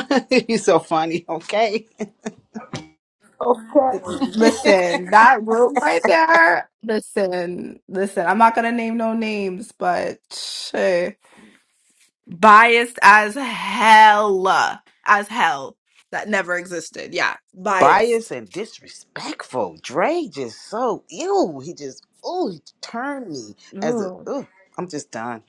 You're so funny, okay? Okay. Listen, that room right there. Listen, listen. I'm not gonna name no names, but shit. biased as hell, as hell. That never existed. Yeah, Biased biased. and disrespectful. Dre just so ew. He just ooh, he turned me as a Mm. ooh. I'm just done.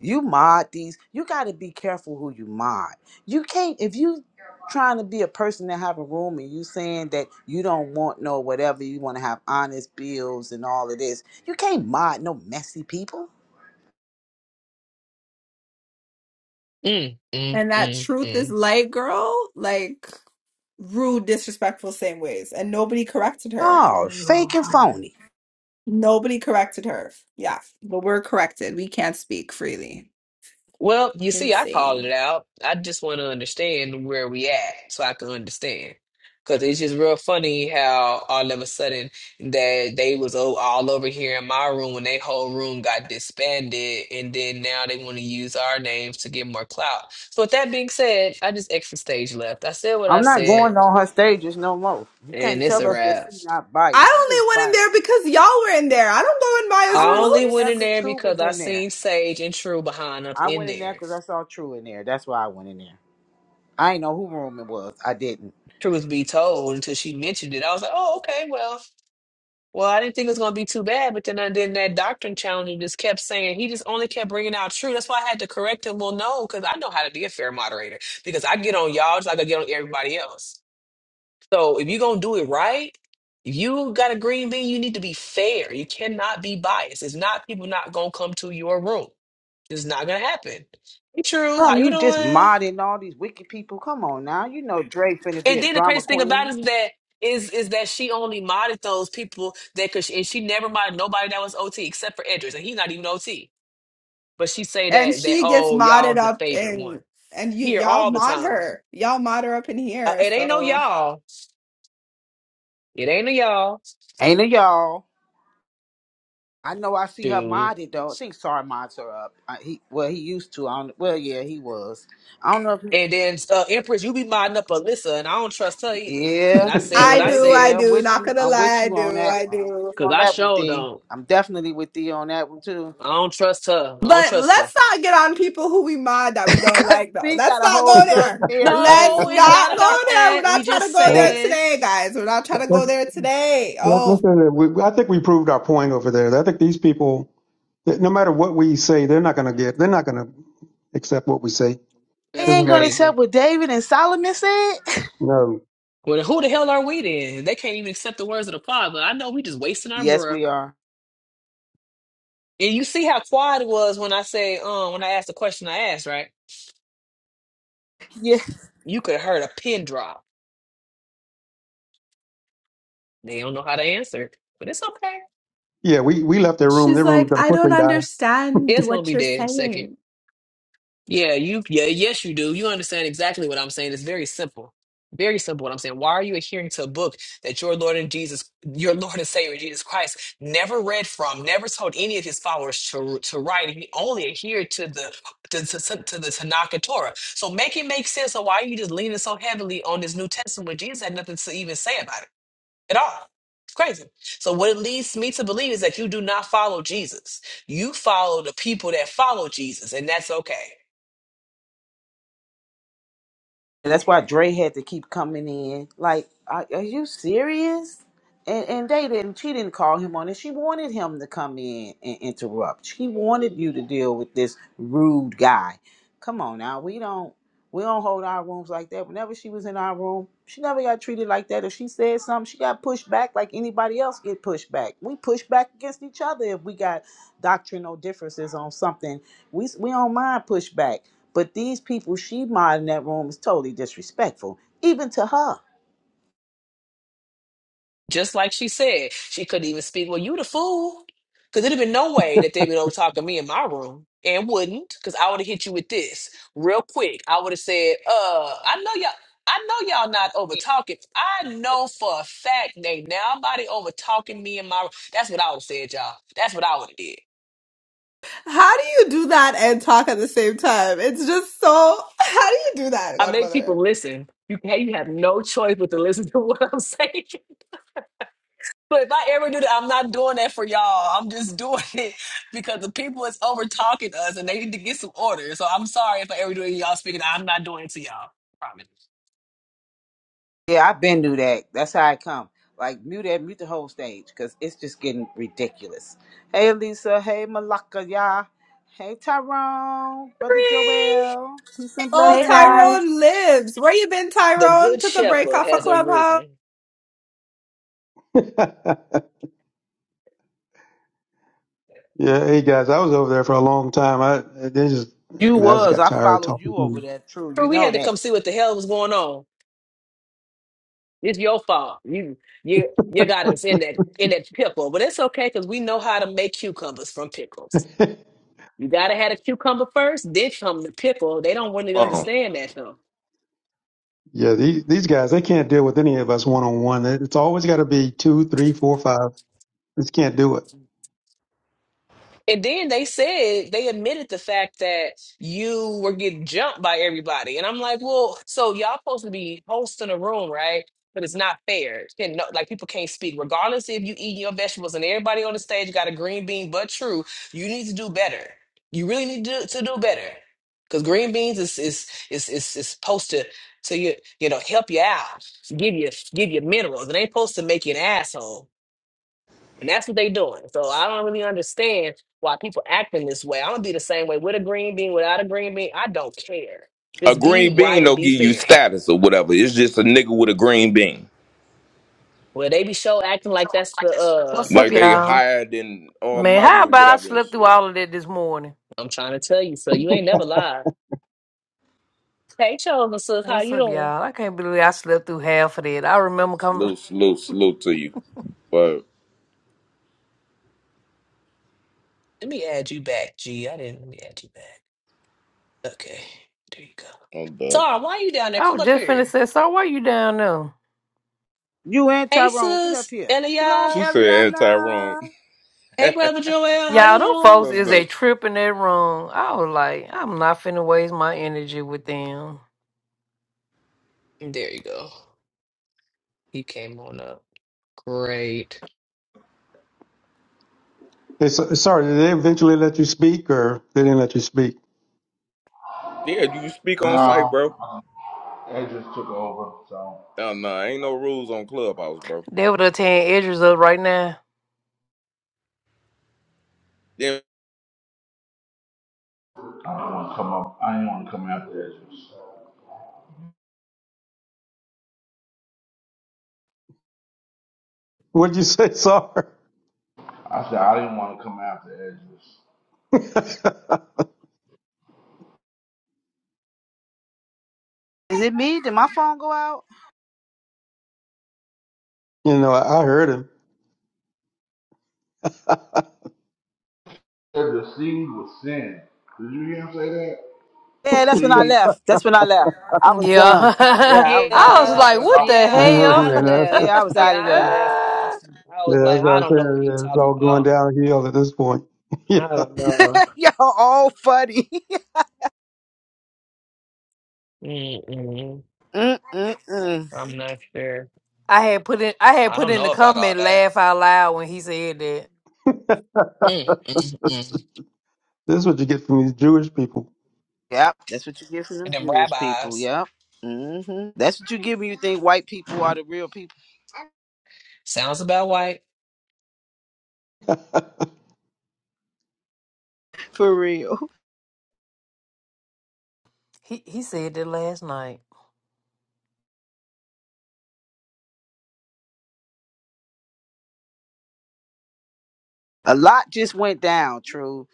You mod these. You got to be careful who you mod. You can't if you trying to be a person that have a room and you saying that you don't want no whatever you want to have honest bills and all of this. You can't mod no messy people. Mm, mm, And that mm, truth is mm. light, girl. Like rude, disrespectful, same ways. And nobody corrected her. Oh, fake and phony. Nobody corrected her. Yeah, but we're corrected. We can't speak freely. Well, you see, I called Insane. it out. I just want to understand where we at so I can understand. Because it's just real funny how all of a sudden that they was o- all over here in my room when they whole room got disbanded, and then now they want to use our names to get more clout. So with that being said, I just exit stage left. I said what I I'm not said, going on her stages no more. You and can't it's tell a us that wrap. she's not biased. You is I only went in biased. there because y'all were in there. I don't go in Maya's I I only only went in went there in cause rooms. there True because was I in there. seen Sage and True behind us I in went in there there. cause I saw True in there. That's why I went in there. I ain't know who room it was. I didn't. truth be told, until she mentioned it, I was like, oh, okay, well, well, I didn't think it was going to be too bad. But then, and then that doctrine challenger just kept saying he just only kept bringing out truth. That's why I had to correct him. Well, no, because I know how to be a fair moderator because I get on y'all just like I get on everybody else. So if you're gonna do it right, if you got a green bean, you need to be fair. You cannot be biased. It's not people not gonna come to your room. It's not gonna happen. Hey, True, Bro, how you you just doing? modding all these wicked people. Come on now. You know Dre finna be And a then the drama crazy thing about queen. it is that is is that she only modded those people that could, and she never modded nobody that was OT except for Edris, and he's not even OT. But she say And that that she gets oh y'all modded the up favorite one and and you here y'all all the mod time. her. Y'all mod her up in Uh, here. it ain't no So y'all. It ain't no y'all, Ain't of y'all. I know I see her dude. modded though. I think Sorry mods her up. I, he well he used to. I don't, well yeah he was. I don't know if he And then uh, Empress, you be modding up Alyssa, and I don't trust her either. And Yeah, I said what I I yeah, do, I said yeah. I'm do. with Not you. gonna I'm with lie, I you on do, that I one. I'm with do. you because on I that one, sure Thee. don't. I'm definitely with Thee on that one too. I don't trust her. I don't But trust her. let's not get on people who we mod that we don't Cause like though. Thee Let's got a not whole go son to there. Mary Let's No, did. it's not not go about there. We're that. We not trying to just go Well, there saying today, guys. We're not trying to Let's, go let's, there today. let- Oh, let's say that we, I think we proved our point over there. I think these people, that no matter what we say, they're not going to get, they're not going to accept what we say. They that's Doesn't ain't gonna matter. crazy. accept what David and Solomon said. No. Well, who the hell are we then? They can't even accept the words of the pod, but I know we just wasting our Yes, breath. we are. And you see how quiet it was when I say, um, when I asked the question I asked, right? You could have heard a pin drop. They don't know how to answer, but it's okay. Yeah, we, we left their room. she's Their room's like, going to I quickly don't understand It's gonna what be you're dead in a second. saying. Yeah, you, yeah, yes, you do. You understand exactly what I'm saying. It's very simple. Very simple what I'm saying. Why are you adhering to a book that your Lord and Jesus, your Lord and Savior Jesus Christ never read from, never told any of his followers to to write? He only adhered to the to, to, to to the Tanakh and Torah. So make it make sense of why you just leaning so heavily on this New Testament when Jesus had nothing to even say about it at all. It's crazy. So what it leads me to believe is that you do not follow Jesus. You follow the people that follow Jesus, and that's okay. And that's why Dre had to keep coming in. Like, are, are you serious? And, and they didn't. She didn't call him on it. She wanted him to come in and interrupt. She wanted you to deal with this rude guy. Come on now. We don't. We don't hold our rooms like that. Whenever she was in our room, she never got treated like that. If she said something, she got pushed back like anybody else get pushed back. We push back against each other if we got doctrinal differences on something. We we don't mind pushback. But these people she mod in that room is totally disrespectful, even to her. Just like she said, she couldn't even speak. Well, you the fool. Because there'd have been no way that they'd been over talking to me in my room and wouldn't, because I would have hit you with this real quick. I would have said, uh, I know y'all. I know y'all not over talking. I know for a fact they nobody over talking me in my room. That's what I would have said, y'all. That's what I would have did. How do you do that and talk at the same time? It's just so. How do you do that, I make Godmother? people listen. You can you have no choice but to listen to what I'm saying. But if I ever do that, I'm not doing that for y'all. I'm just doing it because the people is over talking us and they need to get some order. So I'm sorry if I ever do it to y'all speaking. I'm not doing it to y'all. Promise. Yeah, I've been through that. That's how I come. Like mute that, mute the whole stage, cause it's just getting ridiculous. Hey Lisa, hey Malaka, y'all. Hey Tyrone, brother Free. Joel, peace and Oh, Hey blessing. guys. Tyrone lives. Where you been, The Tyrone? good Took a break shepherd off a has clubhouse. arisen. die. yeah. Hey guys, I was over there for a long time. I, they just, You I mean, I just was, got I tired of followed talking you over to there, true. For You we know had to come that. see what the hell was going on. It's your fault. You you you got us in that in that pickle. But it's okay because we know how to make cucumbers from pickles. them. You gotta have a cucumber first, then come the pickle. They don't want to long. understand that yeah. These, these guys, they can't deal with any of us one on one. It's always got to be two, three, four, five. They just can't do it. though. And then they said they admitted the fact that you were getting jumped by everybody. And I'm like, well, so y'all supposed to be hosting a room, right? But it's not fair. And no, like people can't speak, regardless if you eating your vegetables and everybody on the stage got a green bean. But true, you need to do better. You really need to, to do better because green beans is is is is, is supposed to to you you know help you out, give you give you minerals. It ain't supposed to make you an asshole. And that's what they doing. So I don't really understand why people acting this way. I'm gonna be the same way with a green bean, without a green bean. I don't care. A Just be green right bean and don't be give you fair. status or whatever. It's just a nigga with a green bean. Well, they be show acting like that's the uh What's up, Like they y'all? higher than Man, how Almighty or about I whatever and slept through shit. all of that this morning? I'm trying to tell you, so you ain't never lied. Hey Chosen Sook, how What's you up, doing? y'all? I can't believe I slept through half of that. I remember coming. Salute, salute, salute to you. But Let me add you back, G. I didn't let me add you back. Okay, there you go. I'm dumb. Sorry, why you down there? I Come was up just finna here. say, so why you down there? You and Hey Tyrone, get up sis, here. Shalom, Elia. She said anti wrong. Eliana. Hey brother Joel, how Y'all, you them folks That's doing? is a dope. trip in that room. I was like, I'm not finna waste my energy with them. There you go. He came on up. Great. They, s- sorry, did they eventually let you speak or they didn't let you speak? Yeah, you speak on site, No, bro. uh, Edris took over, so No, no, ain't no rules on Clubhouse, bro. They would have tearing edges up right now. I didn't want to come up. I didn't want to come after Edris. What'd you say, Sar? I said I didn't want to come after Edris. you Is it me? Did my phone go out? know, I, I heard him. I Said the seed was sin. Did you hear him say that? The Yeah, that's when I seed. left. That's when I left. I was done. Yeah. Yeah, I was out I was there. Yeah, like, what the yeah, know, hell? I man. That's, Yeah, I left. was out of Yeah, I there. left. I was yeah, like, that's what I I don't know what he said. It's talking all going about. downhill at this point. yeah, I don't know. Y'all all funny. Mm-mm. Mm-mm-mm. I'm not sure. I had put in I had I put don't in the know about all comment that. laugh out loud when he said that. Mm-mm-mm. this is what you get from these Jewish people. Yep, that's what you get from And them them Jewish people. rabbis. Yep. hmm That's what you get when you think white people are the real people. Sounds about white. For real. He he said that last night. a lot just went down. True,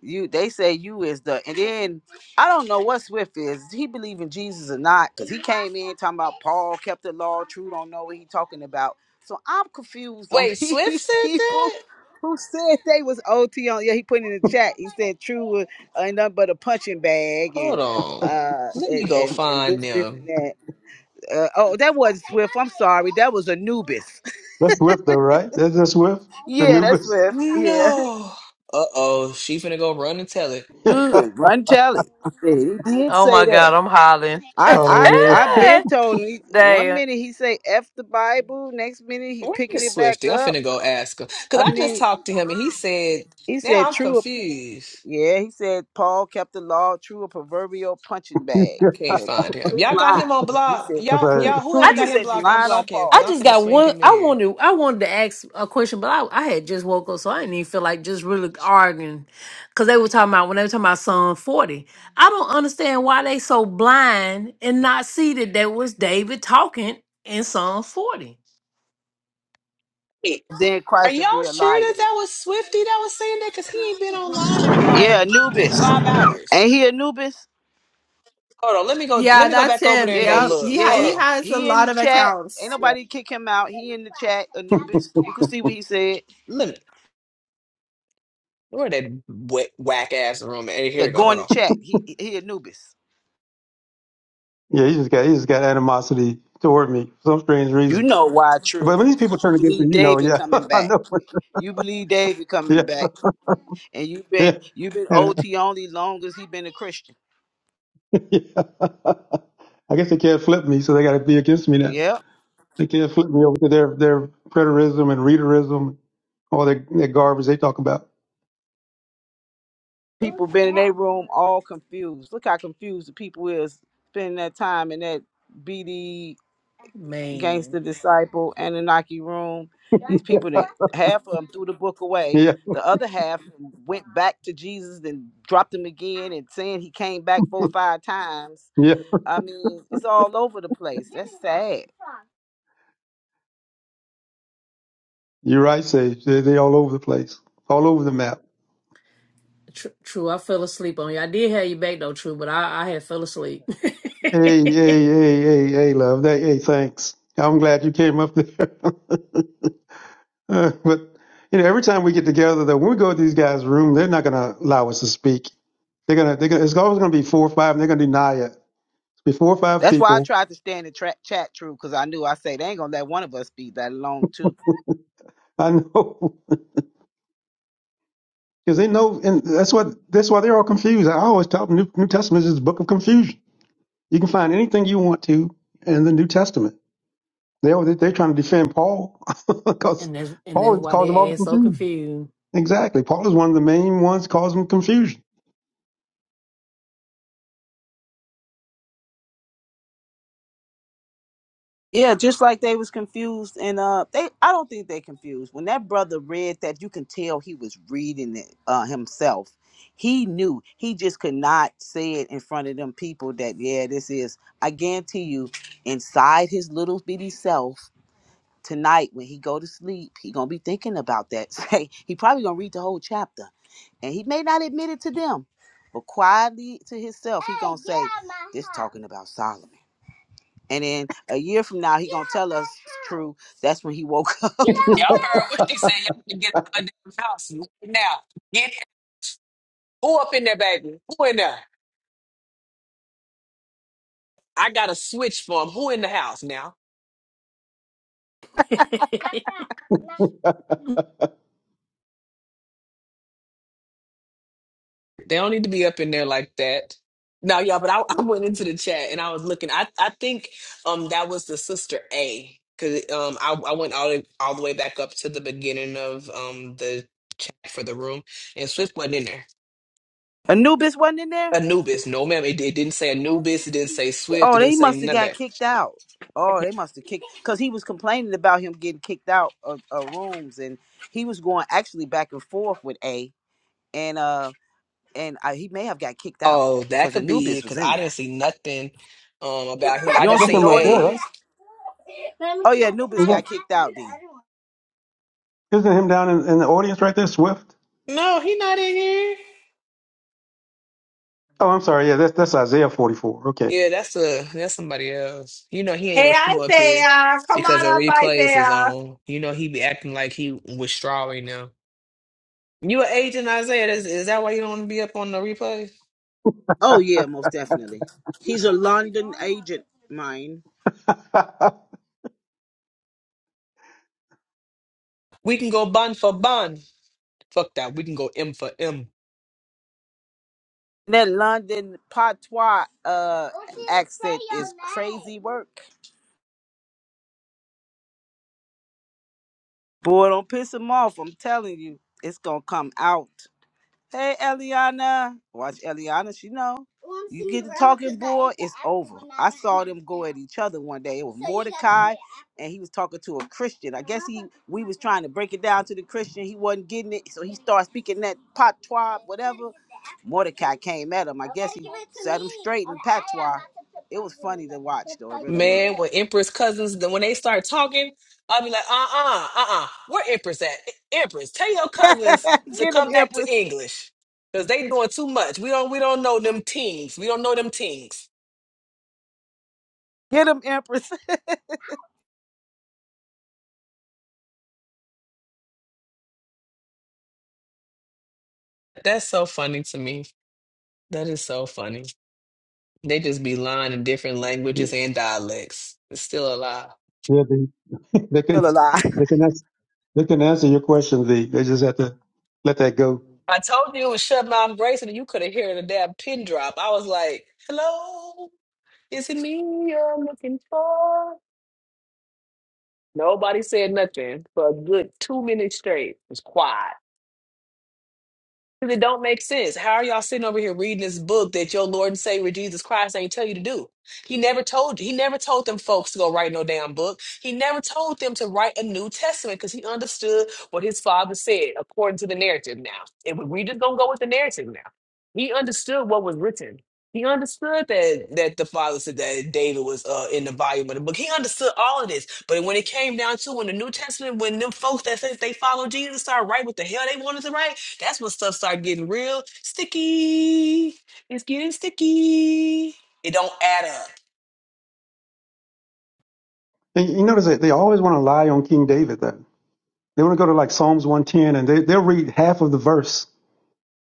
you they say you is the and then I don't know what Swift is. Does He believe in Jesus or not? Because he came in talking about Paul kept the law. True, don't know what he talking about. So I'm confused on Wait, Swift these said people that? who said they was OT on. Yeah, he put in the chat. He said True was uh, nothing but a punching bag and Hold on. uh Let and me go and, and find this this and them. that. Uh, oh, that was Swift. I'm sorry, that was Anubis. That's Swift, though, right? That's that's Swift, yeah, that's Anubis. Swift. Yeah. No. Uh-oh. She finna go run and tell it. yeah. good. Run tell it. Yeah, he did Oh say my that. god, I'm hollering. I Oh I man. I have been told him. He, one Damn. minute he say f the Bible, next minute he picking Where's it back Swifty? I'm up. finna go ask him. Because I I just mean, talked to him and he said, he now said I'm true. or- confused. Yeah, he said Paul kept the law true a proverbial punching bag. I can't That find him. true Y'all got him line. on he block. said That's all Y'all, right. true y'all, true. whoever I He got him just said you blocked, lying on unblock him I because Paul. I'm just finna got swing one him in I here. wanted I wanted to ask a question, but I, I had just woke up so I didn't even feel like just really arguing. Cause they were talking about when they were talking about Psalm 40. I don't understand why they so blind and not see that that was David talking in Psalm 40. Hey, Then Are Christ would be y'all a sure liar. that that was Swifty that was saying that? Because he ain't been online in Yeah, like Anubis. five hours. Ain't he Anubis? Hold on. Let me go. Let Yeah, me go that's back over there him. and Yeah, go he Yep, he look. ha- Hold yeah, he on. has a he in lot the of chat. Ain't accounts. Yeah. nobody kick him out. He in the chat, Anubis. You can see what he said. Let me. Where that wet, whack ass room? Hey, Yeah, here we go. go in Hold the on. chat. He he Anubis. yeah, he just got he just got animosity toward me for some strange You reason. know why true. But when these people Cause you turn against you, believe you know, David yeah, coming I back. know. You believe David Yeah, coming back. And you've been yeah. you've been And uh, OT only long as he been a Christian. yeah. I guess they can't flip me, so they got to be against me Yeah. They can't flip me over to their their preterism and readerism, all that, that garbage they talk about. People been in their room all confused. Look how confused the people is spending that time in that BD Man. Gangster Disciple, Anunnaki Room. These people that half of them threw the book away. Yeah, The other half went back to Jesus and dropped him again and saying he came back four five times. yeah, I mean, it's all over the place. That's sad. you're right, Sage. They they all over the place, all over the map. True, true, I fell asleep on you. I did have you back though, true, but I, I had fell asleep. Hey, hey, hey, hey, hey, love. Hey, hey, thanks. I'm glad you came up there. Uh, but you know, every time we get together, though, when we go to these guys' room, they're not going to allow us to speak. They're gonna, they're gonna. It's always gonna be four or five, and they're gonna deny it. It's be four or five That's why I people. tried to stand and tra- chat true because I knew I said they ain't gonna let one of us be that alone too. I know. Because they know, and that's what that's why they're all confused. I always tell them New, New Testament is the book of confusion. You can find anything you want to in the New Testament. They all- they're trying to defend Paul because And that's and Paul that's is the why cause of all they the ass so confusion. confused. Exactly, Paul is one of the main ones causing confusion. Yeah, just like they was confused and uh they I don't think they confused. When that brother read that you can tell he was reading it uh himself. He knew. He just could not say it in front of them people that yeah, this is I guarantee you inside his little bitty self tonight when he go to sleep, he going to be thinking about that. Say he probably going to read the whole chapter and he may not admit it to them, but quietly to himself talking about Solomon. And then a year from now, he gonna tell us true. That's when he woke up. Y'all heard what she said. Y'all can get to the damn house right now. Get who up in there, baby? Who in there? I got a switch for 'em. Who in the house now? They don't need to be up in there like that. No, y'all. But I, I went into the chat and I was looking. I I think um that was the sister A because um I I went all the, all the way back up to the beginning of um the chat for the room and Swift wasn't in there. Anubis wasn't in there. Anubis, no ma'am. It, it didn't say Anubis. It didn't say Swift. It Oh, didn't they say must have none of that. got kicked out. Oh, they must have kicked because he was complaining about him getting kicked out of, of rooms, and he was going actually back and forth with A. And uh, and uh, he may have got kicked out Oh, that because could be it Anubis was because in I there. didn't see nothing um about him. You I don't just That's see seen him no. right there, A. right? Isn't, isn't him down in, in the audience right there, Swift? No, he not in here. Oh, I'm sorry. Yeah, that's that's Isaiah 44. Okay. Yeah, that's a that's somebody else. You know he ain't Hey, gonna come up here Isaiah, come because on the up, replays is Isaiah. on. You know he be acting like he with straw right now. You an agent Isaiah? Is, is that why you don't want to be up on the replays? Oh yeah, most definitely. He's a London agent, mine. yeah, We can go bun for bun. Fuck that. We can go M for M. That London patois. Uh, he work. Boy, don't piss him off. I'm telling you, it's gonna come out. Hey, Eliana. Watch Eliana. She know each other one day, and he was talking to a Christian. I, we was trying to break it down to the Christian. He wasn't getting it, so he started speaking that patois, whatever. Mordecai came at him. Like, Man, when Empress cousins, then when they start talking, I'll be like, uh-uh, uh-uh. Where Empress at? E, Empress, tell your cousins to get him, come back Empress. to English. Because they doing too much. We don't we don't know them teens. We don't know them teens. Get him, Empress. That's so funny to me. That is so funny. They just be lying in different languages and dialects. It's still a lie. yeah, they, they Still can alive. they can answer, they can answer your question. they They just have to let that go. I told you it was shut my embrace, and you could have heard a damn pin drop. I was like, hello, is it me you're looking for? Nobody said nothing for a good two minutes straight. It was quiet. Because it don't make sense. How are y'all sitting over here reading this book that your Lord and Savior Jesus Christ ain't tell you to do? He never told you. He never told them folks to go write no damn book. He never told them to write a New Testament because he understood what his father said according to the narrative now. And we we just gonna go with the narrative now. He understood what was written. He understood that that the father said that David was uh, in the volume of the book. He understood all of this. But when it came down to when the New Testament, when them folks that said they followed Jesus started writing what the hell they wanted to write, that's when stuff start getting real sticky. It's getting sticky. It don't add up. And you notice that they always want to lie on King David, though. They want to go to like Psalms 110 and they, they'll read half of the verse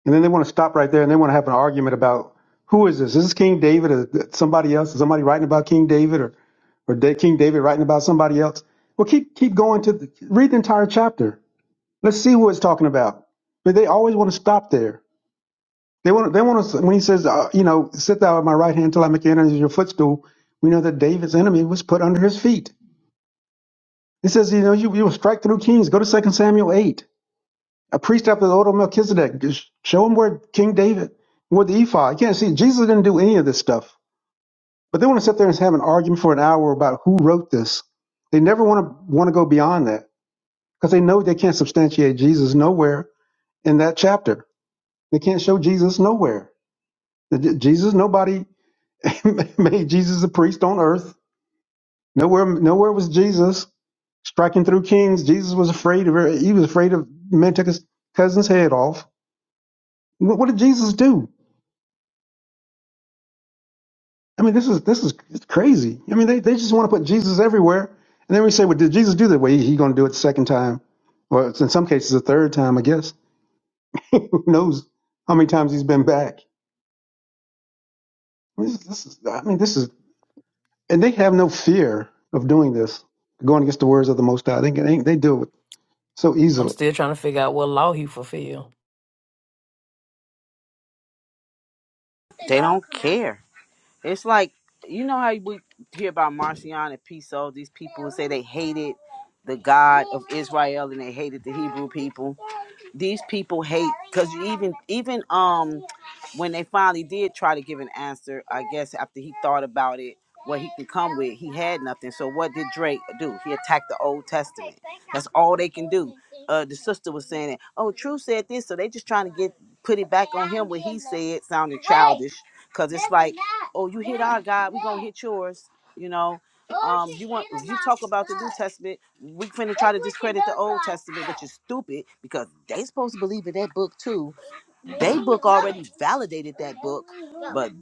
and then they want to stop right there and they want to have an argument about who is this? Is this King David or somebody else? Is somebody writing about King David or, or Da- King David writing about somebody else? Well, keep, keep going to the, read the entire chapter. Let's see who it's talking about. But they always want to stop there. They want to, they want to, when he says, uh, you know, sit thou at my right hand till I make enemies your footstool, we know that David's enemy was put under his feet. He says, you know, you, you will strike through kings. Go to Second Samuel 8. A priest after the order of Melchizedek. Just show him where King David, where the ephod. You can't see, Jesus didn't do any of this stuff. But they want to sit there and have an argument for an hour about who wrote this. They never want to want to go beyond that because they know they can't substantiate Jesus nowhere in that chapter. They can't show Jesus nowhere. Jesus, nobody made Jesus a priest on earth. Nowhere, nowhere was Jesus striking through kings. Jesus was afraid of. He was afraid of men took his cousin's head off. What, what did Jesus do? I mean, this is this is it's crazy. I mean, they, they just want to put Jesus everywhere, and then we say, well, did Jesus do that? Well, he, he going to do it the second time, or it's in some cases the third time, I guess. Who knows how many times he's been back? I mean, This, this is. I mean, this is, and they have no fear of doing this, going against the words of the Most High. They they, they do it so I'm easily. still trying to figure out what law he fulfilled. They don't care. It's like you know how we hear about Marcion and Piso. These people who say they hated the God of Israel and they hated the Hebrew people these people hate because even even um when they finally did try to give an answer i guess after he thought about it what he could come with he had nothing in it oh true said this so they just trying put it back it sounded because oh you hate yours you know we finna you stupid because they supposed to believe in that book too validated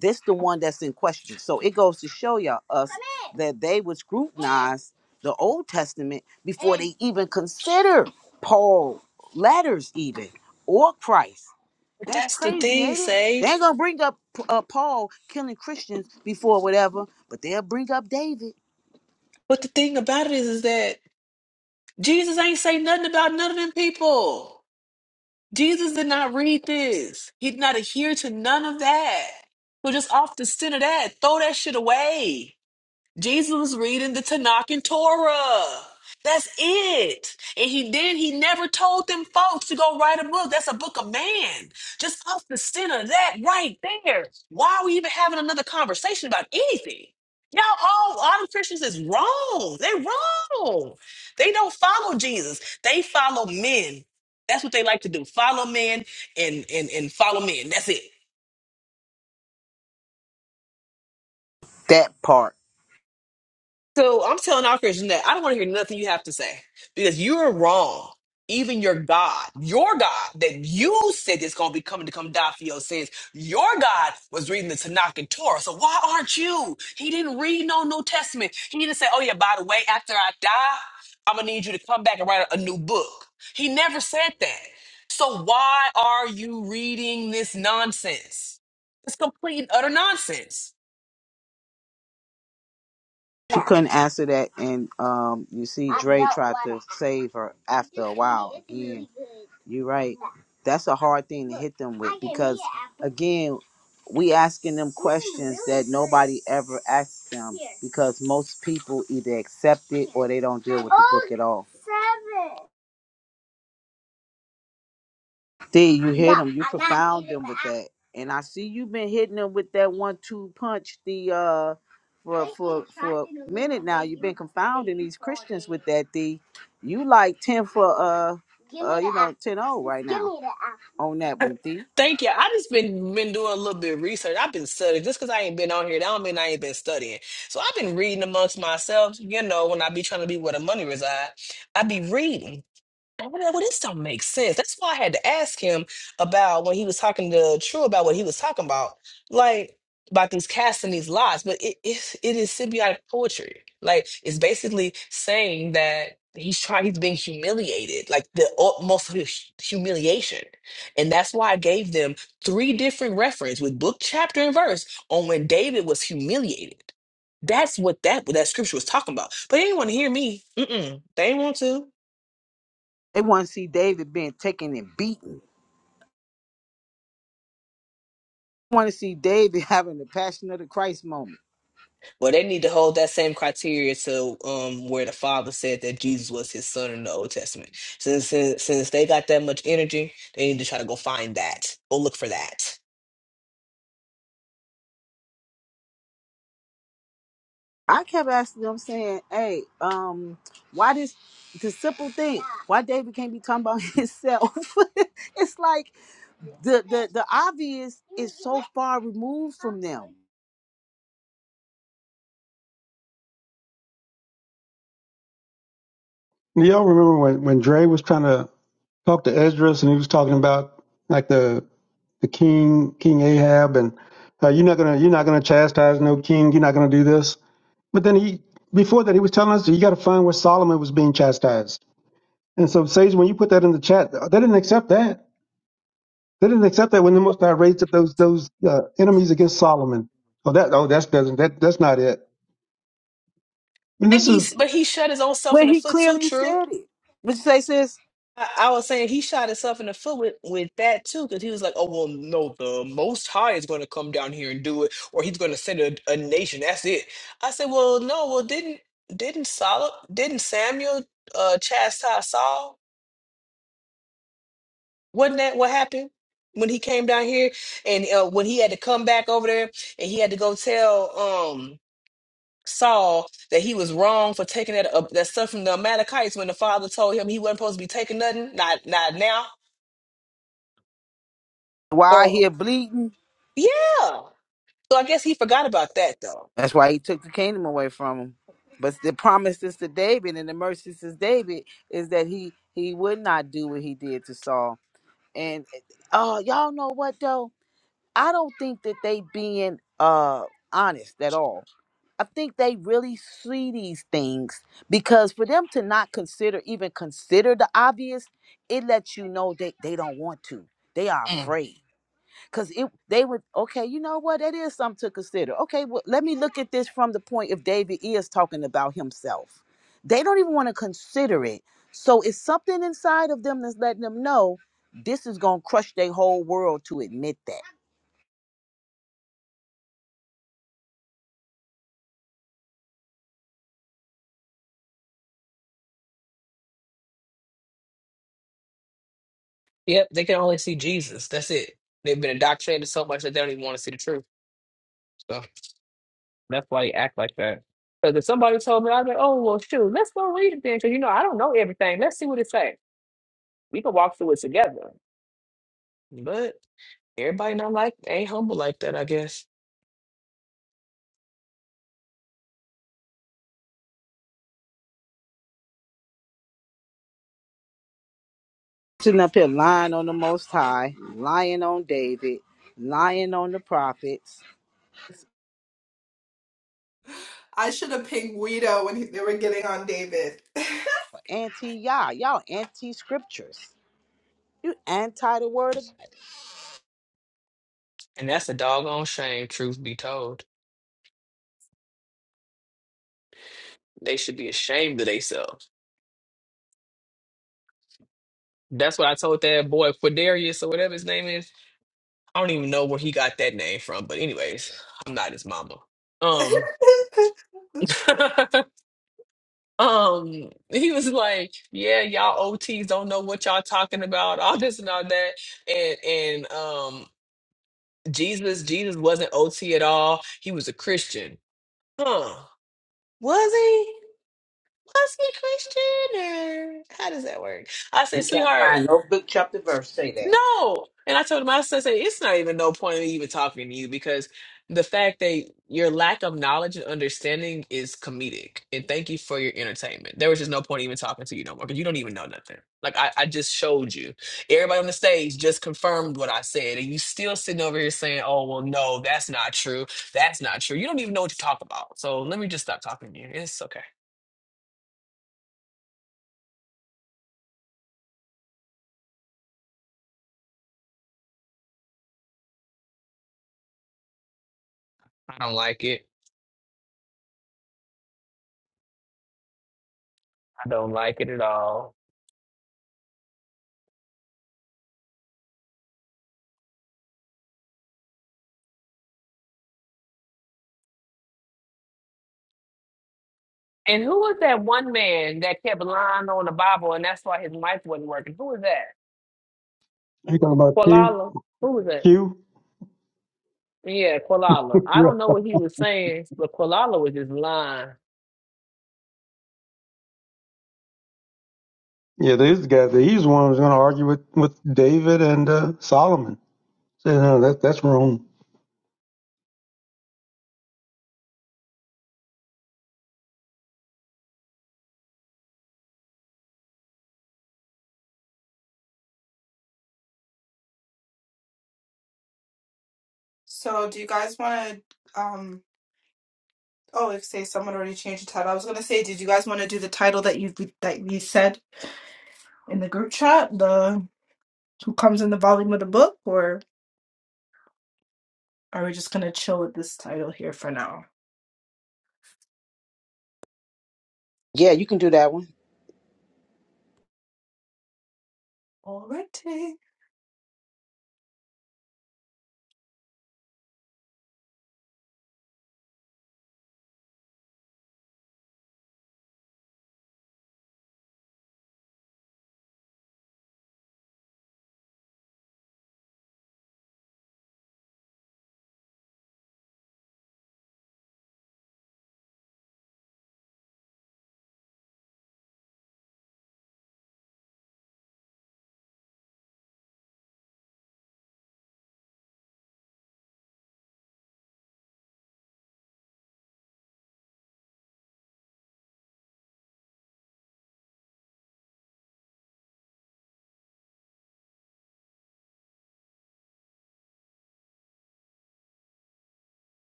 this the one that's in question so it goes to show y'all us that they would scrutinize the Old Testament before they even consider Paul letters, even or Christ. But That's that's the crazy, thing, ain't it? They Sage. ain't gonna bring up uh, Paul killing Christians before whatever, but they'll bring up David. But the thing about it is, is that Jesus ain't say nothing about none of them people. Jesus did not read this. He did not adhere to none of that. So just off the center of that, throw that shit away. Jesus was reading the Tanakh and Torah. That's it. And he did. He never told them folks to go write a book. That's a book of man. Just off the center of that right there. Why are we even having another conversation about anything? Y'all, all all the Christians is wrong. They are wrong. They don't follow Jesus. They follow men. That's what they like to do. Follow men and and and follow men. That's it. That part So I'm telling our Christian that I don't want to hear nothing you have to say because you are wrong. Even your God, your God that you said is going to be coming to come die for your sins, your God was reading the Tanakh and Torah. So why aren't you? He didn't read no New Testament. He didn't say, oh, yeah, by the way, after I die, I'm going to need you to come back and write a new book. He never said that. So why are you reading this nonsense? It's complete and utter nonsense. she couldn't answer that, and um, you see, save her after you right. That's a hard thing hit them Again, we asking them Nobody ever asks them because most people either accept it or they don't at all. There you have it. And I see you been hitting them with that one two punch the uh with that the you like ten for uh ten o, right on that one Thee, Thank you. I just been been doing a little bit of research. I've been studying. Just because I ain't been on here, that don't mean I ain't been studying. So I've been reading amongst myself. You know, when I be trying to be where the money reside, I be reading. I'm like, well, this don't make sense. That's why I had to ask him about when he was talking to True about what he was talking about, like about these casts and these lots. But it it, it is symbiotic poetry. Like it's basically saying that he's trying, he's being humiliated, like the utmost hu- humiliation, and that's why I gave them three different reference with book, chapter, and verse on when David was humiliated. That's what that what that scripture was talking about. But they didn't want to hear me. Mm-mm. They didn't want to. They want to see David being taken and beaten. Want to see David having the passion of the Christ moment. Well, they need to hold that same criteria to um, where the Father said that Jesus was his son in the Old Testament. Since, since since they got that much energy, they need to try to go find that. Go look for that. I kept asking them saying, "Hey, um, why this the simple thing? Why David can't be talking about himself? it's like the the the obvious so far removed from them. Do y'all remember when when Dre was trying to talked to Esdras and he was talking about like the the king King Ahab and uh, you're not gonna you're not gonna chastise no king you're not gonna do this but then he before that he was telling us that you got to find where Solomon was being chastised and so Sage when you put that in the chat they didn't accept that they didn't accept that when the Most High raised up those those uh, enemies against Solomon oh that oh that's doesn't that that's not it and And this is he's but he shot his own self When in the he foot too. clearly True. said it. What you say, sis? I, I was saying he shot himself in the foot with, with that too, because he was like, "Oh well, no, the Most High is going to come down here and do it, or He's going to send a, a nation. That's it." I said, "Well, no, well didn't didn't Sol didn't Samuel uh, chastise Saul?" Wasn't that what happened when he came down here and uh, when he had to come back over there and he had to go tell um Saul that he was wrong for taking that uh, that stuff from the Amalekites when the father told him he wasn't supposed to be taking nothing, not not now Why or he bleeding? yeah. So I guess he forgot about that though. That's why he took the kingdom away from him. But the promises to David and the mercies to David is that he he would not do what he did to Saul. And uh uh, y'all know what though? I don't think that they being uh honest at all. I think they really see these things because for them to not consider even consider the obvious, it lets you know that they don't want to. They are Mm. afraid because it they would okay you know what that is something to consider okay well, let me look at this from the point if david is talking about himself they don't even want to consider it so it's something inside of them that's letting them know this is going to crush their whole world to admit that Yep, they can only see Jesus. That's it. They've been indoctrinated so much that they don't even want to see the truth. So that's why they act like that. Because if somebody told me, I'd be like, oh, well, shoot, let's go read it then. Because, you know, I don't know everything. Let's see what it says. We could walk through it together. But everybody not like ain't humble like that, I guess. Sitting up here lying on the Most High, lying on David, lying on the prophets. I should have pinged Guido when he- they were getting on David. anti y'all y'all anti scriptures you anti the word of God. And that's a doggone shame, truth be told. They should be ashamed of themselves. That's what I told that boy Quadarius or whatever his name is. I don't even know where he got that name from, but anyways, I'm not his mama. Um Um, he was like, "Yeah, y'all OTs don't know what y'all talking about, all this and all that," and and um, Jesus, Jesus wasn't OT at all. He was a Christian, huh? Was he? Was he Christian? Or how does that work? I You said, can't sweetheart, find no book, chapter, verse say that. no. And I told him, I said, it's not even no point in me even talking to you because the fact that your lack of knowledge and understanding is comedic. And thank you for your entertainment. There was just no point even talking to you no more because you don't even know nothing. Like I, I just showed you. Everybody on the stage just confirmed what I said. And you still sitting over here saying, oh, well, no, that's not true. That's not true. You don't even know what you talk about. So let me just stop talking to you. It's okay. I don't like it. I don't like it at all. And who was that one man that kept lying on the Bible and that's why his mic wasn't working? Who was that? you talking about Q Kualala? Who was that? Q Yeah, Kualala. I yeah don't know what he was saying, but Kualala was just lying. yeah these guys he's the one who's gonna argue with with David and uh, Solomon. So, no, that that's wrong. so, do you guys want to? Um, Oh, if say someone already changed the title. I was gonna say, did you guys want to do the title that you that we said in the group chat, the who comes in the volume of the book, or are we just gonna chill with this title here for now? yeah you can do that one Alrighty.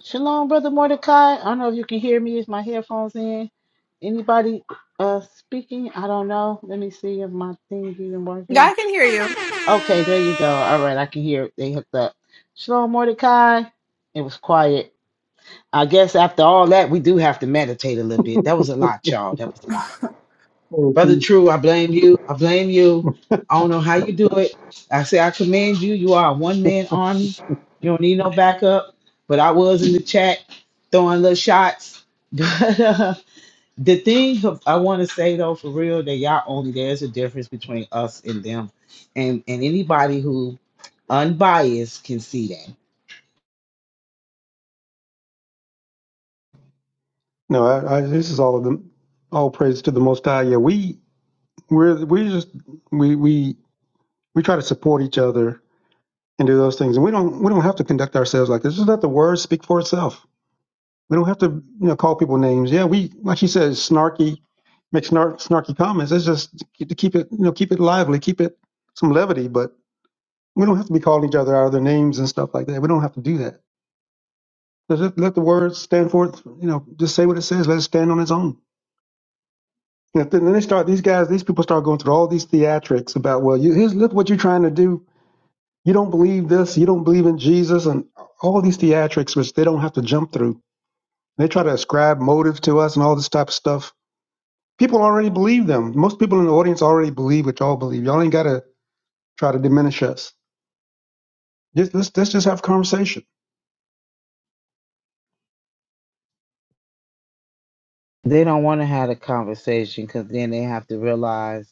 Shalom, Brother Mordecai. I don't know if you can hear me. Is my headphones in? Anybody uh speaking? I don't know. Let me see if my thing's even Yeah, working. I can hear you. Okay, there you go. All right, I can hear it. They hooked up. Shalom, Mordecai. It was quiet. I guess after all that, we do have to meditate a little bit. That was a lot, y'all. That was a lot. Brother No, True, I blame you. I blame you. I don't know how you do it. I say I commend you. You are a one man army. You don't need no backup. But I was in the chat throwing little shots. But uh, the thing I want to say though, for real, that y'all only there's a difference between us and them, and and anybody who unbiased can see that I, I, this is all of them. All praise to the Most High. Yeah, we we're we just we we we try to support each other and do those things, and we don't we don't have to conduct ourselves like this. Just let the word speak for itself. We don't have to you know call people names. Yeah, we like she says snarky make snark, snarky comments. It's just to keep to keep it you know keep it lively, keep it some levity, but we don't have to be calling each other out of their names and stuff like that. We don't have to do that. Just let let the word stand for it. You know, just say what it says. Let it stand on its own. And then then they start these guys, these people start going through all these theatrics about, well, you, here's look what you're trying to do. You don't believe this, you don't believe in Jesus, and all these theatrics which they don't have to jump through. They try to ascribe motive to us and all this type of stuff. People already believe them. Most people in the audience already believe what y'all believe. Y'all ain't gotta try to diminish us. Just let's, let's just have a conversation. they don't want to have a conversation because then they have to realize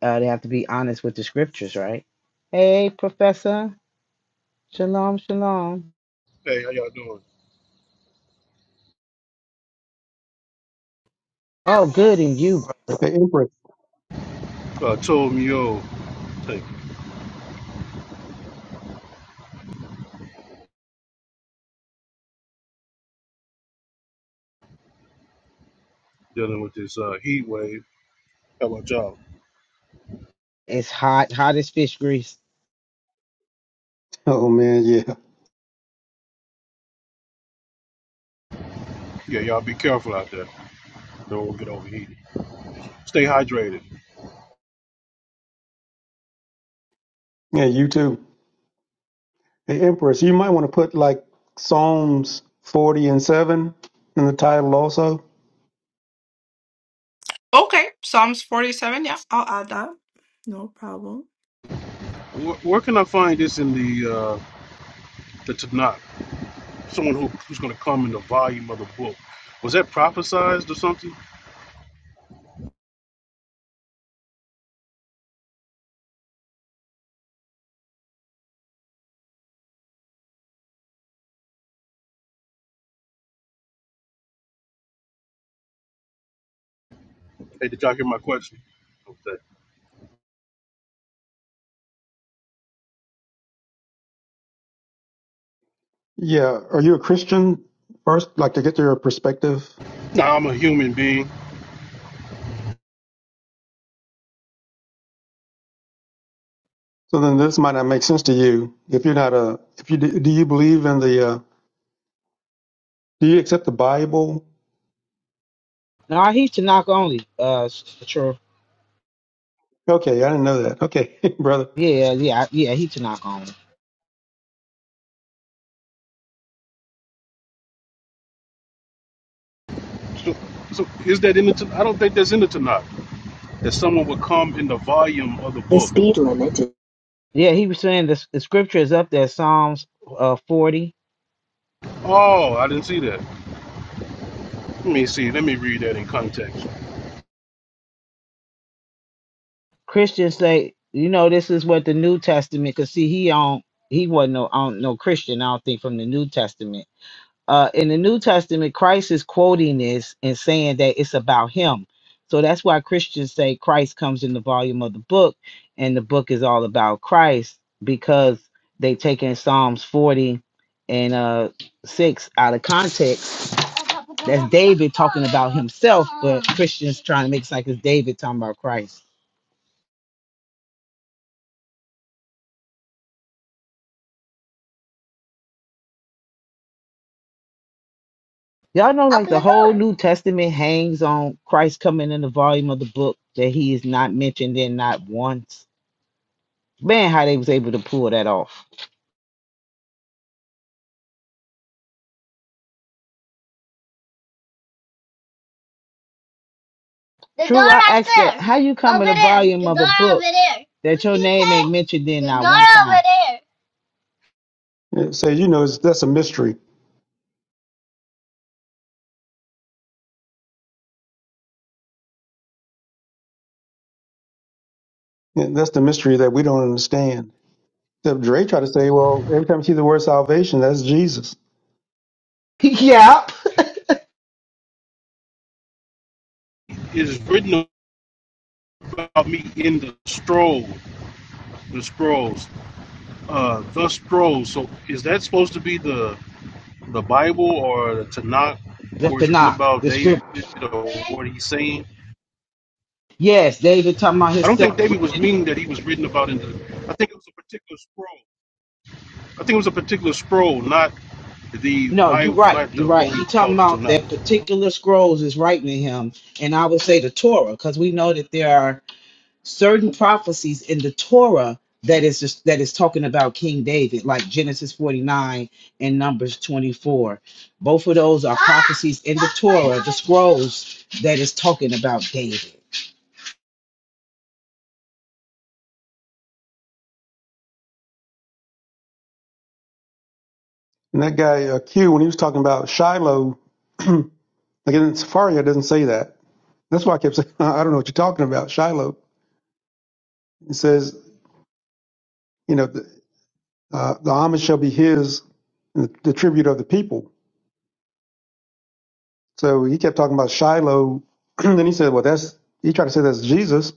Uh, they have to be honest with the scriptures, right? Hey, Professor. Shalom, shalom. Oh, good. And you, bro. Hey Empress. It's hot, hot as fish grease. Oh man, yeah. Yeah, you too. Hey Empress, you might want to put like Psalms forty and seven in the title also Okay, Psalms forty-seven. Yeah, I'll add that. No problem. Yeah. Are you a Christian first? Like to get your perspective. So then this might not make sense to you if you're not a, if you, do do you believe in the, uh, do you accept the Bible? No, he's Tanaka only. Uh, true. Okay. I didn't know that. Okay, brother. Yeah, yeah, yeah. He Tanaka only. limit Yeah, he was saying the, the scripture is up there, Psalms uh forty. Christians say, you know, this is what the New Testament. Cause see, he on he wasn't no on no Christian. I don't think from the New Testament. uh, in the New Testament, Christ is quoting this and saying that it's about him. So that's why Christians say Christ comes in the volume of the book, and the book is all about Christ because they take in Psalms 40 and uh, 6 out of context. David himself, Christians trying to make it like it's David talking about Christ. Y'all know, like the whole New Testament hangs on Christ coming in the volume of the book that he is not mentioned in not once. Man, how they was able to pull that off. How you that you mentioned in It says, you know, it's, that's a mystery. And That's the mystery that we don't understand. Except Dre tried to say, well, every time you see the word salvation, that's Jesus. yeah, the Tanakh, the scripture. Yes, David talking about his stuff. No, you're right. You're right. He talking about that particular scrolls is writing to him, and I would say the Torah, because we know that there are certain prophecies in the Torah that is just that is talking about King David, like Genesis 49 and Numbers 24. Both of those are prophecies in the Torah, the scrolls that is talking about David. And that guy, uh, Q, when he was talking about Shiloh, like in Safaria, doesn't say that. That's why I kept saying, I don't know what you're talking about, Shiloh. It says, you know, Uh, the homage shall be his, the, the tribute of the people. So he kept talking about Shiloh. then he said, well, that's, he tried to say that's Jesus.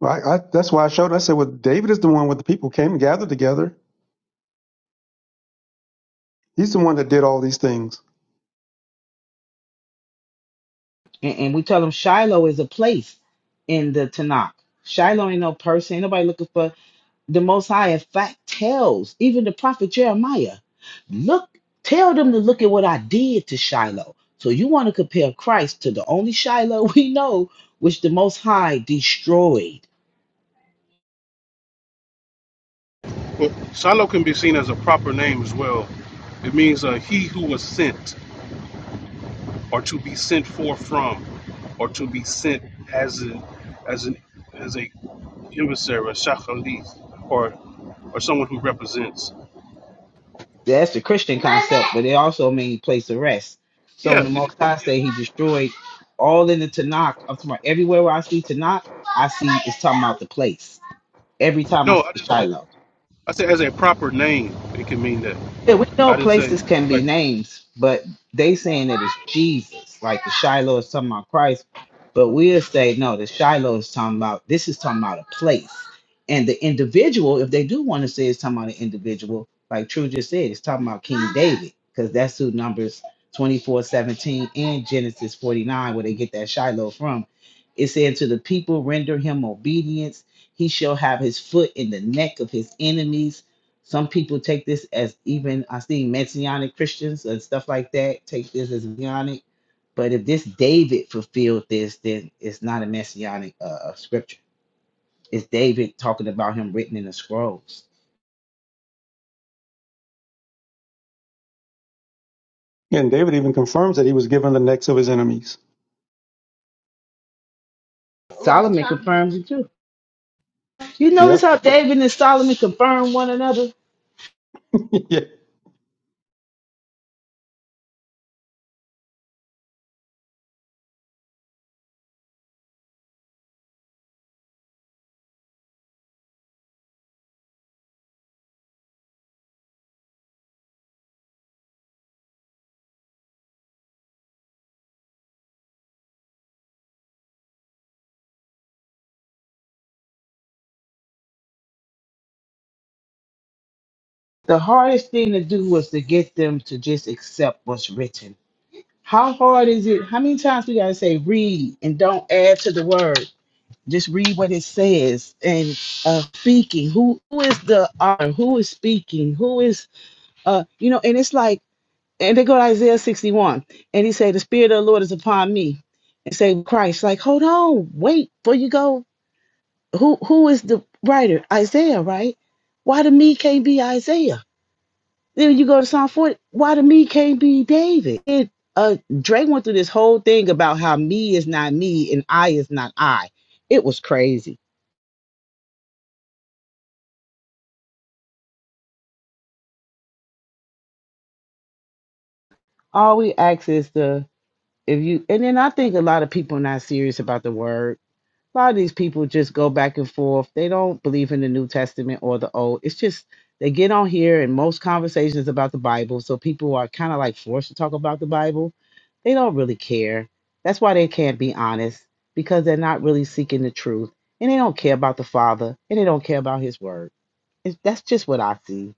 Well, I, I, that's why I showed. I said, well, David is the one where the people came and gathered together. He's the one that did all these things. And, and we tell them Shiloh is a place in the Tanakh. Shiloh ain't no person. Ain't nobody looking for the Most High. In fact, tells even the prophet Jeremiah, look, tell them to look at what I did to Shiloh. So you want to compare Christ to the only Shiloh we know, which the Most High destroyed. That's the Christian, but it also means place of rest. So when the Most High say He destroyed all in the Tanakh, I'm talking about everywhere where I see Tanakh, out the place. Every time I see Shiloh. Yeah, we know places can be names, but they saying Shiloh is talking about Christ, but we'll say no, the Shiloh is talking about this is talking about a place. And the individual, if they do want to say it's talking about an individual, like True just said, it's talking about King David, because that's who Numbers 24 17 and Genesis 49, where they get that Shiloh from. It said, To the people render him obedience, he shall have his foot in the neck of his enemies some people take this as even I see messianic Christians and stuff like that take this as messianic. But if this David fulfilled this, then it's not a messianic uh, uh, scripture. It's David talking about him written in the scrolls. And David even confirms that he was given the necks of his enemies. Solomon confirms it too. You notice Yep. how David and Solomon confirm one another? yeah. The hardest thing to do was to get them to just accept what's written. How hard is it? How many times we gotta say read and don't add to the word? Just read what it says and uh speaking. Who who is the author? Who is speaking? Who is uh you know, and it's like and they go to Isaiah 61, and he said, The Spirit of the Lord is upon me. And say Christ, like, hold on, wait, before you go. Who who is the writer? Isaiah, right? Why the me can't be Isaiah? Then you go to Psalm 40, why the me can't be David? It, uh Drake went through this whole thing about how me is not me and I is not I. It was crazy. All we ask is the if you and then I think a lot of people are not serious about the word a lot of these people just go back and forth. They don't believe in the New Testament or the Old. It's just they get on here and most conversations about the Bible. So people are kind of like forced to talk about the Bible. They don't really care. That's why they can't be honest because they're not really seeking the truth and they don't care about the Father and they don't care about His Word. It's, that's just what I see.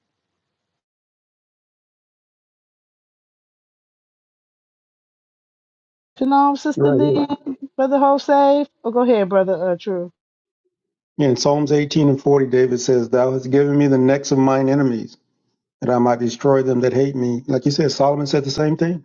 Shalom, Sister Right here. Lee, Brother Jose. Oh, go ahead, Brother uh, True. In Psalms 18 and 40, David says, Thou hast given me the necks of mine enemies, that I might destroy them that hate me. Like you said, Solomon said the same thing.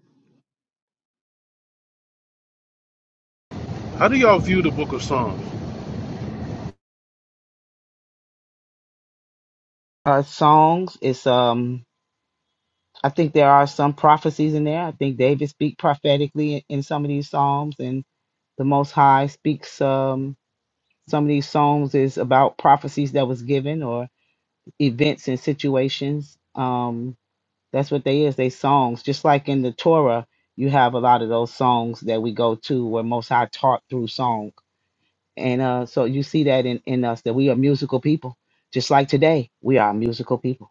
Uh, songs. It's um. I think there are some prophecies in there. I think David speaks prophetically in, in some of these psalms, and the Most High speaks. Um, some of these psalms is about prophecies that was given or events and situations. Um, that's what they is. They songs, just like in the Torah, you have a lot of those songs that we go to where Most High taught through song, and uh, so you see that in in us that we are musical people. Just like today, we are musical people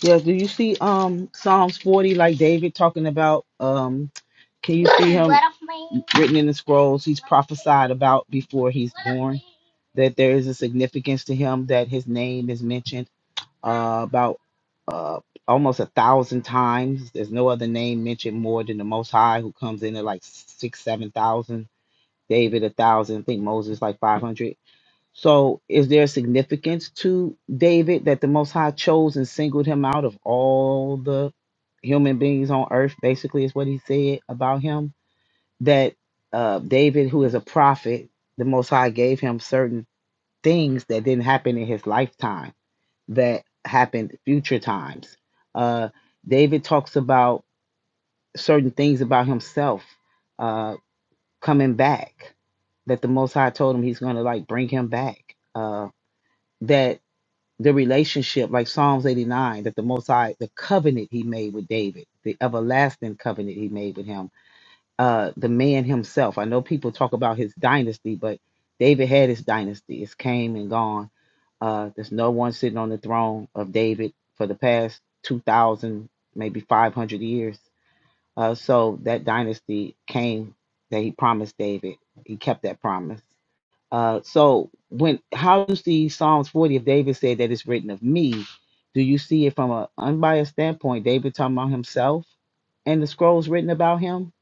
Yeah, do you see um Psalms 40 like David talking about um can you written in the scrolls he's prophesied about before he's that there is a significance to him that his name is mentioned uh about uh almost a thousand times. There's no other name mentioned more than the most high who comes in at like six, seven thousand, David a thousand, I think Moses like five hundred. So, is there significance to David that the Most High chose and singled him out of all the human beings on earth? Basically, is what he said about him that uh, David, who is a prophet, the Most High gave him certain things that didn't happen in his lifetime that happened future times. Uh, David talks about certain things about himself uh, coming back that the Most High told him he's going to like bring him back. Uh, that the relationship, like Psalms 89, that the Most High, the covenant he made with David, the everlasting covenant he made with him, uh, the man himself. I know people talk about his dynasty, but David had his dynasty. It's came and gone. Uh, there's no one sitting on the throne of David for the past 2,000, maybe 500 years. Uh, so that dynasty came that he promised David. He kept that promise. Uh, so when how do you see Psalms 40 if David said that it's written of me? Do you see it from an unbiased standpoint? David talking about himself and the scrolls written about him,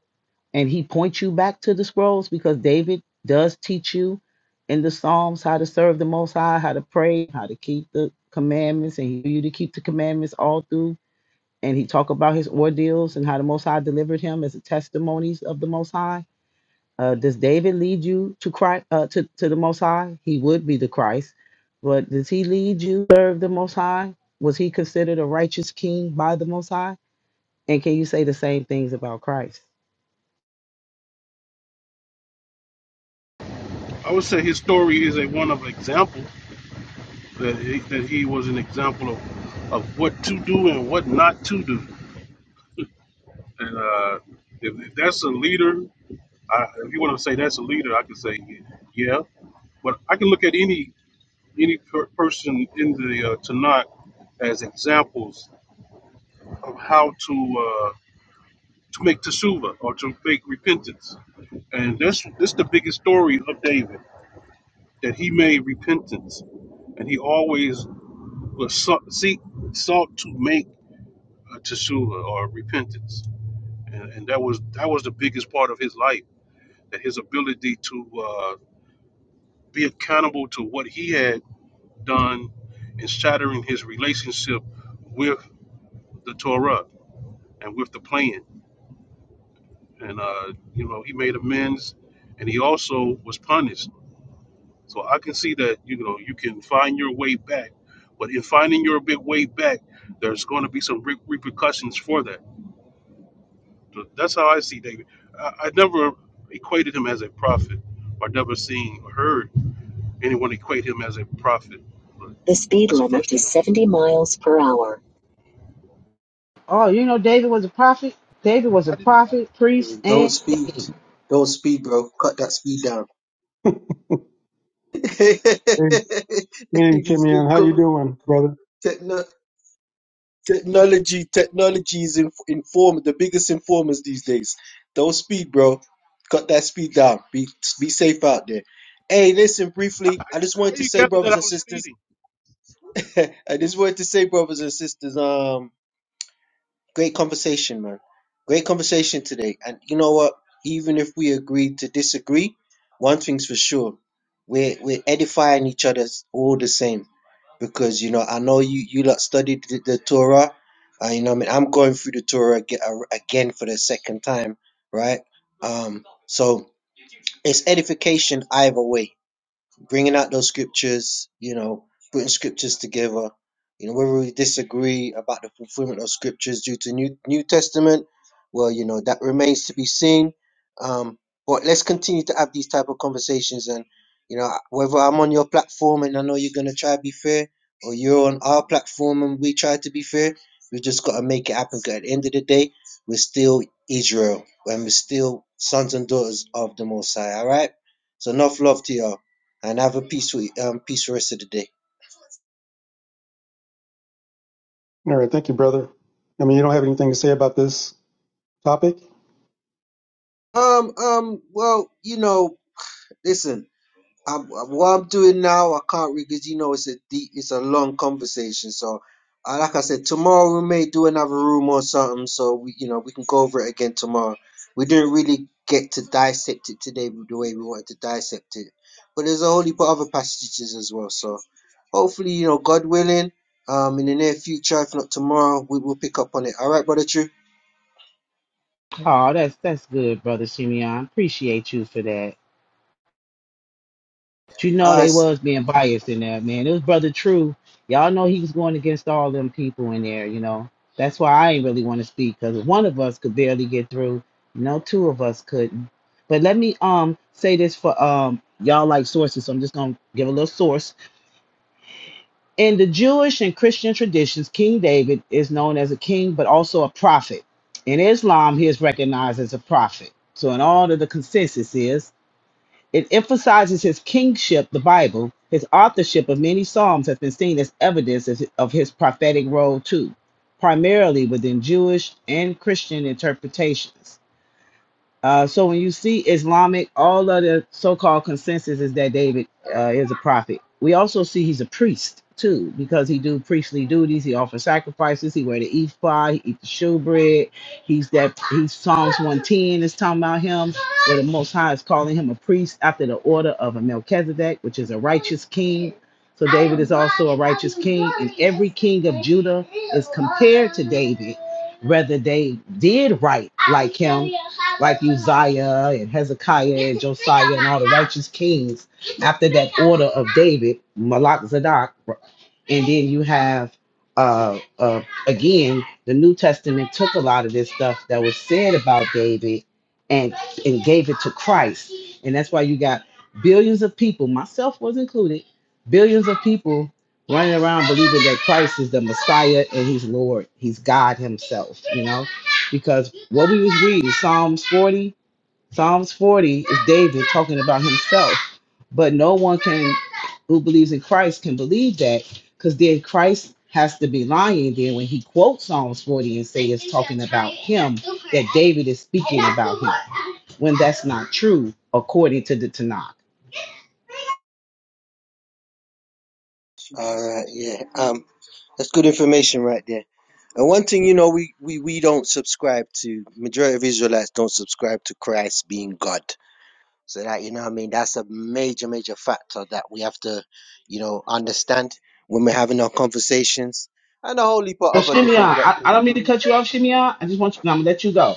and he points you back to the scrolls because David does teach you in the Psalms how to serve the Most High, how to pray, how to keep the commandments, and he you to keep the commandments all through. And he talk about his ordeals and how the Most High delivered him as a testimonies of the Most High uh, does David lead you to Christ uh, to to the Most High? He would be the Christ, but does he lead you to serve the Most High? Was he considered a righteous king by the Most High? And can you say the same things about Christ? the speed 70 miles per hour. Oh, you know David was a prophet. David was a prophet, priest, Don't and speed. Don't speed, bro. Cut that speed down. These Hey, hey new Chimian, how you co- doing, brother? techno- technology, technology is in, inform the biggest informers these days. Don't speed, bro. Cut that speed down. Be be safe out there. Hey, listen briefly. I just wanted to say, brothers and sisters. I just wanted to say, brothers and sisters. Um. Great conversation, man. Great conversation today. And you know what? Even if we agree to disagree, one thing's for sure. We're we're edifying each other all the same. Because you know, I know you you lot studied the, the Torah. Uh, you know, what I mean, I'm going through the Torah aga- again for the second time, right? Um, so it's edification either way bringing out those scriptures, you know, putting scriptures together. You know, whether we disagree about the fulfillment of scriptures due to New New Testament, well, you know, that remains to be seen. Um, but let's continue to have these type of conversations, and you know, whether I'm on your platform and I know you're gonna try to be fair, or you're on our platform and we try to be fair, we just gotta make it happen. 'cause at the end of the day, we're still Israel, and we're still sons and daughters of the Most High. All right. So enough love to y'all and have a peaceful um peaceful rest of the day. All right. Thank you, brother. I mean, you don't have anything to say about this topic? Um, um, well, you know, listen, I'm, what I'm doing now, I can't really, because you know it's a deep, it's a long conversation. So, uh, like I said, tomorrow we may do another room or something, so we, you know, we can go over it again tomorrow. We didn't really get to dissect it today the way we wanted to dissect it, but there's a whole heap of other passages as well. So, hopefully, you know, God willing, um, in the near future, if not tomorrow, we will pick up on it. All right, brother, true. oh, that's that's good, brother Simeon. Appreciate you for that. But you know Uh, they was being biased in there, man. It was Brother True. Y'all know he was going against all them people in there, you know. That's why I ain't really want to speak, because one of us could barely get through. You know, two of us couldn't. But let me um say this for um y'all like sources, so I'm just gonna give a little source. In the Jewish and Christian traditions, King David is known as a king, but also a prophet. In Islam, he is recognized as a prophet. So in all of the consensus is it emphasizes his kingship, the Bible. His authorship of many Psalms has been seen as evidence of of his prophetic role, too, primarily within Jewish and Christian interpretations. Uh, so when you see Islamic, all of the so called consensus is that David uh, is a prophet. We also see he's a priest, too, because he do priestly duties. He offers sacrifices. He wear the ephod. He eat the shewbread. He's that, he's Psalm 10 is talking about him. Most High is calling him a priest after the order of a Melchizedek, which is a righteous king. So whether they did right, Isaiah and Hezekiah, righteous kings, order of David, Malach Zadok, and then you have uh, uh again the new testament took a lot of this stuff that was said about david and and gave it to christ and that's why you got billions of people myself was included billions of people running around believing that christ is the messiah and he's lord he's god himself because what we was reading psalms 40 psalms 40 is david talking about himself but no one can who believes in Christ can believe that because then Christ has to be lying then when he quotes Psalms 40 and say him, David is speaking when that's not true according to the Tanakh. All right, yeah. Um, that's good information right there. And one thing, you know, we, we, we don't subscribe to, majority of Israelites don't subscribe to Christ being God. So that, you know what I mean? That's a major, major factor that we have to, you know, understand when we're having our conversations and a whole heap But of other Shimeon, different I, I doctrines. don't mean to cut you off, Shimeon. I just want you, I'm gonna let you go.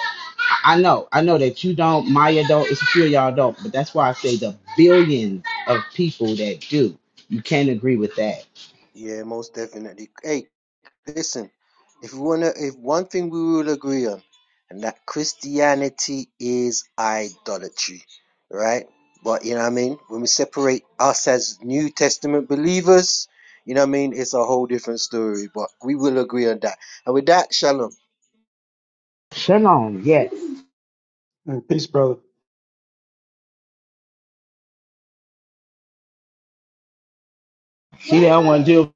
I, I know, I know that you don't, Maya don't, it's a few of y'all don't, but that's why I say the billions of people that do. You can't agree with that. Yeah, most definitely. Hey. Listen, if we wanna, if one thing we will agree on, and that Christianity is idolatry, right? But you know what I mean. When we separate us as New Testament believers, you know what I mean. It's a whole different story. But we will agree on that. And with that, shalom. Shalom, yes. All right, Peace, brother. See, they don't want to deal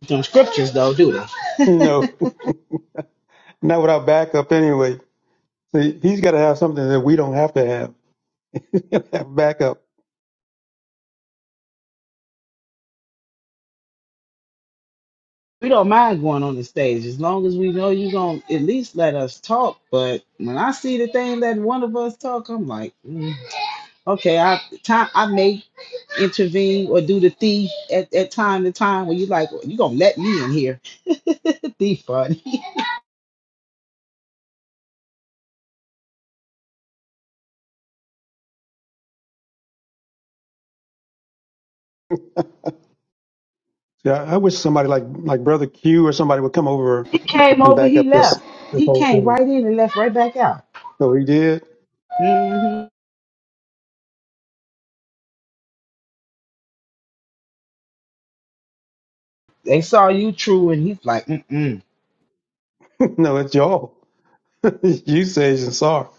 with them scriptures though, do they? No, not without backup anyway. See, he's got to have something that we don't have to have. have backup. we don't mind going on the stage as long as we know you're going to at least let us talk. But when I see the thing that one of us talk, I'm like, mm, okay, I time I may intervene or do the thief at, at time to time when you like, well, you going to let me in here. thief, buddy. Yeah, I, I wish somebody like, like brother Q or somebody would come over He came and over, back he up this, left. this He whole came thing. right in and left right back out. So he did. hmm They saw you true and he's like, mm-mm. no, it's y'all. you sage and sar.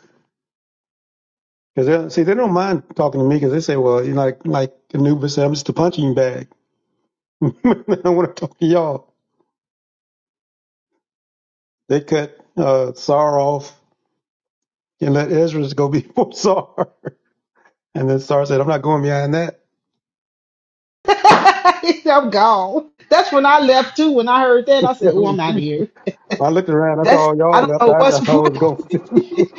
Cause see, they don't mind talking to me because they say, well, you like, like Anubis said, I'm just a punching bag. I want to talk to y'all. They cut, uh, sar off and let Ezra go before Sar. And then Sar said, I'm not going behind that. He said, I'm gone. That's when I left too. When I heard that, I Yeah, said, oh, me I'm out of too. here. I looked around, I saw That's all I y'all don't left. know I what's got I was going to.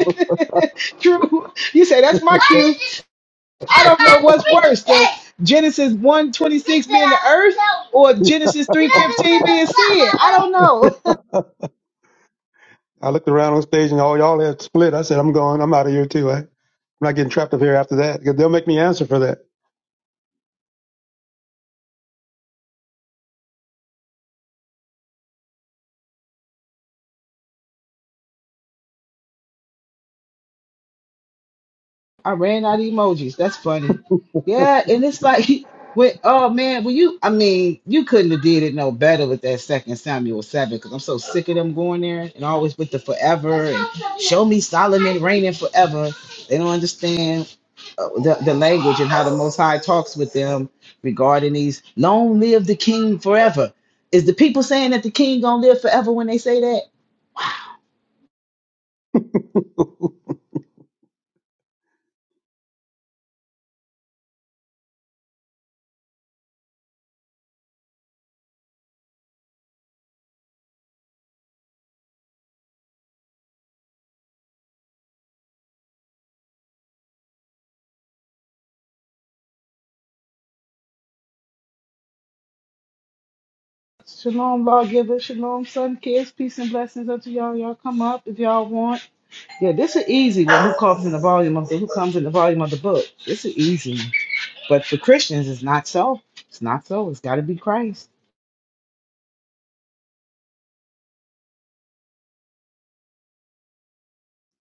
true. You say that's my worst. Genesis one 26 or Genesis 3. don't know. I looked around on stage and all y'all had split. I said, I'm going, I'm out of here too. I, I'm not getting trapped up here after that. 'Cause They'll make me answer for that. I ran out of emojis. That's funny. Yeah, and it's like when oh man, when you I mean, you couldn't have did it no better with that second Samuel seven because I'm so sick of them going there and always with the forever and show me Solomon reigning forever. They don't understand uh, the, the language and how the Most High talks with them regarding these. Long live the King forever. Is the people saying that the King gonna live forever when they say that? Shalom, lawgiver. Shalom, son, kids. Peace and blessings unto y'all. Y'all come up if y'all want. Yeah, this is easy one. Who comes in the volume of the who comes in the volume of the book? This is easy. one. But for Christians, it's not so. It's not so. It's got to be Christ.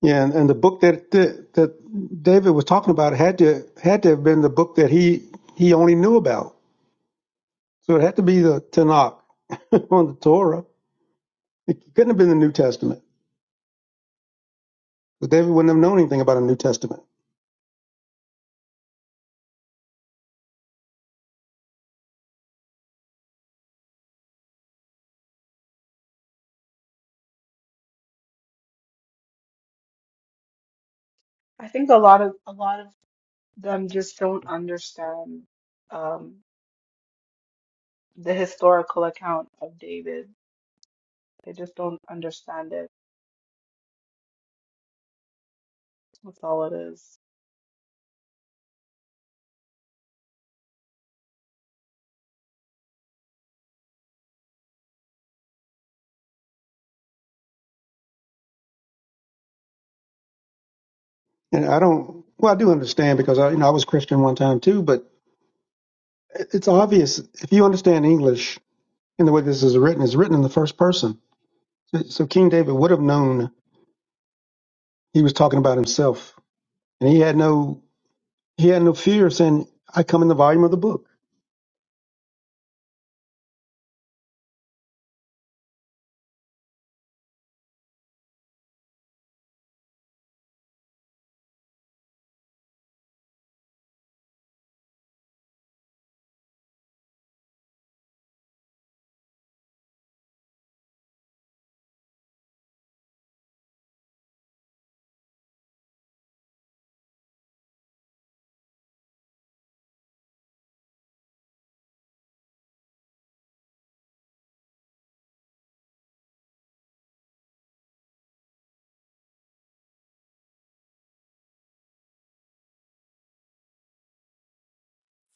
Yeah, and, and the book that, that that David was talking about had to had to have been the book that he he only knew about. So it had to be the Tanakh on the Torah. It couldn't have been the New Testament. But David wouldn't have known anything about a New Testament. I think a lot of a lot of them just don't understand um, the historical account of David. They just don't understand it. That's all it is. And I don't, well, I do understand because I, you know, I was Christian one time too, but it- it's obvious if you understand English in the way this is written, it's written in the first person. So, so King David would have known he was talking about himself and he had no, he had no fear of saying, I come in the volume of the book.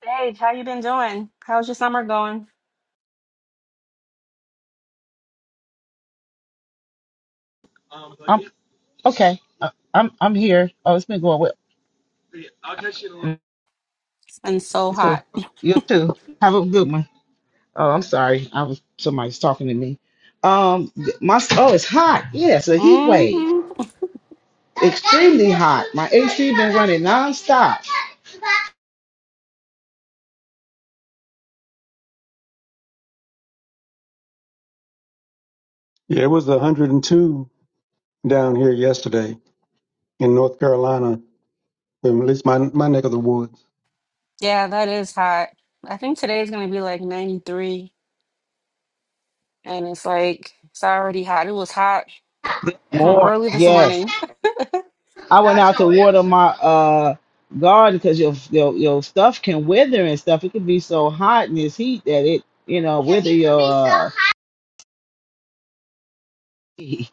Sage, how you been doing? How's your summer going? I'm okay. I- I'm I'm here. Oh, it's been going well. You It's been so too. hot. You too. Have a good one. Oh, I'm sorry. I was somebody's talking to me. Um, my oh, it's hot. Yeah, it's a heat wave. hmm Running nonstop. Yeah, it was 102 down here yesterday in North Carolina, at least my, my neck of the woods. Yeah, that is hot. I think today's gonna be like 93, and it's like it's already hot. It was hot from More. early this Yes. morning. I went out to water my uh garden because your, your your stuff can wither and stuff. It can be so hot in this heat that it, you know, he,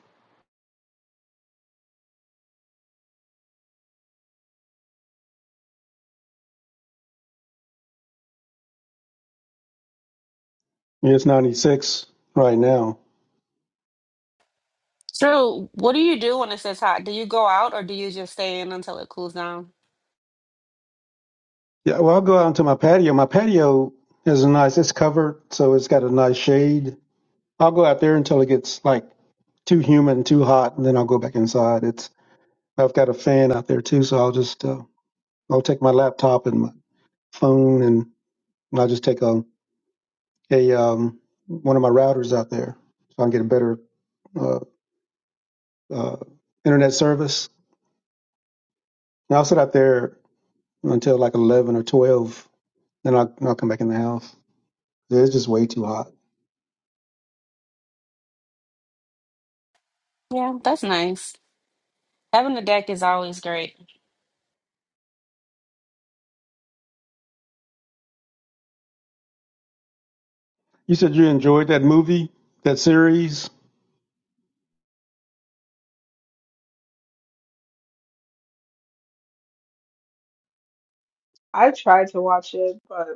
Yeah, it's 96 right now. True. What do you do when it says hot? Do you go out or do you just stay in until it cools down? Yeah, well, I'll go out onto my patio. My patio is nice, it's covered, so it's got a nice shade I'll go out there until it gets like too humid and too hot, and then I'll go back inside. It's I've got a fan out there too, so I'll just uh, I'll take my laptop and my phone, and I'll just take a a um, one of my routers out there, so I can get a better uh, uh, internet service. And I'll sit out there until like eleven or twelve, then I'll, I'll come back in the house. It's just way too hot. Yeah, that's nice. Having a deck is always great. You said you enjoyed that movie, that series. I tried to watch it, but.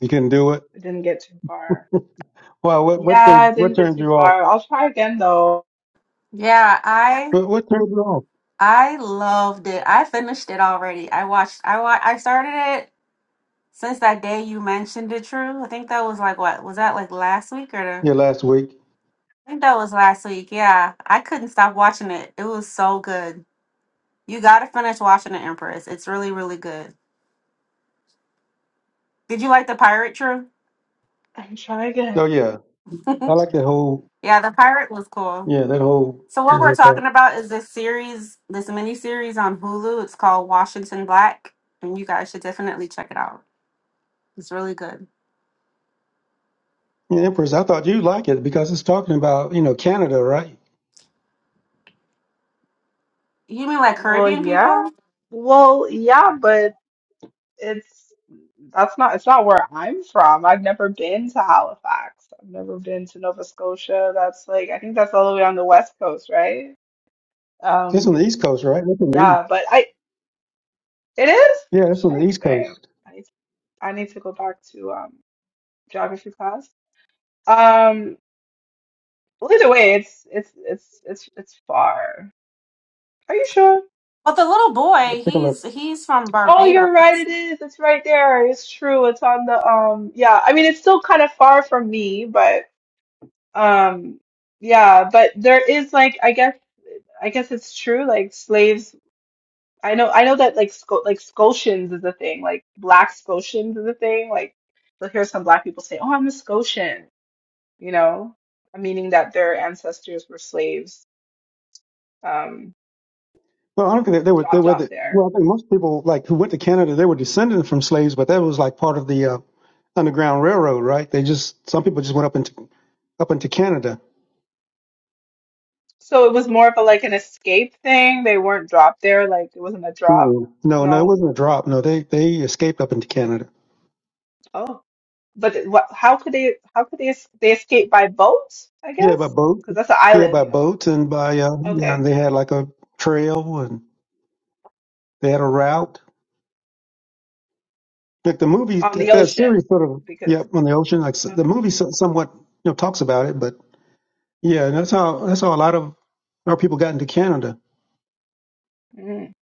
You couldn't do it. I didn't get too far. Wow, what what Yeah, turned, I what didn't get turned too you off? far. I'll try again though. Yeah, I What, what turned you off? I loved it. I finished it already. I watched I wa- I started it Since that day you mentioned it, True, I think that was like what was that like last week or the, Yeah, last week. I think that was last week. Yeah, I couldn't stop watching it. It was so good. You gotta finish watching the Empress. It's really really good. Did you like the pirate, True? I'll try again. So yeah, I like that whole yeah, the pirate was cool. yeah that whole So what that we're whole talking part. about is this series, this mini series on Hulu. It's called Washington Black, and you guys should definitely check it out. It's really good. Yeah, Empress, I thought you'd like it because it's talking about you know Canada, right? You mean like Well, Caribbean yeah. people? Well, yeah, but it's that's not it's not where I'm from. I've never been to Halifax. I've never been to Nova Scotia. That's like I think that's all the way on the west coast, right? It's on the Um, East Coast, right? That's on the East. yeah, but I it is. Yeah, that's on the Shit, East Damn. Coast. I need to, I need to go back to um geography class. Um, well, either way, it's it's it's it's it's far. Are you sure? But the little Yeah, boy, take a look. he's he's from Oh, you're right. Barbados. It is. It's right there. It's true. It's on the um. Yeah. I mean, it's still kind of far from me, but um. Yeah. But there is like I guess I guess it's true. Like slaves. I know. I know that like Sco like Scotians is a thing. Like black Scotians is a thing. Like you'll hear some black people say, "Oh, I'm a Scotian," you know, meaning that their ancestors were slaves. Um, Well, I don't think that they were they dropped were off the there. well. I think most people like who went to Canada, they were descended from slaves, but that was like part of the uh, Underground Railroad, right? They just some people just went up into up into Canada. So it was more of a like an escape thing. They weren't dropped there. Like it wasn't a drop. Mm-mm. No, no, it No. wasn't a drop. No, they they escaped up into Canada. Oh, but th- what? How could they? How could they? es- They escape by boat? I Yeah, by guess boat. because that's an Yeah, island, by you know. boat, and by uh, yeah, Okay, and they had like a trail and they had a route. Like the movie, on that, the that ocean. series sort of Because yeah on the ocean. Like s- the okay, movie so- somewhat you know talks about it, but yeah, and that's how that's how a lot of our people got into Canada. mm,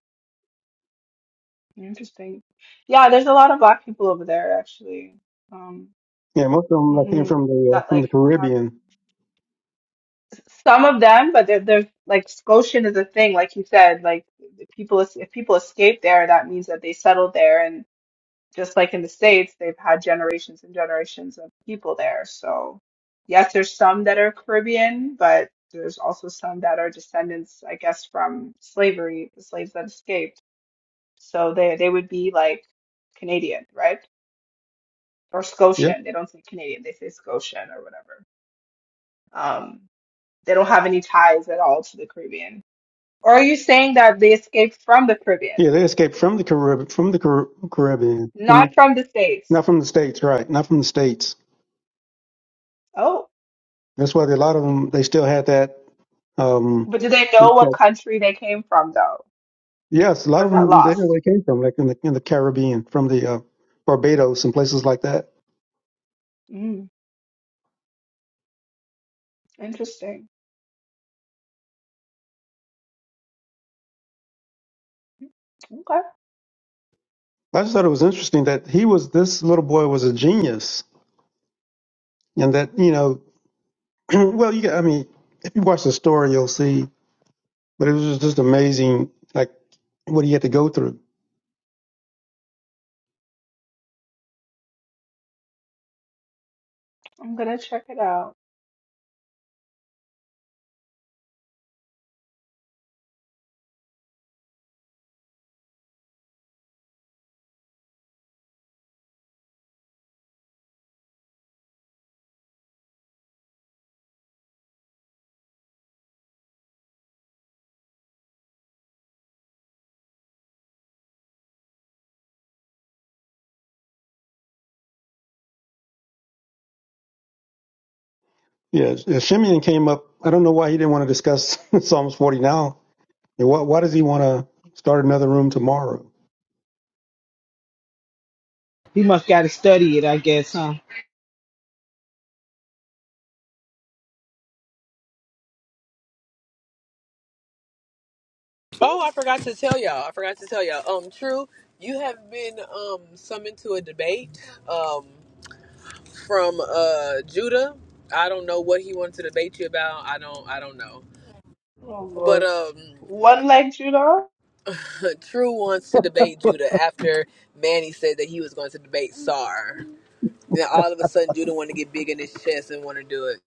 interesting. Yeah, there's a lot of black people over there actually. Um, Yeah, most of them like, came hmm from the uh, that from the like have Caribbean. some of them, but there, there's like Scotian is a thing, like you said. Like the people, es- if people escape there, that means that they settled there just like in the States, they've had generations and generations of people there. So, yes, there's some that are Caribbean, but there's also some that are descendants, I guess, from slavery, the slaves that escaped. So they they would be like Canadian, right? Or Yep. Scotian. They don't say Canadian, they say Scotian or whatever. Um, they don't have any ties at all to the Caribbean. Or are you saying that they escaped from the Caribbean, Yeah, they escaped from the Caribbean, from the Car- Caribbean, from the, not from the States? not from the states, right? Not from the states. Oh, That's why a lot of them they still had that um, but do they know what country they came from, though? Yes, a Or lot is of that them they know lost? where they came from, like in the in the Caribbean, from the uh, Barbados and places like that. Mm, interesting. Okay. I just thought it was interesting that he was this little boy was a genius, and that you know, well, you got- I mean, if you watch the story, you'll see. But it was just amazing, like what he had to go through. I'm gonna check it out. Yeah, yeah, Shimeon came up. I don't know why he didn't want to discuss Psalms 40 now. And why, why does he want to start another room tomorrow? must got to study it, I guess, huh? Oh, I forgot to tell y'all. I forgot to tell y'all. Um, True, you have been um summoned to a debate um from uh Judah. I don't know what he wanted to debate you about. I don't. I don't know. Oh But Lord. um. One leg Judah, True wants to debate Judah after Manny said that he was going to debate Sar. Now all of a sudden Judah want to get big in his chest and want to do it.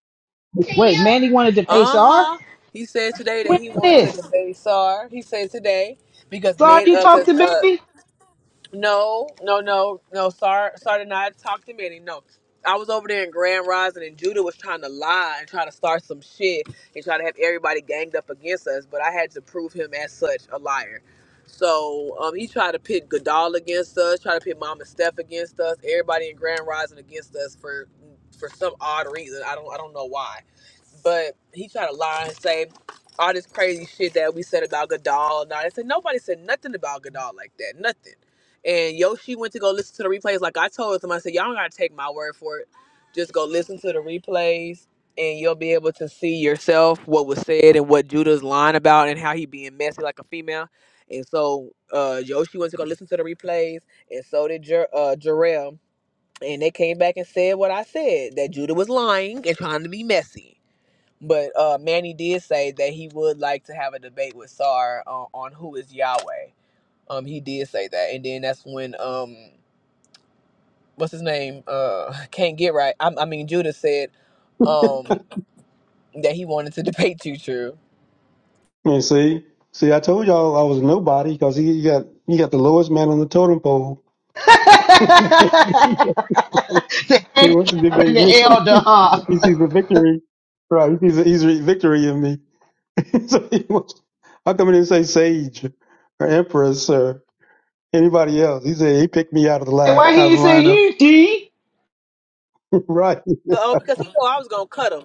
Hey, Manny wanted to debate Uh Sar. huh. He said today that When he is wants to this? debate Sar. He said today because Sar, man you because uh, talk to 'cause, uh, baby. no, no, no, no. Sar, Sar did not talk to Manny. No, I was over there in Grand Rising, and Judah was trying to lie and try to start some shit and try to have everybody ganged up against us. But I had to prove him as such a liar. So um, he tried to pit Godal against us, tried to pit Mama Steph against us, everybody in Grand Rising against us for for some odd reason. I don't I don't know why but he tried to lie and say all this crazy shit that we said about Godal and all that. Said nobody said nothing about Godal like that, nothing. And Yoshi went to go listen to the replays. Like I told him, I said y'all don't gotta take my word for it. Just go listen to the replays, and you'll be able to see yourself what was said and what Judah's lying about and how he being messy like a female. And so uh, Yoshi went to go listen to the replays, and so did Jer- uh, Jarrell. And they came back and said what I said that Judah was lying and trying to be messy but uh, Manny did say that he would like to have a debate with Sar uh, on who is Yahweh. Um, he did say that, and then that's when um, what's his name? Uh, can't get right. I, I mean, Judah said um that he wanted to debate you, true. I mean, see, see, I told y'all I was nobody because he got he got the lowest man on the totem pole the He wants to handicap and debate me. the elder, huh? he sees the victory. Right. He sees the easy victory in me. so he wants, i come in and say sage or empress or anybody else. He said he picked me out of the Hey, line, why he out of the ain't say lineup. you D? right. Oh, because he knew I was gonna cut him.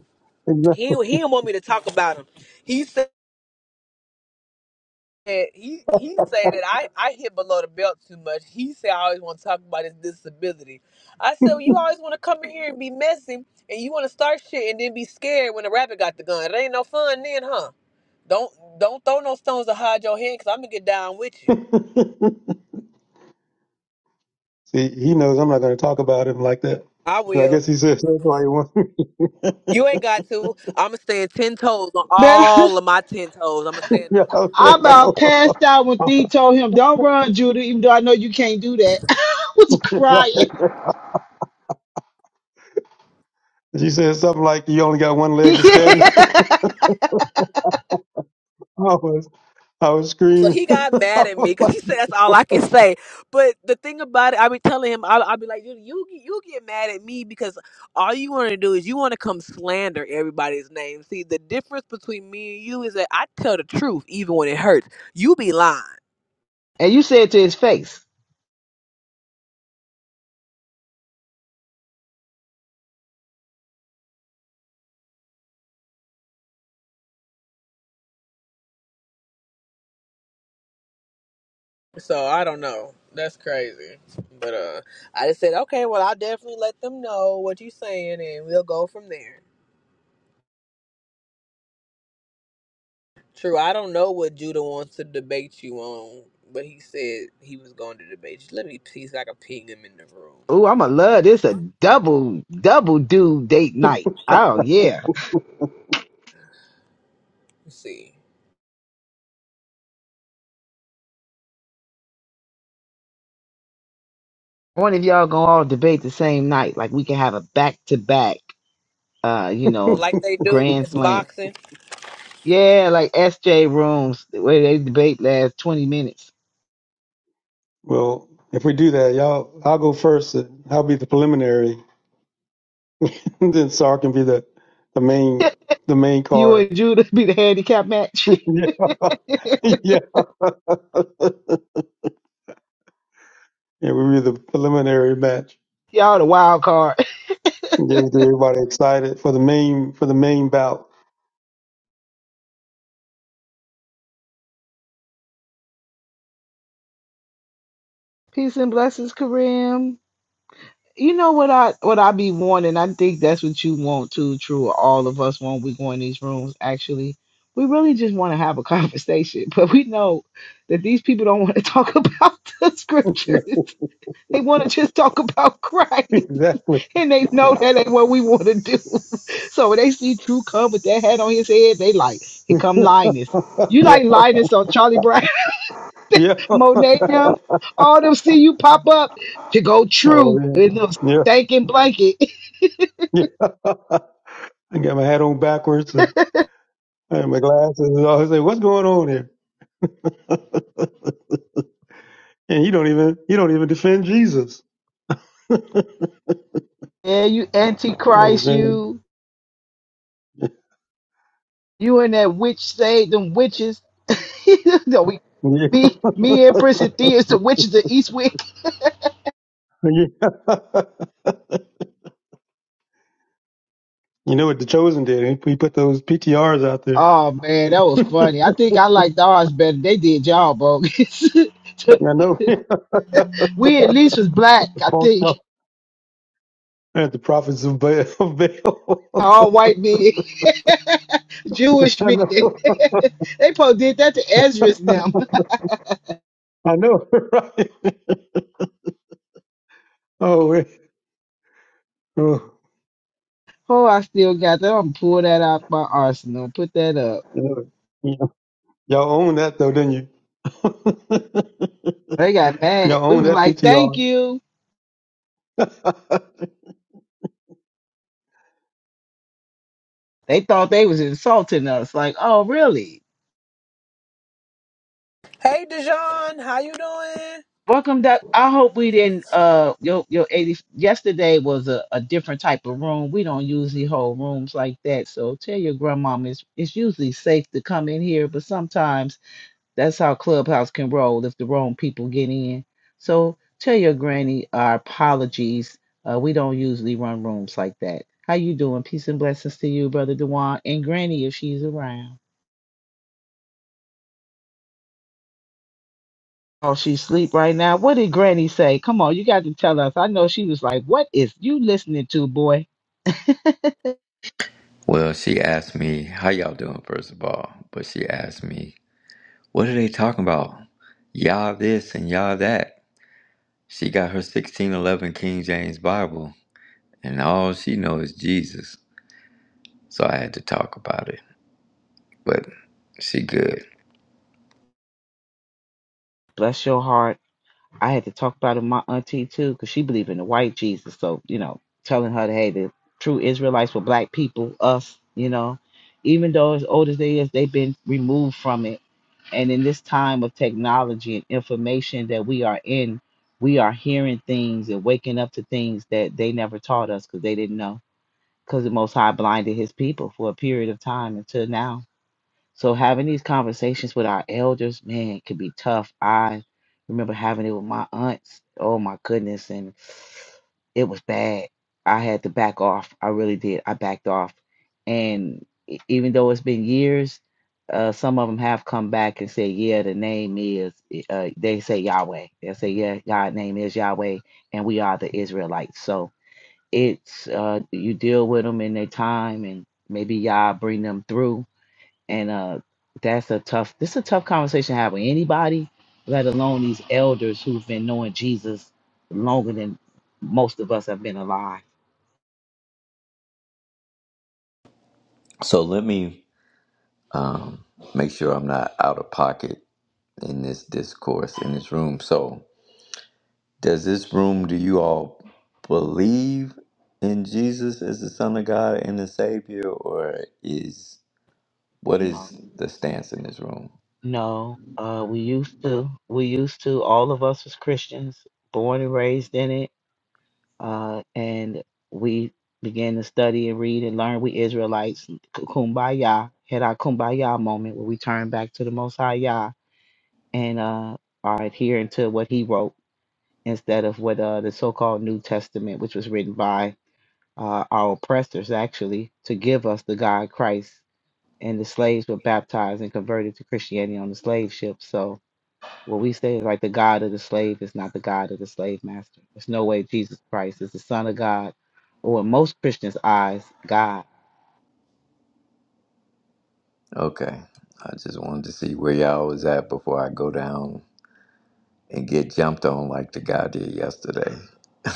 He Exactly. he didn't want me to talk about him. He said he he said that I I hit below the belt too much. He said I always want to talk about his disability. I said well, you always want to come in here and be messy and you want to start shit and then be scared when the rabbit got the gun. It ain't no fun then, huh? Don't don't throw no stones to hide your hand because I'm gonna get down with you. See, he knows I'm not going to talk about him like that. I So I guess will. he says that's why he wants me. You ain't got to. I'm gonna stand ten toes on Better. all of my ten toes. I'm gonna stand yeah, on it. I I said about passed out when no. D told him, "Don't run, Judah," even though I know you can't do that. I was crying. right. She said something like, you only got one leg and to stand on. I was, I was So screaming. he got mad I at me was because he said that's like, all I can say. But the thing about it, I be telling him, I'll, I'll be like, you, you you get mad at me because all you want to do is you want to come slander everybody's name. See, the difference between me and you is that I tell the truth even when it hurts. You be lying. you said to his face, So I don't know. That's crazy. But uh, I just said, okay, well, I'll definitely let them know what you're saying, and we'll go from there. True, I don't know what Judah wants to debate you on, but he said he was going to debate you. Let me see if I can ping him in the room. "Ooh, I'ma love this a double double dude date night." Oh yeah. Let's see. I wonder if y'all gonna all debate the same night. Like we can have a back to back, uh, you know, Like they do when grand it's slam. boxing. Yeah, like SJ rooms where they debate last twenty minutes. Well, if we do that, y'all, I'll go first. and I'll be the preliminary. then Sar can be the, the main the main You card. and Judah be the handicap match. yeah, yeah. Yeah, we'll be the preliminary match. y'all the wild card. Just get everybody excited for the main for the main bout. Peace and blessings, Kareem. You know what I what I be wanting? I think that's what you want too. True, all of us want. We go in these rooms. Actually, we really just want to have a conversation, but we know that these people don't want to talk about the scriptures. no, They want to just talk about Christ, exactly. and they know that ain't what we want to do. So when they see True come with that hat on his head, they like, here come Linus. You yeah, like Linus on Charlie Brown, yeah. Monet them, all them see you pop up to go Oh True in man, a little yeah, stinking blanket. yeah. I got my hat on backwards. And I have my glasses. And I say, "What's going on here?" And he don't even he don't even defend Jesus. Yeah, you Oh antichrist, man. you you and that witch say them witches. no, we me me and Prince and Thea is the witches of Eastwick. Yeah. you know what the chosen did? eh? He put those PTRs out there. Oh man, that was I funny. I think I liked ours better. They did y'all bogus. know. we at least was black, The I false think. prophet- and the prophets of Baal. of Baal. All white men, Jewish I men. know. they probably did that to Ezra's now. I know. right. Oh, wait. oh. Oh, I still got that. I'm gonna pull that out my arsenal. Put that up. You know, yeah. Y'all own that though, didn't you? They got mad. y'all We own was that like, thank PTR. you. They thought they was insulting us. Like, oh really? Hey Dijon, how you doing? Welcome back. I hope we didn't uh your your 80 yesterday was a, a different type of room. We don't usually hold rooms like that. So tell your grandmom it's it's usually safe to come in here, but sometimes that's how Clubhouse can roll if the wrong people get in. So tell your granny our apologies. Uh, we don't usually run rooms like that. How you doing? Peace and blessings to you, brother Dewan, and Granny if she's around. Oh, she's asleep right now. What did Granny say? Come on, you got to tell us. I know she was like, What is you listening to, boy? Well, she asked me, How y'all doing, first of all? But she asked me, What are they talking about? Y'all this and y'all that. She got her 1611 King James Bible, and all she knows is Jesus. So I had to talk about it. But she good. Bless your heart. I had to talk about it with my auntie too, because she believed in the white Jesus. So, you know, telling her, hey, the true Israelites were black people, us, you know. Even though as old as they is, they've been removed from it. And in this time of technology and information that we are in, we are hearing things and waking up to things that they never taught us because they didn't know because the Most High blinded his people for a period of time until now. So having these conversations with our elders, man, it could be tough. I remember having it with my aunts. Oh my goodness, and it was bad. I had to back off. I really did. I backed off, and e- even though it's been years, uh, some of them have come back and said, "Yeah, the name is." Uh, they say Yahweh. They say, "Yeah, God's name is Yahweh, and we are the Israelites." So it's uh you deal with them in their time and maybe y'all bring them through and uh that's a tough this is a tough conversation to have with anybody let alone these elders who've been knowing jesus longer than most of us have been alive So let me um, make sure I'm not out of pocket in this discourse, in this room. So, does this room, do you all believe in Jesus as the Son of God and the Savior, or is What no is the stance in this room? no uh we used to we used to all of us as christians born and raised in it uh, and we began to study and read and learn. We Israelites, kumbaya, had our kumbaya moment where we turned back to the Most High Yah and uh, are adhering to what He wrote instead of what uh, the so-called New Testament, which was written by uh, our oppressors, actually, to give us the God Christ. And the slaves were baptized and converted to Christianity on the slave ship. So what we say is like the God of the slave is not the God of the slave master. There's no way Jesus Christ is the Son of God, or in most Christians' eyes, God. Okay. I just wanted to see where y'all was at before I go down and get jumped on like the guy did yesterday.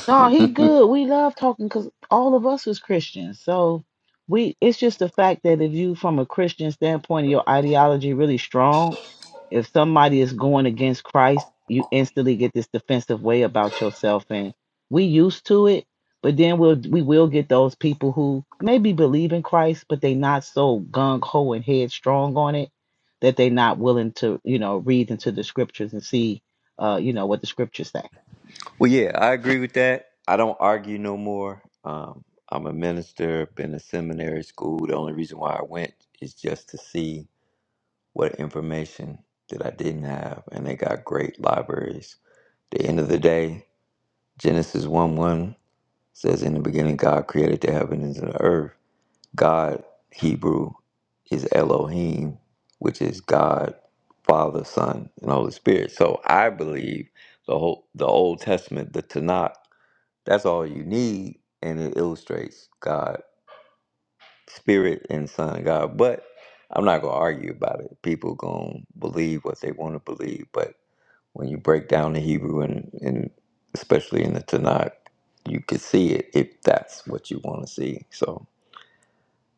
No, he well, good. We love talking because all of us is Christians. So we it's just the fact that if you from a Christian standpoint, your ideology really strong, if somebody is going against Christ, you instantly get this defensive way about yourself and we used to it, but then we'll we will get those people who maybe believe in Christ, but they not so gung ho and headstrong on it that they not willing to, you know, read into the scriptures and see uh, you know, what the scriptures say. yeah, I agree with that. I don't argue no more. Um, I'm a minister, been a seminary school. The only reason why I went is just to see what information that I didn't have, and they got great libraries. At The end of the day, Genesis 1 1 says, In the beginning, God created the heavens and the earth God, Hebrew, is Elohim, which is God, Father, Son, and Holy Spirit. So I believe the whole the Old Testament, the Tanakh, that's all you need, and it illustrates God, Spirit, and Son, God. But I'm not gonna argue about it. People gonna believe what they want to believe, but when you break down the Hebrew and, and especially in the Tanakh, you could see it if that's what you want to see. So.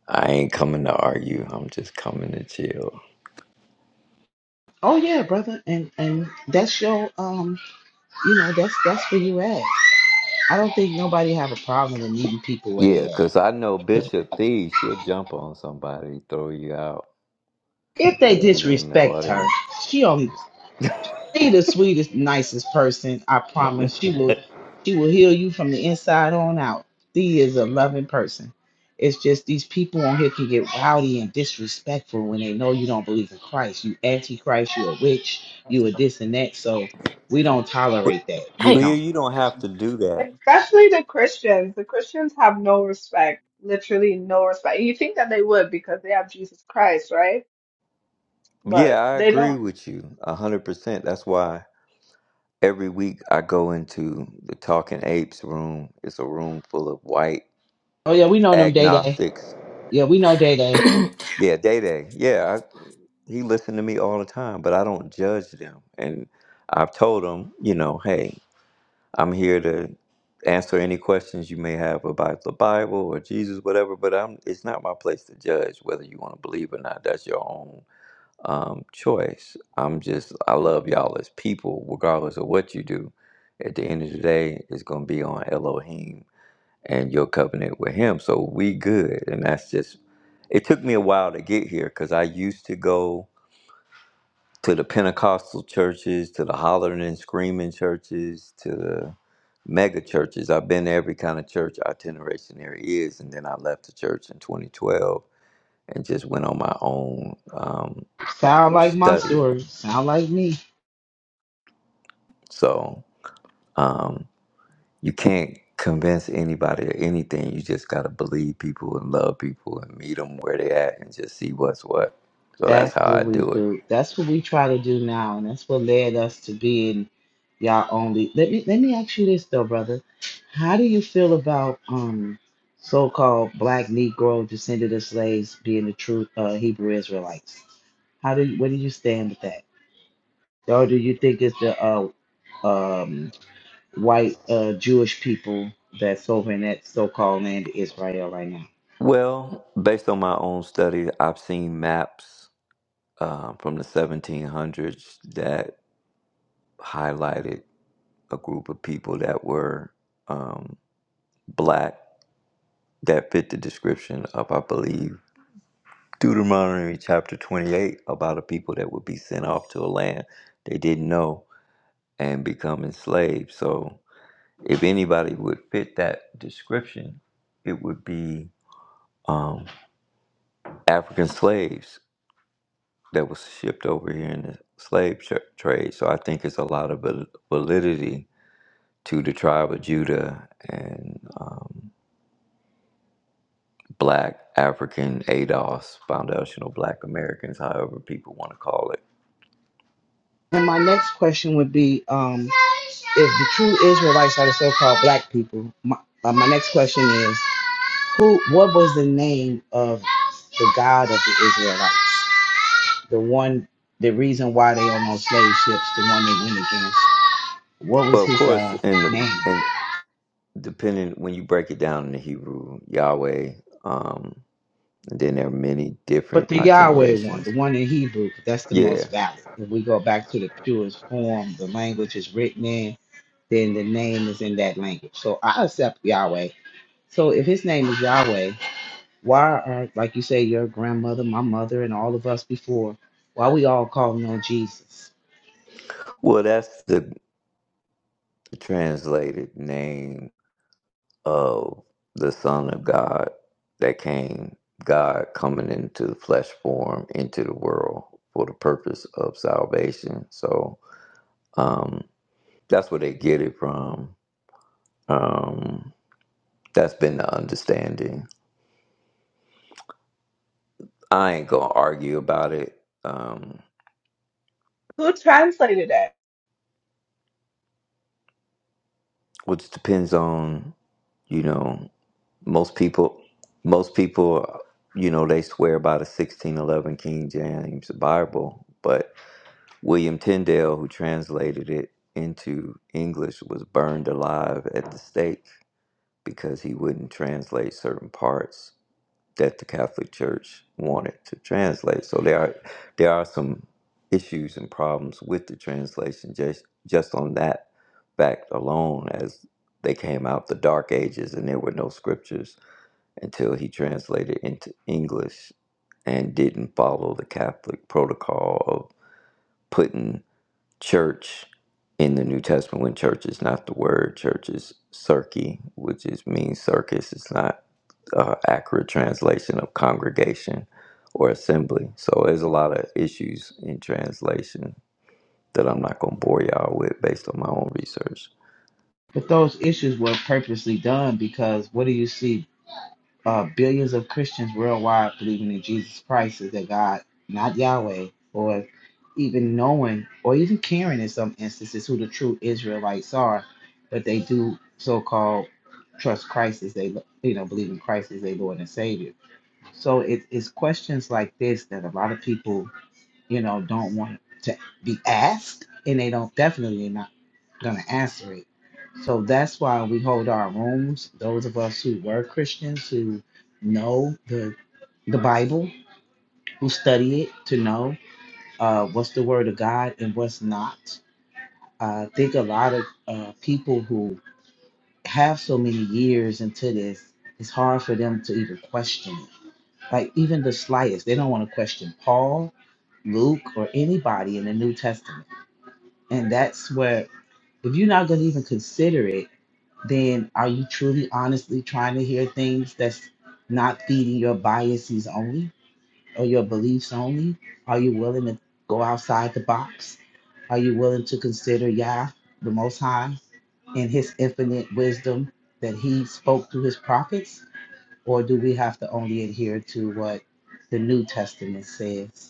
I ain't coming to argue. I'm just coming to chill. Oh yeah, brother, and and that's your um, you know, that's that's where you at. I don't think nobody have a problem in meeting people where they Yeah, cause at. I know Bishop Thee, she'll jump on somebody, throw you out, If they put you in the disrespect her, audience. she only She the sweetest, nicest person. I promise. She will she will heal you from the inside on out. She is a loving person. It's just these people on here can get rowdy and disrespectful when they know you don't believe in Christ. You antichrist, you a witch, you a this and that. So we don't But tolerate that. We Leah, don't. you don't have to do that. especially the Christians. The Christians have no respect, literally no respect. And you think that they would because they have Jesus Christ, right? Yeah, But I they agree don't. with you a 100%. That's why every week I go into the Talking Apes room. It's a room full of white Oh yeah, we know them day day. agnostics. Yeah, we know day day. Yeah, Day Day. Yeah, I, he listened to me all the time, but I don't judge them. And I've told him, you know, hey, I'm here to answer any questions you may have about the Bible or Jesus, whatever. But I'm, it's not my place to judge whether you want to believe or not. That's your own um, choice. I'm just, I love y'all as people, regardless of what you do. At the end of the day, it's going to be on Elohim and your covenant with Him. So we good, and that's just. It took me a while to get here because I used to go to the Pentecostal churches, to the hollering and screaming churches, to the mega churches. I've been to every kind of church itineration there is, and then I left the church in 2012 and just went on my own um, Sound like my study. story. Sound like me. So um, you can't convince anybody of anything. You just got to believe people and love people and meet them where they at and just see what's what. So that's That's how what I we do it. do. That's what we try to do now, and that's what led us to being y'all only. Let me let me ask you this though, brother. How do you feel about um so-called black Negro descended of slaves being the true uh, Hebrew Israelites? How do you, where do you stand with that? Or do you think it's the uh, um, white uh, Jewish people that's over in that so-called land of Israel right now? Well, based on my own study, I've seen maps uh, from the 1700s that highlighted a group of people that were um, black that fit the description of, I believe, Deuteronomy chapter 28 about a people that would be sent off to a land they didn't know and become enslaved. So, if anybody would fit that description, it would be um, African slaves that was shipped over here in the slave tra- trade. So, I think it's a lot of val- validity to the tribe of Judah and um, Black African ADOS, Foundational Black Americans, however people want to call it. And my next question would be, um. if the true Israelites are the so-called black people, my, uh, my next question is, who? What was the name of the God of the Israelites? The one, the reason why they on those slave ships, the one they went against. What But was of his course, uh, in the name? in depending when you break it down in the Hebrew, Yahweh, um, and then there are many But different the Yahweh one, the itinerations. one in Hebrew, that's the Yeah, most valid. If we go back to the purest form, the language is written in, then the name is in that language. So I accept Yahweh. So if his name is Yahweh, Why are, like you say, your grandmother, my mother, and all of us before, why we all calling on Jesus? well, that's the translated name. of the Son of God that came, God coming into the flesh form into the world for the purpose of salvation. So um, that's where they get it from. Um, that's been the understanding. I ain't gonna argue about it, um, Who translated it? which depends on you know most people. Most people, you know, they swear by the sixteen eleven King James Bible, but. William Tyndale, who translated it into English, was burned alive at the stake because he wouldn't translate certain parts that the Catholic Church wanted to translate. So there are there are some issues and problems with the translation just just on that fact alone as they came out the dark ages and there were no scriptures until he translated into English and didn't follow the Catholic protocol of putting church in the New Testament when church is not the word, church is circe, which is means circus. It's not uh, accurate translation of congregation or assembly. So there's a lot of issues in translation that I'm not gonna bore y'all with based on my own research. But those issues were purposely done because what do you see? Uh, billions of Christians worldwide believing in Jesus Christ as their God, not Yahweh, or even knowing or even caring in some instances who the true Israelites are, but they do so called trust Christ as they, you know, believe in Christ as their Lord and Savior. So it's questions like this that a lot of people you know, don't want to be asked, and they don't definitely not gonna answer it. So that's why we hold our rooms. Those of us who were Christians, who know the the Bible, who study it, to know uh, what's the Word of God and what's not. I think a lot of uh, people who have so many years into this, it's hard for them to even question it. Like even the slightest, they don't want to question Paul, Luke, or anybody in the New Testament And that's where, if you're not going to even consider it, then are you truly honestly trying to hear things that's not feeding your biases only or your beliefs only? Are you willing to go outside the box? Are you willing to consider Yah, the Most High, and His infinite wisdom that He spoke through His prophets? Or do we have to only adhere to what the New Testament says?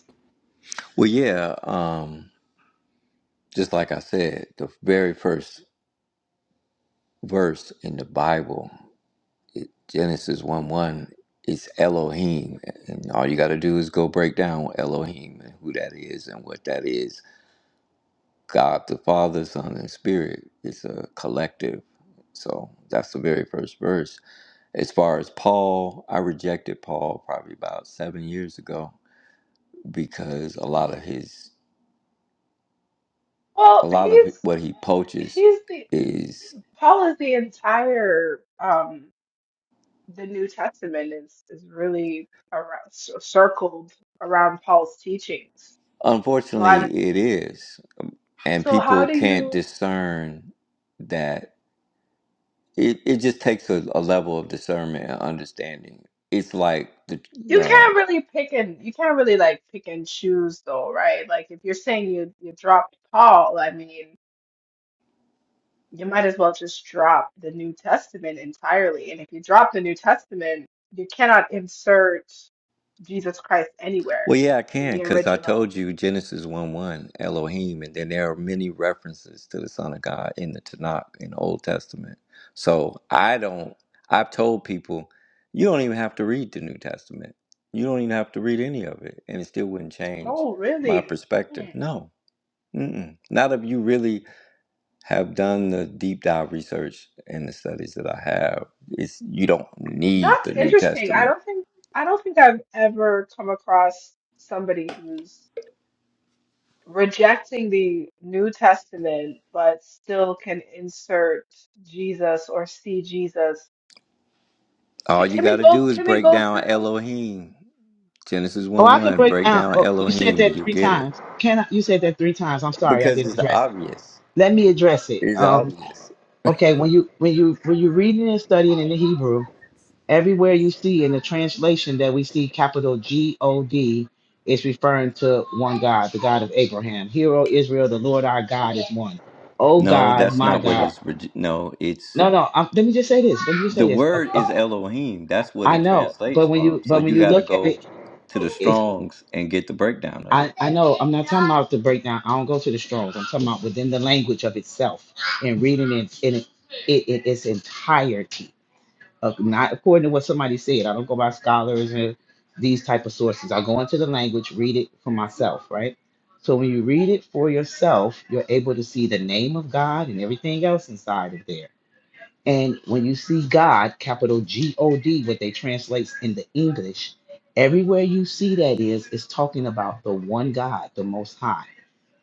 Well, yeah, um, just like I said, the very first verse in the Bible. Genesis 1 1, it's Elohim. And all you got to do is go break down Elohim and who that is and what that is. God the Father, Son, and Spirit. It's a collective. So that's the very first verse. As far as Paul, I rejected Paul probably about seven years ago because a lot of his, a Well, lot he's of what he poaches he's the is, Paul is the entire um the New Testament is is really around circled around Paul's teachings. So I unfortunately, it is. And So people how do can't you discern that It it just takes a, a level of discernment and understanding. It's like the you uh, can't really pick and you can't really like pick and choose though, right? Like if you're saying you you dropped Paul, I mean, you might as well just drop the New Testament entirely. And if you drop the New Testament, you cannot insert Jesus Christ well, anywhere yeah, I in can the because I original. told you Genesis one one Elohim, and then there are many references to the Son of God in the Tanakh in the Old Testament. So I don't. I've told people you don't even have to read the New Testament. You don't even have to read any of it, and it still wouldn't change Oh, my really? perspective. Hmm. No, Mm-mm. not if you really have done the deep dive research and the studies that I have, it's you don't need That's the New interesting. I Testament. don't think I don't think I've ever come across somebody who's rejecting the New Testament, but still can insert Jesus or see Jesus. All Can, you can got we to go? do is Can we break go down through? Elohim, Genesis Oh, one I can one. break Break down. down Oh, you said Elohim, that you three get it times. Can I, you said that three times? I'm sorry, I because didn't it's address it. obvious. Let me address it. It's Um, obvious. okay, when you when you when you're reading and studying in the Hebrew, everywhere you see in the translation that we see capital G O D is referring to one God, the God of Abraham. Hero Israel, the Lord our God one. Oh No, God, that's my not what God. it's. reg- No, it's no, no. i let me just say this. Let me just the say this. Uh, word is uh, Elohim. That's what I it know, but translates when you from. So but when you you got to look at go it, to the it, Strong's and get the breakdown of it. out the breakdown. I don't go to the Strong's. I'm talking about within the language of itself and reading it in it, it, in its entirety, of, not according to what somebody said. I don't go by scholars and these type of sources. I go into the language, read it for myself, right? So when you read it for yourself, you're able to see the name of God and everything else inside of there. And when you see God, capital G O D, what they translates in the English, everywhere you see that is, is talking about the one God, the Most High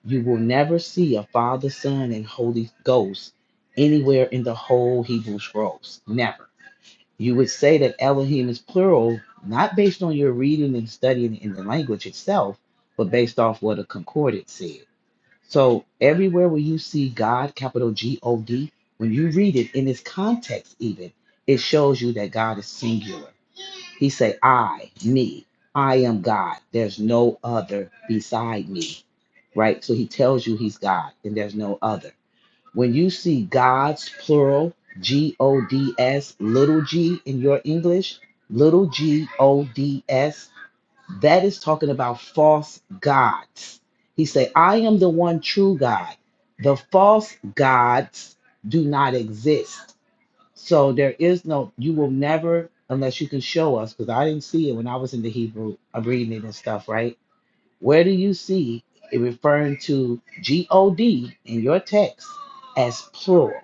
you will never see a Father, Son, and Holy Ghost anywhere in the whole Hebrew Scrolls. Never. You would say that Elohim is plural, not based on your reading and studying in the language itself, but based off what a concordance said. So everywhere where you see God, capital G O D, when you read it in its context, even, it shows you that God is singular. He say, I, me, I am God. There's no other beside me. Right? So he tells you he's God and there's no other. When you see God's plural, G O D S, little g in your English, little g O D S, that is talking about false gods. He say, I am the one true God. The false gods do not exist. So there is no, you will never, unless you can show us, because I didn't see it when I was in the Hebrew of reading it and stuff, right? Where do you see it referring to G O D in your text as plural?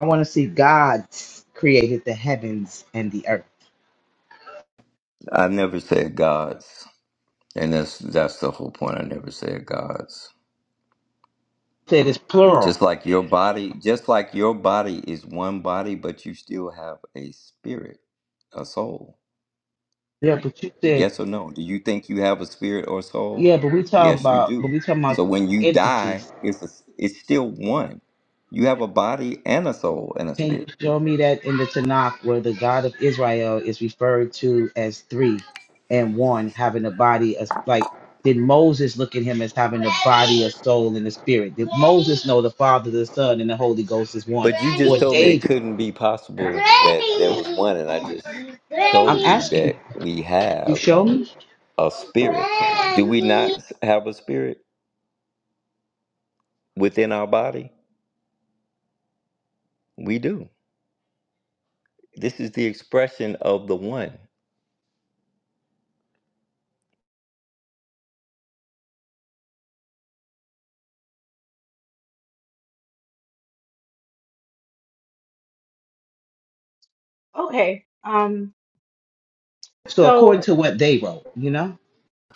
I want to see God created the heavens and the earth. I never said gods, and that's that's the whole point. I never said gods. Said it's plural. Just like your body, just like your body is one body, but you still have a spirit, a soul. Yeah, but you said, Yes or no? Do you think you have a spirit or yeah, soul? but we talking Yes, you about, but do. we talking about So when you entities. die, it's a, it's still one. You have a body and a soul and a Can you spirit. show me that in the Tanakh where the God of Israel is referred to as three and one, having a body as like did Moses look at him as having soul and a spirit? Did oh, the Father, the Son, and the Holy Ghost is one? But you just told me Hey, it can couldn't be possible that there was one, and I just told you that we you have show me? a spirit. Do we not have a spirit within our body? We do. This is the expression of the one. Okay. Um. So according So, to what they wrote, you know?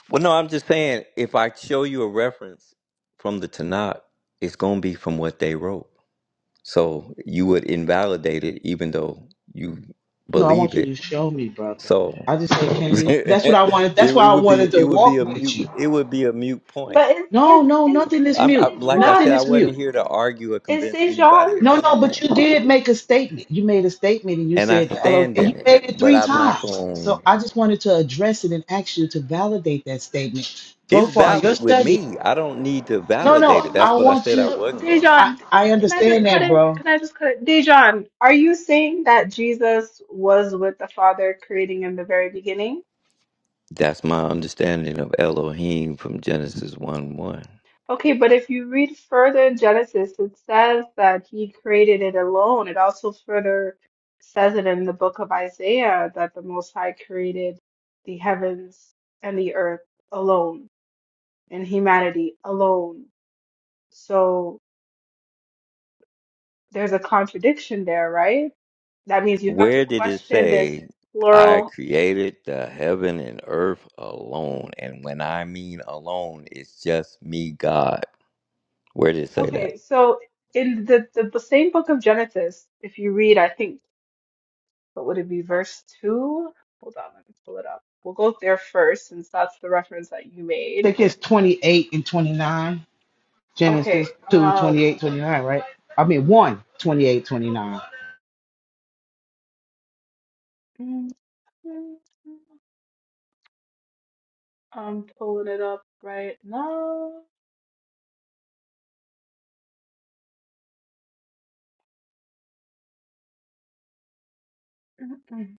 Well, no, I'm just saying if I show you a reference from the Tanakh, it's going to be from what they wrote. So you would invalidate it even though you No, I believe want you it. to show me, brother. So I just say, can you? That's what it, I wanted. it That's why I would be wanted it to would be walk a with mute you. it would be a mute point. but is No, is no, is nothing is is I'm mute. I, like I Dijon Nothing said I is wasn't mute. here to argue or is convince anybody or Dijon No, no, but you anything. did make a statement. You made a statement and you And I said, hello, stand and you in it, made it but three I'm not times. going So to I just wanted to address it and ask you to validate that statement. So It's far, your valid with study. me. I don't need to No, validate no, it. I That's Oh, what I want said I you. oh, wasn't going to do. I, Dejan, I can I just understand cut that, in? bro. Can I I just cut it? Dejan, are you saying that Jesus was with the Father creating in the very beginning? That's my understanding of Elohim from Genesis 1 1. Okay, but if you read further in Genesis, it says that he created it alone. It also further says it in the book of Isaiah that the Most High created the heavens and the earth alone and humanity alone. So. There's a contradiction there, right? That means you have to Where did it question this say, I plural. created the heaven and earth alone? And when I mean alone, it's just me, God. Where did it say that? Okay, so in the, the b- same book of Genesis, if you read, I think, what would it be, verse 2? Hold on, let me pull it up. We'll go there first since that's the reference that you made. think it's 28 and 29. Okay, Genesis 2, um, 28, 29, right? I mean, one, 28, 29. mm, mm, I'm pulling it up right now.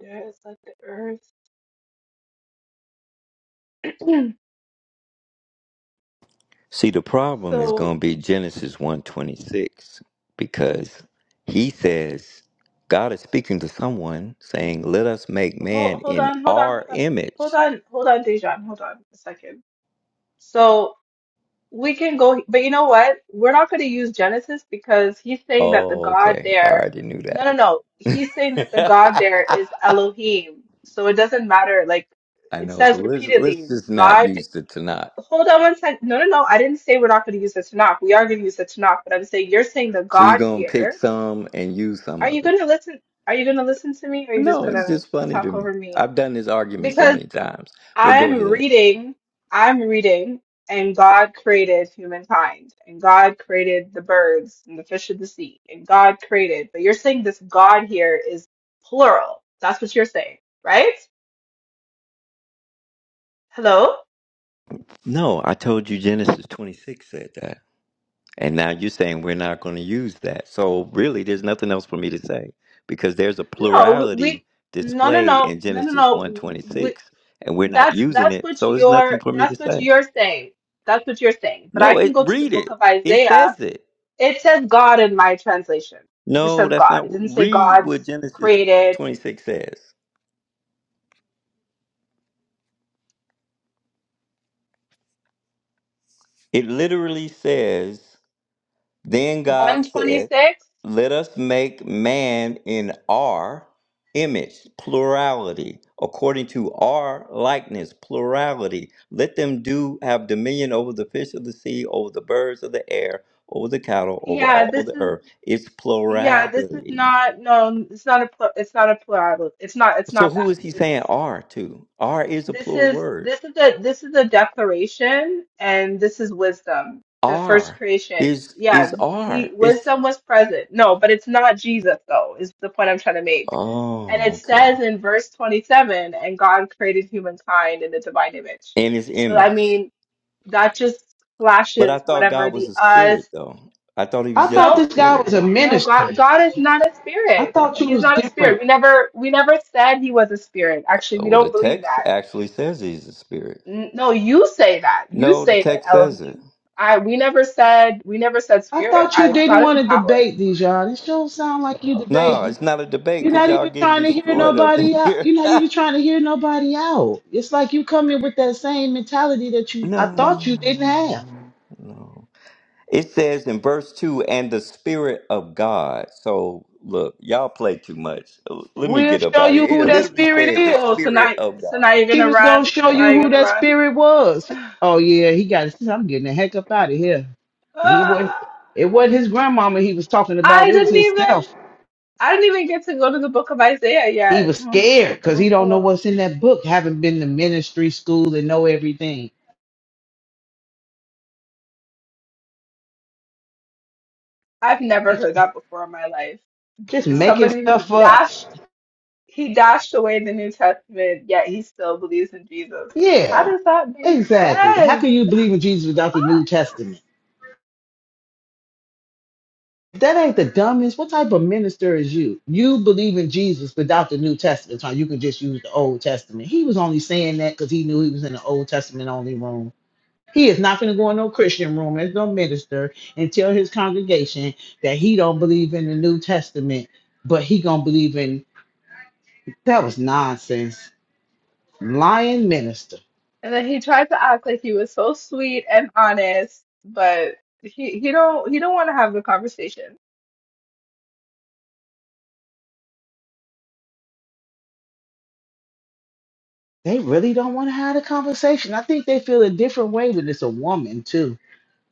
There is like the earth. See, the problem is So. going to be Genesis one twenty six because he says, God is speaking to someone saying, Let us make Hold, man hold in on, hold on, our hold on, image hold on, hold on, Dejan, hold on a second. So we can go, but you know what? We're not going to use Genesis because he's saying that the Oh, God okay. I there, already knew no, no, no, he's saying that that. the God there is Elohim. So it doesn't matter. Like I it know. So says let's let's repeatedly, just not God. use the Tanakh. Hold on one second No, no, no. I didn't say we're not going to use the Tanakh. We are going to use the Tanakh, but I'm saying you're saying the So you're God gonna pick here. some and use some Are of you it. going to listen? Are you going to listen to me? Or are you just No, going it's to just funny to talk me. over me? I've done this argument so because many times. But go I'm ahead. reading, I'm reading, and God created humankind, and God created the birds and the fish of the sea, and God created. But you're saying this God here is plural. That's what you're saying, right? Hello? No, I told you Genesis 26 said that. And now you're saying we're not going to use that. So really, there's nothing else for me to say because there's a No, we, plurality no, no, display no, in no, no, Genesis one no. twenty We, six, and we're not that's using that's it. what So there's nothing you're for me to that's what say. you're saying. That's what you're saying. But I No, can it go to the read book it. of It Isaiah. says it. It says God in my translation. It just No, says that's God. not It didn't say read God's what Genesis created 26 says. It literally says, Then God said, 126? Let us make man in our image, plurality, according to our likeness, plurality. Let them do have dominion over the fish of the sea, over the birds of the air, over the cattle, over Yeah, all this the is earth. It's yeah, this is plurality. not no, it's not a pl- it's not a plurality. It's not it's So not who that. is he saying It's R to? R is a this plural is word. this is a this is a declaration and this is wisdom, the first R creation. is Yeah, is he R. It's wisdom was present. No, but it's not Jesus though, is the point I'm trying to make. And oh it okay, says in verse 27, and God created humankind in the divine image. and his So I image. mean, that just But I flashes thought whatever God was the a us. spirit, though. I thought he I was just thought a No, this guy spirit. was a No, God, minister. God is not a I spirit. thought you He's was not a spirit. different. We never, we never said he was a spirit. Actually, Uh, we Well, the don't believe text that. actually says he's a spirit. N- No, you say that. You No, the say that text says it. Elohim. I, we never said, we never said I spirit. thought you I, didn't God is want a to power. debate, Dijon. It not sound like you debate. No, it's not a debate You're because not y'all even getting trying to hear destroyed up in nobody out. here. You're not even trying to hear nobody out. It's like you come in with that same mentality that you I thought you didn't have. no, no. It says in verse two, and the spirit of God. So look, y'all play too much. Uh, Let me We'll get up show out of you here. who It that literally spirit said the is. Oh, so spirit now, of so now God. you're She gonna was gonna run. show Now you you're who gonna that run. spirit was. Oh yeah, he got I'm getting the heck up out of here. He was Ah, it wasn't his grandmama he was talking about, I it was didn't even, himself. I didn't even get to go to the book of Isaiah He yet. was Mm, scared because he Oh, oh don't know well. what's in that book, Haven't been to ministry school and know everything. I've never heard that before in my life Just making somebody who stuff up. dashed He dashed away the New Testament, yet he still believes in Jesus. Yeah. How does that make Exactly. How sense? can you believe in Jesus without the New Testament? If That ain't the dumbest. What type of minister is you? You believe in Jesus without the New Testament, so you can just use the Old Testament. He was only saying that because he knew he was in the Old Testament only room. He is not going to go in no Christian room as no minister and tell his congregation that he don't believe in the New Testament, but he gonna believe in that was nonsense. Lying minister. And then he tried to act like he was so sweet and honest, but he he don't he don't want to have the conversation. They really don't want to have a conversation. I think they feel a different way when it's a woman too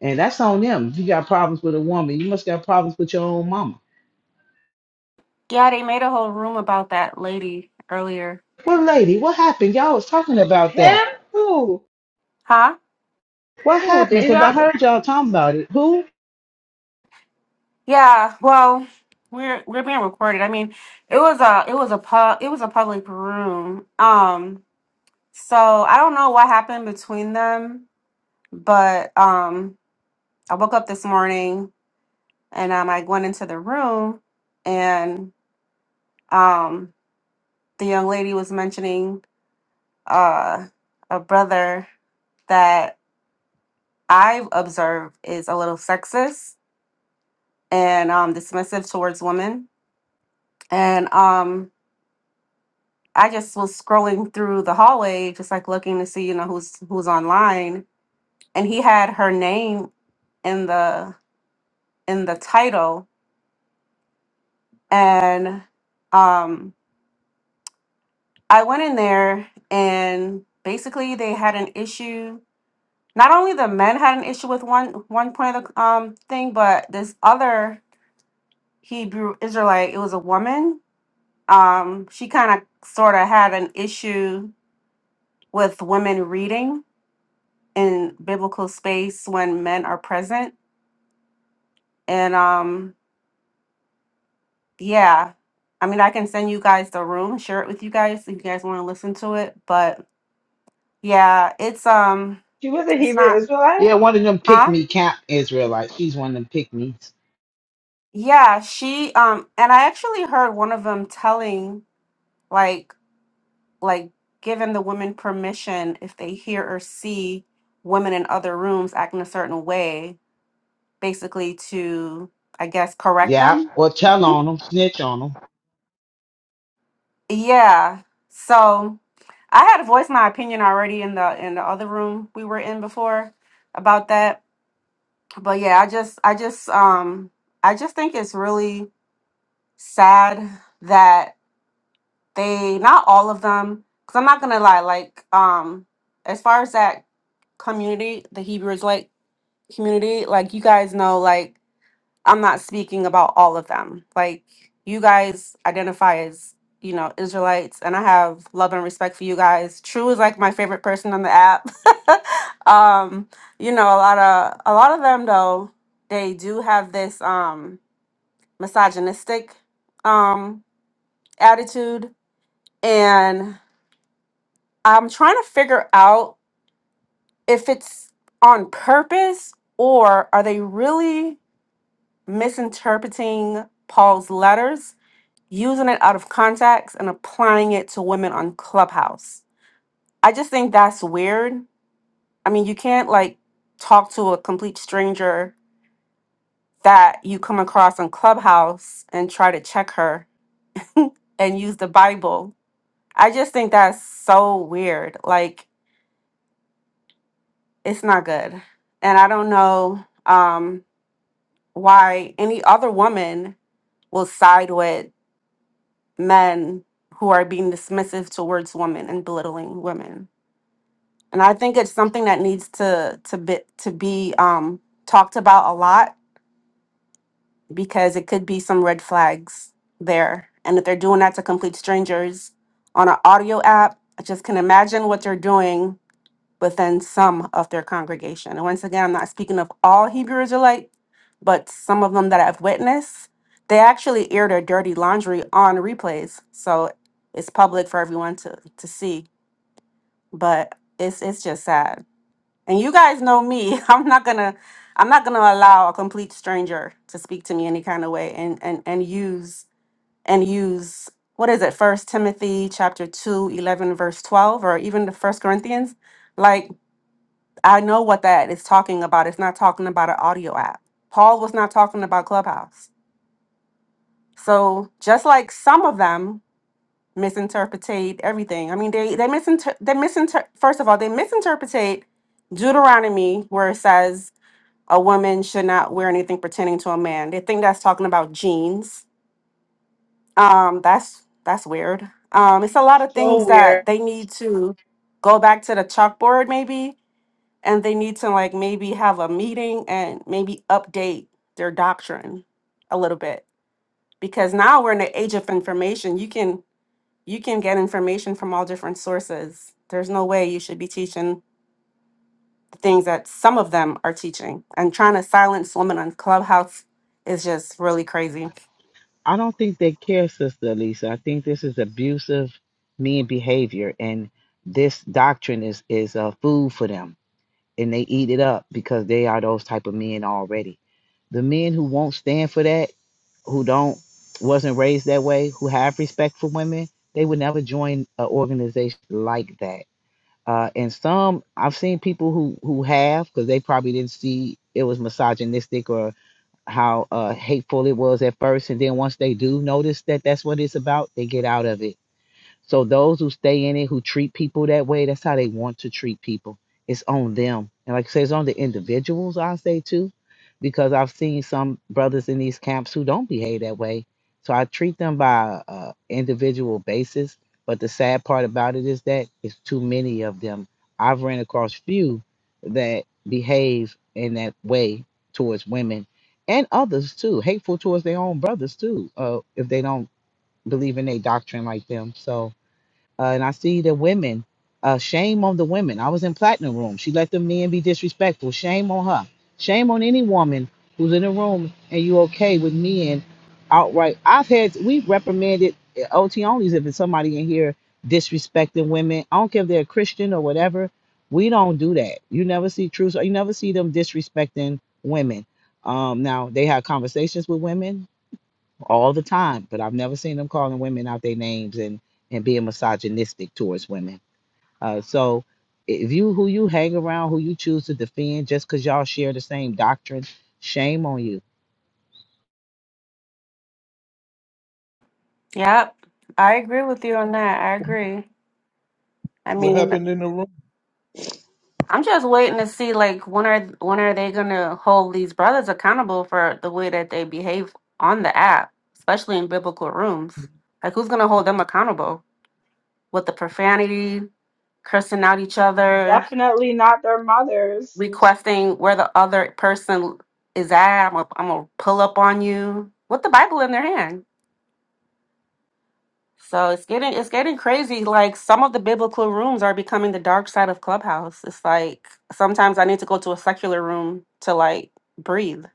And that's on them. You got problems with a woman. You must got problems with your own mama. Yeah, they made a whole room about that lady earlier. Well, lady, what happened? Y'all was talking about that. Him? Who? Huh? What Who? happened? Because I Deja? heard y'all talking about it. Who? Yeah. Well, we're we're being recorded. I mean, it was a it was a pub it was a public room. Um, so I don't know what happened between them, but um I woke up this morning and um I went into the room and um the young lady was mentioning uh a brother that I've observed is a little sexist and um, dismissive towards women. And um, I just was scrolling through the hallway, just like looking to see, you know, who's who's online. And he had her name in the in the title, and um, I went in there, and basically they had an issue. Not only the men had an issue with one one point of the um, thing, but this other Hebrew Israelite, it was a woman. Um, she kind of sort of had an issue with women reading in biblical space when men are present. And um yeah, I mean I can send you guys the room, share it with you guys if you guys want to listen to it, but yeah, it's um She was a it's Hebrew not Israelite? Yeah, one of them pick huh? me camp Israelites. She's one of them pick me's. Yeah, she um and I actually heard one of them telling like like giving the women permission if they hear or see women in other rooms acting a certain way, basically to I guess correct Yeah. them Well, tell on them, snitch on them. Yeah. So I had voiced my opinion already in the in the other room we were in before about that. But yeah, I just I just um I just think it's really sad that they not all of them cuz I'm not going to lie like um as far as that community, the Hebrew Israelite community, like you guys know, like I'm not speaking about all of them. Like you guys identify as, you know, Israelites and I have love and respect for you guys. True is like my favorite person on the app. um, you know, a lot of a lot of them though, they do have this um misogynistic um attitude and I'm trying to figure out if it's on purpose or are they really misinterpreting Paul's letters using it out of context and applying it to women on Clubhouse. I just think that's weird. I mean, you can't like talk to a complete stranger that you come across on Clubhouse and try to check her and use the Bible. I just think that's so weird. Like, it's not good. And I don't know um, why any other woman will side with men who are being dismissive towards women and belittling women. and I think it's something that needs to to be to be um, talked about a lot because it could be some red flags there, and if they're doing that to complete strangers on an audio app, I just can imagine what they're doing within some of their congregation. And once again, I'm not speaking of all Hebrew Israelite, but some of them that I've witnessed, they actually air their dirty laundry on replays, so it's public for everyone to to see. But it's it's just sad. And you guys know me. I'm not gonna I'm not gonna allow a complete stranger to speak to me any kind of way and and and use and use what is it, first Timothy chapter 2 11 verse 12, or even the first Corinthians. Like I know what that is talking about. It's not talking about an audio app. Paul was not talking about Clubhouse. So just like some of them misinterpretate everything. I mean they they misinter they misinter first of all, they misinterpretate Deuteronomy where it says a woman should not wear anything pertaining to a man. They think that's talking about jeans. Um, that's that's weird. Um, it's a lot of So things weird. that they need to go back to the chalkboard maybe, and they need to like maybe have a meeting and maybe update their doctrine a little bit because now we're in the age of information. You can you can get information from all different sources. There's no way you should be teaching the things that some of them are teaching and trying to silence women on clubhouse is just really crazy I don't think they care, Sister Lisa. I think this is abusive mean behavior, and this doctrine is is uh, food for them and they eat it up because they are those type of men already. The men who won't stand for that, who don't wasn't raised that way, who have respect for women, they would never join an organization like that. Uh, and some I've seen people who who have because they probably didn't see it was misogynistic or how uh, hateful it was at first, and then once they do notice that that's what it's about, they get out of it so those who stay in it, who treat people that way, that's how they want to treat people. It's on them. And like I say, it's on the individuals, I say too, because I've seen some brothers in these camps who don't behave that way. So I treat them by uh, individual basis. But the sad part about it is that it's too many of them. I've ran across few that behave in that way towards women and others too, hateful towards their own brothers too, uh, if they don't believe in their doctrine like them. So uh, and I see the women. Uh, shame on the women. I was in platinum room. She let the men be disrespectful. Shame on her. Shame on any woman who's in a room and you okay with men outright. I've had we've reprimanded OT onlys if it's somebody in here disrespecting women. I don't care if they're Christian or whatever. We don't do that. You never see truth. You never see them disrespecting women. Um, now they have conversations with women all the time, but I've never seen them calling women out their names and and being misogynistic towards women. Uh, so if you who you hang around, who you choose to defend, just because y'all share the same doctrine, shame on you yep i agree with you on that i agree i What mean happened in the room? i'm just waiting to see like when are when are they gonna hold these brothers accountable for the way that they behave on the app especially in biblical rooms like who's gonna hold them accountable with the profanity cursing out each other Definitely not their mothers. requesting where the other person is at. I'm gonna I'm gonna pull up on you with the Bible in their hand. So it's getting it's getting crazy. Like some of the biblical rooms are becoming the dark side of Clubhouse. It's like sometimes I need to go to a secular room to like breathe.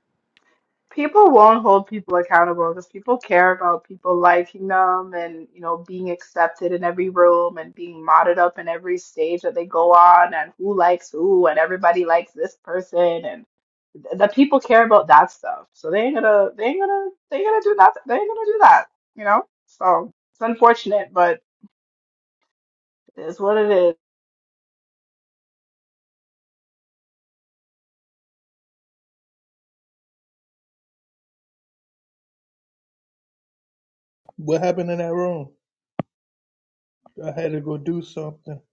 people won't hold people accountable because people care about people liking them and you know being accepted in every room and being modded up in every stage that they go on and who likes who and everybody likes this person and th- the people care about that stuff so they ain't gonna they ain't gonna they ain't gonna do nothing they ain't gonna do that you know so it's unfortunate but it is what it is What happened in that room? I had to go do something.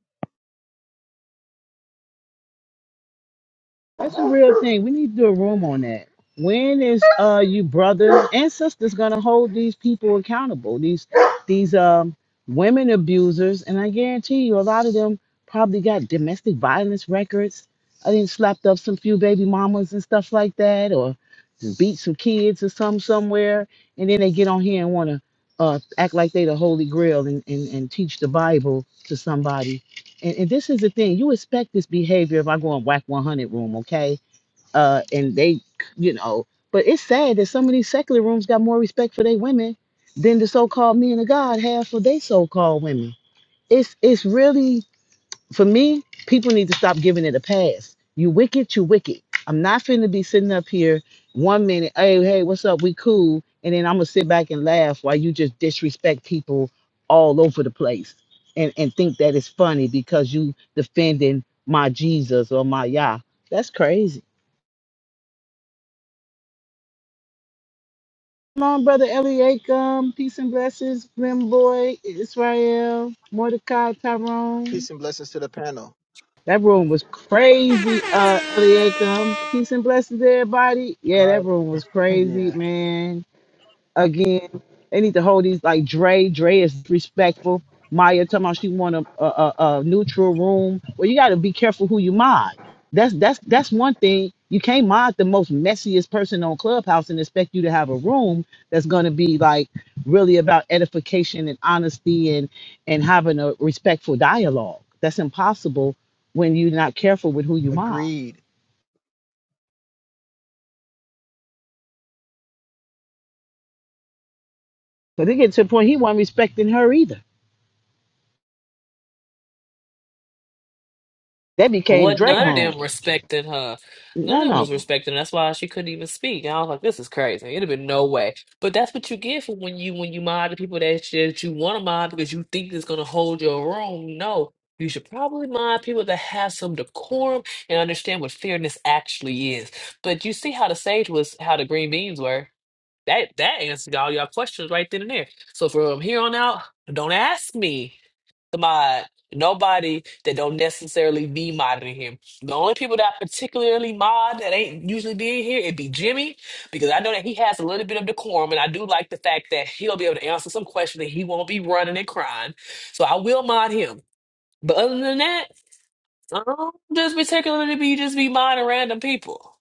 That's a real thing. We need to do a room on that. When is uh you brothers and sisters gonna hold these people accountable? These these um women abusers, and I guarantee you a lot of them probably got domestic violence records. I think slapped up some few baby mamas and stuff like that, or beat some kids or some somewhere, and then they get on here and wanna uh act like they the holy grail and, and, and teach the Bible to somebody and, and this is the thing you expect this behavior if i go in whack 100 room okay uh and they you know but it's sad that some of these secular rooms got more respect for their women than the so-called men of god have for their so-called women it's it's really for me, people need to stop giving it a pass. You wicked, you wicked. I'm not finna be sitting up here one minute, hey, hey, what's up? We cool. And then I'm gonna sit back and laugh while you just disrespect people all over the place and, and think that it's funny because you defending my Jesus or my Yah. That's crazy. Come on, brother Eliakim. Peace and blessings, Grim Boy, Israel, Mordecai, Tyrone. Peace and blessings to the panel. That room was crazy, uh, Eliakim. Peace and blessings to everybody. Yeah, that Right. room was crazy, yeah. man again. They need to hold these like Dre. Dre is respectful. Maya talking about she want a, a, a, a neutral room. Well, you got to be careful who you mod. That's that's that's one thing. You can't mod the most messiest person on Clubhouse and expect you to have a room that's going to be like really about edification and honesty and and having a respectful dialogue. That's impossible when you're not careful with who you mod. Agreed. But it get to the point he wasn't respecting her either. That became What Dre none of room. them respected her. None No, of them no. was respecting. That's why she couldn't even speak. And I was like, "This is crazy. It'd have been no way." But that's what you get for when you when you mod the people that, you- that you want to mod because you think it's gonna hold your room. No, you should probably mod people that have some decorum and understand what fairness actually is. But you see how the sage was, how the green beans were. That that answered all your questions right then and there. So from here on out, don't ask me mod. Nobody that don't necessarily be modding him. The only people that I particularly mod that ain't usually being here, it'd be Jimmy, because I know that he has a little bit of decorum, and I do like the fact that he'll be able to answer some questions and he won't be running and crying. So I will mod him. But other than that, I don't just particularly be just be modding random people.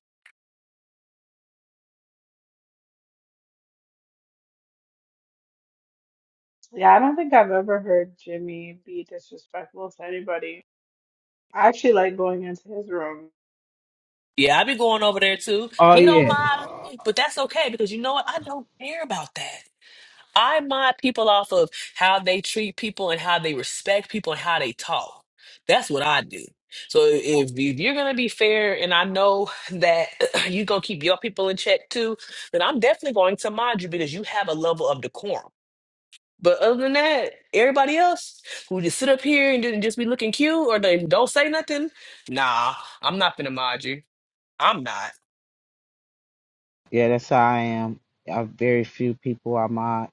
yeah i don't think i've ever heard jimmy be disrespectful to anybody i actually like going into his room Yeah, I be going over there too. Oh He don't yeah. mind me, but that's okay because you know what? I don't care about that. I mod people off of how they treat people and how they respect people and how they talk. That's what I do. So if, if you're gonna be fair, and I know that you gonna keep your people in check too, then I'm definitely going to mod you because you have a level of decorum. But other than that, everybody else who just sit up here and then just be looking cute or they don't say nothing, nah, I'm not gonna mod you. I'm not. Yeah, that's how I am. I very few people I mod,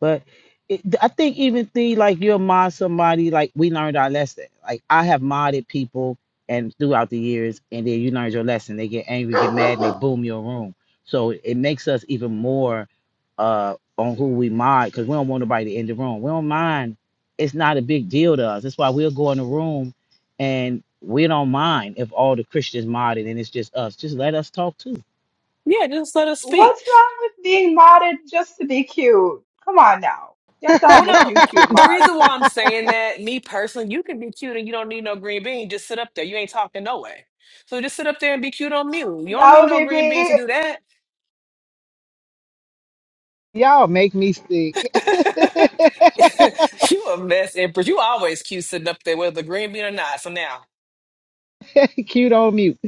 but it, I think even thing like you'll mod somebody like we learned our lesson. Like I have modded people and throughout the years, and then you learned your lesson. They get angry, get mad, and they boom your room. So it makes us even more uh on who we mod because we don't want nobody to end the room. We don't mind. It's not a big deal to us. That's why we'll go in the room and we don't mind if all the Christians modded and it's just us. Just let us talk too Yeah, just let us What's speak. wrong with being modded just to be cute? Come on now. You have to Well, have a no. few cute The mods. reason why I'm saying that, me personally, you can be cute and you don't need no green bean. Just sit up there. You ain't talking no way. So just sit up there and be cute on mute. You don't That need would no be green bean to me. do that. Y'all make me sick. you a mess, Empress. You always cute sitting up there, whether green bean or not. So now, Cute on mute.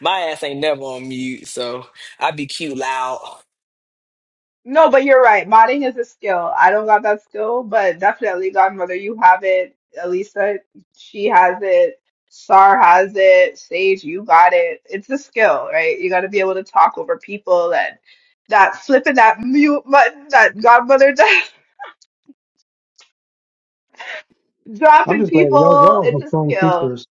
my ass ain't never on mute. So I be cute loud. No, but you're right. Modding is a skill. I don't got that skill, but definitely Godmother, you have it. Elisa, she has it. Sar has it. Sage, you got it. It's a skill, right? You got to be able to talk over people and that flipping that mute button that Godmother does, I'm dropping just glad y'all people. y'all It's are a strong skill. sisters.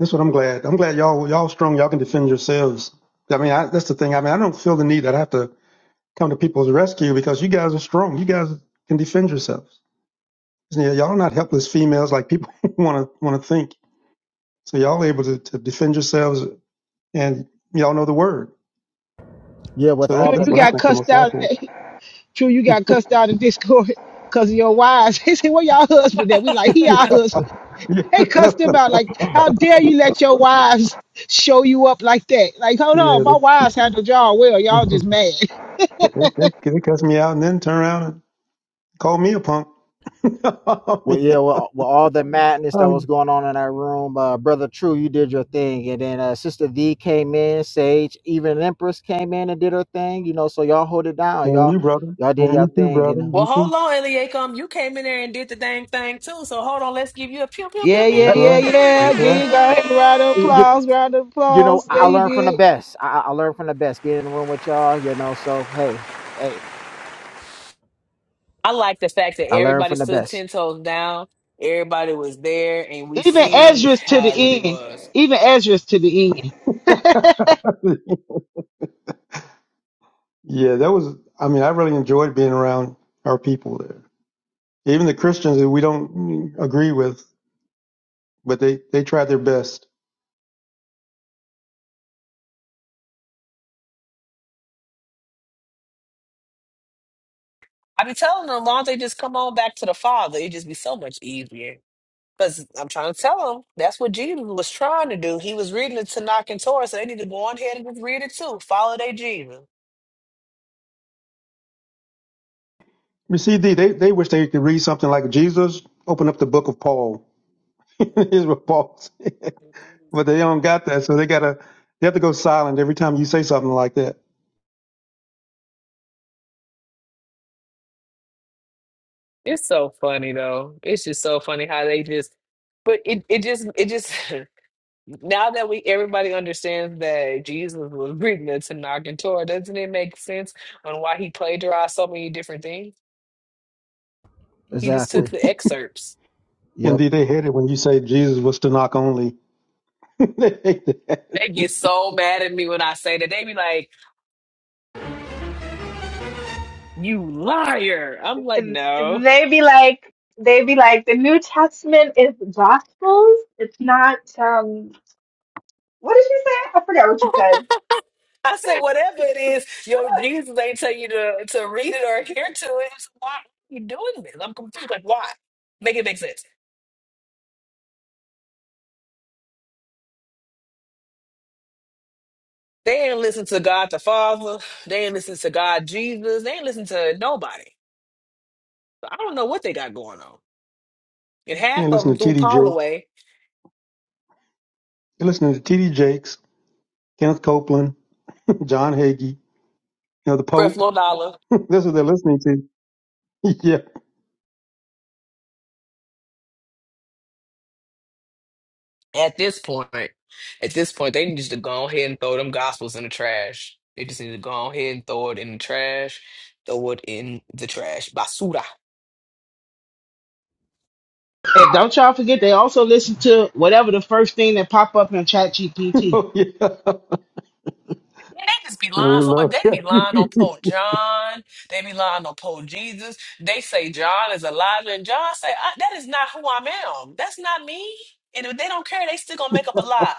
That's what I'm glad. I'm glad y'all y'all strong. Y'all can defend yourselves. I mean, I, that's the thing. I mean, I don't feel the need that I have to come to people's rescue because you guys are strong. You guys can defend yourselves. Yeah, y'all are not helpless females like people want to want to think. So y'all are able to, to defend yourselves, and y'all know the word. So that's True, that's you what I got think the cussed most out. helpful. True, you got cussed out in Discord because of your wives. They say, "Where y'all husband at?" We like, "He yeah, our husband." yeah, They cussed no, him out like, "How dare you let your wives show you up like that?" Like, hold yeah, on, my wives handled y'all well. Y'all just mad. they, they they they cuss me out and then turn around and call me a punk. Oh, Well, yeah. yeah. Well, well, all the madness that Oh, was going on in the room, uh, brother True, you did your thing, and then uh, sister V came in, Sage, even Empress came in and did her thing. You know, so y'all hold it down, And y'all. you, brother, Y'all and did your you too, thing, you brother, know. Well, you hold too. on, Eliakim. You came in there and did the dang thing too. So hold on. Let's give you a pew, pew, pew, Yeah, yeah, That's all yeah, pew. right. yeah. That's Again, all go ahead and round of You, you applause. Round of you know, applause. I Yeah, I you learned from the best. I, I I learned from the best being in the room with y'all, you know. So hey, hey, I like the fact that I learned everybody from the stood best. ten toes down. Everybody was there, and we did. Even seen Ezra's to the how it really end. was. Even Ezra's to the end. right. yeah, that was. I mean, I really enjoyed being around our people there Even the Christians that we don't agree with, but they, they tried their best. I be telling them, as long as they just come on back to the Father, it just be so much easier. Cause I'm trying to tell them that's what Jesus was trying to do. He was reading the Tanakh and Torah, so they need to go on ahead and just read it too. Follow their Jesus. You see, they, they, they wish they could read something like Jesus, open up the book of Paul. Here's what Paul said. But they don't got that, so they gotta, they have to go silent every time you say something like that. It's so funny though. It's just so funny how they just, but it it just it just. Now that we everybody understands that Jesus was reading the Tanakh and Torah, doesn't it make sense on why he plagiarized so many different things? He just took Exactly. the excerpts. Yep. Indeed, they hate it when you say Jesus was to knock only. they hate that. They get so mad at me when I say that. They be like, "You liar!" I'm like, "No." they be like they be like the New Testament is the Gospels. It's not um what did she say? I forgot what she said. I say, "Whatever it is, yo, Jesus ain't tell you to to read it or adhere to it. So why are you doing this? I'm confused. Like, why? Make it make sense." They ain't listen to God the Father. They ain't listen to God Jesus. They ain't listen to nobody. So, I don't know what they got going on. And half They of them listen to threw T.D. Paul Jakes. away They listen to T.D. Jakes, Kenneth Copeland, John Hagee, you know, the for Pope. dollar. That's what they're listening to. yeah. At this point, at this point, they need just to go ahead and throw them gospels in the trash. They just need to go ahead and throw it in the trash. Throw it in the trash. Basura. Don't y'all forget they also listen to whatever the first thing that pop up in Chat GPT. Oh, yeah. Man, they just be Yeah, they lying so much. love They that. be lying on Pope John. They be lying on Pope Jesus. They say John is Elijah, and John say I, that is not who I am. That's not me. And if they don't care, they still gonna make up a lie.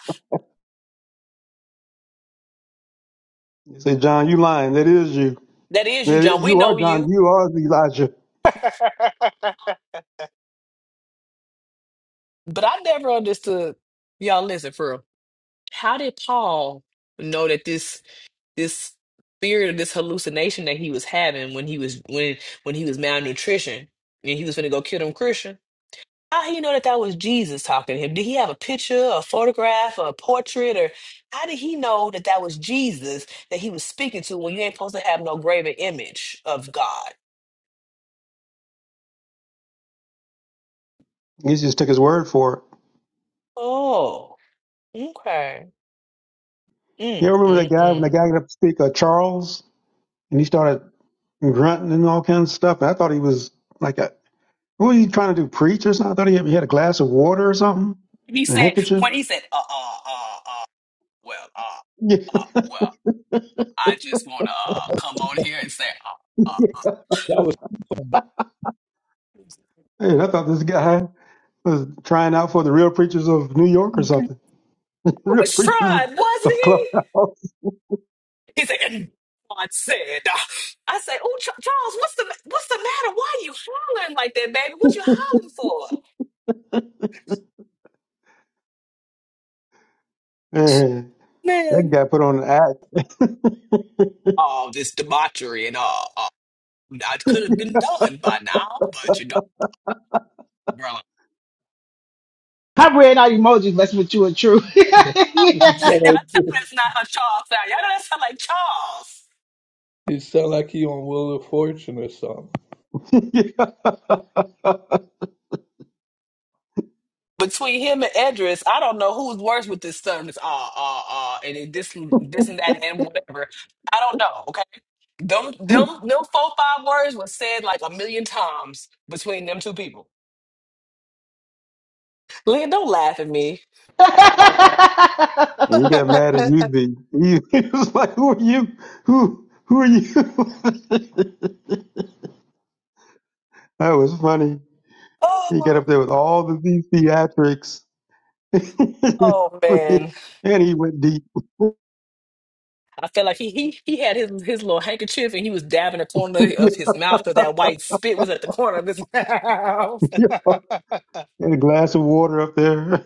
They Say, John, you lying. That is you. That is you, That John. is, We you are know John. you, You are Elijah. but I never understood. Y'all listen for real. How did Paul know that this this spirit of this hallucination that he was having when he was when when he was malnutrition and he was going to go kill them Christian? How he know that that was Jesus talking to him? Did he have a picture, a photograph, a portrait, or how did he know that that was Jesus that he was speaking to when you ain't supposed to have no graven image of God? He just took his word for it. Oh, okay. You Mm, ever remember that mm, guy when that mm. guy got up to speak, uh, Charles, and he started grunting and all kinds of stuff. And I thought he was like a what was he trying to do? Preach or something? I thought he had, he had a glass of water or something, He and a said handkerchief. when he said, uh, uh, uh, uh, well, uh, uh, well. I just want to uh, come on here and say, uh, uh, Yeah, And I thought this guy was trying out for the real preachers of New York or it something. Real was preachers of, Strud, wasn't of he? Clubhouse. He said, and God said, uh, I said, oh, Ch- Charles, what's the what's the matter? Why are you hollering like that, baby? What you hollering for? Man, that Man, guy put on all this debauchery and all. Uh, that could have been done by now, but you know, brother. I read out emojis, that's what you are true. It yeah. Y'all sound tell like, me it's not a Charles sound. Y'all know that sound like Charles. it sound like he on Wheel of Fortune or something. an act. yeah. between him and Edris, I don't know who's worse with this stuff. It's ah ah ah, and it this and- this and that and whatever. I don't know. Okay, them them them four five words was said like a million times between them two people. Leah, don't laugh at me. And he got mad at you. The he, he was like, "Who are you? Who who are you?" that was funny. He got Oh, up there with all the these theatrics, oh man, and he went deep. I felt like he he he had his his little handkerchief and he was dabbing the corner of his mouth because that white spit was at the corner of his mouth. and a glass of water up there.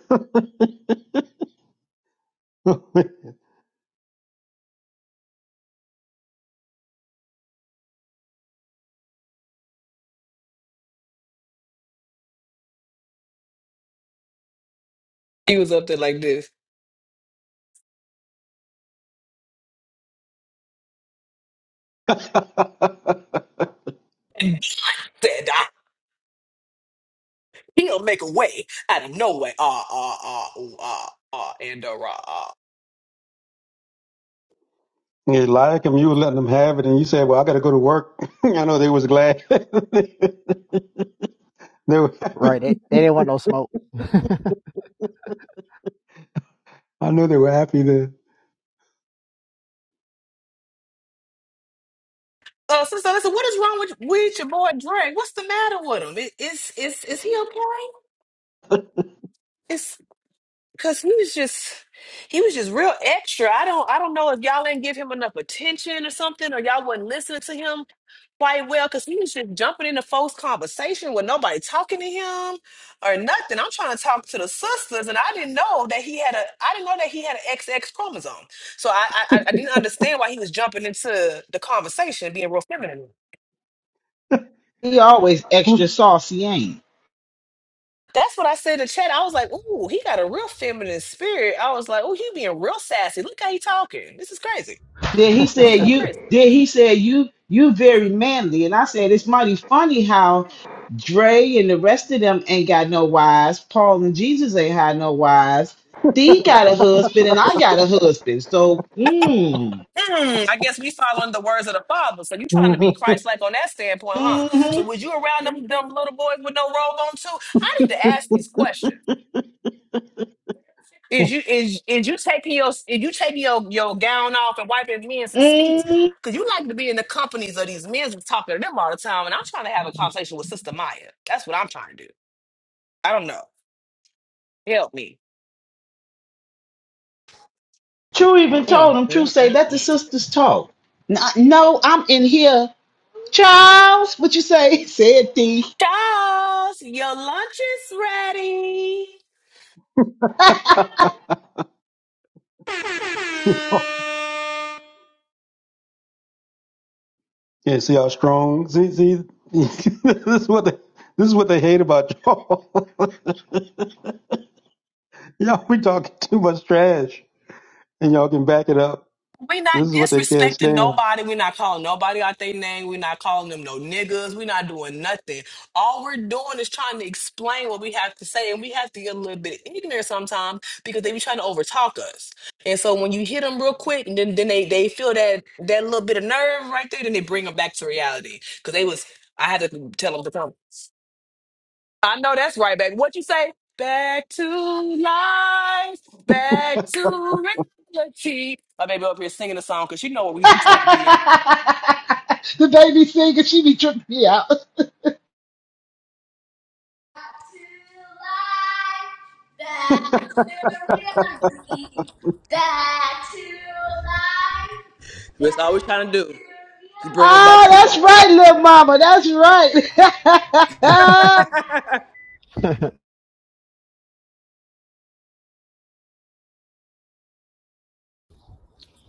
he was up there like this. He'll make a way out of no way. Ah, ah, ah, ooh, ah, ah, and uh, rah, ah. yeah, Eliakim, you were letting them have it, and you said, "Well, I got to go to work." I know they was glad. they were, Right. They, they didn't want no smoke. I know they were happy Uh, sister, listen, what is wrong with with your boy Drake? What's the matter with him? I- Is is is he okay? Cause he was just he was just real extra. I don't I don't know if y'all didn't give him enough attention or something, or y'all wasn't listening to him quite well, cause he was just jumping into folks' conversation with nobody talking to him or nothing. I'm trying to talk to the sisters, and I didn't know that he had a I didn't know that he had an XX chromosome. So I I, I I didn't understand why he was jumping into the conversation, being real feminine. he always extra to. saucy, ain't he? That's what I said to Chad. I was like, "Ooh, he got a real feminine spirit." I was like, "Ooh, he being real sassy. Look how he talking. This is crazy." Then he said This is real you crazy. then he said you you very manly. And I said it's mighty funny how Dre and the rest of them ain't got no wives. Paul and Jesus ain't had no wives. He got a husband and I got a husband. So mm, Hmm, I guess we following the words of the Father. So you trying to be Christ-like on that standpoint, huh? So was you around them, them little boys with no robe on too? I need to ask these questions. Is you is is you taking your is you taking your, your gown off and wiping men's feet? mm, Cause you like to be in the companies of these men and talking to them all the time. And I'm trying to have a conversation with Sister Maya. That's what I'm trying to do. I don't know. Help me. True even told Mm, him, True mm, say, mm, let the mm. sisters talk. N- No, I'm in here. Charles, what you say? Said D. Charles, your lunch is ready. Yeah, see how strong. See, see, this is what they, this is what they hate about y'all. y'all be talking too much trash, and y'all can back it up. We not This is what they can't disrespecting stand. nobody. We not calling nobody out their name. We not calling them no niggas. We not doing nothing. All we're doing is trying to explain what we have to say, and we have to get a little bit ignorant sometimes because they be trying to overtalk us. And so when you hit them real quick, and then, then they they feel that that little bit of nerve right there, then they bring them back to reality because they was. I had to tell them to come. I know that's right, baby. What you say? Back to life, back to reality. My baby up here singing a song because she know what the we, we trying to be at. baby singer, she be tripping me out. but Back to reality. Back to life. That's all we're trying to do is bring them back Oh, to reality. that's right, little mama. That's right.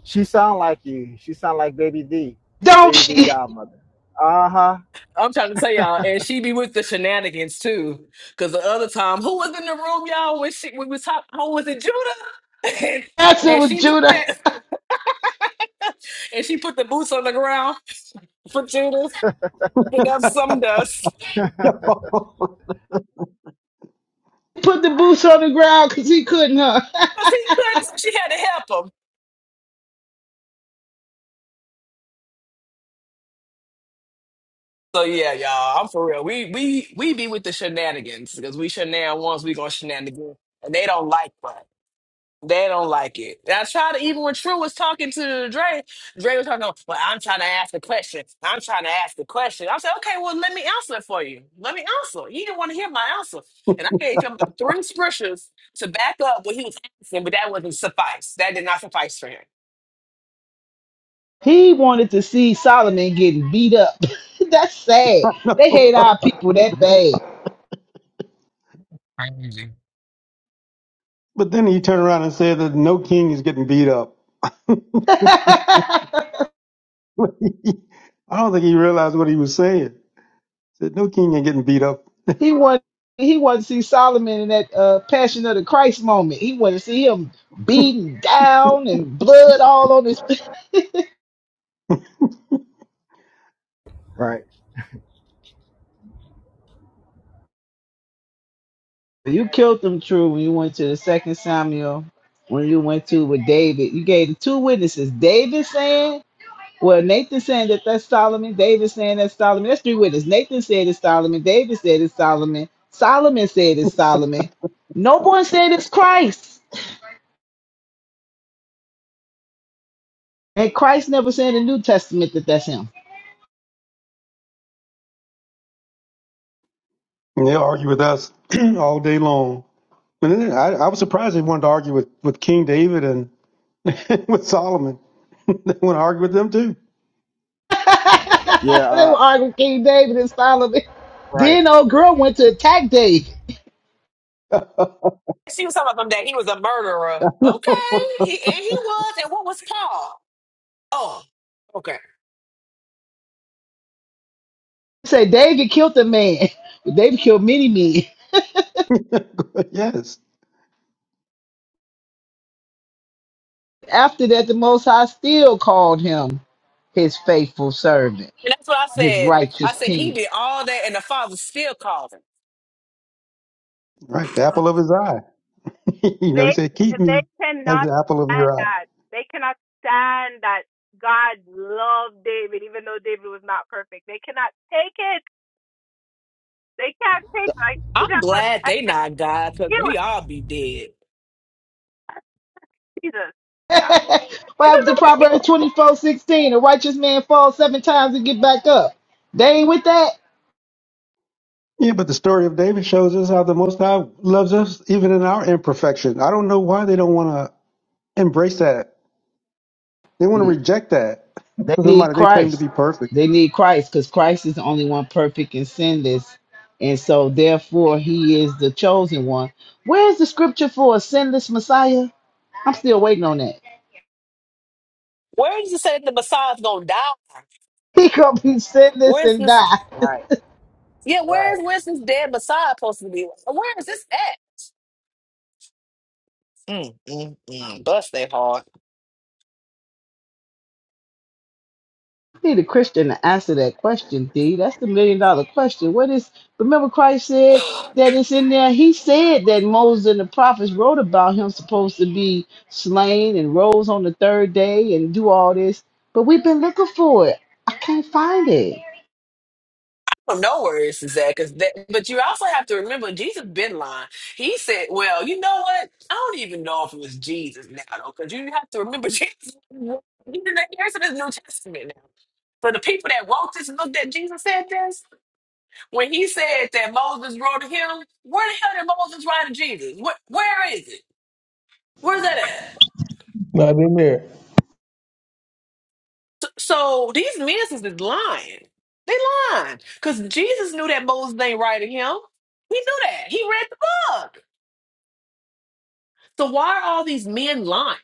She sound like you. She sound like Baby D, Don't Baby D she? Godmother. Uh huh. I'm trying to tell y'all, and she be with the shenanigans too. Cause the other time, who was in the room, y'all? When she when we was talking, who was it, Judah? And, That's it and with she put Judah. that. and she put the boots on the ground for Judas, picking up some dust Put the boots on the ground because he couldn't, huh? because he couldn't. So she had to help him. So yeah, y'all, I'm for real. We we we be with the shenanigans because we shenan once, we gonna shenanigan, and they don't like us. They don't like it. And I tried to, even when True was talking to Dre, Dre was talking, well, I'm trying to ask the question. I'm trying to ask the question. I said, okay, well, let me answer it for you. Let me answer. You didn't want to hear my answer. And I gave him like three scriptures to back up what he was asking, but that wasn't suffice. That did not suffice for him. He wanted to see Solomon getting beat up. that's sad. They hate our people that Crazy. then he turned around and said that no king is getting beat up. bad. I don't think he realized what he was saying. He said no king ain't getting beat up, He wanted he wanted to see Solomon in that uh, Passion of the Christ moment. He wanted to see him beaten down and blood all on his. Right. You killed them true when you went to the Second Samuel. When you went to with David, you gave the two witnesses. David saying, "Well, Nathan saying that that's Solomon." David saying that's Solomon. That's three witnesses. Nathan said it's Solomon. David said it's Solomon. Solomon said it's Solomon. No one said it's Christ, and Christ never said in the New Testament that that's him. and they argue with us all day long. And then I, I was surprised they wanted to argue with, with King David and with Solomon. They want to argue with them too. Yeah. they were Uh, arguing King David and Solomon. right. Then old girl went to attack David. She was talking about him that he was a murderer. Okay. He, and he was. And what was Paul? Oh, okay. Said David killed a man. David killed many men. yes, After that, the Most High still called him his favorite, And that's what I his said. I righteous said, he king. did all that, and the father still called him. right. The apple of his eye. you know, They he said, Keep they me as cannot the apple of stand your eye. that. They cannot stand that God loved David, even though David was not perfect. They cannot take it. They can't take it. I see I'm that. per- glad I they not God see because we what all be dead. Jesus. Yeah. What happened to Proverbs twenty four sixteen? A righteous man falls seven times and get back up. They ain't with that. Yeah, but the story of David shows us how the Most High loves us even in our imperfection. I don't know why they don't want to embrace that. They want to reject that. They need Somebody they claim to Christ. be perfect. They need Christ because Christ is the only one perfect and sinless. And so, therefore, he is the chosen one. Where's the scripture for a sinless Messiah? I'm still waiting on that. Where is it say the Messiah's gonna die? He gonna be sinless. Where's this? I Right. Yeah, Right. where's where's this dead Messiah supposed to be? Where is this at? Mm, mm, mm. Bust they heart. need a Christian to answer that question, D. That's the million dollar question. What is, remember, Christ said that it's in there? He said that Moses and the prophets wrote about him supposed to be slain and rose on the third day and do all this. But we've been looking for it. I can't find it. Well, no worries is that because that but you also have to remember jesus been lying he said well you know what i don't even know if it was jesus now though because you have to remember jesus he's in the here's in his new testament now so the people that walked this looked at jesus said this when he said that moses wrote to him where the hell did moses write to jesus where, where is it where's that Not in there. at so these men is lying they lying because jesus knew that moses ain't writing him he knew that he read the book So why are all these men lying?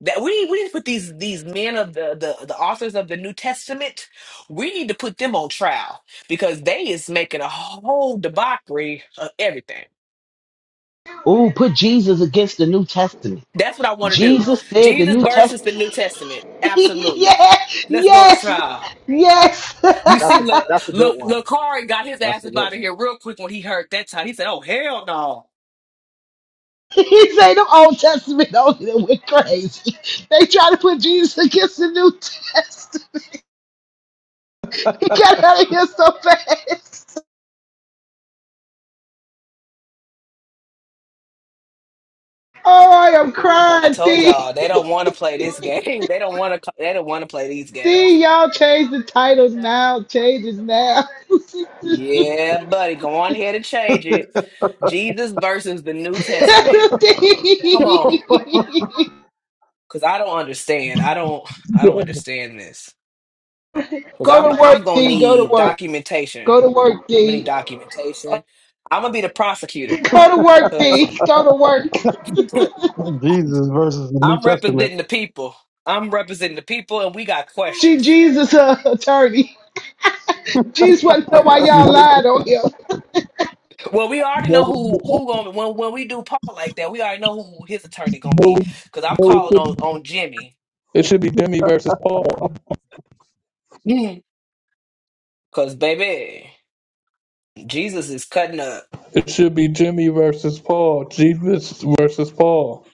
That we need, we need to put these these men of the, the the authors of the New Testament, we need to put them on trial because they is making a whole debauchery of everything. Ooh, put Jesus against the New Testament. That's what I want to do. Jesus said the Jesus New versus Testament. the New Testament, absolutely. yeah, Let's go to yes, trial. yes. You That's see, a look, that's a good look, one. Lacari got his ass That's a up good out of one. here real quick when he heard that time. He said, "Oh hell no." he said the Old Testament only that went crazy. They try to put Jesus against the New Testament. He got out of here so fast. Oh, I am I crying. told D, y'all they don't want to play this game. They don't want to. They don't want to play these games. D, y'all change the titles now. Changes now. D. Yeah, buddy. Go on ahead and change it. Jesus versus the New Testament. Come on. Cause I don't understand. I don't I don't no, understand this. Cause Go I'm to I'm work, gonna D. Go to need work. documentation. Go to work, I'm gonna D. need documentation. I'm gonna be the prosecutor. Go to work, Cause D. Go to work. Jesus versus the New I'm Testament. representing the people. I'm representing the people and we got She questions. Jesus uh, attorney. Jesus want to know why y'all lied on him. Well, we already no, know who who gonna when when we do Paul like that, we already know who his attorney gonna no, be. Cause I'm no, it calling should on be on Jimmy. it should be Jimmy versus Paul. Cause baby. Jesus is cutting up. It should be Jimmy versus Paul. Jesus versus Paul.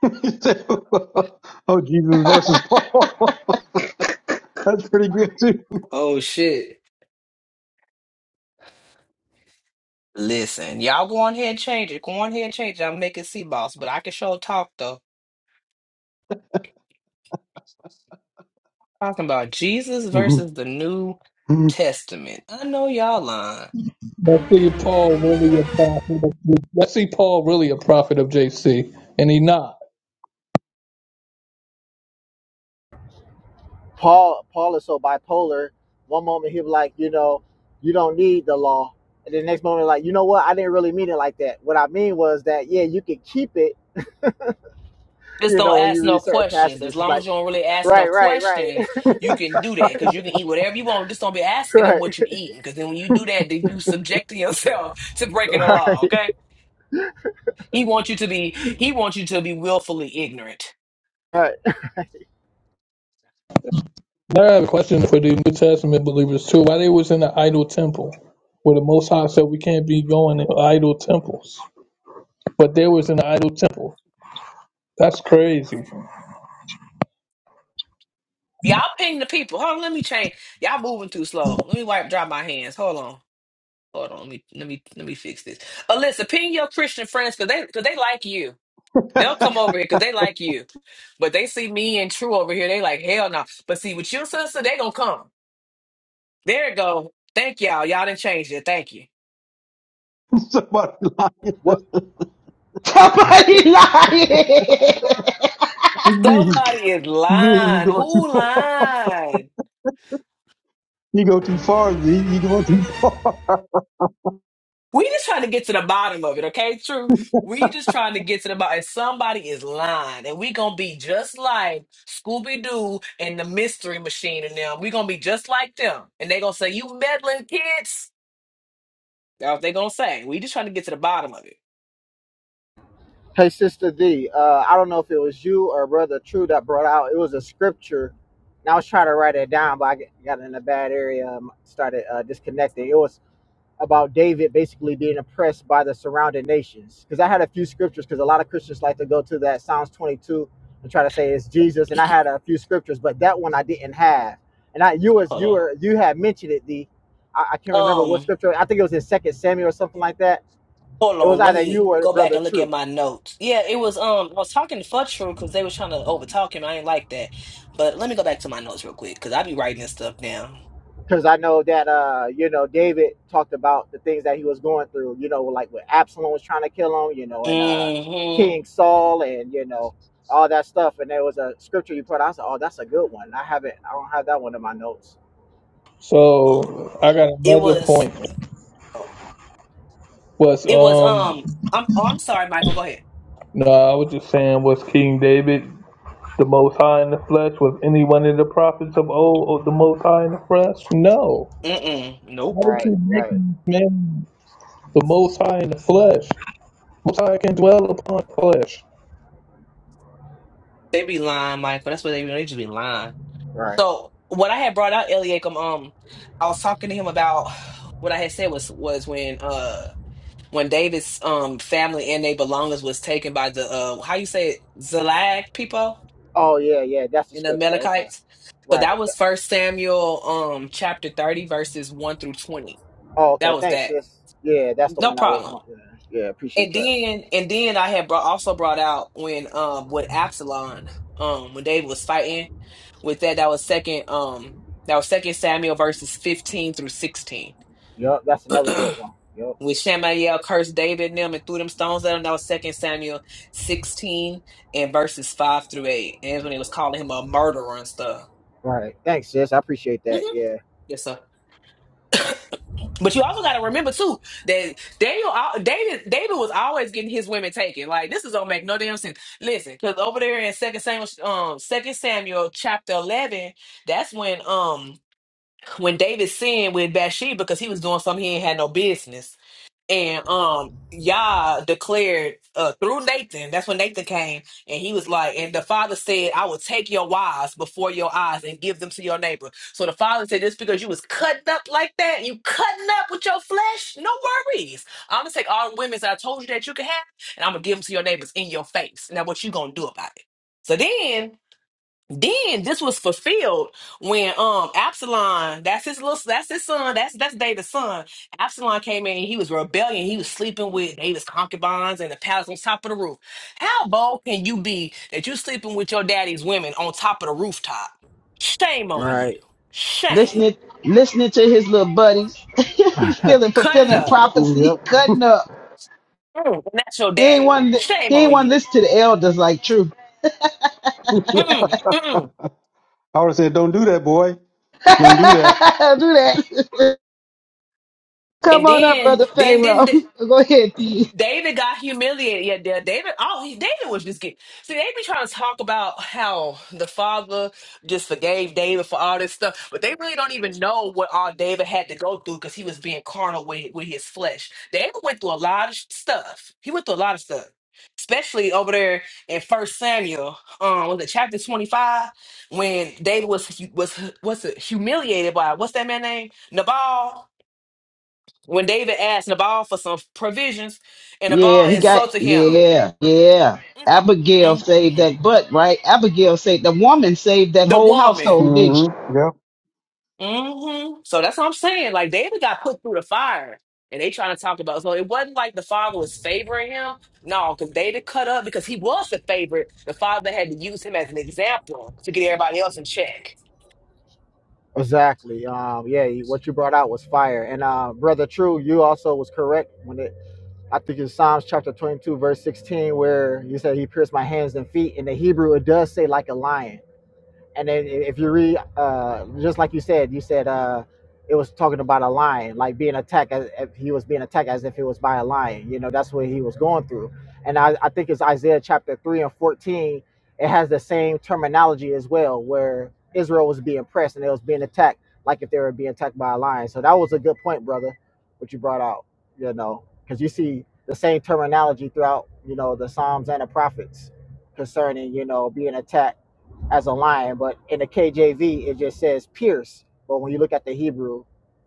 oh, Jesus versus Paul. That's pretty good, too. Oh shit. Listen, y'all go on here and change it. Go on here and change it. I'm making sea boss, but I can show talk though. Talking about Jesus versus the New Testament. I know y'all lying. Let's see if Paul really a prophet. Of, let's see Paul really a prophet of JC, and he not. Paul Paul is so bipolar. One moment he'll be like, you know, you don't need the law, and the next moment like, you know what? I didn't really mean it like that. What I mean was that yeah, you can keep it. Just You don't know, when ask you no read certain questions. As passages, it's long as like you don't really ask no right, right, right, questions, you can do that because you can eat whatever you want. Just don't be asking them right, what you eating because then when you do that, then you subjecting yourself to breaking the law. right, Okay? He wants you to be. He wants you to be willfully ignorant. right. Now I have a question for the New Testament believers too. Why they was in the idol temple, where the Most High said we can't be going in idol temples, but they was in the idol temple. That's crazy. Y'all ping the people. Hold on, let me change. Y'all moving too slow. Let me wipe dry my hands. Hold on. Hold on. Let me let me let me fix this. Alyssa, ping your Christian friends because they cause they like you. They'll come over here because they like you. But they see me and True over here. They like, hell no. But see, with your sister, they gonna come. There it go. Thank y'all. Y'all didn't change it. Thank you. Somebody lying. What Somebody lying. Thee, Somebody is thee, you lying. going too Who far. lying? You go too far, thee. You going too far. yep. We just trying to get to the bottom of it, okay? True. We just trying to get to the bottom. And Somebody is lying, and we gonna be just like Scooby Doo and the Mystery Machine, and them. We gonna be just like them, and they gonna say, "You meddling kids." That's what they gonna say. We just trying to get to the bottom of it. Hey, Sister D, uh, I don't know if it was you or Brother True that brought out. It was a scripture, and I was trying to write it down, but I g- got in a bad area, um, started uh, disconnecting. It was about David basically being oppressed by the surrounding nations. Because I had a few scriptures, because a lot of Christians like to go to that Psalms 22 and try to say it's Jesus, and I had a few scriptures, but that one I didn't have. And I, you as hold you were, you had mentioned it, D. I, I on. can't remember what Um, scripture. I think it was in Second Samuel or something like that. hold It was on. Let either you me or go back Brother and look True at my notes. Yeah, it was. Um, I was talking to Futru because they was trying to overtalk him. I ain't like that. But let me go back to my notes real quick because I be writing this stuff down. because I know that uh, you know David talked about the things that he was going through. You know, like when Absalom was trying to kill him. You know, and uh, Mm-hmm. King Saul, and you know all that stuff. And there was a scripture you put. out, I said, oh, that's a good one. I haven't. I don't have that one in my notes. So I got It another was. point. Oh, Was it was. um Um, I'm. Oh, I'm sorry, Michael. Go ahead. no, I was just saying was King David the Most High in the flesh? Was any one of the prophets of old or the Most High in the flesh? No. Mm-mm. How Nope. they Right, keep right, making this man the Most High in the flesh? Most High can dwell upon flesh. They be lying, Michael. That's what they be. They just be lying. right. So what I had brought out Eliakim, um, I was talking to him about what I had said was was when uh when David's um family and their belongings was taken by the uh how you say it Zalag people Oh yeah, yeah. That's the in the scripture. Okay. Amalekites. So that Right. was First Samuel um chapter thirty verses one through twenty. Oh, That okay. was Thanks, that. sis. Yeah, that's the No one I was problem. wanting. Yeah, appreciate And that. then and then I had brought, also brought out when um with Absalom um when David was fighting with that that was second um that was second Samuel verses 15 through 16 Yep, that's another when good one. Yep. Shamayel cursed David and them and threw them stones at him that was second Samuel 16 and verses 5 through 8 and that's when he was calling him a murderer and stuff Right. Thanks, sis. I appreciate that. hmm Yeah. yes sir But you also got to remember too that Daniel, al- David, David was always getting his women taken. Like this is gonna make no damn sense. Listen, because over there in Second Samuel, um, Second Samuel chapter eleven, that's when um when David sinned with Bathsheba because he was doing something he ain't had no business and um Yah declared uh through Nathan, that's when Nathan came, and he was like, and the father said, I will take your wives before your eyes and give them to your neighbor. So the father said, Just because you was cutting up like that, you cutting up with your flesh, no worries. I'm gonna take all the women that I told you that you could have, and I'm gonna give them to your neighbors in your face. Now what you gonna do about it? So then then this was fulfilled when um Absalom, that's his little that's his son, that's that's David's son. Absalom came in, he was rebellion, he was sleeping with David's concubines in the palace on top of the roof. How bold can you be that you sleeping with your daddy's women on top of the rooftop? Shame on Right. you. Shame. listening, listening to his little buddies, feeling Cutting fulfilling up. I prophecy, would cutting up. Mm, and that's your He ain't daddy. want to, Shame he ain't on want to you. listen to the elders like true. Mm, mm. have said, don't do that, boy. Do Don't do that. that. Come And on up, then, brother then, Pharaoh. then, Go ahead, D. David got humiliated. Yeah, Da- David. Oh, he- David was just getting. See, they be trying to talk about how the father just forgave David for all this stuff, but they really don't even know what all David had to go through because he was being carnal with with his flesh. David went through a lot of sh- stuff. He went through a lot of stuff, especially over there in First Samuel, um, was it chapter twenty five when David was hu- was hu- was humiliated by what's that man name Nabal when David asked Nabal for some provisions, and Yeah, Nabal he got insulted him. yeah, yeah. Mm, Abigail mm, saved mm. that butt, right? Abigail saved the woman saved that The whole woman. household, didn't she? hmm Yep. hmm So that's what I'm saying. Like David got put through the fire, and they trying to talk about. So it wasn't like the father was favoring him. No, because David cut up because he was the favorite. The father had to use him as an example to get everybody else in check. Exactly. Um, yeah, you- what you brought out was fire. And uh, brother True, you also was correct when it I think it's Psalms chapter 22 verse 16 where you said he pierced my hands and feet. In the Hebrew it does say like a lion. And then if you read, uh, just like you said, you said uh, it was talking about a lion, like being attacked as if he was being attacked as if it was by a lion. You know, that's what he was going through. And I, I think it's Isaiah chapter 3 and 14. It has the same terminology as well, where Israel was being pressed and it was being attacked like if they were being attacked by a lion. So that was a good point, brother, what you brought out, you know, because you see the same terminology throughout, you know, the Psalms and the prophets concerning, you know, being attacked as a lion, but in the KJV it just says pierce. But when you look at the Hebrew,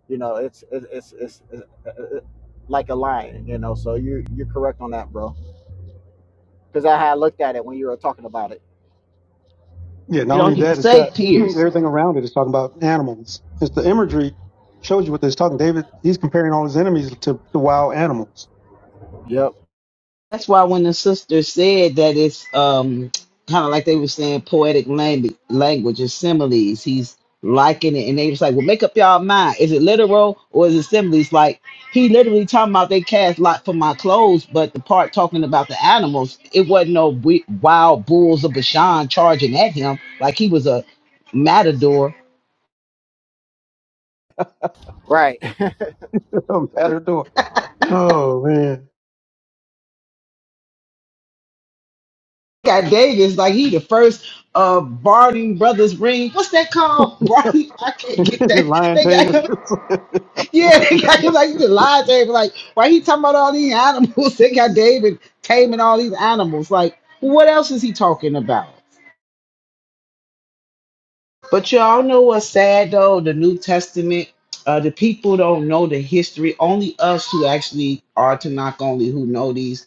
you know it's it's it's, it's, it's uh, like a lion, you know. So you you're correct on that, bro. Because I had looked at it when you were talking about it. Yeah. You Not only don't even that, it's got say Pierce. everything around it. It's talking about animals. It's the imagery shows you what they're talking. David, he's comparing all his enemies to, to wild animals. Yep. That's why when the sister said that it's um kind of like they were saying poetic language, language and similes. He's liking it, and they was like, "Well, make up y'all mind. Is it literal or is it similes?" Like he literally talking about they cast lot for my clothes, but the part talking about the animals, it wasn't no we- wild bulls of Bashan charging at him like he was a matador. Right. Matador. Oh man. Got Davis like he the first uh Barney Brothers ring. What's that called? Barney, I can't get that. Lion They got tamer. him Yeah, they got him like you just lied to him. Like, why he talking about all these animals? They got David taming all these animals. Like, what else is he talking about? But y'all know what's sad though? The New Testament, uh, the people don't know the history. Only us who actually are Tanakh only who know these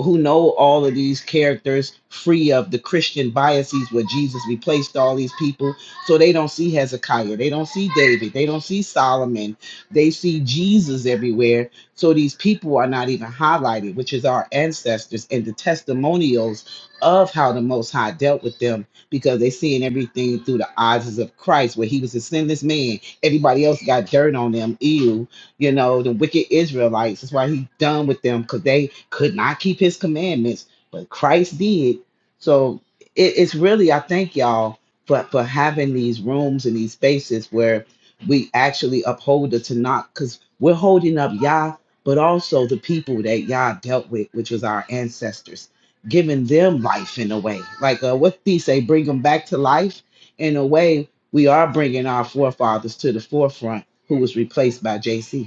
who know all of these characters free of the Christian biases where Jesus replaced all these people. So they don't see Hezekiah, they don't see David, they don't see Solomon, they see Jesus everywhere. So these people are not even highlighted, which is our ancestors and the testimonials of how the Most High dealt with them because they seeing everything through the eyes of Christ, where he was a sinless man. Everybody else got dirt on them, ew you know, the wicked Israelites. That's why he's done with them because they could not keep his commandments, but Christ did. So it, it's really, I thank y'all for, for having these rooms and these spaces where we actually uphold the Tanakh because we're holding up Yah, but also the people that Yah dealt with, which was our ancestors, giving them life in a way. Like uh, what they say, bring them back to life in a way. We are bringing our forefathers to the forefront who was replaced by JC.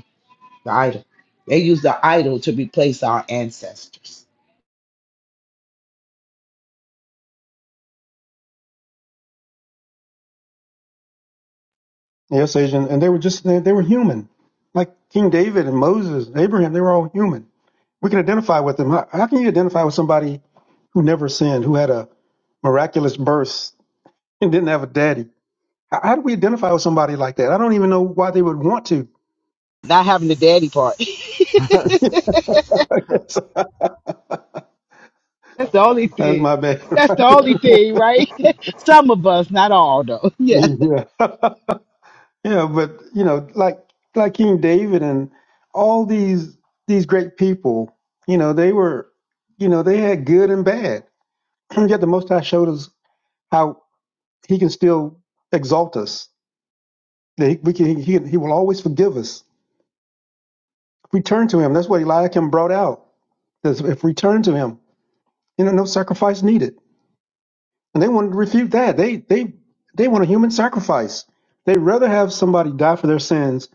The idol. They use the idol to replace our ancestors. Yes, Asian. And they were just, they, they were human. Like King David and Moses, and Abraham, they were all human. We can identify with them. How, how can you identify with somebody who never sinned, who had a miraculous birth and didn't have a daddy? How, how do we identify with somebody like that? I don't even know why they would want to. Not having the daddy part. That's That's the only that's thing. my bad. That's the only thing, right? Some of us, not all though. Yeah. yeah. yeah, but you know, like like King David and all these these great people, you know, they were you know, they had good and bad. Yet the most high showed us how he can still exalt us. That he, we can, he, he will always forgive us Return to him. That's what Eliakim brought out. Is if return to him, you know, no sacrifice needed. And they wanted to refute that. They they they want a human sacrifice. They'd rather have somebody die for their sins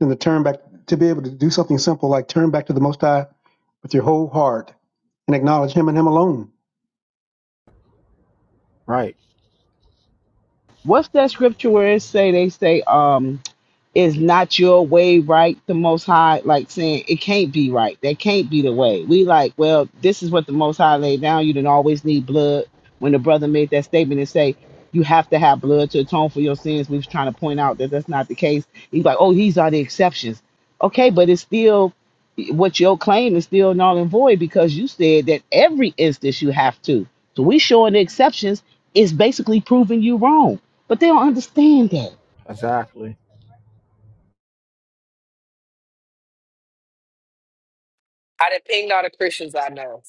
than to turn back to be able to do something simple like turn back to the Most High with your whole heart and acknowledge Him and Him alone. right. What's that scripture where it say they say um Is not your way right, the Most High? Like saying it can't be right. That can't be the way. We like, well, this is what the Most High laid down. You didn't always need blood. When the brother made that statement and say you have to have blood to atone for your sins, we was trying to point out that that's not the case. He's like, oh, these are the exceptions. Okay, but it's still what your claim is still null and void because you said that every instance you have to. So we showing the exceptions is basically proving you wrong. But they don't understand that. Exactly. I done pinged all the Christians I know.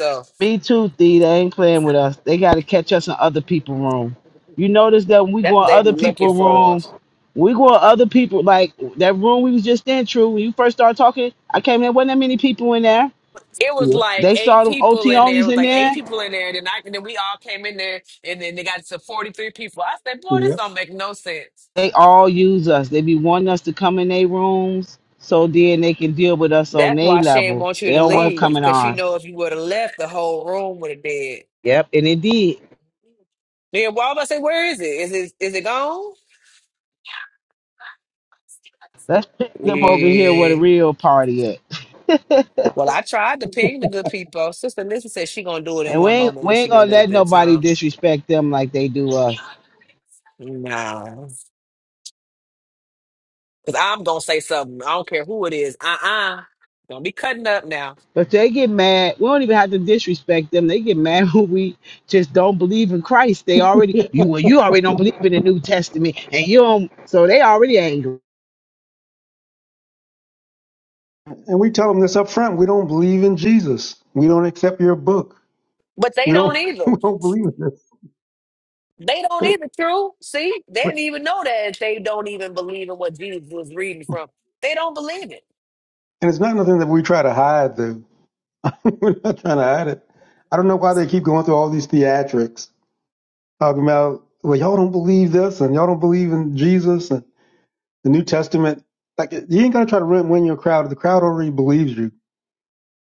So Me too, Thee. They ain't playing with us. They got to catch us in other people's room. You notice that when we that's go what in they other be looking people's for. rooms, we go in other people like that room we was just in. True, when you first started talking, I came in. wasn't that many people in there. It was Yep. like They saw eight them people OT in there. onlys It was in like eight there. people in there. And then, I, and then we all came in there, and then they got to 43 people. I said, boy, this Yep. don't make no sense. They all use us. They be wanting us to come in their rooms, so then they can deal with us on That's their why she didn't level. want They you to don't want to leave, come in because she ours. know if you would have left, the whole room would have dead. Yep, and indeed, Then why would I say, where is it? Is it is it gone? Let's pick them over here where the Yeah. real party at. Well, I tried to ping the good people. Sister Lisa said she gonna do it in And we one ain't, moment we when ain't she get a gonna little let bit of nobody time. disrespect them like they do us. No, because I'm gonna say something. I don't care who it is. Uh uh-uh. uh. do not be cutting up now. But they get mad. We don't even have to disrespect them. They get mad when we just don't believe in Christ. They already you well, you already don't believe in the New Testament, and you don't. So they already angry. And we tell them this up front. We don't believe in Jesus. We don't accept your book. But they We don't don't either. we don't believe in this. They don't either, true. See, they didn't even know that they don't even believe in what Jesus was reading from. They don't believe it. And it's not nothing that we try to hide though. We're not trying to hide it. I don't know why they keep going through all these theatrics talking about, well, y'all don't believe this and y'all don't believe in Jesus and the New Testament. Like, you ain't got to try to win, win your crowd. The crowd already believes you.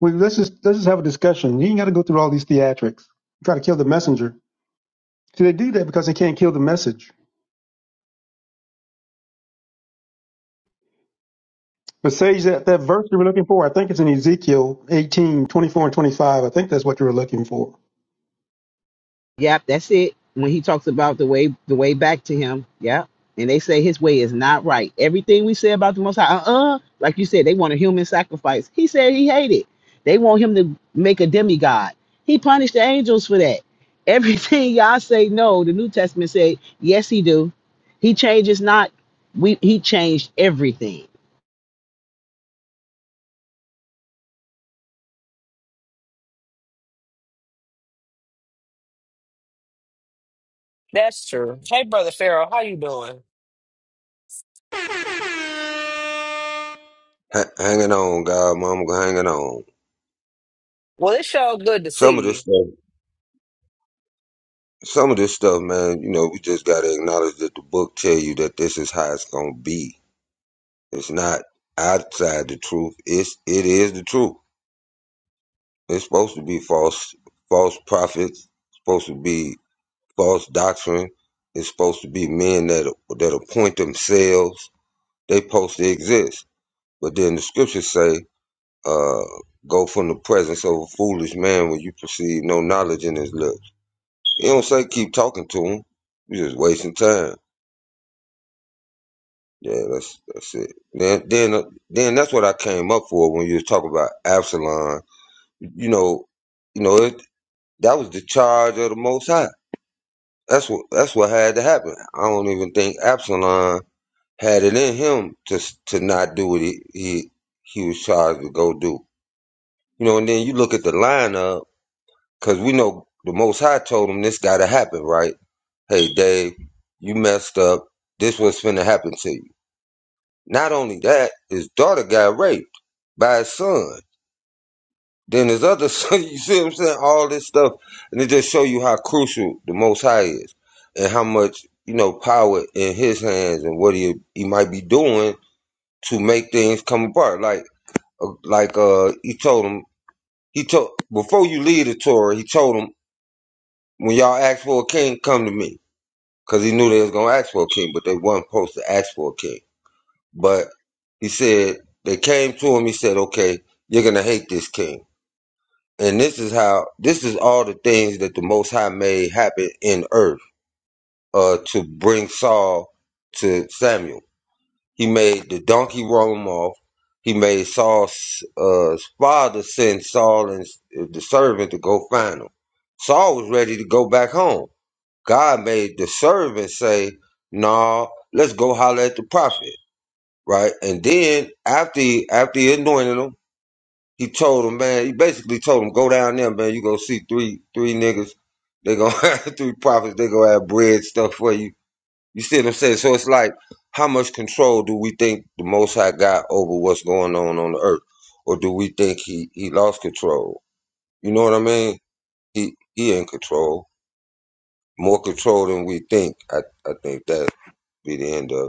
Well, let's just, let's just have a discussion. You ain't got to go through all these theatrics. Try to kill the messenger. See, they do that because they can't kill the message. But Sage, that, that verse you were looking for, I think it's in Ezekiel 18 24 and 25. I think that's what you were looking for. Yep, that's it. When he talks about the way the way back to him. Yep. And they say his way is not right. Everything we say about the most high, uh-uh. Like you said, they want a human sacrifice. He said he hated. They want him to make a demigod. He punished the angels for that. Everything y'all say no, the New Testament say, yes, he do. He changes not. We he changed everything. That's true. Hey, Brother Pharaoh, how you doing? ha- hanging on, God, mama, hanging on. Well, it's sure good to see Some of this you. stuff, some of this stuff, man. You know, we just gotta acknowledge that the book tell you that this is how it's gonna be. It's not outside the truth. It's it is the truth. It's supposed to be false, false prophets. Supposed to be false doctrine. It's supposed to be men that that appoint themselves. They supposed to exist. But then the scriptures say, uh, "Go from the presence of a foolish man when you perceive no knowledge in his lips." You don't say keep talking to him. You just wasting time. Yeah, that's that's it. Then then uh, then that's what I came up for when you was talking about Absalom. You know, you know it, that was the charge of the Most High. That's what that's what had to happen. I don't even think Absalom had it in him to to not do what he he, he was charged to go do. You know, and then you look at the lineup because we know the Most High told him this got to happen, right? hey Dave, you messed up. This what's finna happen to you. Not only that, his daughter got raped by his son. Then his other son, you see what I'm saying? All this stuff. And it just show you how crucial the most high is and how much, you know, power in his hands and what he he might be doing to make things come apart. Like uh, like uh he told him he told before you leave the Torah, he told him, when y'all ask for a king, come to me. Cause he knew they was gonna ask for a king, but they wasn't supposed to ask for a king. But he said they came to him. He said, "Okay, you're gonna hate this king." And this is how this is all the things that the Most High made happen in earth uh, to bring Saul to Samuel. He made the donkey run him off. He made Saul's uh, father send Saul and the servant to go find him. Saul was ready to go back home. God made the servant say, "No, nah, let's go holler at the prophet." right? And then after he, after he anointed him, he told him, man, he basically told him, go down there, man. You gonna see three three niggas. They gonna have three prophets. They gonna have bread stuff for you. You see what I'm saying? So it's like, how much control do we think the Most High got over what's going on on the earth, or do we think he he lost control? You know what I mean? He he in control, more control than we think. I I think that be the end of. it.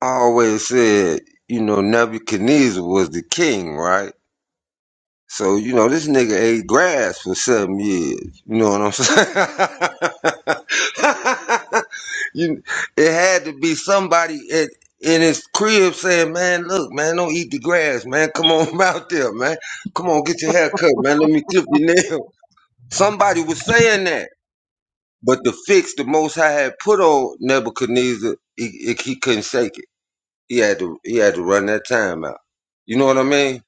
I always said, you know, Nebuchadnezzar was the king, right? So, you know, this nigga ate grass for seven years. You know what I'm saying? you, it had to be somebody at, in his crib saying, man, look, man, don't eat the grass, man. Come on out there, man. Come on, get your hair cut, man. Let me clip your nail. Somebody was saying that. But the fix the Most High had put on Nebuchadnezzar, he, he couldn't shake it. He had to he had to run that time out. You know what I mean?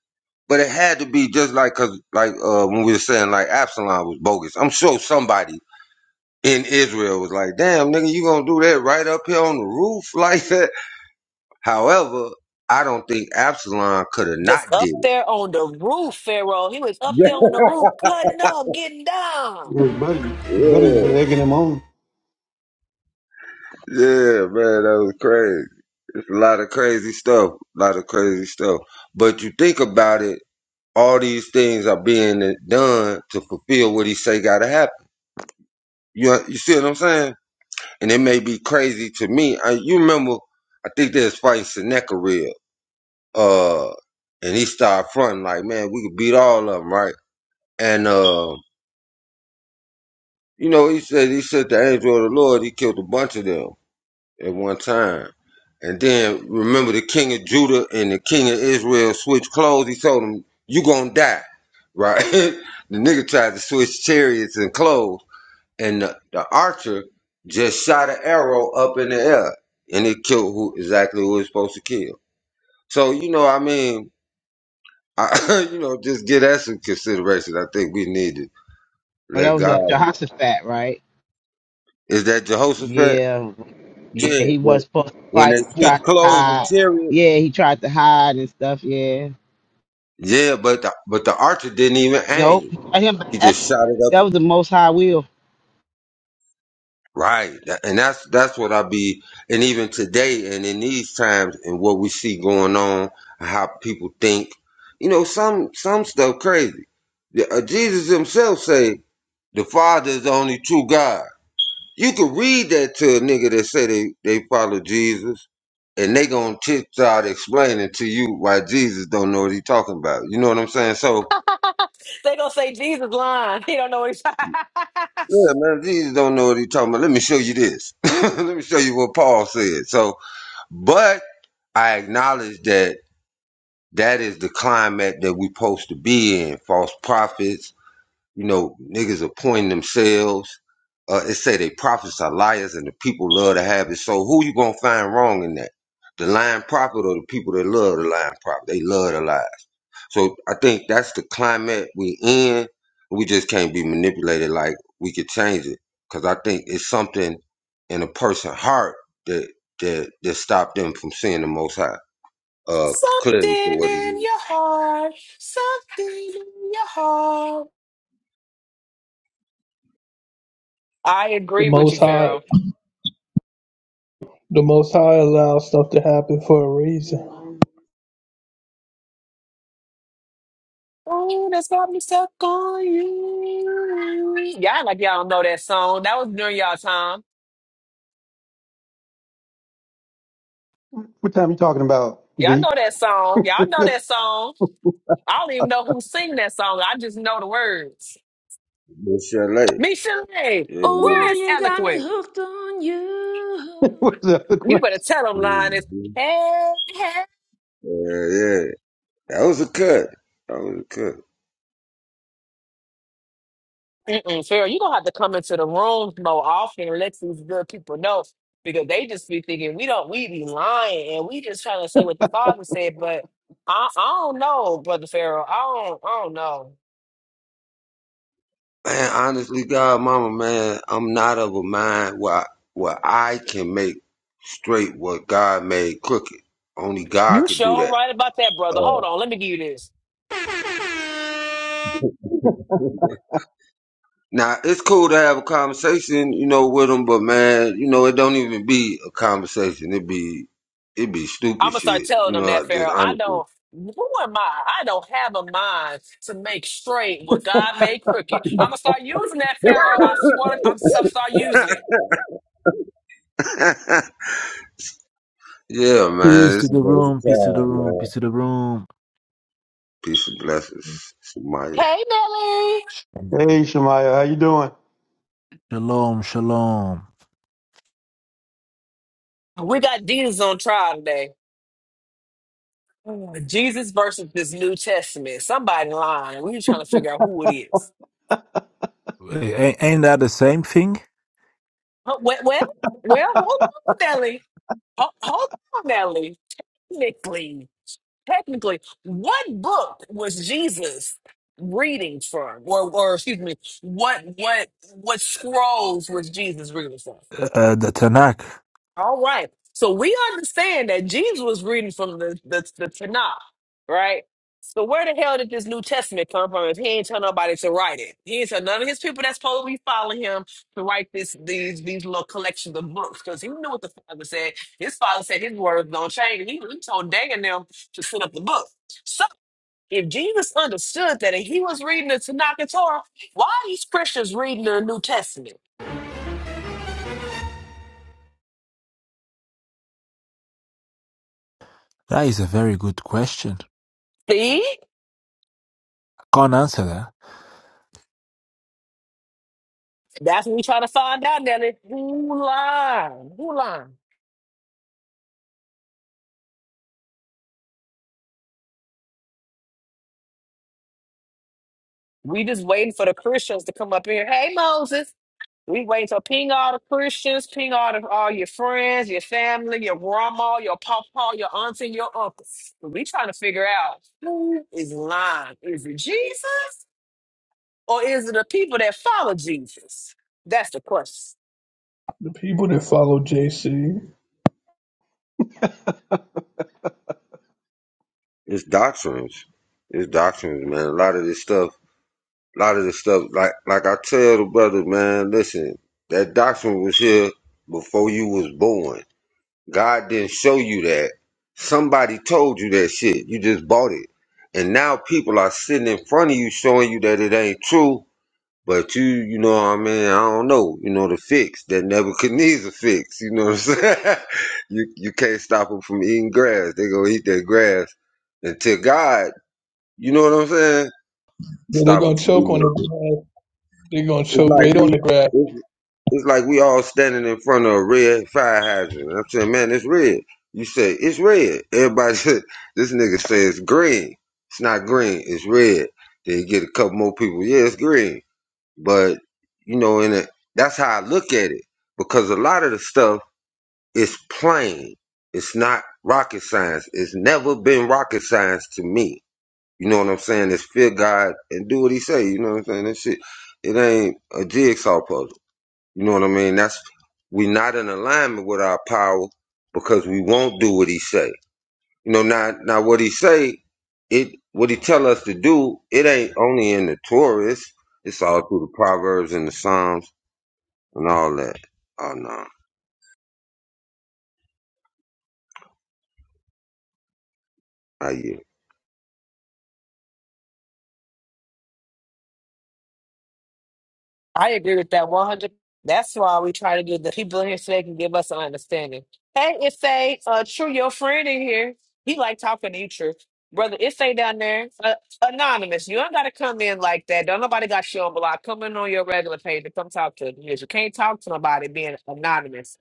But it had to be just like cause like uh when we were saying like Absalom was bogus. I'm sure somebody in Israel was like, damn nigga, you gonna do that right up here on the roof like that. However, I don't think Absalom could have not Just up did there on the roof, Pharaoh. He was it. up there on the roof, cutting up, getting down. Your buddy, buddies were Yeah. egging him on. Yeah, man, that was crazy. It's a lot of crazy stuff. A lot of crazy stuff. But you think about it, all these things are being done to fulfill what he say gotta happen. You you see what I'm saying? And it may be crazy to me. I, you remember? I think they was fighting Sennacherib, uh, and he started fronting like, "Man, we could beat all of them, right?" And uh, you know, he said he said the angel of the Lord. He killed a bunch of them at one time. And then remember, the king of Judah and the king of Israel switched clothes. He told them, "You gonna die." Right? the nigga tried to switch chariots and clothes. and the, the archer just shot an arrow up in the air and it killed who exactly who it's supposed to kill. So you know, I mean, I, you know, just give that some consideration. I think we need to Well, that let was God. uh, Jehoshaphat, right? Is that Jehoshaphat? Yeah. Yeah, Yeah, he was but supposed to when they fight. He switch tried to clothes and hide. chariot. Yeah, he tried to hide and stuff. Yeah. Yeah, but the, but the archer didn't even Nope. aim. He got him He back. just shot it up That was the most high will. Right. That- And that's that's what I be and even today and in these times and what we see going on, how people think, you know, some some stuff crazy. The- uh, Jesus himself say the Father is the only true God. You could read that to a nigga that say they, they follow Jesus and they gonna tip out explaining to you why Jesus don't know what he talking about. You know what I'm saying? So They gonna say Jesus lying. He don't know what he's yeah, man, Jesus don't know what he talking about. Let me show you this. Let me show you what Paul said. So But I acknowledge that that is the climate that we supposed to be in. False prophets, you know, niggas appointing themselves. Uh, it say they prophets are liars and the people love to have it. So who you gonna find wrong in that? The lying prophet or the people that love the lying prophet? They love the lie. So I think that's the climate we in. We just can't be manipulated like we could change it. Cause I think it's something in a person's heart that that that stopped them from seeing the most high. Uh Something clearly for what it in is. your heart. Something in your heart. I The agree with you, Most High Pharaoh. The Most High allows stuff to happen for a reason. Oh, that's got me stuck on you. Y'all like y'all don't know that song. That was during y'all time. What time you talking about, Y'all V? know that song. Y'all know that song. I don't even know who sing that song. I just know the words. Miss Chalet. Michelle, Yeah, yeah. where Oh, is you got me Eloquent? hooked on you. What's up? You better tell them, Linus. Mhm. Hey, hey, yeah, yeah. That was a cut. That was a cut. Mm-mm, Farrah, you gonna have to come into the rooms more often and let these good people know because they just be thinking we don't we be lying and we just trying to say what the father said, but I, I don't know, brother Pharaoh. I don't I don't know. Man, honestly, God mama, man, I'm not of a mind where I, where I can make straight what God made crooked. Only God You could do sure that right about that, brother. Hold on, let me give you this. Now it's cool to have a conversation, you know, with them, but man, you know, it don't even be a conversation. It be, it be I'm stupid gonna start shit. telling You them know, that like, just Pharaoh. I honestly. don't. Who am I? I don't have a mind to make straight what God made crooked. I'm gonna start using that Pharaoh. I swear, to- I'm gonna start using it. yeah, Peace man, to it's a the room, peace to the room, peace to the room. piece of blessings, Sumaya. Hey, Billy. Hey, Shamaya, how you doing? Shalom, shalom. We got Jesus on trial today. Mm. Jesus versus this New Testament. Somebody lying. We trying to figure out who it is. Hey, Ain't, ain't that the same thing? Huh, Well, well, well hold on, Nelly. Ho- Hold on, Nelly. Technically, technically, what book was Jesus reading from? Or, or excuse me, what what what scrolls was Jesus reading from? Uh, uh, the Tanakh. All right. So we understand that Jesus was reading from the, the, the Tanakh, right? So where the hell did this New Testament come from if he ain't tell nobody to write it? He ain't tell none of his people that's supposed to be following him to write this these these little collections of books because he knew what the father said. His father said his words don't change. He, he told Dan and them to set up the book. So if Jesus understood that and he was reading the Tanakh and Torah, why are these Christians reading the New Testament? That is a very good question. See? I Can't answer that. That's what we trying to find out, Nelly. Who lying? Who lying? We just waiting for the Christians to come up in here. Hey, Moses. We waiting to ping all the Christians, ping all the, all your friends, your family, your grandma, your papa, your auntie, and your uncles. But we trying to figure out who is lying. Is it Jesus or is it the people that follow Jesus? That's the question. The people that follow JC, It's doctrines. It's doctrines, man. A lot of this stuff, a lot of this stuff, like, like I tell the brothers, man, listen, that doctrine was here before you was born. God didn't show you that. Somebody told you that shit. You just bought it. And now people are sitting in front of you showing you that it ain't true. But you, you know what I mean? I don't know. You know, the fix that Nebuchadnezzar fix. You know what I'm saying? you, you can't stop them from eating grass. They gonna eat that grass until God, you know what I'm saying? they're Stop them gonna from choke eating on the that grass. grass. They're gonna It's choke like right on the we grass. it's, it's like we all standing in front of a red fire hydrant. I'm saying, man, it's red. You say it's red. Everybody said this nigga says green. It's not green. It's red. Then you get a couple more people. Yeah, it's green. But you know, in it, that's how I look at it because a lot of the stuff is plain. It's not rocket science. It's never been rocket science to me you know what I'm saying? Just fear God and do what He say. You know what I'm saying? That shit, it ain't a jigsaw puzzle. You know what I mean? That's we not in alignment with our power because we won't do what He say. You know, now now what He say, it what He tell us to do, it ain't only in the Torah. It's it's all through the Proverbs and the Psalms and all that. Oh no, I you? I agree with that 100. That's why we try to get the people in here so they can give us an understanding. Hey, it's a uh, true your friend in here. He like talking to you, true brother. It's a down there uh, anonymous. You don't gotta come in like that. Don't nobody got you on block. Come in on your regular page to come talk to you. You can't talk to nobody being anonymous.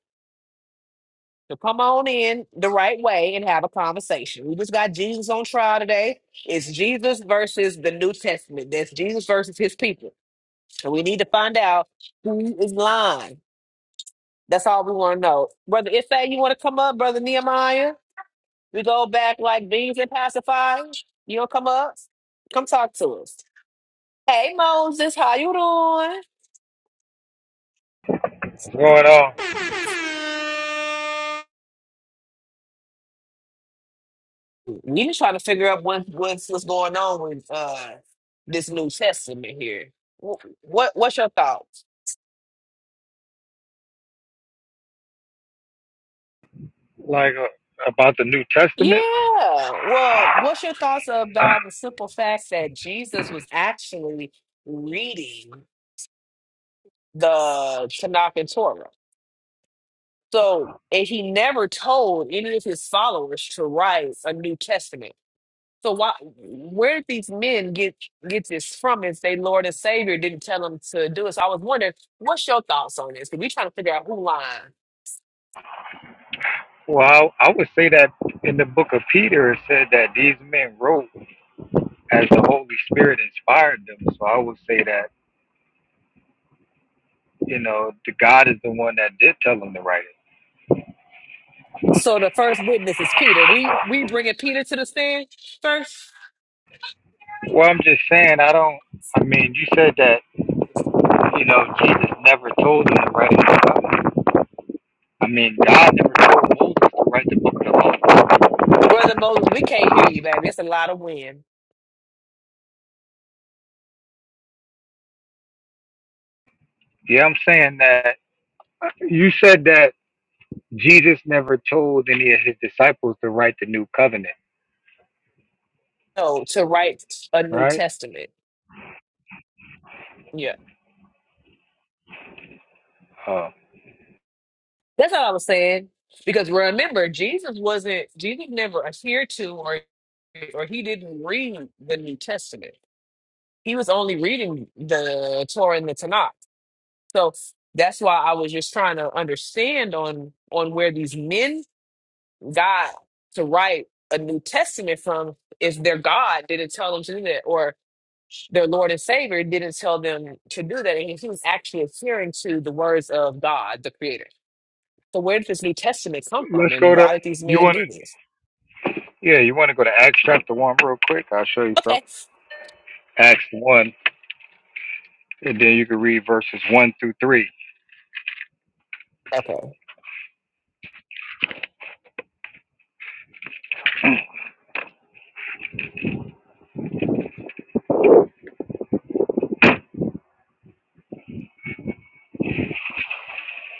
So come on in the right way and have a conversation. We just got Jesus on trial today. It's Jesus versus the New Testament. That's Jesus versus his people. And we need to find out who is lying. That's all we want to know. Brother Ife, you want to come up? Brother Nehemiah? We go back like beans and pacifiers. You want to come up? Come talk to us. Hey, Moses, how you doing? going on, We just trying to figure out what, what's, what's going on with uh, this New Testament here. Wh- What What's your thoughts? like uh, about the New Testament. Yeah. Well, what's your thoughts about the simple fact that Jesus was actually reading the Tanakh and Torah? So, and he never told any of his followers to write a New Testament. So why, where did these men get get this from if they Lord and Savior didn't tell them to do it? So I was wondering, what's your thoughts on this? Because we trying to figure out who lying. Well, I, I would say that in the book of Peter, it said that these men wrote as the Holy Spirit inspired them. So I would say that you know the God is the one that did tell them to write it. So the first witness is Peter. We we bringing Peter to the stand first. Well, I'm just saying, I don't. I mean, you said that you know Jesus never told them to write it. I mean, God never told Moses to write the book of the law. Brother Moses, we can't hear you, baby. It's a lot of wind. Yeah, I'm saying that. You said that Jesus never told any of his disciples to write the new covenant. So to write a All New right. Testament. Yeah. Uh, That's all I was saying. Because remember, Jesus wasn't Jesus never adhered to or or he didn't read the New Testament. He was only reading the Torah and the Tanakh. So that's why I was just trying to understand on on where these men got to write a New Testament from if their God didn't tell them to do that, or their Lord and Savior didn't tell them to do that. And he was actually adhering to the words of God, the Creator. So where did this New Testament come from? let's And go to why did these you men want do to this? yeah you want to go to Acts chapter one real quick. I'll show you Okay. something. Acts one, and then you can read verses one through three. Okay.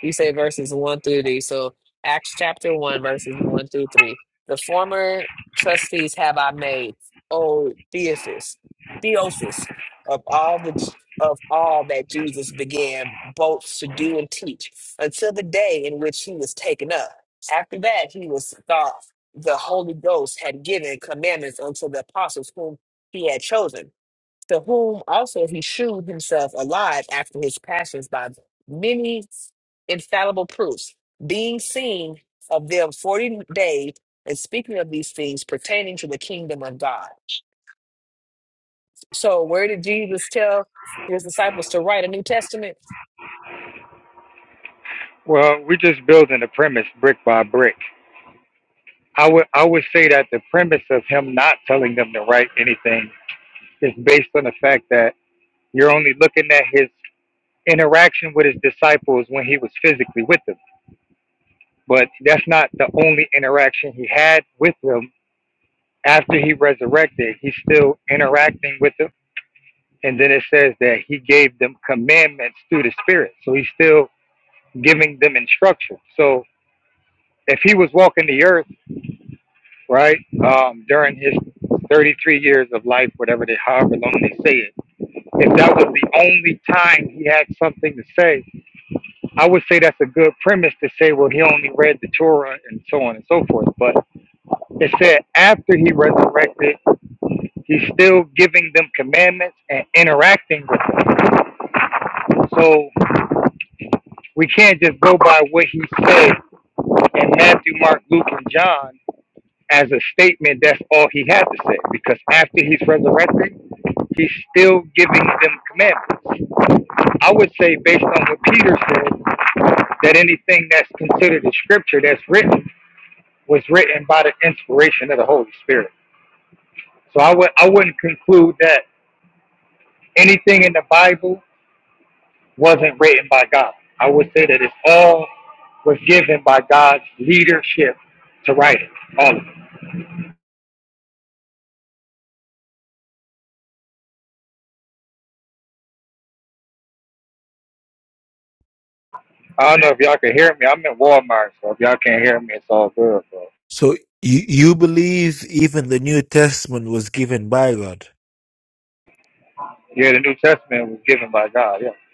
You say verses 1 through 3. So Acts chapter 1, verses 1 through 3. The former trustees have I made, O Theophis, Theophis, of all the of all that Jesus began both to do and teach until the day in which he was taken up. After that, he was thought the Holy Ghost had given commandments unto the apostles whom he had chosen to whom also he shewed himself alive after his passions by many infallible proofs, being seen of them 40 days and speaking of these things pertaining to the kingdom of God. So, where did Jesus tell his disciples to write a New Testament? Well, we're just building the premise brick by brick. I would I would say that the premise of him not telling them to write anything is based on the fact that you're only looking at his interaction with his disciples when he was physically with them. But that's not the only interaction he had with them after he resurrected. He's still interacting with them And then it says that he gave them commandments through the Spirit. So he's still giving them instruction. So if he was walking the earth, right, um, during his 33 years of life, whatever they, however long they say it, if that was the only time he had something to say, I would say that's a good premise to say, well, he only read the Torah and so on and so forth. But it said after he resurrected, he's still giving them commandments and interacting with them. So we can't just go by what he said and Matthew, Mark, Luke, and John as a statement. That's all he had to say because after he's resurrected, he's still giving them commandments. I would say, based on what Peter said, that anything that's considered a scripture that's written was written by the inspiration of the Holy Spirit. So I would I wouldn't conclude that anything in the Bible wasn't written by God. I would say that it's all was given by God's leadership to write it. All of it. I don't know if y'all can hear me. I'm in Walmart, so if y'all can't hear me, it's all good. But So you you believe even the New Testament was given by God? yeah, the New Testament was given by God. Yeah.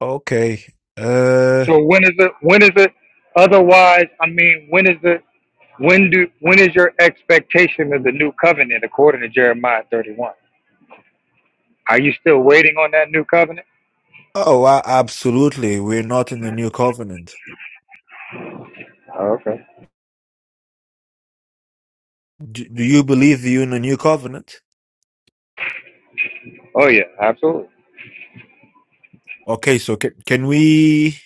Okay. Uh So when is it? When is it? Otherwise, I mean, when is it? When do? When is your expectation of the new covenant according to Jeremiah 31? Are you still waiting on that new covenant? oh, a- absolutely. We're not in the New Covenant. Oh, okay. Do, do you believe you're in the New Covenant? Oh yeah, absolutely. Okay, so can can we?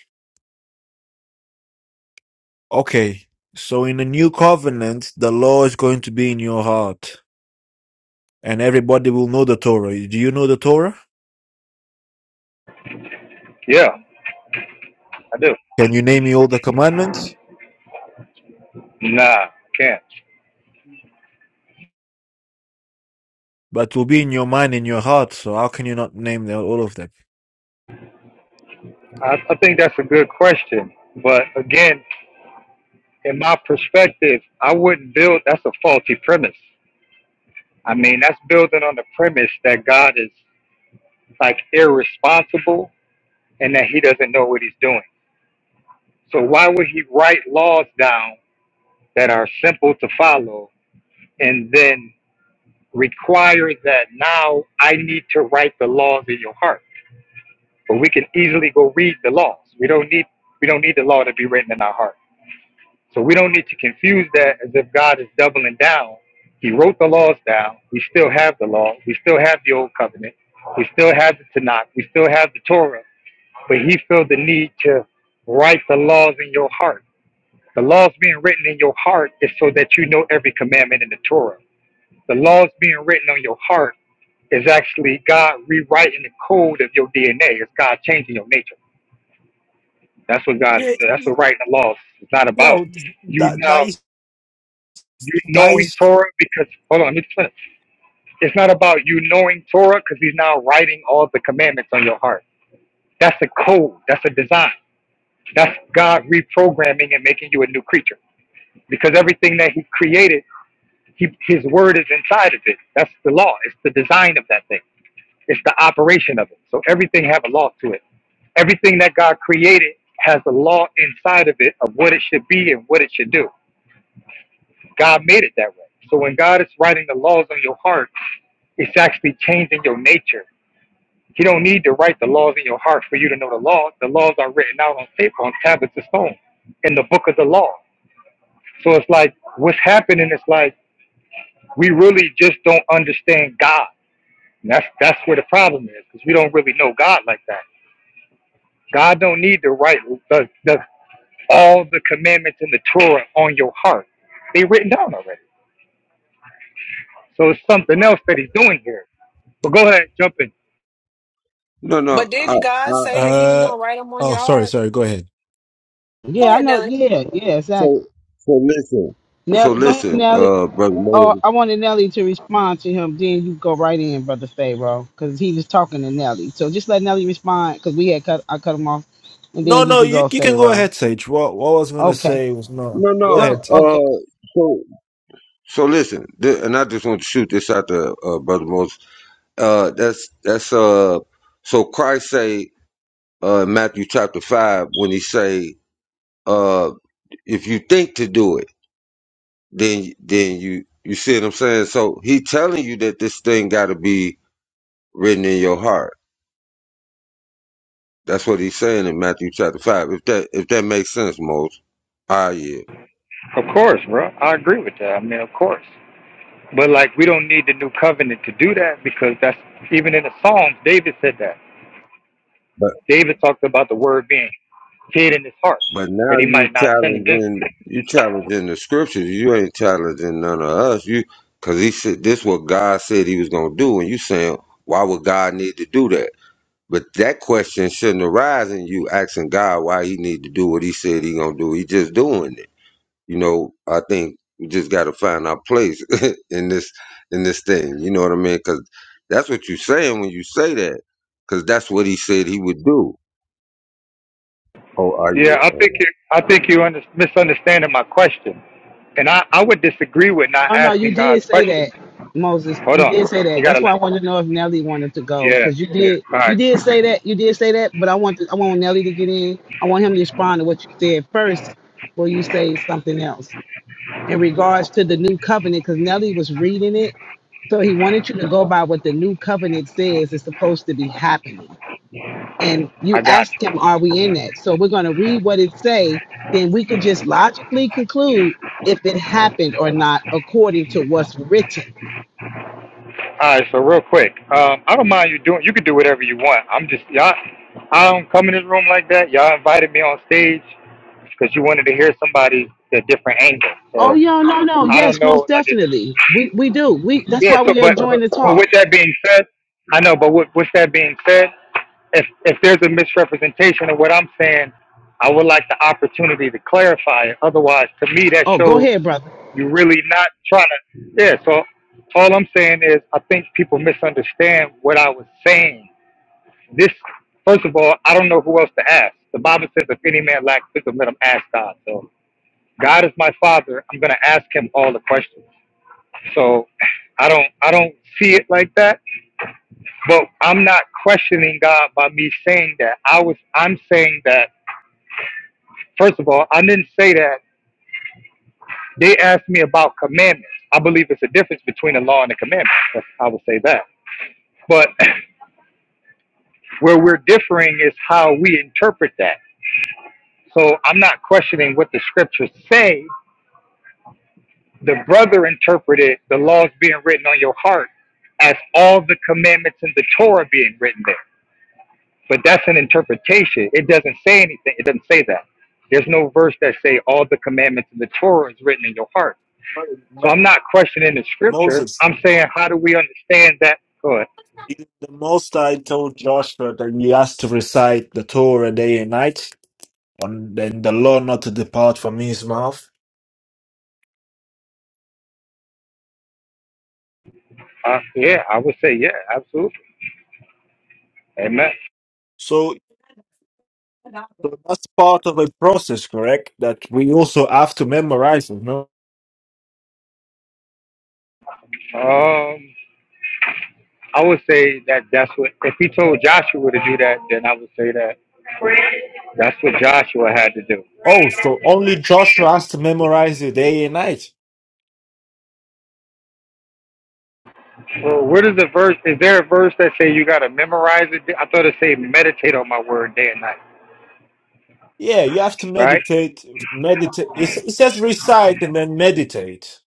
Okay, so in the new covenant, the law is going to be in your heart, and everybody will know the Torah. Do you know the Torah? Yeah, I do. Can you name me all the commandments? Nah, I can't. But it will be in your mind, in your heart. So how can you not name the, all of them? I, I think that's a good question, but again, in my perspective, I wouldn't build. That's a faulty premise. I mean, that's building on the premise that God is like irresponsible and that he doesn't know what he's doing. So why would he write laws down that are simple to follow and then require that now I need to write the laws in your heart? But we can easily go read the laws. We don't need we don't need the law to be written in our heart. So we don't need to confuse that as if God is doubling down. He wrote the laws down. We still have the law. We still have the old covenant. We still have the Tanakh. We still have the Torah. But he felt the need to write the laws in your heart. The laws being written in your heart is so that you know every commandment in the Torah. The laws being written on your heart is actually God rewriting the code of your DNA. It's God changing your nature. That's what God is. Yeah, doing. That's what writing the laws is not about. well, You that that now is you that knowing is. Torah because hold on, let me explain. It's not about you knowing Torah because he's now writing all the commandments on your heart. That's a code. That's a design. That's God reprogramming and making you a new creature. Because everything that He created, he, His word is inside of it. That's the law. It's the design of that thing. It's the operation of it. So everything have a law to it. Everything that God created has a law inside of it of what it should be and what it should do. God made it that way. So when God is writing the laws on your heart It's actually changing your nature. You don't need to write the laws in your heart for you to know the law. The laws are written out on paper, on tablets of stone, in the book of the law. So it's like what's happening is like we really just don't understand God. And that's that's where the problem is because we don't really know God like that. God don't need to write the, the all the commandments in the Torah on your heart. They are written down already. So it's something else that He's doing here. But go ahead, jump in. No, no. But I, didn't God I, say that he was Uh, going to write them on your oh, sorry, heart? sorry. Go ahead. Go Yeah, I ahead, know. Nelly. Yeah, yeah, exactly. so so listen. So Nelly, go ahead, listen, Nelly. uh, brother Oh, Moses. I wanted Nelly to respond to him. Then you go right in, brother Pharaoh, because he was talking to Nelly. So just let Nelly respond, because we had cut. I cut him off, and No, then you no, can you go, you can go Pharaoh. ahead, Sage. What what I was gonna Okay. say was no. No, Go no. No, ahead, Sage. Okay. Uh, so So listen, th- and I just want to shoot this out to uh, Brother Moses. Uh, that's that's uh. So Christ say uh, in Matthew chapter five when he say uh, if you think to do it, then then you you see what I'm saying. So he telling you that this thing got to be written in your heart. That's what he's saying in Matthew chapter five. If that if that makes sense, Moses. Ah, yeah. Of course, bro. I agree with that. I mean, of course. But like we don't need the new covenant to do that because that's even in the Psalms, David said that. David talked about the word being hid in his heart But now that he you might not sin against challenging it. you challenging the scriptures. You ain't challenging none of us. You because he said this what God said he was gonna do, and you saying why would God need to do that? But that question shouldn't arise in you asking God why he need to do what he said he gonna do. He just doing it. You know, I think we just gotta find our place in this in this thing. You know what I mean? Because that's what you saying when you say that. Because that's what he said he would do. Oh, are Yeah, I you? think you, I think you under, misunderstanding my question, and I I would disagree with not No, no, you asking did God's say that, question. Moses. Hold You on, did say you that. gotta That's why let. I wanted to know if Nelly wanted to go Yeah, because you yeah. did. All right, You did say that. You did say that. But I want. To, I want Nelly to get in. I want him to respond to what you said first, before you say something else in regards to the new covenant. Because Nelly was reading it, so he wanted you to go by what the new covenant says is supposed to be happening and you I got you. ask him, are we in that? So we're going to read what it say, then we can just logically conclude if it happened or not according to what's written. All right, so real quick, um, I don't mind you doing. You can do whatever you want. I'm just y'all. I don't come in this room like that. Y'all invited me on stage because you wanted to hear somebody at a different angle. Oh So yo, no, no, I don't yes, most know, like it. definitely. We we do. We that's Yeah. why So, we are but but enjoying the but talk. with that being said, I know. But with with that being said, if if there's a misrepresentation of what I'm saying, I would like the opportunity to clarify it. Otherwise, to me, that Oh, go shows ahead, brother. you're really not trying to. Yeah. So all I'm saying is, I think people misunderstand what I was saying. This, first of all, I don't know who else to ask. The Bible says, if any man lacks wisdom, let him ask God. So God is my Father. I'm gonna ask Him all the questions. So I don't, I don't see it like that. But I'm not questioning God by me saying that. I was, I'm saying that. First of all, I didn't say that they asked me about commandments. I believe it's a difference between a law and a commandment. That's- I would say that. But where we're differing is how we interpret that. So I'm not questioning what the scriptures say. The brother interpreted the laws being written on your heart as all the commandments in the Torah being written there. But that's an interpretation. It doesn't say anything. It doesn't say that. There's no verse that say all the commandments in the Torah is written in your heart. So I'm not questioning the scripture. Moses, I'm saying how do we understand that? Good. the Most High told Joshua that he has to recite the Torah day and night. and then the law not to depart from his mouth. Uh, yeah, I would say yeah, absolutely. Amen. So so that's part of a process, correct? That we also have to memorize it, no? Um, I would say that that's what, if he told Joshua to do that, then I would say that that's what Joshua had to do. Oh, so only Joshua has to memorize it day and night. Well, where does the verse, is there a verse that say you got to memorize it? I thought it say meditate on my word day and night, Yeah, you have to right? meditate, meditate. It, it says recite and then meditate.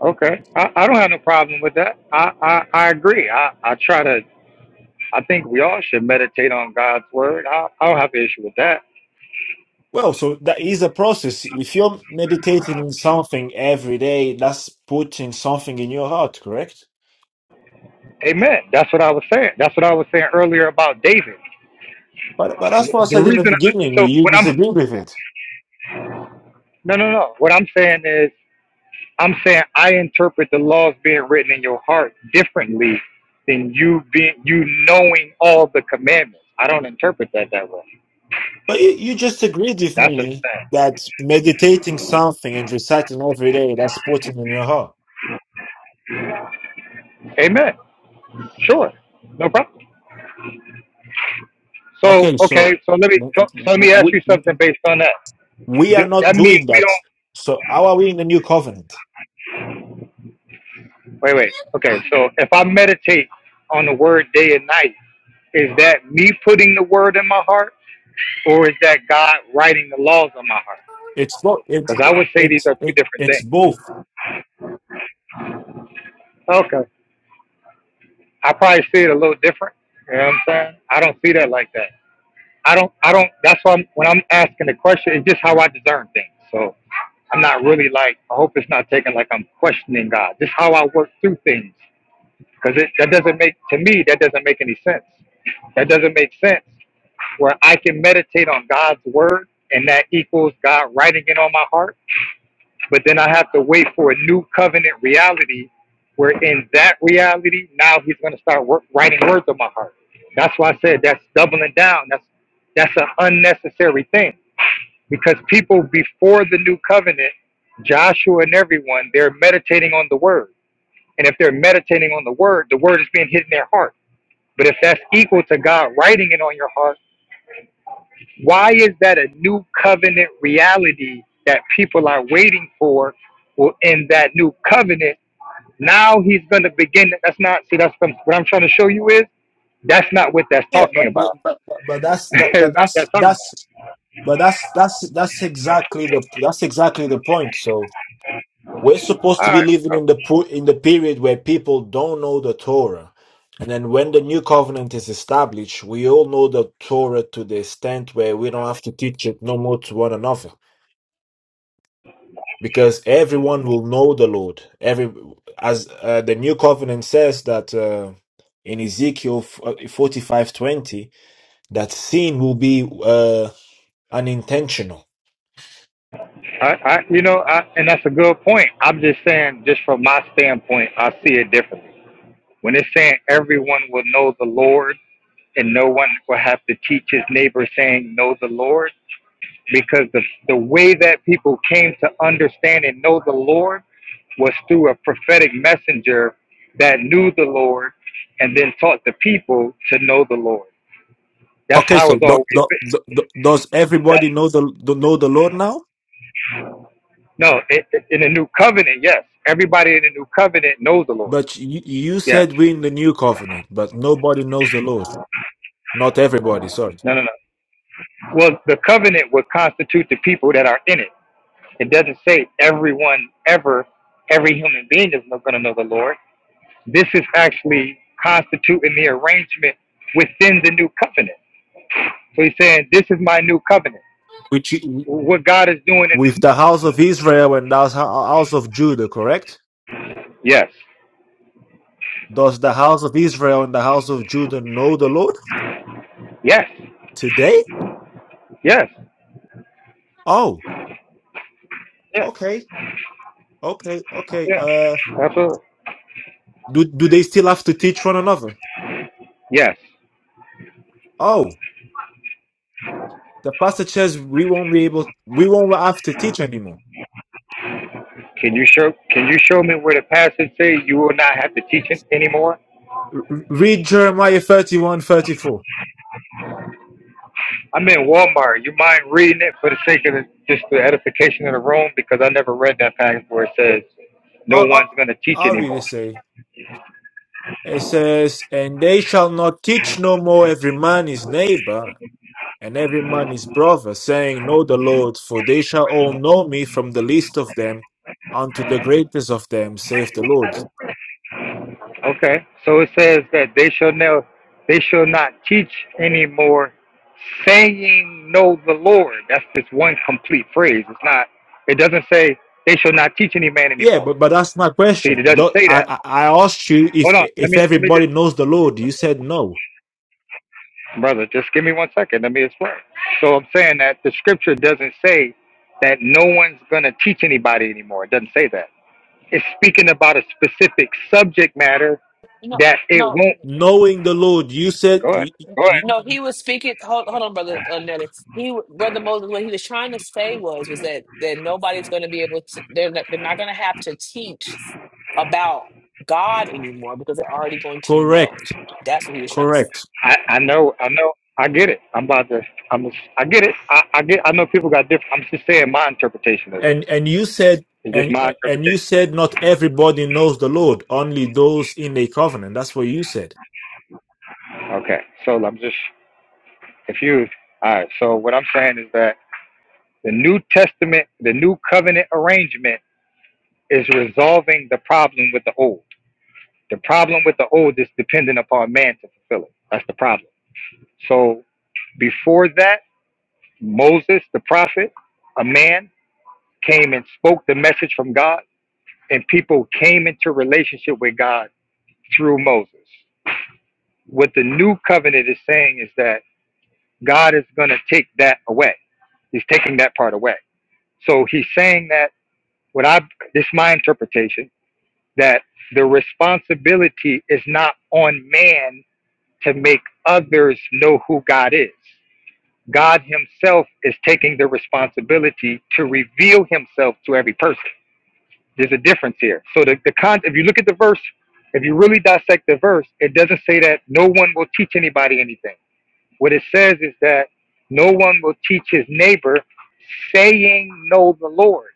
Okay. I, I don't have no problem with that. I, I, I agree. I, I try to, I think we all should meditate on God's word. I, I don't have an issue with that. Well, so that is a process. If you're meditating on something every day, that's putting something in your heart, correct? Amen. That's what I was saying. That's what I was saying earlier about David. But but that's what I The said in the reason, I, beginning. so You what I'm, disagree with it. no, no, no. What I'm saying is, I'm saying I interpret the laws being written in your heart differently than you being you knowing all the commandments. I don't interpret that that way. But you, you just agreed with That's what me I'm that meditating something and reciting every day, that's putting in your heart. saying. Amen. Sure, no problem. So Okay, so okay, so let me w- so so let w- me ask w- you something we, based on that. we Do, are not that means doing we that. don't So how are we in the new covenant? wait, wait. Okay, so if I meditate on the word day and night, is that me putting the word in my heart, or is that God writing the laws on my heart? It's both. It's Because I it, would say it, these are two different it's things. both. Okay. I probably see it a little different. You know what I'm saying? I don't see that like that. I don't. I don't. That's why I'm, when I'm asking the question, it's just how I discern things. So I'm not really like. I hope it's not taken like I'm questioning God. Just how I work through things, because it that doesn't make to me that doesn't make any sense. That doesn't make sense. Where I can meditate on God's word, and that equals God writing it on my heart but then I have to wait for a new covenant reality where in that reality, now he's going to start wor- writing words on my heart. That's why I said that's doubling down. That's that's an unnecessary thing because people before the new covenant, Joshua and everyone, they're meditating on the word. And if they're meditating on the word, the word is being hidden in their heart. But if that's equal to God writing it on your heart, why is that a new covenant reality that people are waiting for? Well, in that new covenant, now he's going to begin. That's not, see, that's the, what I'm trying to show you is that's not what that's Yeah, talking but but about. but, but but that's It's that. not But what that's that's talking that's. But that's that's that's exactly the that's exactly the point. So. We're about. supposed to All be living right. in the pro- in the period where people don't know the Torah. And then when the new covenant is established, we all know the Torah to the extent where we don't have to teach it no more to one another because everyone will know the Lord. Every as uh, the new covenant says that uh, in Ezekiel 45:20 that sin will be uh, unintentional. I, I, you know, I, and that's a good point. I'm just saying, just from my standpoint, I see it differently. When it's saying everyone will know the Lord and no one will have to teach his neighbor saying, Know the Lord, because the, the way that people came to understand and know the Lord was through a prophetic messenger that knew the Lord and then taught the people to know the Lord. That's Okay, how so it's do, always do, been. do, do- does That, everybody know the know the Lord now? no, it, it- in the new covenant, yes, everybody in the new covenant knows the Lord. But you, you Yes. said we in the new covenant, but nobody knows the Lord. Not everybody, sorry. No, no, no. Well, the covenant would constitute the people that are in it. It doesn't say everyone ever, every human being is not going to know the Lord This is actually constituting the arrangement within the new covenant. So he's saying, This is my new covenant. Which you- What God is doing in with the the house of Israel and the house house of Judah, correct? Yes. Does the house of Israel and the house of Judah know the Lord Yes. today? Yes. Oh, Yeah. okay, okay, okay. Yeah. Uh, Absolutely. do do they still have to teach one another? Yes. Oh, the pastor says we won't be able, we won't have to teach anymore. Can you show can you show me where the passage says you will not have to teach it anymore? R- Read Jeremiah thirty-one, thirty-four. I'm in Walmart. You mind reading it for the sake of the, just the edification of the room? Because I never read that passage where it says no Oh, oh, one's going to teach I'll read it. anymore. Say. It says, And they shall not teach no more every man his neighbor and every man his brother, saying, Know the Lord, for they shall all know me from the least of them unto the greatest of them, saith the Lord. Okay, so it says that they shall now they shall not teach anymore, saying, "Know the Lord." That's just one complete phrase. It's not. It doesn't say they shall not teach any man Yeah, anymore. but, but that's my See, question. it doesn't Do- say that. I, I I asked you if Hold on. Let me if let me everybody just knows the Lord. You said no. brother, just give me one second. Let me explain. So I'm saying that the scripture doesn't say that no one's gonna teach anybody anymore. It doesn't say that. It's speaking about a specific subject matter No, that it won't. no. Knowing the Lord, you said Go ahead. y- y- Go ahead. No, he y- was speaking. Hold, hold on, brother uh, Nelly. He, brother Moses, what he was trying to say was, was that that nobody's going to be able to. They're not, they're not going to have to teach about God anymore because they're already going to know. correct, That's what he was trying to say. correct. I, I know, I know, I get it. I'm about to, I'm, I get it. I, I get, I know people got different. I'm just saying my interpretation of this. And and you said It's just and my and you interpretation. said not everybody knows the Lord, only those in a covenant. That's what you said. Okay, so I'm just confused. All right, so what I'm saying is that the New Testament, the New Covenant arrangement is resolving the problem with the old. The problem with the old is dependent upon man to fulfill it. That's the problem. So before that, Moses, the prophet, a man, came and spoke the message from God and people came into relationship with God through Moses. What the new covenant is saying is that God is going to take that away. He's taking that part away. So he's saying that what I this is my interpretation that the responsibility is not on man to make others know who God is. God himself is taking the responsibility to reveal himself to every person. There's a difference here. So the, the con if you look at the verse, if you really dissect the verse, it doesn't say that no one will teach anybody anything. What it says is that no one will teach his neighbor saying know the Lord,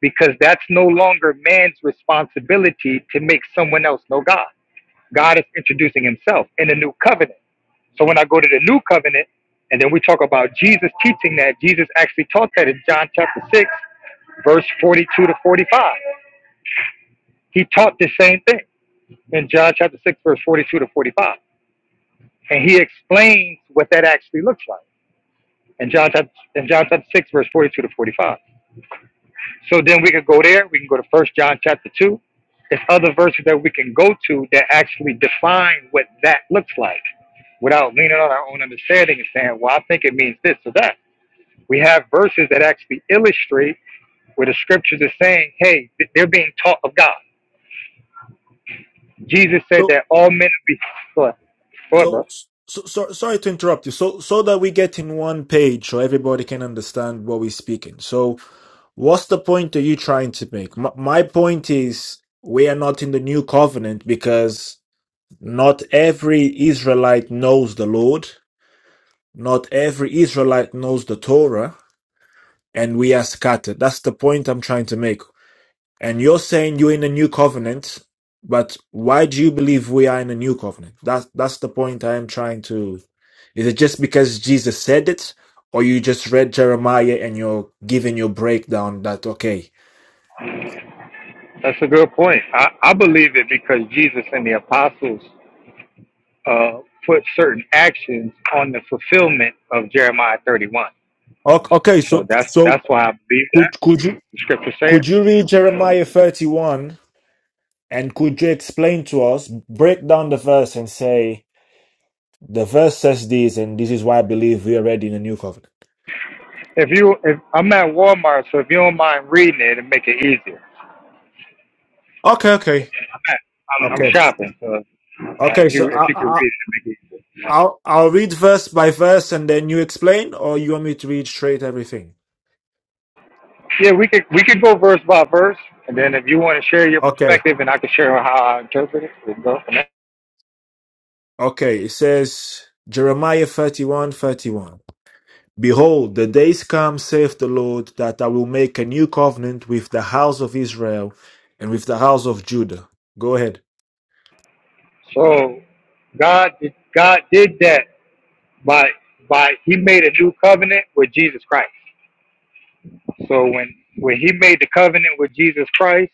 because that's no longer man's responsibility to make someone else know God. God is introducing himself in the new covenant. So when I go to the new covenant, and then we talk about Jesus teaching that, Jesus actually taught that in John chapter 6, verse 42 to 45. He taught the same thing in John chapter 6, verse 42 to 45. And he explains what that actually looks like in John chapter, in John chapter 6, verse 42 to 45. So then we could go there. We can go to First John chapter 2. There's other verses that we can go to that actually define what that looks like without leaning on our own understanding and saying, well, I think it means this or that. We have verses that actually illustrate where the scriptures are saying, hey, they're being taught of God. Jesus said So that all men be. Go ahead, go ahead, bro. so so, so sorry to interrupt you. So so that we get in one page so everybody can understand what we're speaking. So what's the point are you trying to make? My, my point is we are not in the new covenant because not every Israelite knows the Lord. Not every Israelite knows the Torah, and we are scattered. That's the point I'm trying to make. And you're saying you're in a new covenant, but why do you believe we are in a new covenant? That's that's the point I am trying to. Is it just because Jesus said it, or you just read Jeremiah and you're giving your breakdown that okay, That's a good point. I, I believe it because Jesus and the apostles uh, put certain actions on the fulfillment of Jeremiah 31. O- okay, So so that's so that's why I believe could that could you the scripture say it. could you read Jeremiah 31 and could you explain to us, break down the verse and say the verse says this and this is why I believe we are already in a new covenant. If you, if I'm at Walmart, so if you don't mind reading it and make it easier, Okay, okay, I'm at, I'm, I'm okay. shopping. So uh, Okay, if so you I, if you could I, read it, and make it easier. I'll I'll read verse by verse and then you explain, or you want me to read straight everything? Yeah, we could we could go verse by verse, and then if you want to share your Okay. perspective, and I can share how I interpret it, we go from there. Okay. It says Jeremiah 31 31. Behold, the days come, saith the Lord, that I will make a new covenant with the house of Israel and with the house of Judah. Go ahead. So God God did that by by he made a new covenant with Jesus Christ. So when when he made the covenant with Jesus Christ,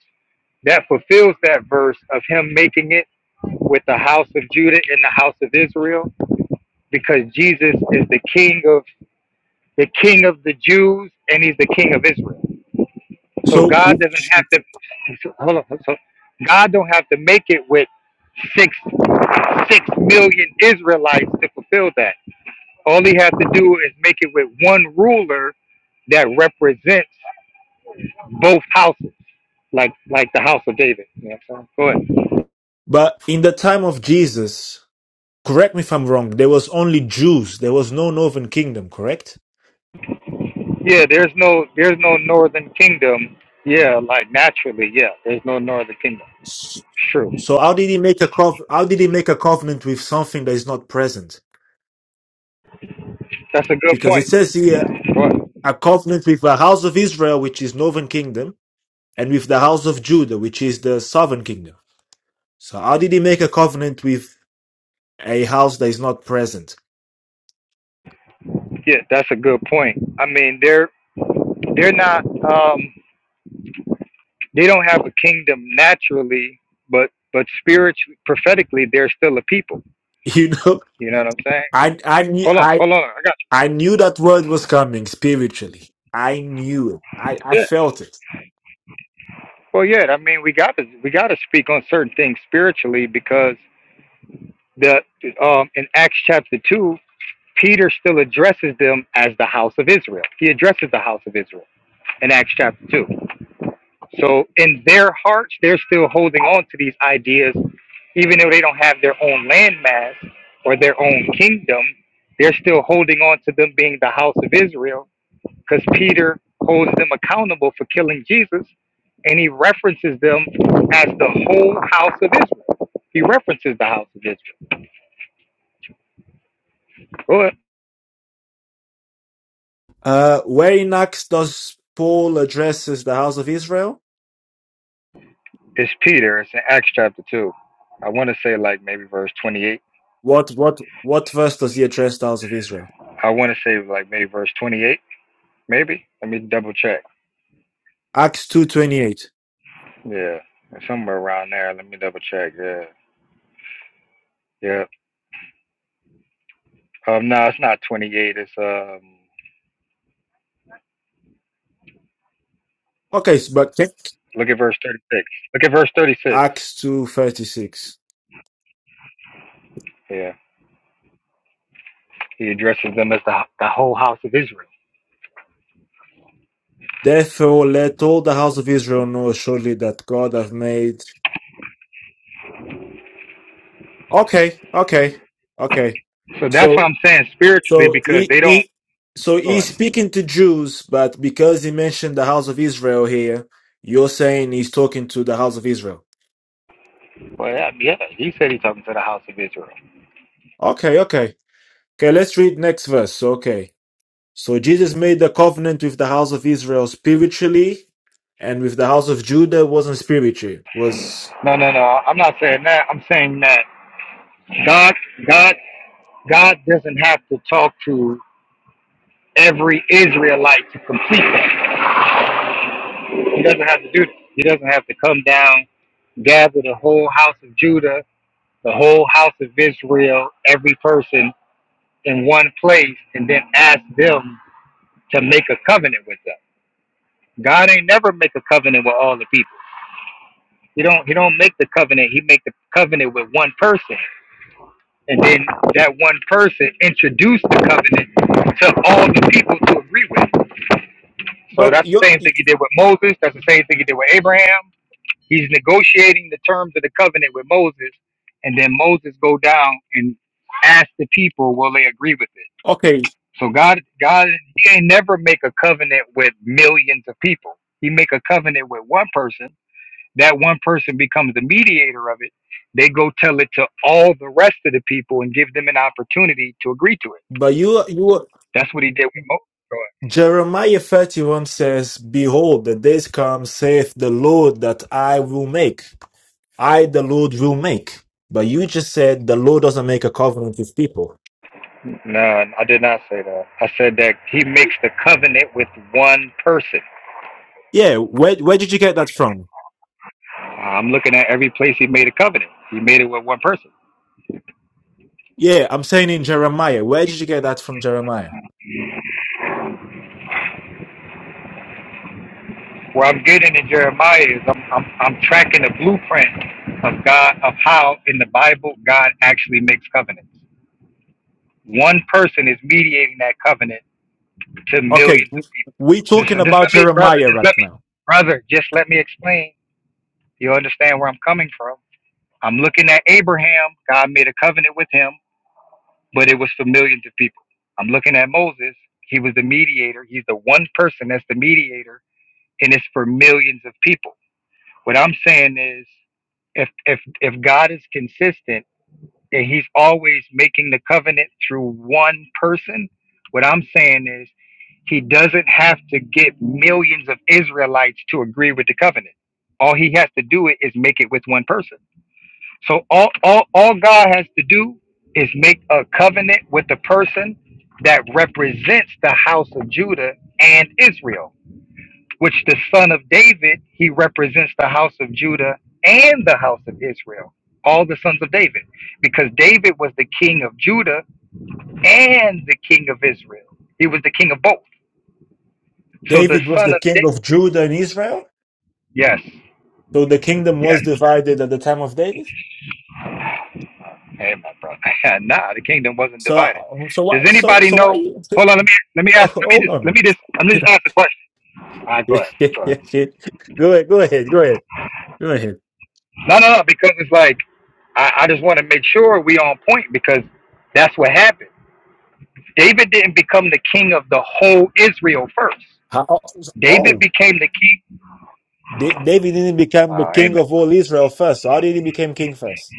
that fulfills that verse of him making it with the house of Judah and the house of Israel, because Jesus is the king of the king of the Jews and he's the king of Israel. So So, God w- doesn't have to hold on. So God don't have to make it with six six million Israelites to fulfill that. All he has to do is make it with one ruler that represents both houses, like like the house of David. You know what I'm saying? Go ahead. but in the time of Jesus, correct me if I'm wrong, there was only Jews. There was no northern kingdom, correct? Yeah, there's no there's no northern kingdom. Yeah, like naturally, yeah, there's no northern kingdom. True. So how did he make a cov- how did he make a covenant with something that is not present? That's a good Because it point. says here Go ahead. a covenant with the house of Israel, which is northern kingdom, and with the house of Judah, which is the southern kingdom. So how did he make a covenant with a house that is not present? Yeah, that's a good point. I mean, they're they're not um they don't have a kingdom naturally, but but spiritually, prophetically, they're still a people. You know, You know what I'm saying? I I knew Hold on, I hold on, I got you. I knew that word was coming spiritually. I knew it. I, I Yeah. felt it. Well, yeah. I mean, we got to we got to speak on certain things spiritually because the um, in Acts chapter two, Peter still addresses them as the house of Israel. He addresses the house of Israel in Acts chapter two. So in their hearts, they're still holding on to these ideas, even though they don't have their own landmass or their own kingdom. They're still holding on to them being the house of Israel, because Peter holds them accountable for killing Jesus, and he references them as the whole house of Israel. He references the house of Israel. Go ahead. Uh, where in Acts does Paul addresses the house of Israel? It's Peter. It's in Acts chapter 2. I want to say like maybe verse 28. What what what verse does he address the house of Israel? I want to say like maybe verse 28, maybe. Let me double check. Acts 2.28. Yeah, somewhere around there. Let me double check. Yeah, yeah. Um, no, it's not 28. It's um, Okay, s- but can- look at verse 36. Look at verse 36. Acts 2.36. Yeah, he addresses them as the the whole house of Israel. Therefore, let all the house of Israel know surely that God hath made... Okay, okay, okay. So that's what So, I'm saying spiritually so because he, they don't. he, so he's speaking to Jews, but because he mentioned the house of Israel here, you're saying he's talking to the house of Israel. uh, Well, yeah, yeah, he said he's talking to the house of Israel. Okay, okay. Okay, let's read next verse. Okay. So Jesus made the covenant with the house of Israel spiritually, and with the house of Judah wasn't spiritual. Was No, no, no. I'm not saying that. I'm saying that God, God God doesn't have to talk to every Israelite to complete that. He doesn't have to do that. He doesn't have to come down, gather the whole house of Judah, the whole house of Israel, every person in one place, and then ask them to make a covenant with them. God ain't never make a covenant with all the people. He don't he don't make the covenant. He make the covenant with one person. And then that one person introduced the covenant to all the people to agree with. So but that's you the same thing he did with Moses. That's the same thing he did with Abraham. He's negotiating the terms of the covenant with Moses, and then Moses go down and ask the people, will they agree with it? okay? So God, God, he ain't never make a covenant with millions of people. He make a covenant with one person. That one person becomes the mediator of it. They go tell it to all the rest of the people and give them an opportunity to agree to it. But you you That's what he did with Moses. Jeremiah thirty one says, "Behold, the days come," saith the Lord, "that I will make. I the Lord will make." But you just said the Lord doesn't make a covenant with people. No, I did not say that. I said that he makes the covenant with one person. Yeah, where where did you get that from? I'm looking at every place he made a covenant. He made it with one person. Yeah, I'm saying in Jeremiah. Where did you get that from, Jeremiah? Where I'm getting in Jeremiah is I'm, I'm, I'm tracking the blueprint of God, of how in the Bible God actually makes covenants. One person is mediating that covenant to Okay, millions of we're people. talking Just, just about let me, brother, Jeremiah just right let now. me, brother, just let me explain. You understand where I'm coming from. I'm looking at Abraham. God made a covenant with him but it was for millions of people. I'm looking at Moses. He was the mediator. He's the one person that's the mediator, and it's for millions of people. What I'm saying is, if if if God is consistent and He's always making the covenant through one person, what I'm saying is He doesn't have to get millions of Israelites to agree with the covenant. All He has to do it is make it with one person. So all, all, all God has to do is make a covenant with the person that represents the house of Judah and Israel, which the son of David, he represents the house of Judah and the house of Israel, all the sons of David, because David was the king of Judah and the king of Israel. He was the king of both. So the David was son the of king David, of Judah and Israel, yes, yes. so the kingdom was divided at the time of David. Hey, my brother. nah, the kingdom wasn't divided. So, so why, Does so, anybody so why? know? You, Hold on. Let me let me ask. Let me hold just let me on. just let me go just ask the question. All right, go ahead. Go ahead. ahead, go ahead, go ahead, go ahead. No, no, no. Because it's like I, I just want to make sure we on point because that's what happened. David didn't become the king of the whole Israel first. How, David oh, became the king. Da- David didn't become the Oh, king amen. of all Israel first. So How did he become king first?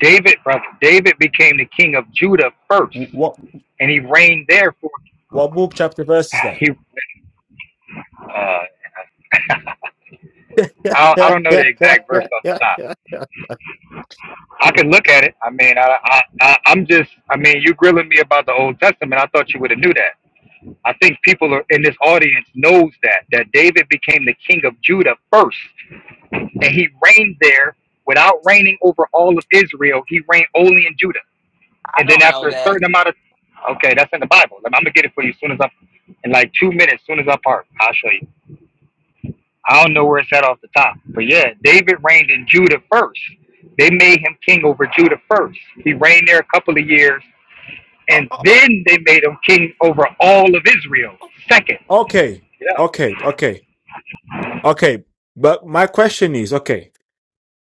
David, brother. David became the king of Judah first, What, and he reigned there for what book, chapter, verse is that? he. Uh, I, I don't know the exact verse off the top. I can look at it. I mean, I, I, I, I'm just, I mean, you grilling me about the Old Testament. I thought you would have knew that. I think people are, in this audience knows that that David became the king of Judah first, and he reigned there without reigning over all of Israel. He reigned only in Judah, I and then don't know after a that. certain amount of, okay, that's in the Bible. I'm gonna get it for you as soon as I, in like two minutes, as soon as I park, I'll show you. I don't know where it's at off the top, but yeah, David reigned in Judah first. They made him king over Judah first. He reigned there a couple of years, and then they made him king over all of Israel second. Okay, Yeah, okay, okay, okay. But my question is, okay.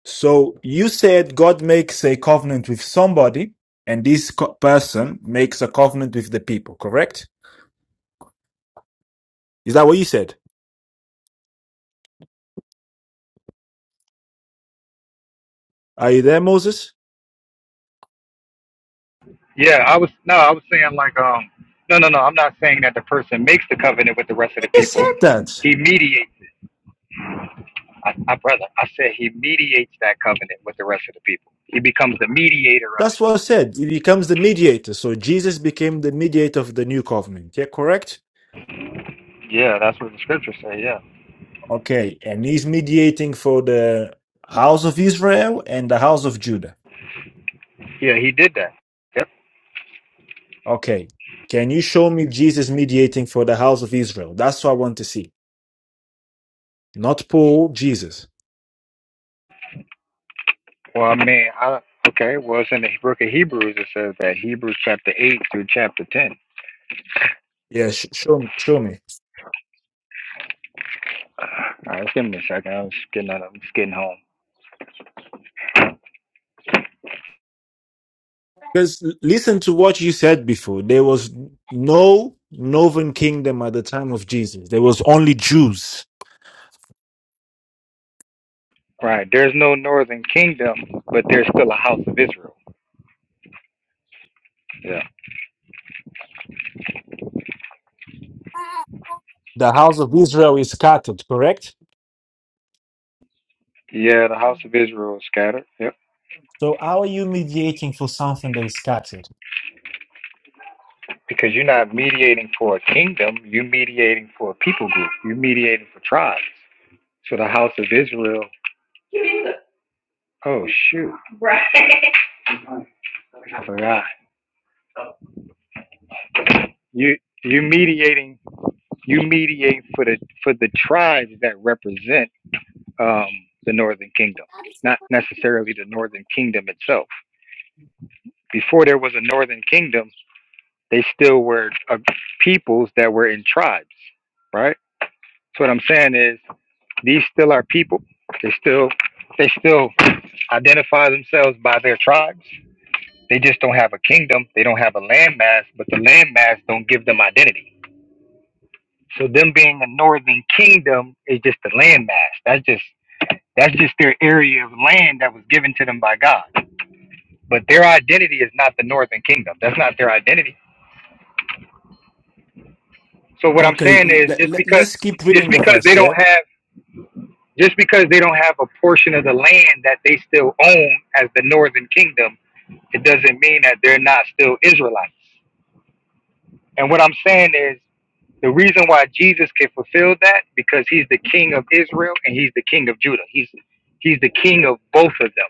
So you said God makes a covenant with somebody, and this co- person makes a covenant with the people, correct? Is that what you said? Are you there, Moses? yeah. I was no, I was saying like um, no, no, no. I'm not saying that the person makes the covenant with the rest of You the just people. said that. He mediates. I, I brother, I said he mediates that covenant with the rest of the people. He becomes the mediator of it. That's what I said. He becomes the mediator. So Jesus became the mediator of the new covenant. Yeah, correct? Yeah, that's what the scriptures say. Yeah, Okay. And he's mediating for the house of Israel and the house of Judah. yeah. He did that. Okay. Can you show me Jesus mediating for the house of Israel? That's what I want to see. Not Paul, Jesus. Well, I mean, I, okay. Well, it's in the book of Hebrews. It says that Hebrews chapter eight through chapter ten. Yeah, sh- show me. Show me. Uh, All right, just give me a second. I was getting out. I'm just getting home. Because listen to what you said before. There was no northern kingdom at the time of Jesus. There was only Jews. Right. There's no northern kingdom, but there's still a house of Israel. Yeah. The house of Israel is scattered, correct? Yeah, the house of Israel is scattered. Yep. So how are you mediating for something that is scattered? Because you're not mediating for a kingdom. You're mediating for a people group. You're mediating for tribes. So the house of Israel. Oh shoot. Right. I forgot. You you're mediating. You mediate for the for the tribes that represent um, the Northern Kingdom, not necessarily the Northern Kingdom itself. Before there was a Northern Kingdom, they still were uh, peoples that were in tribes, right? So what I'm saying is these still are people. They still they still identify themselves by their tribes. They just don't have a kingdom. They don't have a landmass, but the landmass don't give them identity. So them being a northern kingdom is just a landmass. That's just That's just their area of land that was given to them by God. But their identity is not the northern kingdom. That's not their identity. So what I'm saying Okay, is let, just let, because us keep just reading the because they verse, don't yeah? have just because they don't have a portion of the land that they still own as the northern kingdom, it doesn't mean that they're not still Israelites. And what I'm saying is the reason why Jesus can fulfill that because he's the king of Israel and he's the king of Judah. He's he's the king of both of them.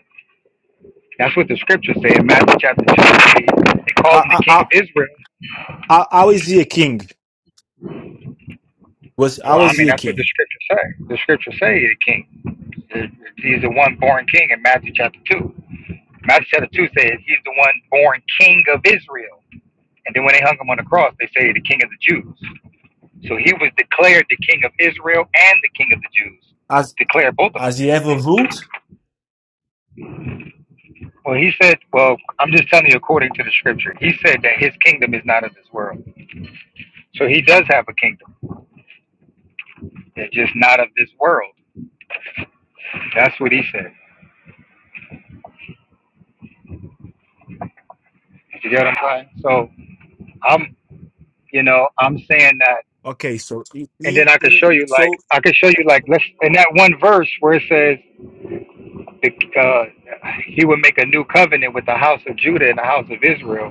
That's what the scriptures say in Matthew chapter 2. They, call How, him the how, king of how, Israel. how how is he a king? Was Well, How I is mean, he a that's what the king? scriptures say. The scriptures say he's the king. He's the one born king in Matthew chapter 2. Matthew chapter 2 says he's the one born king of Israel. And then when they hung him on the cross, they say the king of the Jews. So he was declared the king of Israel and the king of the Jews. He's Has, declared both of has them. he ever ruled? Well, he said, well, I'm just telling you according to the scripture. He said that his kingdom is not of this world. So he does have a kingdom. It's just not of this world. That's what he said. You get what I'm saying? So I'm, you know, I'm saying that, Okay, so he, and he, then I could he- show you like so I could show uh, you like let's in that one verse where it says the, uh, he would make a new covenant with the house of Judah and the house of Israel.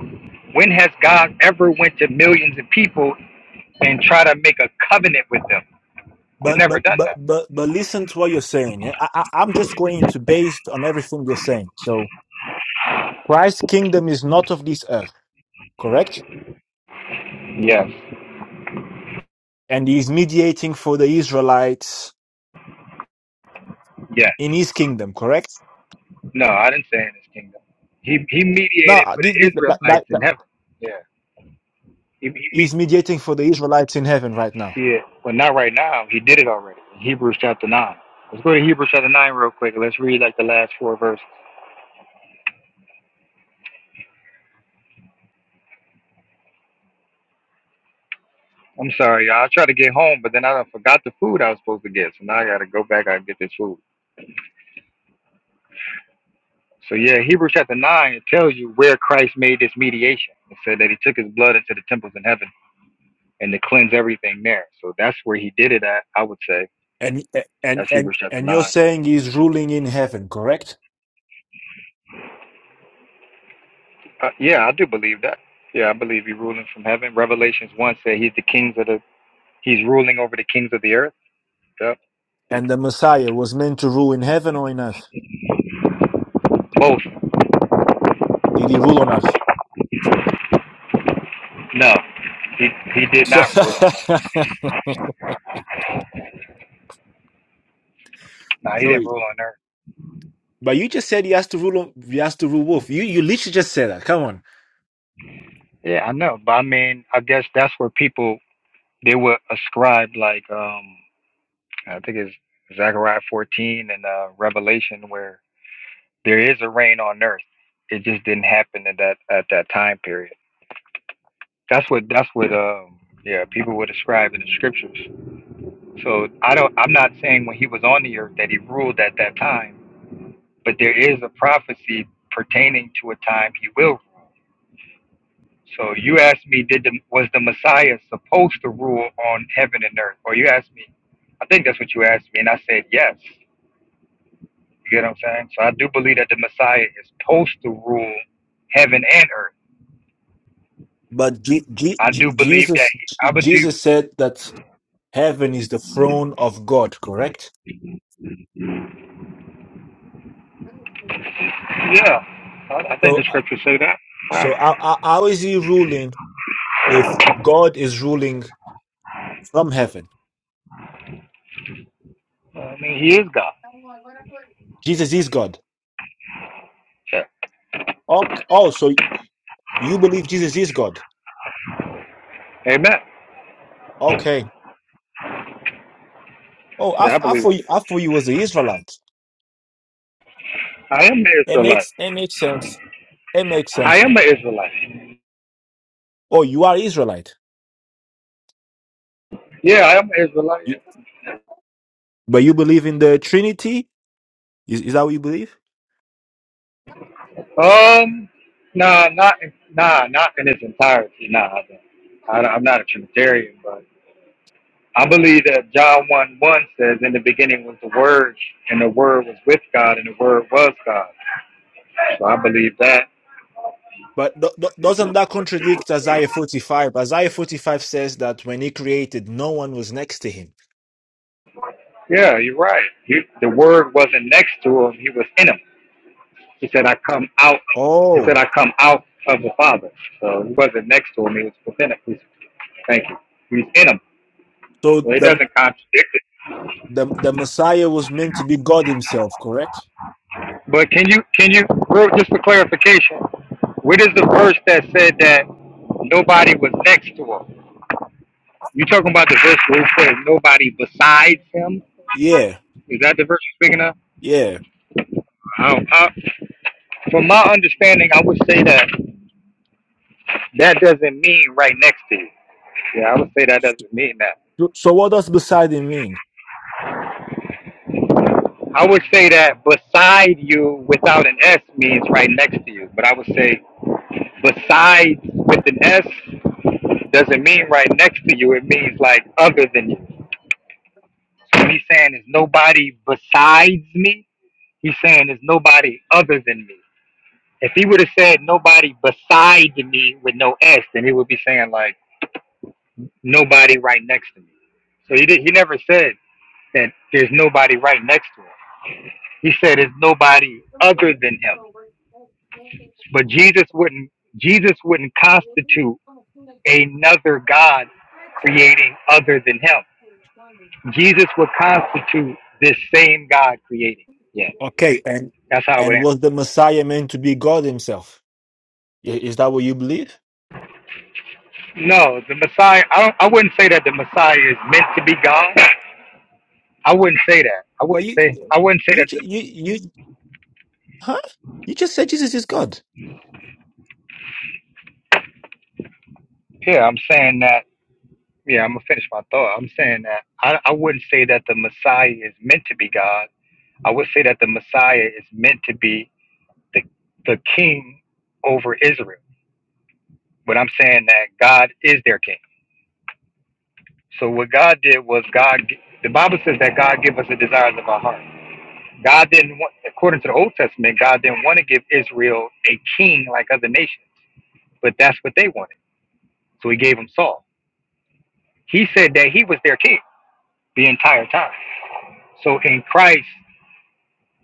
When has God ever went to millions of people and try to make a covenant with them? He's but never but done but that. but but listen to what you're saying. Yeah, I, I, I'm just going to based on everything you're saying. So Christ's kingdom is not of this earth, correct? Yes. And he is mediating for the Israelites Yes. in his kingdom, correct? No, I didn't say in his kingdom. He he No, mediated uh, for thi- the thi- that, that, Israelites in that, heaven. Yeah. He He. he's mediating for the Israelites in heaven right now. Yeah, but not right now. He did it already. in Hebrews chapter nine. Let's go to Hebrews chapter nine real quick. Let's read like the last four verses. I'm sorry, y'all. I tried to get home, but then I done forgot the food I was supposed to get, so now I gotta go back and get this food. So yeah, Hebrews chapter nine it tells you where Christ made this mediation. It said that he took his blood into the temples in heaven and to cleanse everything there. So that's where he did it at. I would say And eh, and that's and Hebrews chapter and you're nine. saying he's ruling in heaven, correct? Uh, yeah, I do believe that. Yeah, I believe he's ruling from heaven. Revelations one said he's the kings of the. He's ruling over the kings of the earth. Yep. And the Messiah was meant to rule in heaven or in earth? Both. Did he rule on earth? No, he he did So. not rule on earth. No, he So, didn't rule on earth. but you just said he has to rule. He has to rule wolf. You you literally just said that. Come on. Yeah, I know, but I mean, I guess that's where people they would ascribe like um I think it's Zechariah 14 and uh, Revelation where there is a rain on earth. It just didn't happen at that at that time period. That's what that's what um yeah people would ascribe in the scriptures. So I don't I'm not saying when he was on the earth that he ruled at that time, but there is a prophecy pertaining to a time he will rule So you asked me, did the was the Messiah supposed to rule on heaven and earth? Or you asked me, I think that's what you asked me, and I said yes. You get what I'm saying? So I do believe that the Messiah is supposed to rule heaven and earth. But G, G, I G, do believe that. Jesus J- I would do. Jesus said that heaven is the throne of God. Correct. Yeah, I, I think So the uh, scriptures say that. so how, how how is he ruling if God is ruling from heaven? I mean, he is God. Jesus is God. Yeah. Oh, oh so you believe Jesus is God? Amen. Okay. Oh, I, Yeah, I I believe thought you, that. I thought you was an Israelite. I am an It Israelite. makes it makes sense. It makes I sense am now. an Israelite. Oh, you are Israelite. Yeah, I am an Israelite. yeah. But you believe in the Trinity? Is, is that what you believe? Um, nah, not in- nah, not in its entirety. Nah, I don't. I, don't- I'm not a Trinitarian, but I believe that John one one says, "In the beginning was the Word, and the Word was with God, and the Word was God." So I believe that. But do- do- doesn't that contradict Isaiah 45? Isaiah 45 says that when he created, no one was next to him. Yeah, you're right. He, the Word wasn't next to him; he was in him. He said, "I come out." He said, Oh, "I come out of the Father." So he wasn't next to him; he was within him. He's, thank you. He's in him. so So it the doesn't contradict. the the Messiah was meant to be God Himself, correct? But can you can you real- just for clarification, what is the verse that said that nobody was next to him? You talking about the verse where it said nobody besides him? Yeah, Is that the verse you're speaking of? yeah. I don't, I, from my understanding, I would say that that doesn't mean right next to you. Yeah, I would say that So, doesn't mean that. so what does beside Him mean? I would say that beside you without an S means right next to you. But I would say besides with an S doesn't mean right next to you. It means like other than you. When he's saying there's nobody besides me, he's saying there's nobody other than me. If he would have said nobody beside me with no S, then he would be saying like nobody right next to me. So he did, he never said that there's nobody right next to him. He said there's nobody other than him. But Jesus wouldn't Jesus wouldn't constitute another God creating other than him. Jesus would constitute this same God creating. Yeah. Okay, and That's how I would and answer. was the Messiah meant to be God himself? I- Is that what you believe? No, the Messiah. I don't. I wouldn't say that the Messiah is meant to be God. I wouldn't say that. I But wouldn't you say. I wouldn't say you that. ju- The, you you Huh? You just said Jesus is God. yeah, I'm saying that. Yeah, I'm gonna finish my thought. I'm saying that. I. I wouldn't say that the Messiah is meant to be God. I would say that the Messiah is meant to be the the King over Israel. But I'm saying that God is their King. So what God did was God. The Bible says that God give us the desires of our heart. God didn't want, according to the Old Testament, God didn't want to give Israel a king like other nations, but that's what they wanted. So he gave them Saul. He said that he was their king the entire time. So in Christ,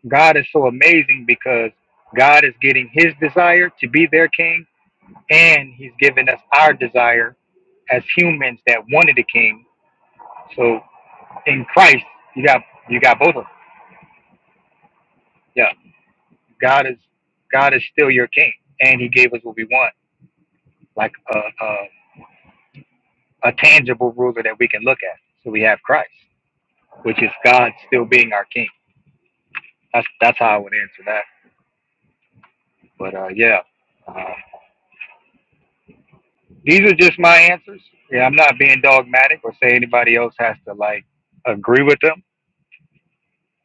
God is so amazing because God is getting his desire to be their king, and he's giving us our desire as humans that wanted a king. So in Christ, you got you got both of them. Yeah, God is God is still your king, and he gave us what we want like a. uh a tangible ruler that we can look at. So we have Christ, which is God still being our King. That's that's how I would answer that. But uh, yeah, uh, these are just my answers. Yeah, I'm not being dogmatic or say anybody else has to like agree with them.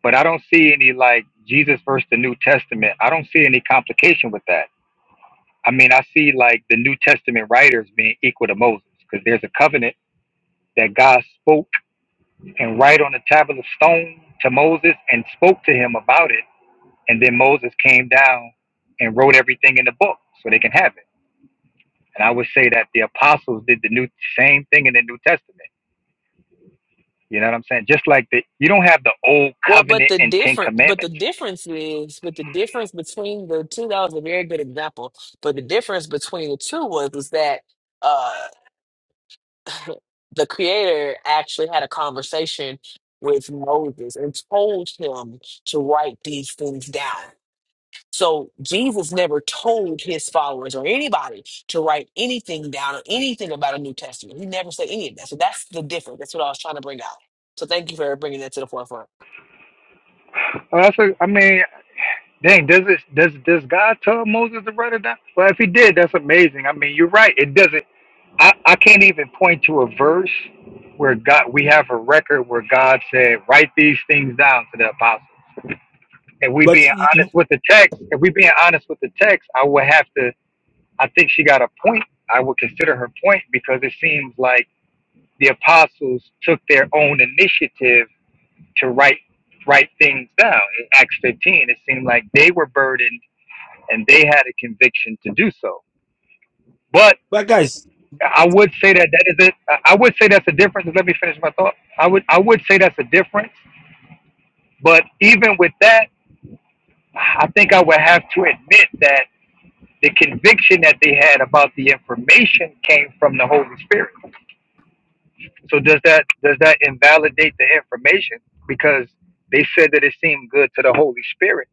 But I don't see any like Jesus versus the New Testament. I don't see any complication with that. I mean, I see like the New Testament writers being equal to Moses because there's a covenant that God spoke and write on a tablet of stone to Moses and spoke to him about it And then Moses came down and wrote everything in the book so they can have it. And I would say that the apostles did the new same thing in the New Testament. You know what I'm saying? Just like the you don't have the old Well, but covenant the and Ten different, but the Commandments. difference is, but the difference between the two. That was a very good example. But the difference between the two was, was that. uh, the creator actually had a conversation with Moses and told him to write these things down. So Jesus never told his followers or anybody to write anything down or anything about a New Testament. He never said any of that. So that's the difference. That's what I was trying to bring out. So thank you for bringing that to the forefront. Oh, that's a, I mean, dang, does it does does God tell Moses to write it down? Well, if he did, that's amazing. I mean, you're right. It doesn't. I, I can't even point to a verse where God we have a record where God said, Write these things down to the apostles. if we But, being you- you- honest with the text, if we being honest with the text, I would have to. I think she got a point. I would consider her point because it seems like the apostles took their own initiative to write write things down. In Acts 15, it seemed like they were burdened and they had a conviction to do so. But but guys, I would say that that is it. I would say that's a difference. Let me finish my thought. I would I would say that's a difference. But even with that, I think I would have to admit that the conviction that they had about the information came from the Holy Spirit. So does that does that invalidate the information because they said that it seemed good to the Holy Spirit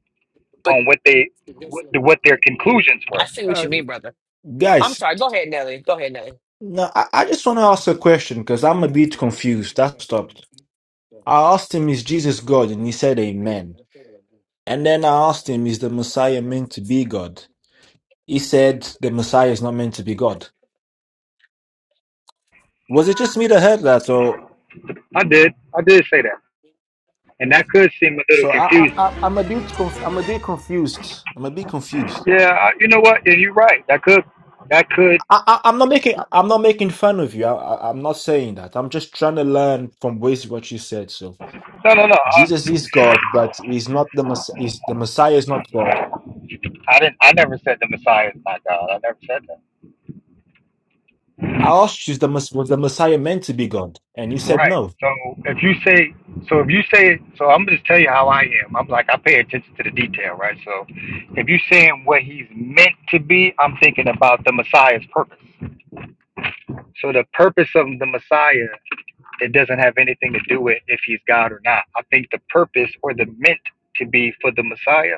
But on what they what, what their conclusions I were? see what you mean, brother. I'm guys, sorry. Go ahead, Nelly. Go ahead, Nelly. no, I, I just want to ask a question because I'm a bit confused. That stopped. I asked him, is Jesus God? And he said, Amen. And then I asked him, is the Messiah meant to be God? He said, the Messiah is not meant to be God. Was it just me that heard that, or I did I did say that, and that could seem a little So I, I, I confusing. I'm a bit conf- I'm a bit confused. I'm a bit confused. Yeah, I, you know what? And you're right. That could that could I, I I'm not making I'm not making fun of you. I, I I'm not saying that. I'm just trying to learn from ways what you said. So no no no. I, Jesus is God, but he's not the mess. He's, the Messiah is not God. I didn't. I never said the Messiah is not God. I never said that. I asked you, is the mess was the Messiah meant to be God, and you said Right. no. So if you say, so if you say, so I'm just tell you how I am. I'm like I pay attention to the detail, right? So if you're saying what he's meant to be, I'm thinking about the Messiah's purpose. So the purpose of the Messiah, it doesn't have anything to do with if he's God or not. I think the purpose or the meant to be for the Messiah,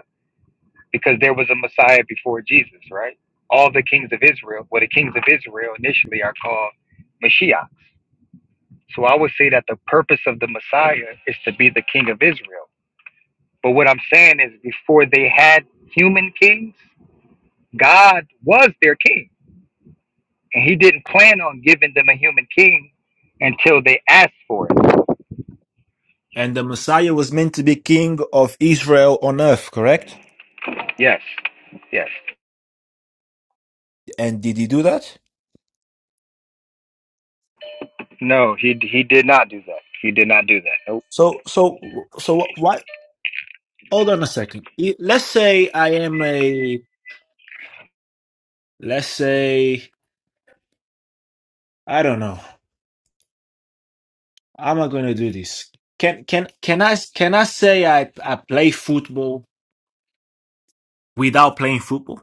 because there was a Messiah before Jesus, right? All the kings of Israel, well, the kings of Israel initially are called Mashiach So I would say that the purpose of the Messiah is to be the king of Israel. But what I'm saying is, before they had human kings, God was their king. And he didn't plan on giving them a human king until they asked for it. And the Messiah was meant to be King of Israel on earth, correct? Yes, yes. And did he do that? No, he, he did not do that. He did not do that. Nope. So so so what? Hold on a second. I- Let's say I am a Let's say I don't know. How am I going to do this? Can can can I can I say I I play football without playing football?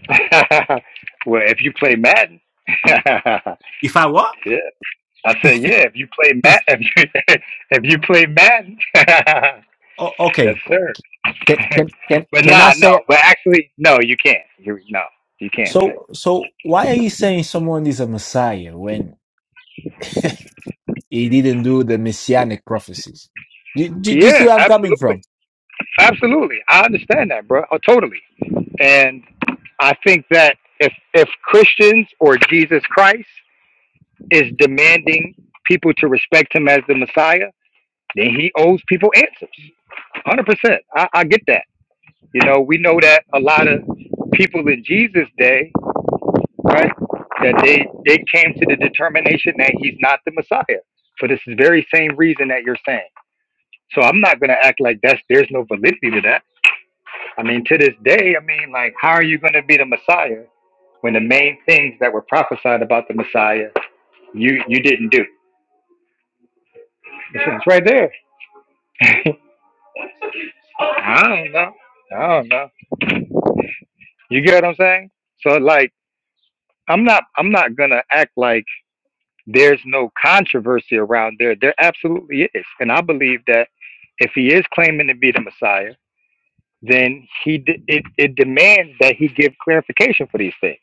well, if you play Madden, yeah. If I what? I said, yeah, if you play Madden, if you, if play Madden, O- yes, okay. sir. Can can can but can I nah, no. say But actually, no, you can't. You no, you can't say. so? So why are you saying someone is a messiah when he didn't do the messianic prophecies? Do, do, do you see Yeah, where I'm coming absolutely, from? absolutely. I understand that, bro. Oh, totally. And I think that if if Christians or Jesus Christ is demanding people to respect him as the Messiah, then he owes people answers. Hundred percent. I, I get that. You know, we know that a lot of people in Jesus' day right? That they they came to the determination that he's not the Messiah for this very same reason that you're saying. So I'm not gonna act like that's there's no validity to that. I mean, to this day, I mean, like, how are you gonna be the Messiah when the main things that were prophesied about the Messiah you you didn't do? It's, it's right there. I don't know. I don't know. You get what I'm saying? So like, I'm not I'm not gonna act like. There's no controversy around there. There absolutely is. And I believe that if he is claiming to be the Messiah, then he d- it, it demands that he give clarification for these things.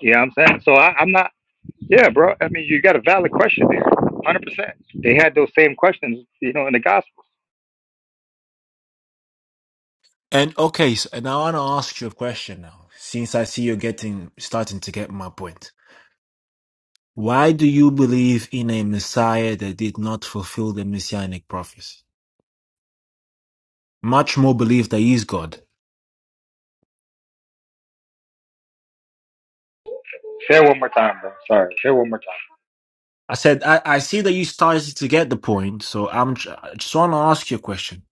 You know what I'm saying? So I, I'm not, yeah, bro. I mean, you got a valid question there. 100%. They had those same questions, you know, in the Gospels. And okay, so, and I want to ask you a question now, since I see you're getting starting to get my point. Why do you believe in a Messiah that did not fulfill the messianic prophecy? Much more believe that he's God. Say it one more time, bro. Sorry. Say it one more time. I said I, I see that you started to get the point, so I'm tr- just want to ask you a question.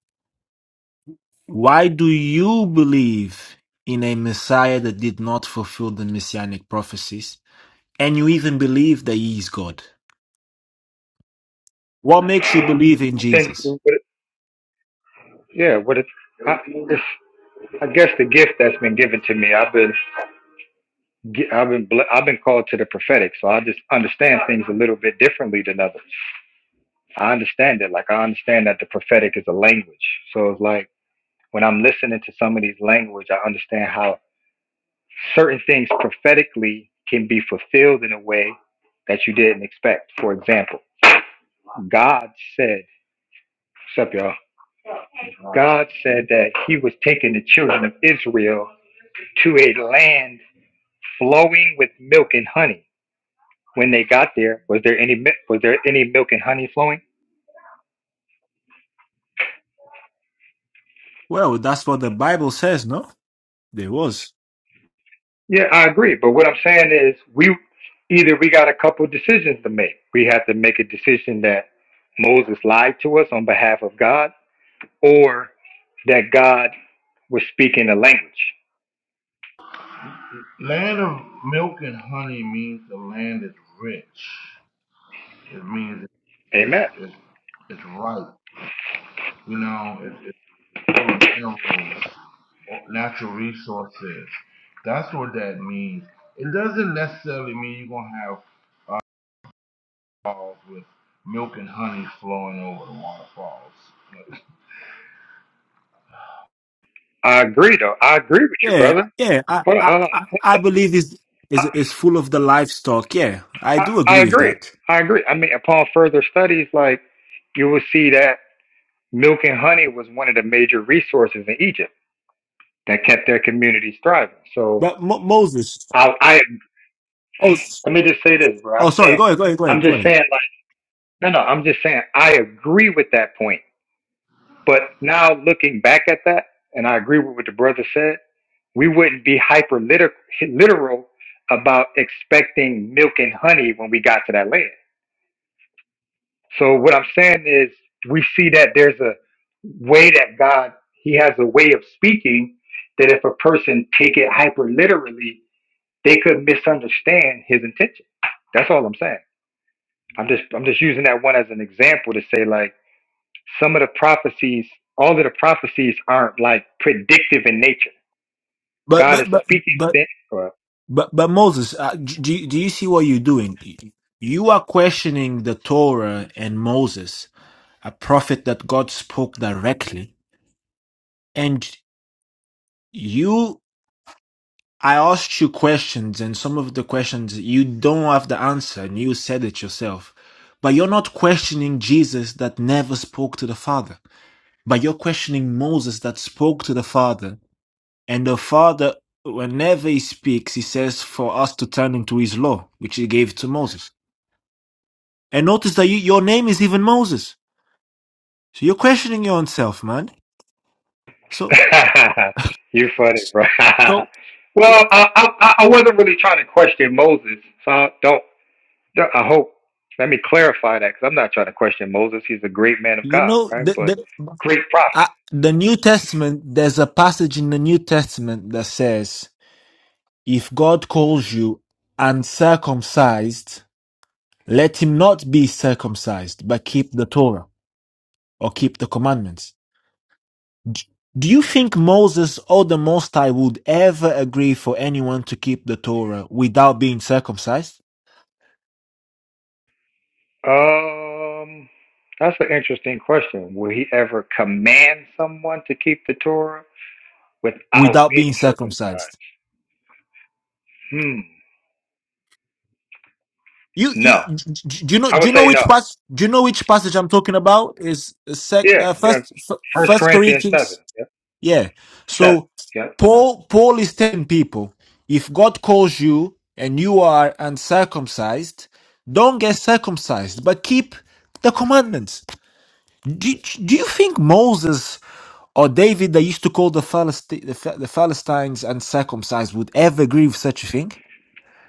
Why do you believe in a Messiah that did not fulfill the messianic prophecies, and you even believe that he is God? What makes you believe in I think, Jesus? what it- yeah, what it, I, it's, I guess the gift that's been given to me. I've been. get, I've been I've been called to the prophetic, so I just understand things a little bit differently than others. I understand it like I understand that the prophetic is a language. So it's like when I'm listening to somebody's language, I understand how certain things prophetically can be fulfilled in a way that you didn't expect. For example, God said, "What's up, y'all?" God said that He was taking the children of Israel to a land flowing with milk and honey when they got there, was there any mi- was there any milk and honey flowing? Well, that's what the Bible says, no? There was. Yeah, I agree. But what I'm saying is, we either we got a couple decisions to make. We have to make a decision that Moses lied to us on behalf of God, or that God was speaking a language. Land of milk and honey means the land is rich. It means it's Amen. it's it's ripe. You know, it's. full of minerals, or natural resources. That's what that means. It doesn't necessarily mean you're gonna have uh, waterfalls with milk and honey flowing over the waterfalls. I agree, though. I agree with you, Yeah, brother. yeah. I, Hold I, on, uh, I I believe is I, is is full of the livestock. Yeah, I I, do I agree with agree. that. I agree. I mean, upon further studies, like you will see that milk and honey was one of the major resources in Egypt. that kept their communities thriving. So But Mo- Moses. I, I Oh, s- let me just say this, bro. oh, I'm sorry. saying, Go ahead. Go ahead. Go I'm ahead. Go just ahead. saying, like, no, no, I'm just saying, I agree with that point. But now looking back at that, and I agree with what the brother said, we wouldn't be hyper liter- literal about expecting milk and honey when we got to that land. So what I'm saying is, we see that there's a way that God, He has a way of speaking that if a person take it hyper literally They could misunderstand his intention. That's all I'm saying. I'm just I'm just using that one as an example to say like some of the prophecies, all of the prophecies aren't like predictive in nature. But God but is but speaking but things. Bro. but but Moses, uh, d- do you- do you see what you're doing? You are questioning the Torah and Moses, a prophet that God spoke directly, and you. I asked you questions, and some of the questions you don't have the answer, and you said it yourself. But you're not questioning Jesus that never spoke to the Father. But you're questioning Moses that spoke to the Father. And the Father, whenever he speaks, he says for us to turn into his law, which he gave to Moses. And notice that you, your name is even Moses. So you're questioning your own self, man. So, you funny, bro. so, well, what? I, I I wasn't really trying to question Moses, so I don't. I hope. Let me clarify that because I'm not trying to question Moses. He's a great man of You God, know, right? But the, the, great prophet. uh, the New Testament, there's a passage in the New Testament that says, if God calls you uncircumcised, let him not be circumcised, but keep the Torah or keep the commandments. Do you think Moses or the Most High would ever agree for anyone to keep the Torah without being circumcised? Um, that's an interesting question. Will he ever command someone to keep the Torah without Without being being circumcised. circumcised? Hmm. You, you, No. d- d- do you know, I do would you know say which no. pass, do you know which passage I'm talking about? Is sec, Yeah. uh, You got first, f- First first Corinthians seven. Corinthians? Yep. Yeah. Seven. So Yep. Paul Paul is telling people, if God calls you and you are uncircumcised, don't get circumcised, but keep the commandments. Do, do you think Moses or David, they used to call the, Philist- the, Ph- the Philistines uncircumcised, would ever agree with such a thing?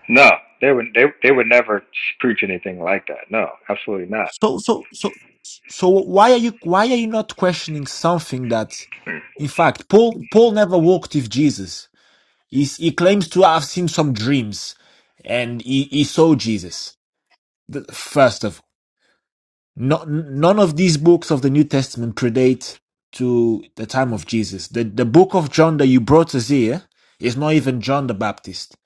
No. They would they they would never preach anything like that. No, absolutely not. So, so, so, so, why are you why are you not questioning something that, in fact, Paul Paul never walked with Jesus? He's, he claims to have seen some dreams and he, he saw Jesus. The- First of all, no, none of these books of the New Testament predate to the time of Jesus. The, the book of John that you brought us here is not even John the Baptist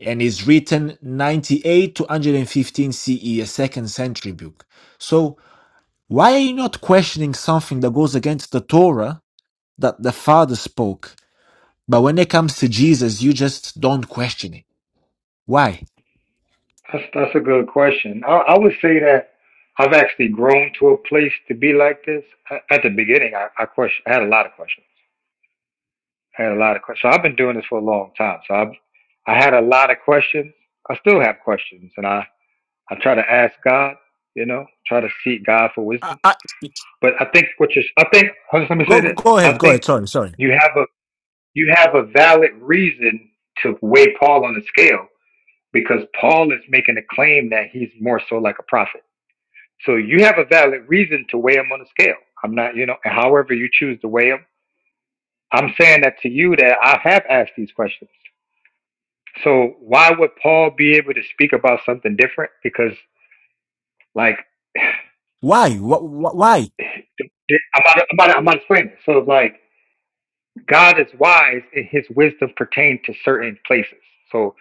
and is written 98 to 115 CE, a second century book. So why are you not questioning something that goes against the Torah that the Father spoke? But when it comes to Jesus, you just don't question it. Why? That's that's a good question. I, I would say that I've actually grown to a place to be like this. A- At the beginning, I, I question I had a lot of questions. I had a lot of questions. So I've been doing this for a long time. So I've I had a lot of questions. I still have questions, and I I try to ask God. You know, try to seek God for I, wisdom. I, But I think what you're I think hold on, let me say go this. go I ahead, go think ahead. Sorry, sorry. you have a you have a valid reason to weigh Paul on the scale because Paul is making a claim that he's more so like a prophet. So you have a valid reason to weigh him on the scale. I'm not, you know, and however you choose to weigh him. I'm saying that to you that I have asked these questions. So why would Paul be able to speak about something different? Because like Why? Wh- wh- Why? I'm about to, I'm about to, I'm about to explain this. So like God is wise and his wisdom pertains to certain places. So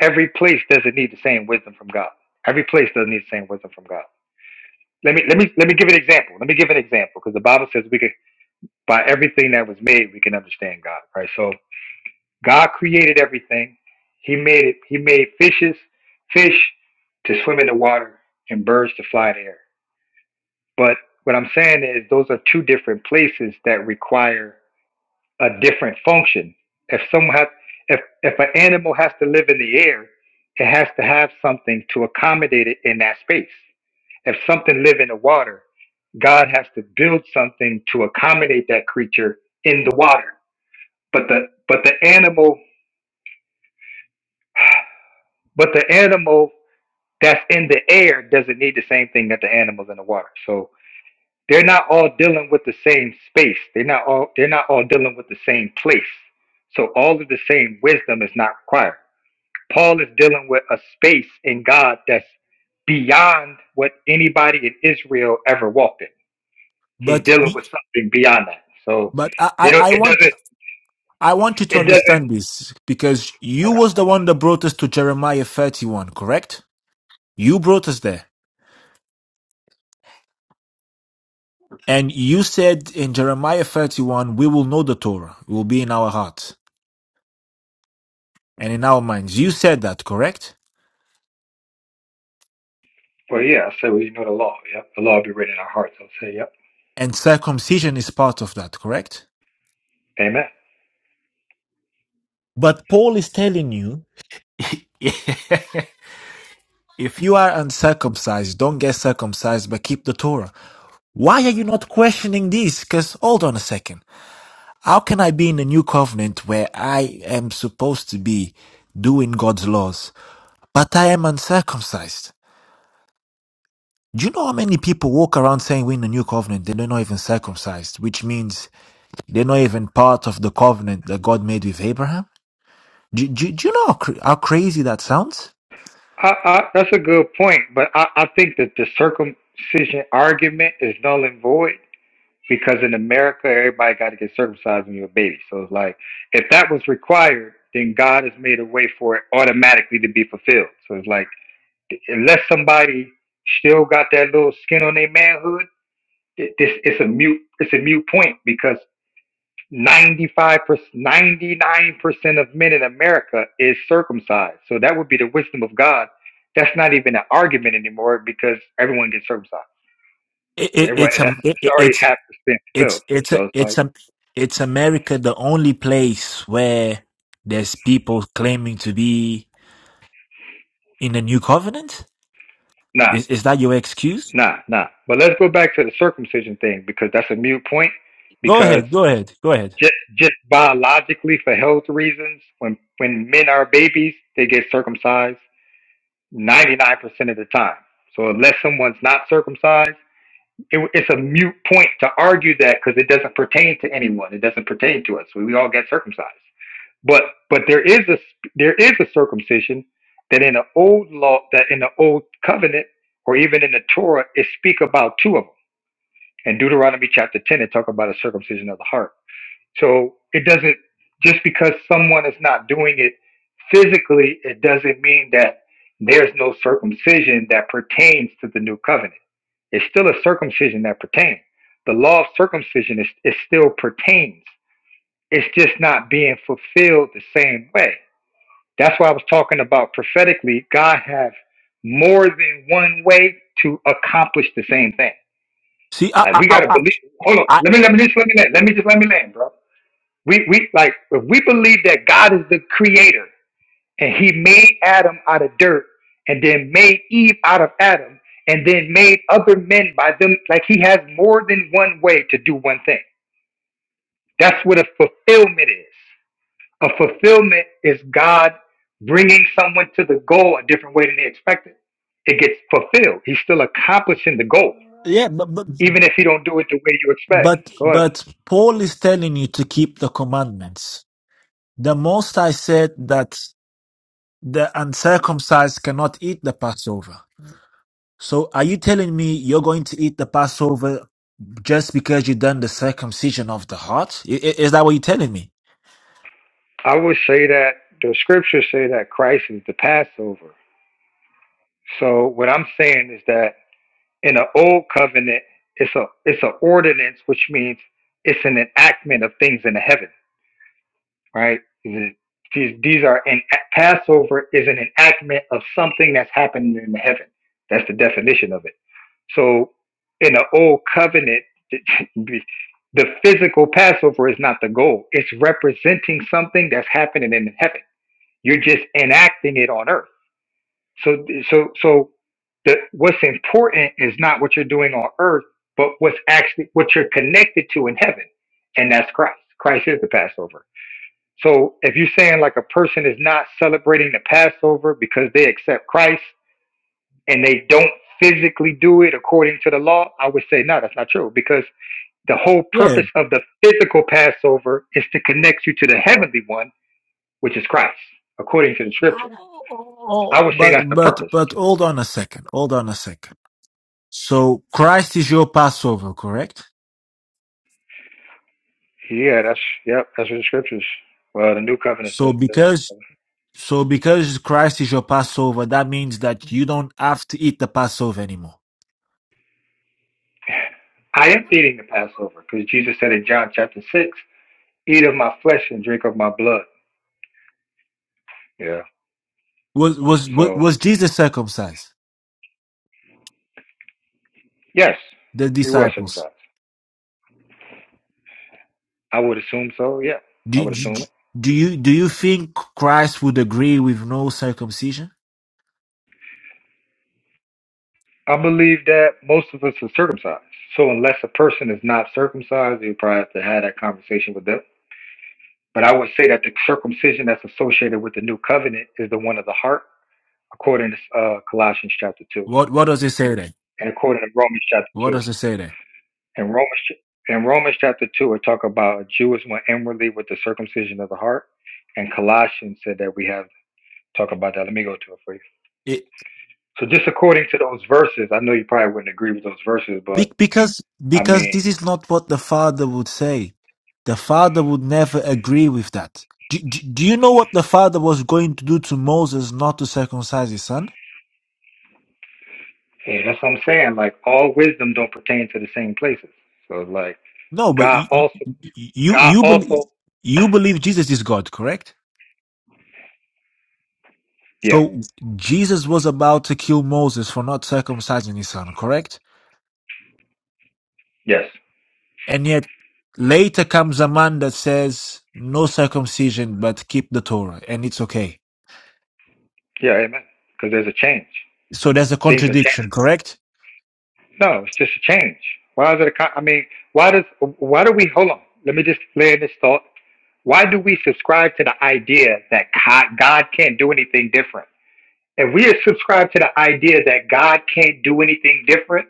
every place doesn't need the same wisdom from God. Every place doesn't need the same wisdom from God. Let me let me let me give an example. Let me give an example because the Bible says we can by everything that was made we can understand God, right? So God created everything. He made it. He made fishes, fish to swim in the water and birds to fly in the air. But what I'm saying is those are two different places that require a different function. If someone has, if if an animal has to live in the air, it has to have something to accommodate it in that space. If something live in the water, God has to build something to accommodate that creature in the water. But the but the animal but the animal that's in the air doesn't need the same thing that the animals in the water. So they're not all dealing with the same space. They're not all they're not all dealing with the same place. So all of the same wisdom is not required. Paul is dealing with a space in God that's beyond what anybody in Israel ever walked in. He's But dealing y- with something beyond that. So but I, they I don't, I it want doesn't I want you to it doesn't understand this because I you got- was the one that brought us to Jeremiah thirty one, correct? You brought us there, and you said in Jeremiah thirty one, we will know the Torah, it will be in our hearts and in our minds. You said that, correct? well yeah, so you know the law, yep. The law be written in our hearts, I'll say, yep. And circumcision is part of that, correct? Amen. But Paul is telling you. If you are uncircumcised, don't get circumcised, but keep the Torah. Why are you not questioning this? Because hold on a second. How can I be in the new covenant where I am supposed to be doing God's laws, but I am uncircumcised? Do you know how many people walk around saying we're in the new covenant? They're not even circumcised, which means they're not even part of the covenant that God made with Abraham. Do, do, do you know how, cr- how crazy that sounds? I, I, that's a good point, but I, I think that the circumcision argument is null and void because in America, everybody got to get circumcised when you're a baby. So it's like, if that was required, then God has made a way for it automatically to be fulfilled. So it's like, unless somebody still got that little skin on their manhood, it- this it's a mute it's a mute point because 95 percent 99% of men in america is circumcised so that would be the wisdom of god that's not even an argument anymore because everyone gets circumcised It, it, everyone it's that's a, it's already it, half percent fulfilled it's it's a so it's it's like a it's America the only place where there's people claiming to be in the new covenant. nah Is is that your excuse? nah nah but let's go back to the circumcision thing because that's a mute point Go because ahead, go ahead, go ahead. just just biologically for health reasons when when men are babies they get circumcised 99% of the time so unless someone's not circumcised it, it's a mute point to argue that because it doesn't pertain to anyone. It doesn't pertain to us. We, we all get circumcised. But but there is a there is a circumcision that in the old law that in the old covenant or even in the Torah it speak about two of them. In Deuteronomy chapter ten, it talk about a circumcision of the heart. So it doesn't just because someone is not doing it physically, it doesn't mean that there's no circumcision that pertains to the new covenant it's still a circumcision that pertains. The law of circumcision is it still pertains. It's just not being fulfilled the same way. That's why I was talking about prophetically, God has more than one way to accomplish the same thing. See, Like I we I gotta I, I believe hold on, I- let me let me just let me land. Let me just let me land, bro. We we like if we believe that God is the creator and he made Adam out of dirt, and then made Eve out of Adam, and then made other men by them. Like he has more than one way to do one thing. That's what a fulfillment is. A fulfillment is God bringing someone to the goal a different way than they expected. It gets fulfilled. He's still accomplishing the goal, yeah, but, but even if he don't do it the way you expect. but Go ahead. but Paul is telling you to keep the commandments. The Most I said that the uncircumcised cannot eat the Passover. So are you telling me you're going to eat the Passover just because you've done the circumcision of the heart? I- i- Is that what you're telling me? I would say that the scriptures say that Christ is the Passover. So what I'm saying is that In the old covenant, it's a it's an ordinance, which means it's an enactment of things in the heaven, right? These these are in Passover is an enactment of something that's happening in the heaven. That's the definition of it. So in the old covenant, the physical Passover is not the goal. It's representing something that's happening in heaven. You're just enacting it on earth. So so so the what's important is not what you're doing on earth, but what's actually what you're connected to in heaven, and that's Christ. Christ is the Passover. So if you're saying like a person is not celebrating the Passover because they accept Christ and they don't physically do it according to the law, I would say no, that's not true because the whole Yeah. purpose of the physical Passover is to connect you to the heavenly one, which is Christ, according to the scripture. I Oh, would say but that's the but purpose. but hold on a second. Hold on a second. So Christ is your Passover, correct? Yeah, that's yep. That's what the scriptures. Well, the new covenant So says that because uh, so because Christ is your Passover, that means that you don't have to eat the Passover anymore. I am eating the Passover because Jesus said in John chapter six, "Eat of my flesh and drink of my blood." Yeah. Was was was So was Jesus circumcised? yes, The he was disciples. circumcised. I would assume so. Yeah, I Do, would do, assume it. do you do you think Christ would agree with no circumcision? I believe that most of us are circumcised. So unless a person is not circumcised, you probably have to have that conversation with them. But I would say that the circumcision that's associated with the new covenant is the one of the heart, according to uh, Colossians chapter two. What what does it say there? and according to Romans chapter What two. does it say there? In Romans in Romans chapter two, it talk about a Jew is one inwardly with the circumcision of the heart, and Colossians said that we have talk about that. Let me go to it for you. It, So just according to those verses, I know you probably wouldn't agree with those verses, but be- because I because this mean, is not what the father would say. The father would never agree with that. Do, do, do you know what the father was going to do to Moses not to circumcise his son? yeah, that's what I'm saying. Like all wisdom don't pertain to the same places. So like No, but God you you also, you, God you, believe, also, you believe Jesus is God, correct? yeah, So Jesus was about to kill Moses for not circumcising his son, correct? yes, And yet later comes a man that says no circumcision but keep the Torah and it's okay. yeah, amen. Because there's a change. So there's a Things are changing. contradiction, correct? No, it's just a change. Why is it a con- I mean, why does why do we hold on? Let me just land this thought. Why do we subscribe to the idea that co- God can't do anything different? If we subscribe to the idea that God can't do anything different,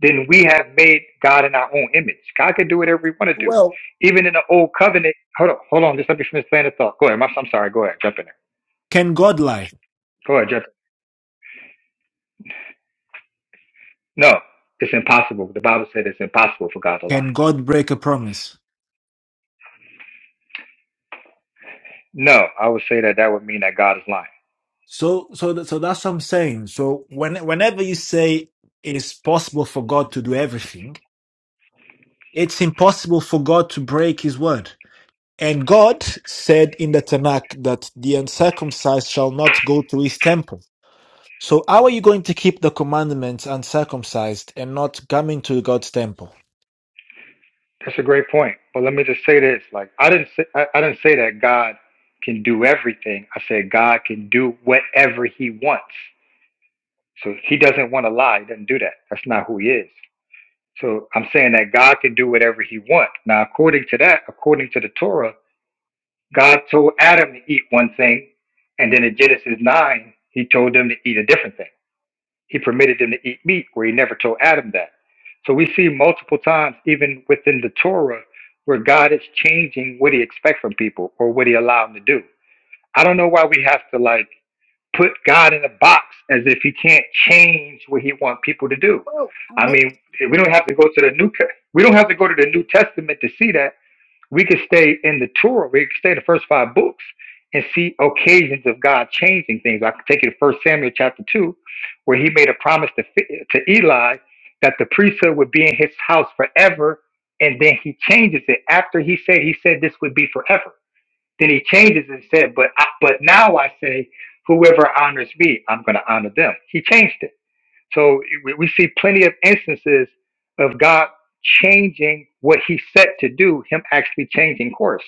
then we have made God in our own image. God can do whatever He want to do. Well, Even in the old covenant, hold on, hold on, just let me finish saying the thought. Go ahead, my- I'm sorry. Go ahead, jump in there. can God lie? Go ahead, jump. in. No, it's impossible. The Bible said it's impossible for God to lie. Can God break a promise? No, I would say that that would mean that God is lying. So, so, th- so that's what I'm saying. So, when, whenever you say it is possible for God to do everything, it's impossible for God to break His word. And God said in the Tanakh that the uncircumcised shall not go to His temple. So, how are you going to keep the commandments uncircumcised and not come into God's temple? That's a great point. But let me just say this: like I didn't say I, I didn't say that God can do everything. I said God can do whatever He wants. So He doesn't want to lie. He doesn't do that. That's not who He is. So I'm saying that God can do whatever He wants. Now, according to that, according to the Torah, God told Adam to eat one thing, and then in Genesis nine, He told them to eat a different thing. He permitted them to eat meat where he never told Adam that. So we see multiple times, even within the Torah, where God is changing what he expects from people or what he allowed them to do. I don't know why we have to like put God in a box as if he can't change what he wants people to do. I mean, we don't have to go to the new, we don't have to go to the New Testament to see that we could stay in the Torah. We could stay in the first five books and see occasions of God changing things. I can take you to First Samuel chapter two, where He made a promise to to Eli that the priesthood would be in his house forever, and then He changes it after He said He said this would be forever. Then He changes it and said, "But I, but now I say, whoever honors me, I'm going to honor them." He changed it. So we, we see plenty of instances of God changing what he set to do, him actually changing course.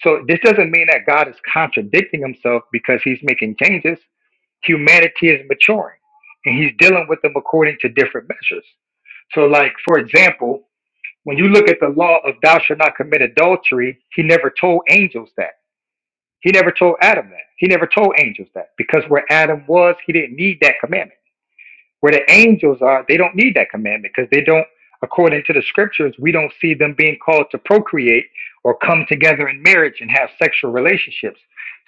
So this doesn't mean that God is contradicting himself because he's making changes. Humanity is maturing and he's dealing with them according to different measures. So, like, for example, when you look at the law of thou shalt not commit adultery, he never told angels that. He never told Adam that. He never told angels that because where Adam was, he didn't need that commandment where the angels are, they don't need that commandment because they don't, according to the scriptures, we don't see them being called to procreate or come together in marriage and have sexual relationships.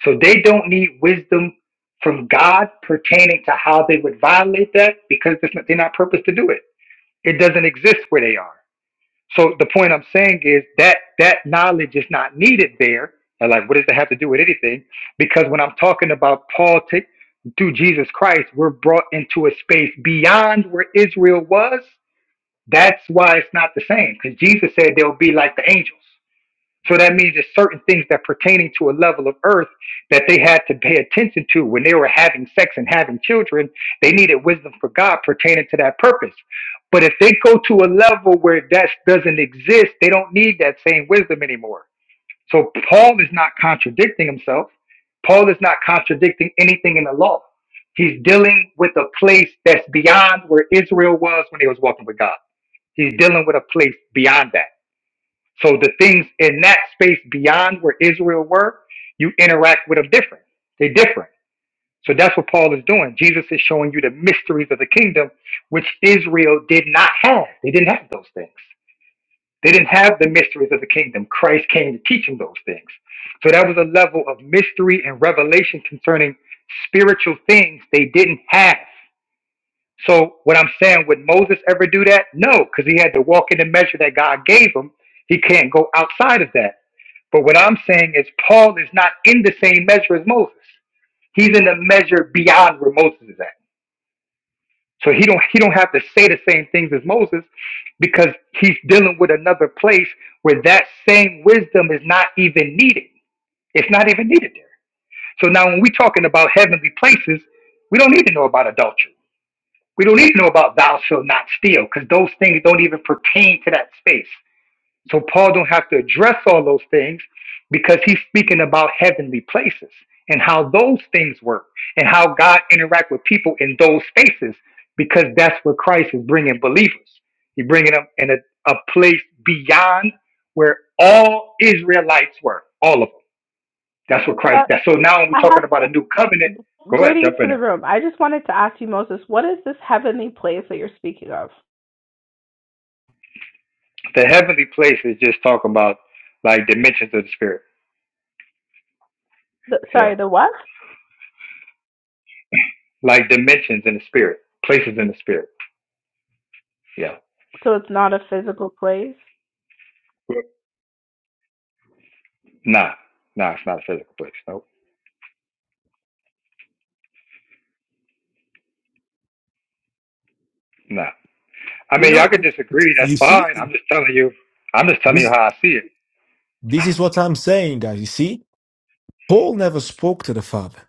So they don't need wisdom from God pertaining to how they would violate that because it's not- they're not purposed to do it. It doesn't exist where they are. So the point I'm saying is that that knowledge is not needed there. And like, what does that have to do with anything? Because when I'm talking about Paul take through Jesus Christ, we're brought into a space beyond where Israel was. That's why it's not the same. Because Jesus said they'll be like the angels. So that means there's certain things that pertaining to a level of earth that they had to pay attention to when they were having sex and having children. They needed wisdom for God pertaining to that purpose. But if they go to a level where that doesn't exist, they don't need that same wisdom anymore. So Paul is not contradicting himself. Paul is not contradicting anything in the law. He's dealing with a place that's beyond where Israel was when they was walking with God. He's dealing with a place beyond that. So the things in that space beyond where Israel were, you interact with them different. They're different. So that's what Paul is doing. Jesus is showing you the mysteries of the kingdom, which Israel did not have. They didn't have those things. They didn't have the mysteries of the kingdom. Christ came to teach them those things. So that was a level of mystery and revelation concerning spiritual things they didn't have. So what I'm saying, would Moses ever do that? No, because he had to walk in the measure that God gave him. He can't go outside of that. But what I'm saying is Paul is not in the same measure as Moses. He's in the measure beyond where Moses is at. So he don't he don't have to say the same things as Moses because he's dealing with another place where that same wisdom is not even needed. It's not even needed there. So now when we're talking about heavenly places, we don't need to know about adultery. We don't need to know about thou shalt not steal because those things don't even pertain to that space. So Paul don't have to address all those things because he's speaking about heavenly places and how those things work and how God interact with people in those spaces because that's where Christ is bringing believers. He's bringing them in a, a place beyond where all Israelites were, all of them. That's what Christ. That's so now when we're talking about a new covenant. Go ahead, Greetings jump to in the there. room. I just wanted to ask you, Moses, what is this you're speaking of? The heavenly place is just talking about like dimensions of the spirit. The, so Yeah, what? like dimensions in the spirit, places in the spirit. Yeah. Nah, nah, it's not a physical place. Nope. Nah. I You mean, y'all could know, disagree. That's you see, fine. I'm just telling you. I'm just telling you this how I see it. this is what I'm saying, guys. You see, Paul never spoke to the Father,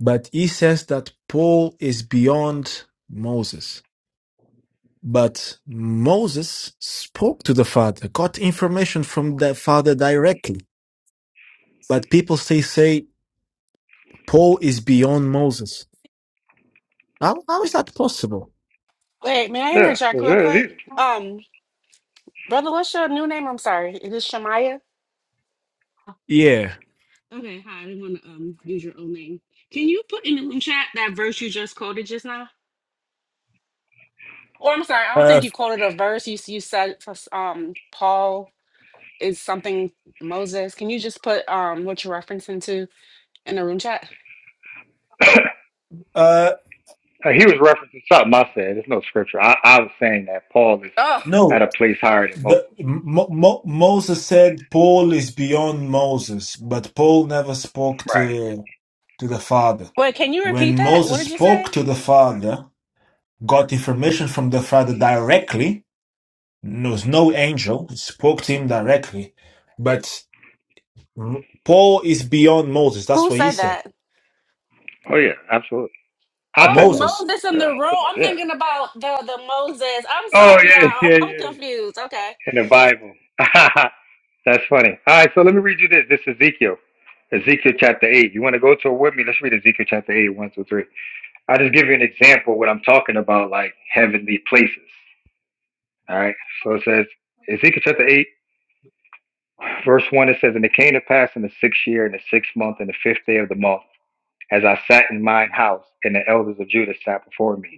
but he says that Paul is beyond Moses. But Moses spoke to the Father, got information from the Father directly. But people say, say Paul is beyond Moses. How, how is that possible? Wait, may I Yeah, interject it's real very quick? easy. Um, brother, what's your new name? I'm sorry. It is Shemaya. Yeah. Okay, hi. I didn't want to um use your old name. Can you put in the room chat that verse you just quoted just now? Or I'm sorry, I don't think Uh, you quoted a verse. You s- you said for s- um Paul is something Moses. Can you just put um what you're referencing to in the room chat? uh, Uh, he was referencing something I said. There's no scripture. I, I was saying that Paul is Oh, at no, a place higher than Moses. the, Mo, Mo, Moses said Paul is beyond Moses, but Paul never spoke Right. to to the Father. wait, can you repeat When that? What Moses did you spoke say? to the Father, got information from the Father directly, There's no angel spoke to him directly, but Paul is beyond Moses. That's Who what he said said. that? Oh yeah, absolutely. I Oh, said that. Moses, Moses in Yeah. I said the room. it, I'm yeah. thinking about the the Moses. I'm Oh sorry, yeah, y'all. yeah, I'm yeah. confused. Okay. In the Bible. That's funny. All right, so let me read you this. This is Ezekiel. Ezekiel chapter eight. You want to go to it with me? Let's read Ezekiel chapter eight, one through three. I'll just give you an example of what I'm talking about, like heavenly places. All right. So it says, Ezekiel chapter 8, verse 1, it says, And it came to pass in the sixth year, in the sixth month, in the fifth day of the month, as I sat in mine house, and the elders of Judah sat before me,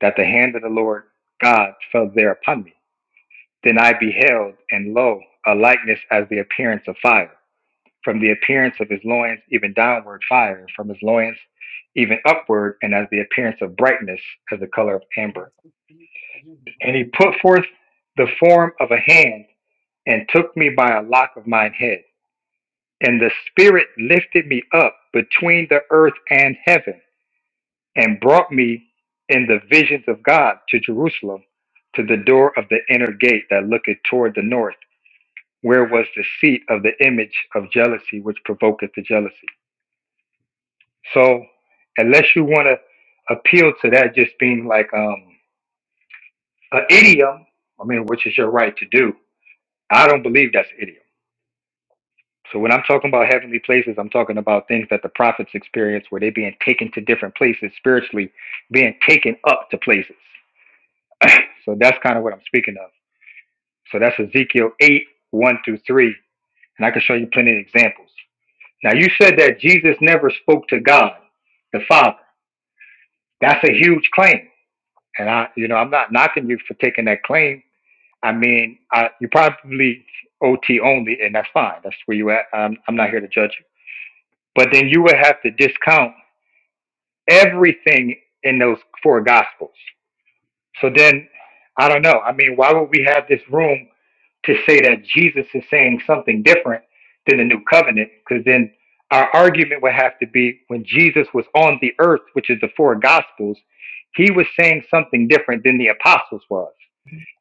that the hand of the Lord God fell there upon me. Then I beheld, and lo, a likeness as the appearance of fire. From the appearance of his loins, even downward fire, from his loins, even upward, and as the appearance of brightness, as the color of amber. And he put forth the form of a hand and took me by a lock of mine head. And the Spirit lifted me up between the earth and heaven and brought me in the visions of God to Jerusalem to the door of the inner gate that looketh toward the north, where was the seat of the image of jealousy which provoketh the jealousy. So, unless you want to appeal to that just being like um, an idiom, I mean, which is your right to do, I don't believe that's idiom. So when I'm talking about heavenly places, I'm talking about things that the prophets experience where they're being taken to different places spiritually, being taken up to places. So that's kind of what I'm speaking of. So that's Ezekiel 8, 1 through 3. And I can show you plenty of examples. Now you said that Jesus never spoke to God, the Father. That's a huge claim. And I, you know, I'm not knocking you for taking that claim. I mean, I, you probably OT only, and that's fine. That's where you at. I'm, I'm not here to judge you. But then you would have to discount everything in those four gospels. So then, I don't know. I mean, why would we have this room to say that Jesus is saying something different than the new covenant? Because then our argument would have to be when Jesus was on the earth, which is the four gospels, he was saying something different than the apostles was.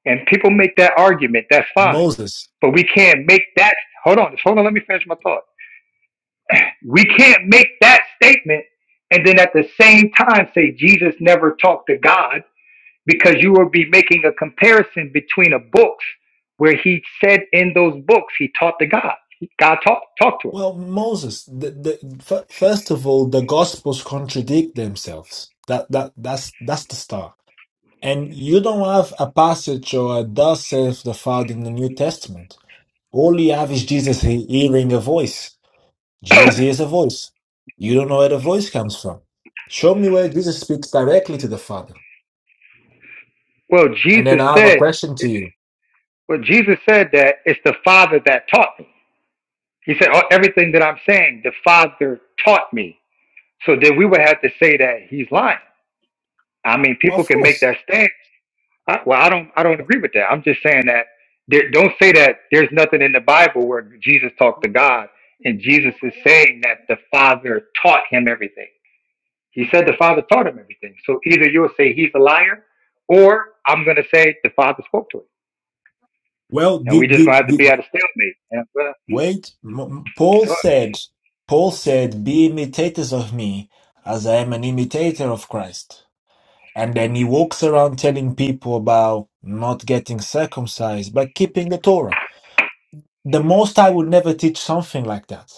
And people make that argument, that's fine. Moses. But we can't make that. Hold on, just hold on, let me finish my thought we can't make that statement and then at the same time say Jesus never talked to God because you will be making a comparison between a books where he said in those books he taught to God. God talked talked to Well, Moses. The, the, f- first of all, the Gospels contradict themselves. That that that's that's the start. And you don't have a passage or a thus saith the Father in the New Testament. All you have is Jesus he- hearing a voice. Jesus him. hears a voice. You don't know where the voice comes from. Show me where Jesus speaks directly to the Father. well, And then Jesus I have a said, question to you. well, Jesus said that it's the Father that taught me. He said, oh, everything that I'm saying, the Father taught me. So then we would have to say that he's lying. I mean, people Of can make course. that stance. I, well, I don't, I don't agree with that. I'm just saying that there, don't say that there's nothing in the Bible where Jesus talked to God, and Jesus is saying that the Father taught him everything. He said the Father taught him everything. So either you'll say he's a liar, or I'm going to say the Father spoke to him, Well, and we did, just going to did, have to be did at a stalemate. And, well, wait? M- m- Paul go ahead. said, Paul said, "Be imitators of me, as I am an imitator of Christ." And then he walks around telling people about not getting circumcised, but keeping the Torah. The Most High would never teach something like that.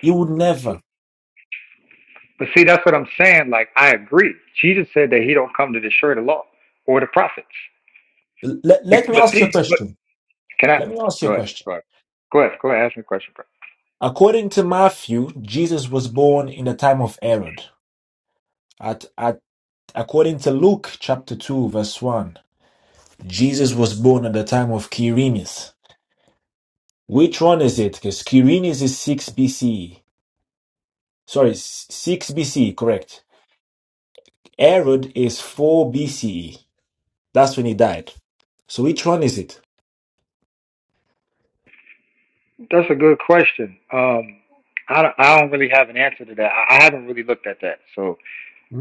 He would never. but see, that's what I'm saying. Like I agree. Jesus said that he don't come to destroy the law or the prophets. Let, let Be- me But, ask thi- you a but question. can I Let me ask you a go ahead? question. Go ahead. Go ahead. Go ahead. Ask me a question, bro. According to Matthew, Jesus was born in the time of Herod. At, at, according to Luke chapter 2, verse 1, Jesus was born at the time of Quirinius. Which one is it? Because Quirinius is 6 B C. E. Sorry, s- 6 B C. E, correct. Herod is 4 BCE. That's when he died. So which one is it? That's a good question. Um, I don't, I don't really have an answer to that. I, I haven't really looked at that, so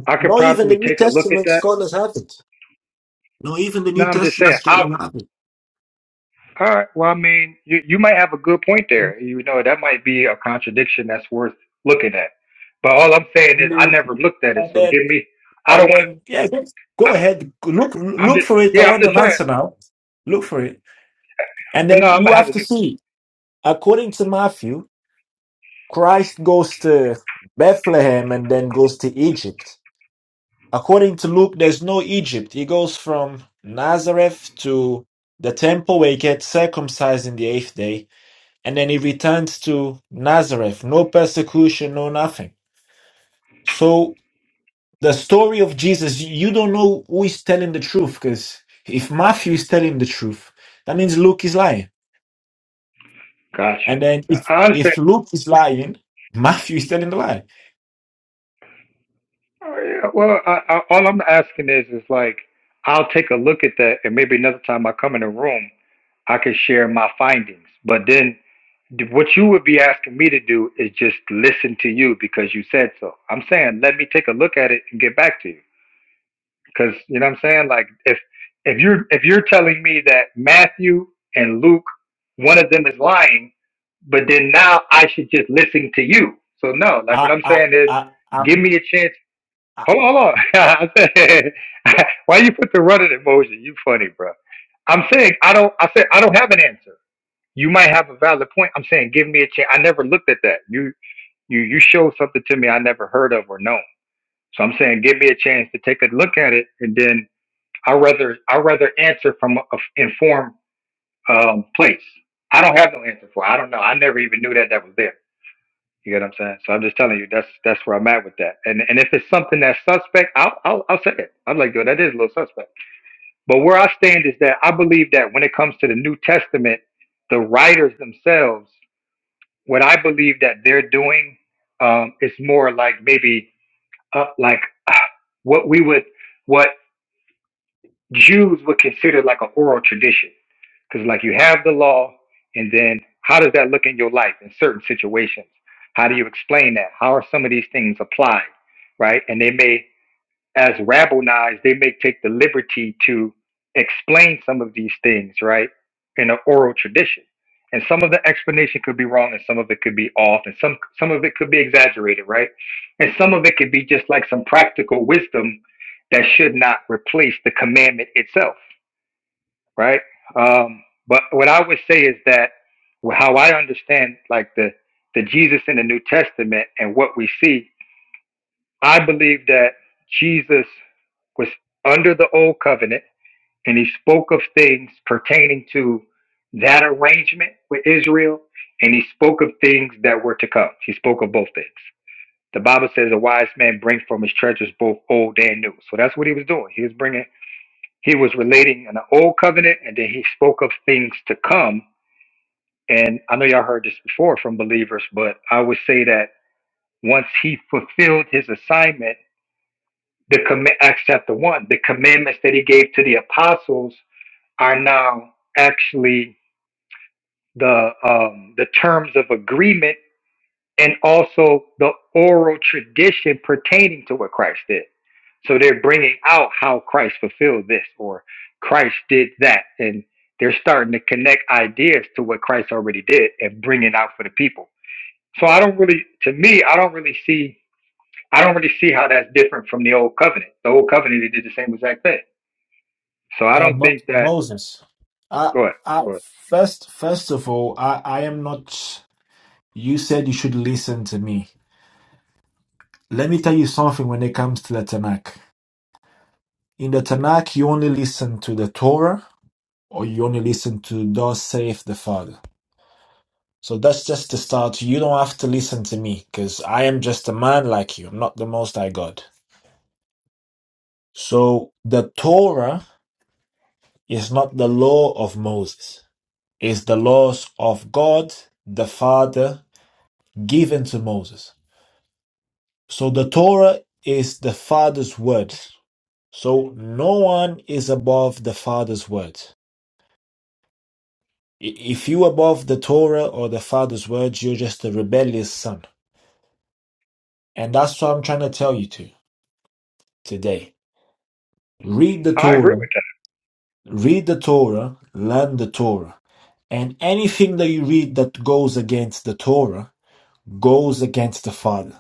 I could Not even the probably New take a look at Testament that. scholars have it. Not even the No, New I'm just Testament saying. I, scholars have it. all right. Well, I mean, you you might have a good point there. You know, that might be a contradiction that's worth looking at. But all I'm saying And is, I then, never looked at it, and so then, give me. I don't and want then, yeah, go ahead. Look, to. I'm look just. for it. I Yeah, I'm want an just saying. answer now. Look for it. And But then no, I'm you gonna have have to to do. see, according to Matthew, Christ goes to Bethlehem and then goes to Egypt. According to Luke, there's no Egypt. He goes from Nazareth to the temple where he gets circumcised in the eighth day, and then he returns to Nazareth. No persecution, no nothing. So the story of Jesus, you don't know who is telling the truth, because if Matthew is telling the truth, that means Luke is lying. Got And you. then if I I understand. if Luke is lying, Matthew is telling the lie. Oh, yeah. Well, I, I, all I'm asking is, is like, I'll take a look at that, and maybe another time I come in the room, I can share my findings. But then, th- what you would be asking me to do is just listen to you because you said so. I'm saying, let me take a look at it and get back to you, because you know what I'm saying. Like, if if you're if you're telling me that Matthew and Luke, one of them is lying, but then now I should just listen to you. So no, like what I I'm I saying is, I give I'm me a chance Hold on, hold on. why you put the running emoji? You funny, bro. I'm saying I don't. I said I don't have an answer. You might have a valid point. I'm saying give me a chance. I never looked at that. You you you showed something to me I never heard of or known. So I'm saying give me a chance to take a look at it, and then I rather I rather answer from a a informed um, place. I don't have no answer for. It. I don't know. I never even knew that that was there. You get what I'm saying? So I'm just telling you that's that's where I'm at with that. And and if it's something that's suspect, I'll I'll, I'll say it. I'm like, yo, that is a little suspect. But where I stand is that I believe that when it comes to the New Testament, the writers themselves, what I believe that they're doing, um, is more like maybe uh, like uh, what we would what Jews would consider like an oral tradition. Because like you have the law, and then how does that look in your life in certain situations? How do you explain that? How are some of these things applied? Right? And they may as rabble knives, they may take the liberty to explain some of these things, right, in an oral tradition. And some of the explanation could be wrong, and some of it could be off, and some some of it could be exaggerated, right? And some of it could be just like some practical wisdom that should not replace the commandment itself, right? Um, but what I would say is that how I understand like the the Jesus in the New Testament and what we see I believe that Jesus was under the old covenant and he spoke of things pertaining to that arrangement with Israel and he spoke of things that were to come. He spoke of both things. The Bible says a wise man brings from his treasures both old and new. So that's what he was doing. He was bringing, he was relating an old covenant and then he spoke of things to come. And I know y'all heard this before from believers, but I would say that once he fulfilled his assignment, The comm- Acts chapter one, the commandments that he gave to the apostles are now actually the um, the terms of agreement and also the oral tradition pertaining to what Christ did. So they're bringing out how Christ fulfilled this or Christ did that, and they're starting to connect ideas to what Christ already did and bring it out for the people. So I don't really, to me, I don't really see, I don't really see how that's different from the old covenant. The old covenant, they did the same exact thing. So I Uh, don't Mo- think that. Moses, I, Go ahead. I, Go ahead. first, first of all, I, I am not. You said you should listen to me. Let me tell you something when it comes to the Tanakh. In the Tanakh, you only listen to the Torah or you only listen to Thus saith the Father. So that's just the start. You don't have to listen to me because I am just a man like you. I'm not the Most High God. So the Torah is not the law of Moses, it's the laws of God the Father given to Moses. So the Torah is the Father's word. So no one is above the Father's word. If you above the Torah or the Father's word, you're just a rebellious son. And that's what I'm trying to tell you to today. Read the I agree Torah, with that. read the Torah, learn the Torah. And anything that you read that goes against the Torah goes against the Father.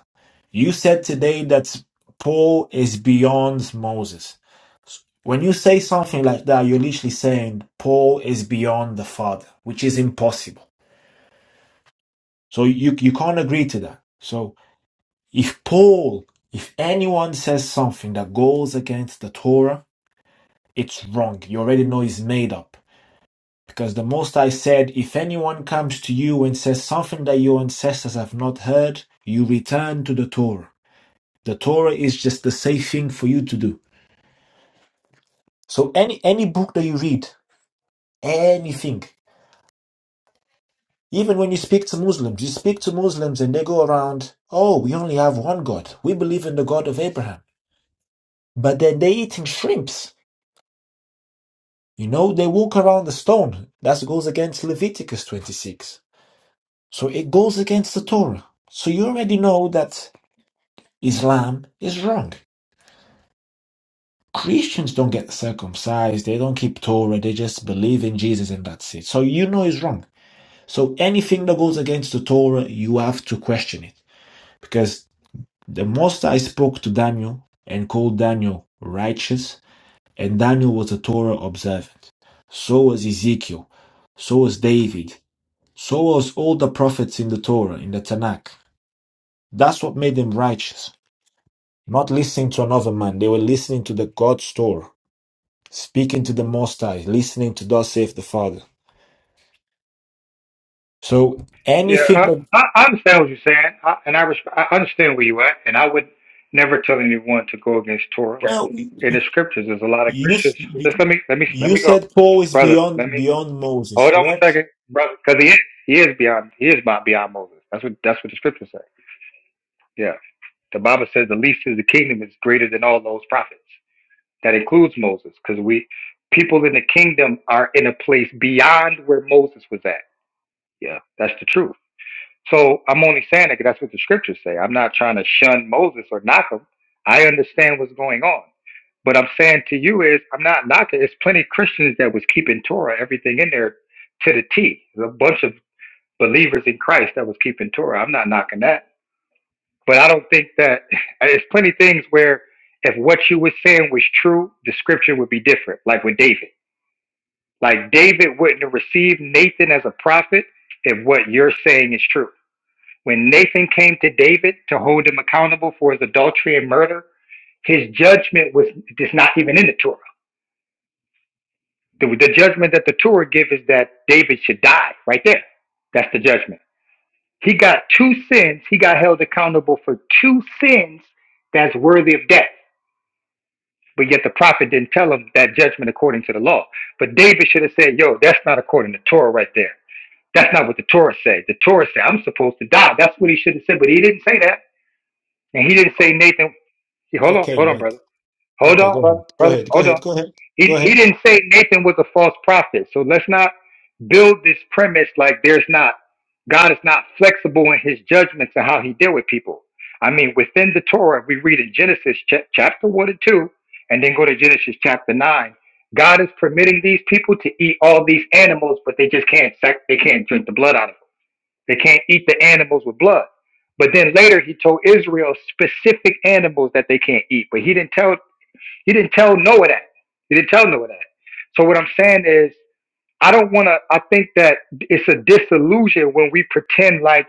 You said today that Paul is beyond Moses. When you say something like that, you're literally saying Paul is beyond the Father, which is impossible. So you, you can't agree to that. So if Paul, if anyone says something that goes against the Torah, it's wrong. You already know it's made up. Because the Most High said, if anyone comes to you and says something that your ancestors have not heard, you return to the Torah. The Torah is just the safe thing for you to do. So any any book that you read, anything. Even when you speak to Muslims, you speak to Muslims and they go around, oh, we only have one God. We believe in the God of Abraham. But then they're eating shrimps. You know, they walk around the stone. That goes against Leviticus 26. So it goes against the Torah. So you already know that Islam is wrong. Christians don't get circumcised. They don't keep Torah. They just believe in Jesus and that's it. So you know it's wrong. So anything that goes against the Torah, you have to question it. Because The Most High spoke to Daniel and called Daniel righteous, and Daniel was a Torah observant. So was Ezekiel, so was David, so was all the prophets in the Torah, in the Tanakh. That's what made them righteous. Not listening to another man, they were listening to the God's Torah, speaking to the Most High, listening to Thus saith the Father. So Yeah, anything that I, I I understand what you're saying, I, and I, resp- I understand where you're at. And I would never tell anyone to go against Torah well, in the scriptures. There's a lot of you Christians. Just let me let me let you me go, said Paul is brother. Let beyond me beyond Moses, hold on one correct? second, brother, because he is he is beyond he is my- beyond Moses. That's what that's what the scriptures say. Yeah, the Bible says the least in the kingdom is greater than all those prophets. That includes Moses, because we people in the kingdom are in a place beyond where Moses was at Yeah, that's the truth. So I'm only saying that 'cause that's what the scriptures say. I'm not trying to shun Moses or knock him. I understand what's going on. What I'm saying to you is, I'm not knocking. It's plenty of Christians that was keeping Torah, everything in there to the T. There's a bunch of believers in Christ that was keeping Torah. I'm not knocking that. But I don't think that it's plenty of things where if what you were saying was true, the scripture would be different, like with David. Like David wouldn't have received Nathan as a prophet if what you're saying is true. When Nathan came to David to hold him accountable for his adultery and murder, his judgment was it's not even in the Torah. The, the judgment that the Torah gives is that David should die right there. That's the judgment. He got two sins. He got held accountable for two sins that's worthy of death. But yet the prophet didn't tell him that judgment according to the law. But David should have said, yo, that's not according to Torah right there. That's not what the Torah said. The Torah said, I'm supposed to die. That's what he should have said. But he didn't say that. And he didn't say, Nathan, He- Hold on, Okay, hold on, but brother. Hold Okay, on, go ahead. brother, Go brother. ahead. Go Hold ahead. on. Go ahead. Go He he ahead. didn't say Nathan was a false prophet. So let's not build this premise like there's not God is not flexible in his judgments and how he deal with people. I mean, within the Torah, we read in Genesis ch- chapter one and two, and then go to Genesis chapter nine. God is permitting these people to eat all these animals, but they just can't sac- they can't drink the blood out of it. They can't eat the animals with blood. But then later he told Israel specific animals that they can't eat. But he didn't tell he didn't tell Noah that. He didn't tell Noah that. So what I'm saying is I don't wanna I think that it's a disillusion when we pretend like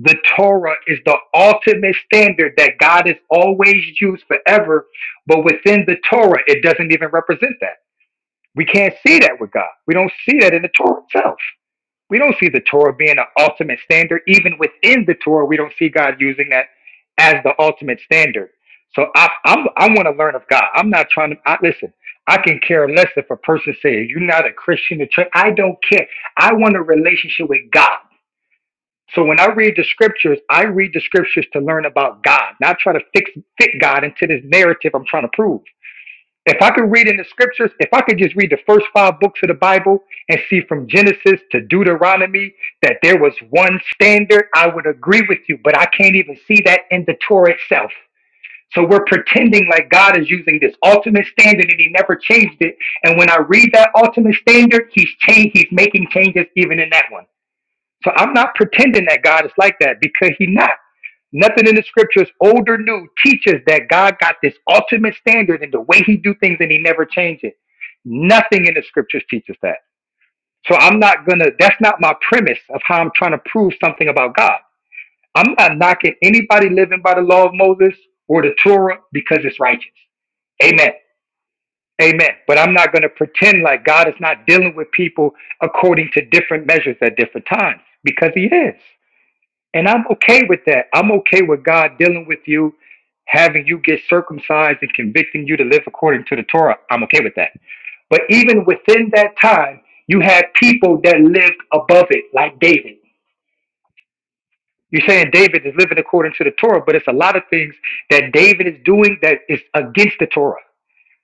the Torah is the ultimate standard that God has always used forever, but within the Torah it doesn't even represent that. We can't see that with God. We don't see that in the Torah itself we don't see the Torah being an ultimate standard. Even within the Torah, we don't see God using that as the ultimate standard. So I I'm, I want to learn of God. I'm not trying to I, listen. I can care less if a person says you're not a Christian. or church." I don't care. I want a relationship with God. So when I read the scriptures, I read the scriptures to learn about God, not try to fix fit God into this narrative I'm trying to prove. If I could read in the scriptures, if I could just read the first five books of the Bible and see from Genesis to Deuteronomy that there was one standard, I would agree with you, but I can't even see that in the Torah itself. So we're pretending like God is using this ultimate standard and he never changed it. And when I read that ultimate standard, he's changed, he's making changes even in that one. So I'm not pretending that God is like that because he not. Nothing in the scriptures, old or new, teaches that God got this ultimate standard in the way he do things and he never changed it. Nothing in the scriptures teaches that. So I'm not gonna, that's not my premise of how I'm trying to prove something about God. I'm not knocking anybody living by the law of Moses or the Torah because it's righteous. Amen. Amen. But I'm not going to pretend like God is not dealing with people according to different measures at different times because He is. And I'm okay with that. I'm okay with God dealing with you, having you get circumcised and convicting you to live according to the Torah. I'm okay with that. But even within that time, you had people that lived above it, like David. You're saying David is living according to the Torah, but it's a lot of things that David is doing that is against the Torah,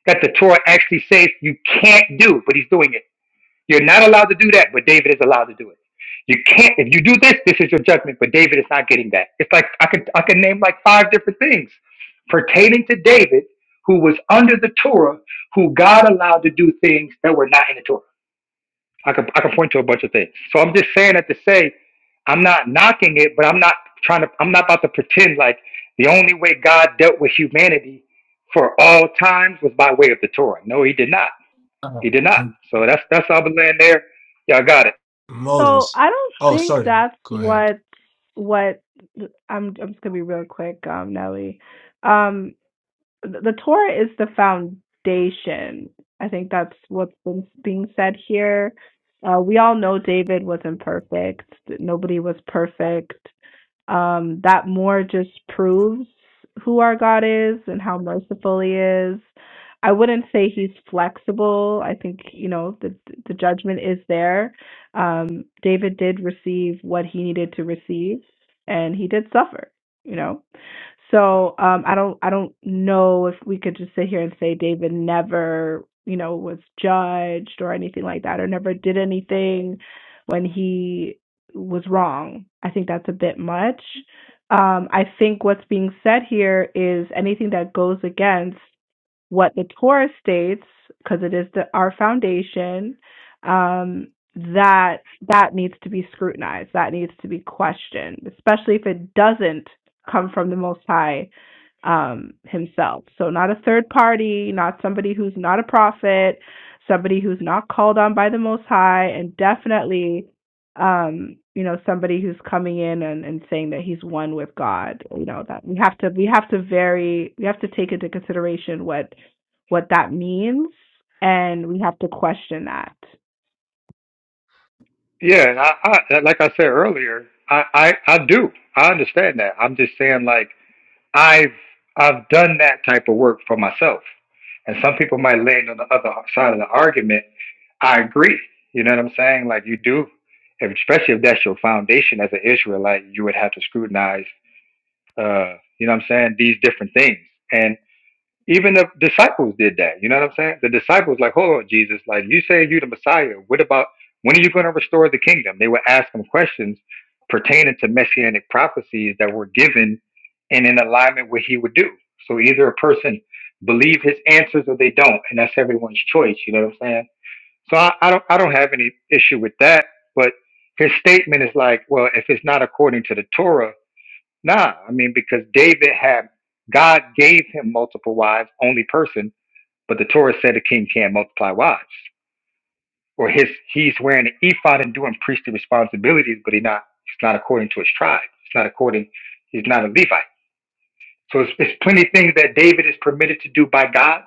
that the Torah actually says you can't do, but he's doing it. You're not allowed to do that, but David is allowed to do it. You can't if you do this, this is your judgment, but David is not getting that. It's like I could I could name like five different things pertaining to David, who was under the Torah, who God allowed to do things that were not in the Torah. I could I could point to a bunch of things. So I'm just saying that to say I'm not knocking it, but I'm not trying to I'm not about to pretend like the only way God dealt with humanity for all times was by way of the Torah. No, he did not. Uh, He did not. M- So that's that's all I'm laying there. Y'all got it. So Moses. I don't Oh, think sorry. that's Go ahead. what what I'm. I'm just gonna be real quick, um, Nelly. Um, the, the Torah is the foundation. I think that's what's been being said here. Uh, we all know David wasn't perfect. Nobody was perfect. Um, that more just proves who our God is and how merciful He is. I wouldn't say He's flexible. I think you know the the judgment is there. Um, David did receive what he needed to receive, and he did suffer. You know, so um, I don't I don't know if we could just sit here and say David never you know was judged or anything like that or never did anything when he was wrong. I think that's a bit much. Um, I think what's being said here is anything that goes against what the Torah states, because it is the, our foundation, um, that that needs to be scrutinized, that needs to be questioned, especially if it doesn't come from the Most High um, himself. So, not a third party, not somebody who's not a prophet, somebody who's not called on by the Most High, and definitely, um, you know, somebody who's coming in and, and saying that he's one with God. You know, that we have to we have to very we have to take into consideration what what that means, and we have to question that. Yeah, I, I like I said earlier, I, I I do. I understand that. I'm just saying like I've I've done that type of work for myself. And some people might land on the other side of the argument. I agree. You know what I'm saying? Like you do, if, especially if that's your foundation as an Israelite, you would have to scrutinize. Uh, you know what I'm saying? These different things. Even the disciples did that. You know what I'm saying? The disciples, like, hold on, Jesus, like you say you the Messiah. What about when are you going to restore the kingdom? They would ask him questions pertaining to messianic prophecies that were given and in alignment with what he would do. So either a person believe his answers or they don't, and that's everyone's choice. You know what I'm saying? So I, I don't I don't have any issue with that. But his statement is like, well, if it's not according to the Torah Nah, I mean because David had God gave him multiple wives, only person, but the Torah said a king can't multiply wives. Or his he's wearing an ephod and doing priestly responsibilities, but he not it's not according to his tribe. It's not according he's not a Levite. So it's, it's plenty of things that David is permitted to do by God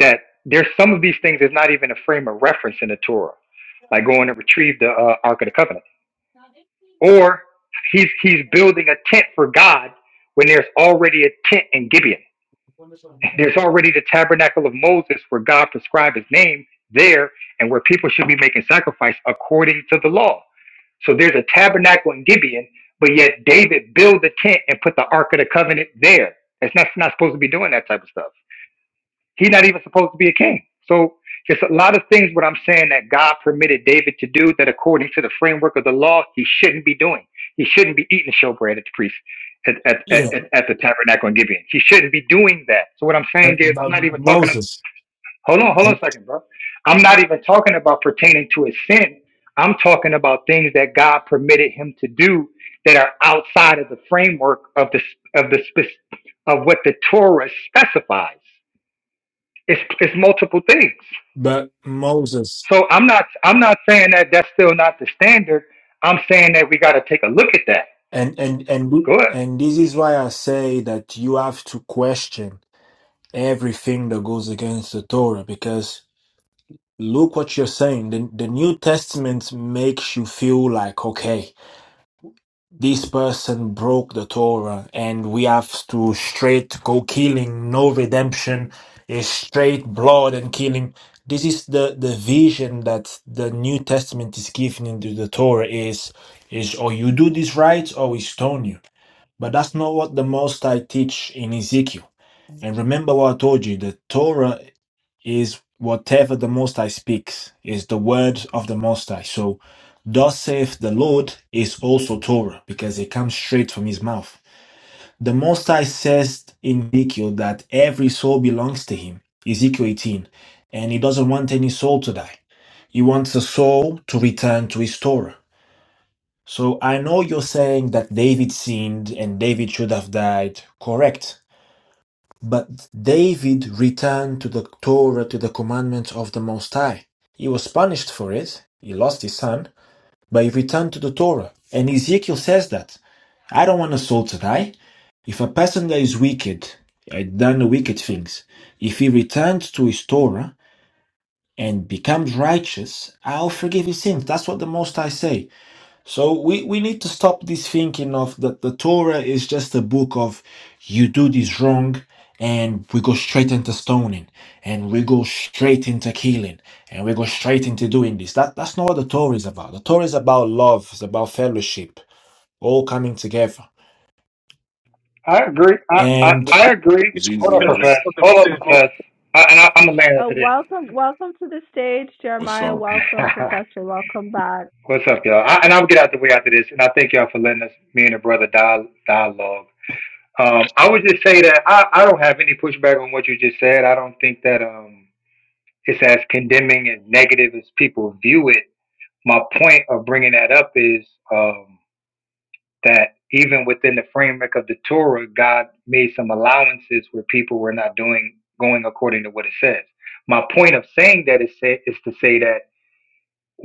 that there's some of these things that's not even a frame of reference in the Torah, like going to retrieve the uh, Ark of the Covenant. Or he's he's building a tent for God when there's already a tent in Gibeon. There's already the tabernacle of Moses where God prescribed his name there and where people should be making sacrifice according to the law. So there's a tabernacle in Gibeon, but yet David built the tent and put the Ark of the Covenant there. It's not, it's not supposed to be doing that type of stuff. He's not even supposed to be a king. So it's a lot of things what I'm saying that God permitted David to do that according to the framework of the law, he shouldn't be doing. He shouldn't be eating showbread at the priest at, at, at, Yeah, at at the tabernacle in Gibeon. He shouldn't be doing that. So what I'm saying but, is I'm but not even talking of, Moses. hold on, hold on a And, second, bro. I'm not even talking about pertaining to his sin. I'm talking about things that God permitted him to do that are outside of the framework of the of the spec- of what the Torah specifies. It's it's multiple things. but Moses. So I'm not I'm not saying that that's still not the standard. I'm saying that we got to take a look at that. And and and we- Good. and this is why I say that you have to question everything that goes against the Torah because look what you're saying. The, the New Testament makes you feel like okay. This person broke the Torah, and we have to straight go killing, no redemption, is straight blood and killing. This is the, the vision that the New Testament is giving into the Torah is is or you do this right or we stone you. But that's not what the Most High teach in Ezekiel. And remember what I told you the Torah is whatever the Most High speaks, is the word of the Most High. So, thus saith the Lord is also Torah because it comes straight from his mouth. The Most High says in Ezekiel that every soul belongs to him, Ezekiel 18, and he doesn't want any soul to die. He wants a soul to return to his Torah. So I know you're saying that David sinned and David should have died. Correct. But David returned to the Torah to the commandments of the Most High. He was punished for it. He lost his son, but he returned to the Torah. And Ezekiel says that. I don't want a soul to die. If a person that is wicked, had done wicked things, if he returns to his Torah and becomes righteous, I'll forgive his sins. That's what the Most High say. So we, we need to stop this thinking of that the Torah is just a book of you do this wrong and we go straight into stoning and we go straight into killing and we go straight into doing this. That that's not what the Torah is about. The Torah is about love, it's about fellowship, all coming together. I agree. I, I, And I agree. Hold up, Profess. Jesus. Hold up, Profess. I, and I, I'm a man Oh, after this. welcome, welcome to the stage, What's Jeremiah. up? Welcome, Professor. Welcome back. What's up, y'all? I, and I'll get out the way after this. And I thank y'all for letting us, me and the brother, dial, dialogue. Um, I would just say that I, I don't have any pushback on what you just said. I don't think that um, it's as condemning and negative as people view it. my point of bringing that up is um, that even within the framework of the Torah, God made some allowances where people were not doing going according to what it says. My point of saying that is say, is to say that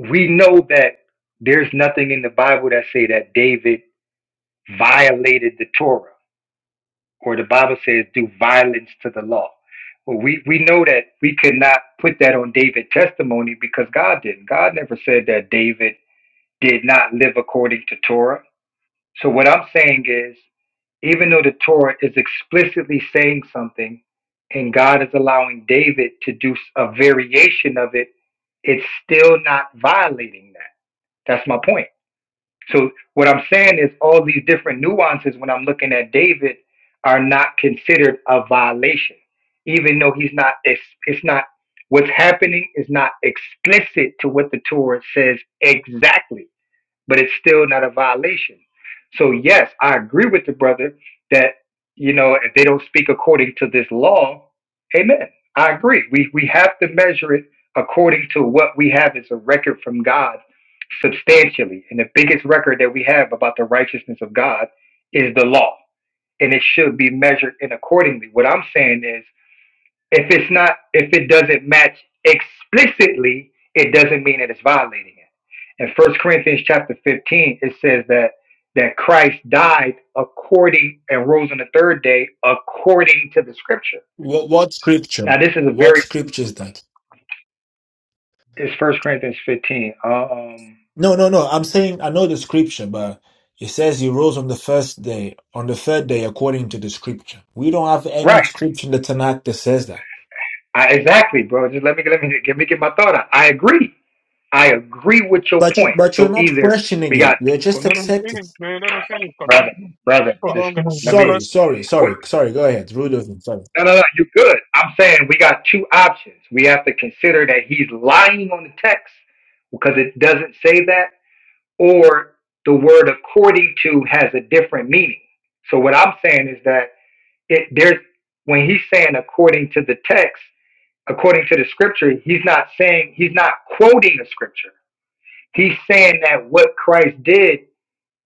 we know that there's nothing in the Bible that say that David violated the Torah, or the Bible says do violence to the law. Well, we we know that we could not put that on David's testimony because God didn't. God never said that David did not live according to Torah So what I'm saying is, even though the Torah is explicitly saying something, and God is allowing David to do a variation of it, it's still not violating that. That's my point. So what I'm saying is, all these different nuances when I'm looking at David are not considered a violation, even though he's not. It's, it's not. What's happening is not explicit to what the Torah says exactly but it's still not a violation. So yes, I agree with the brother that you know if they don't speak according to this law, amen. I agree. We we have to measure it according to what we have as a record from God substantially. And the biggest record that we have about the righteousness of God is the law. And it should be measured in accordingly. What I'm saying is if it's not, if it doesn't match explicitly, it doesn't mean that it's violating it. In First Corinthians chapter 15, it says that that Christ died according and rose on the third day according to the scripture. what what scripture? Now this is a What very scripture is that? it's First Corinthians 15. uh, Um, No, no, no. I'm saying I know the scripture, but it says he rose on the first day, on the third day, according to the scripture. We don't have right, any scripture in the Tanakh that says that. I, exactly, bro. Just let me let me let me get my thought out. I agree. I agree with your But you, point. but you're So not either questioning we it. got You're just accepting. brother, brother. Oh, Just let me. sorry, sorry, sorry, sorry. Go ahead, Rudolph. Sorry. No, no, no. You're good. I'm saying we got two options. We have to consider that he's lying on the text because it doesn't say that, or the word according to has a different meaning. So what I'm saying is that it there's when he's saying according to the text, according to the scripture, he's not saying he's not quoting the scripture. He's saying that what Christ did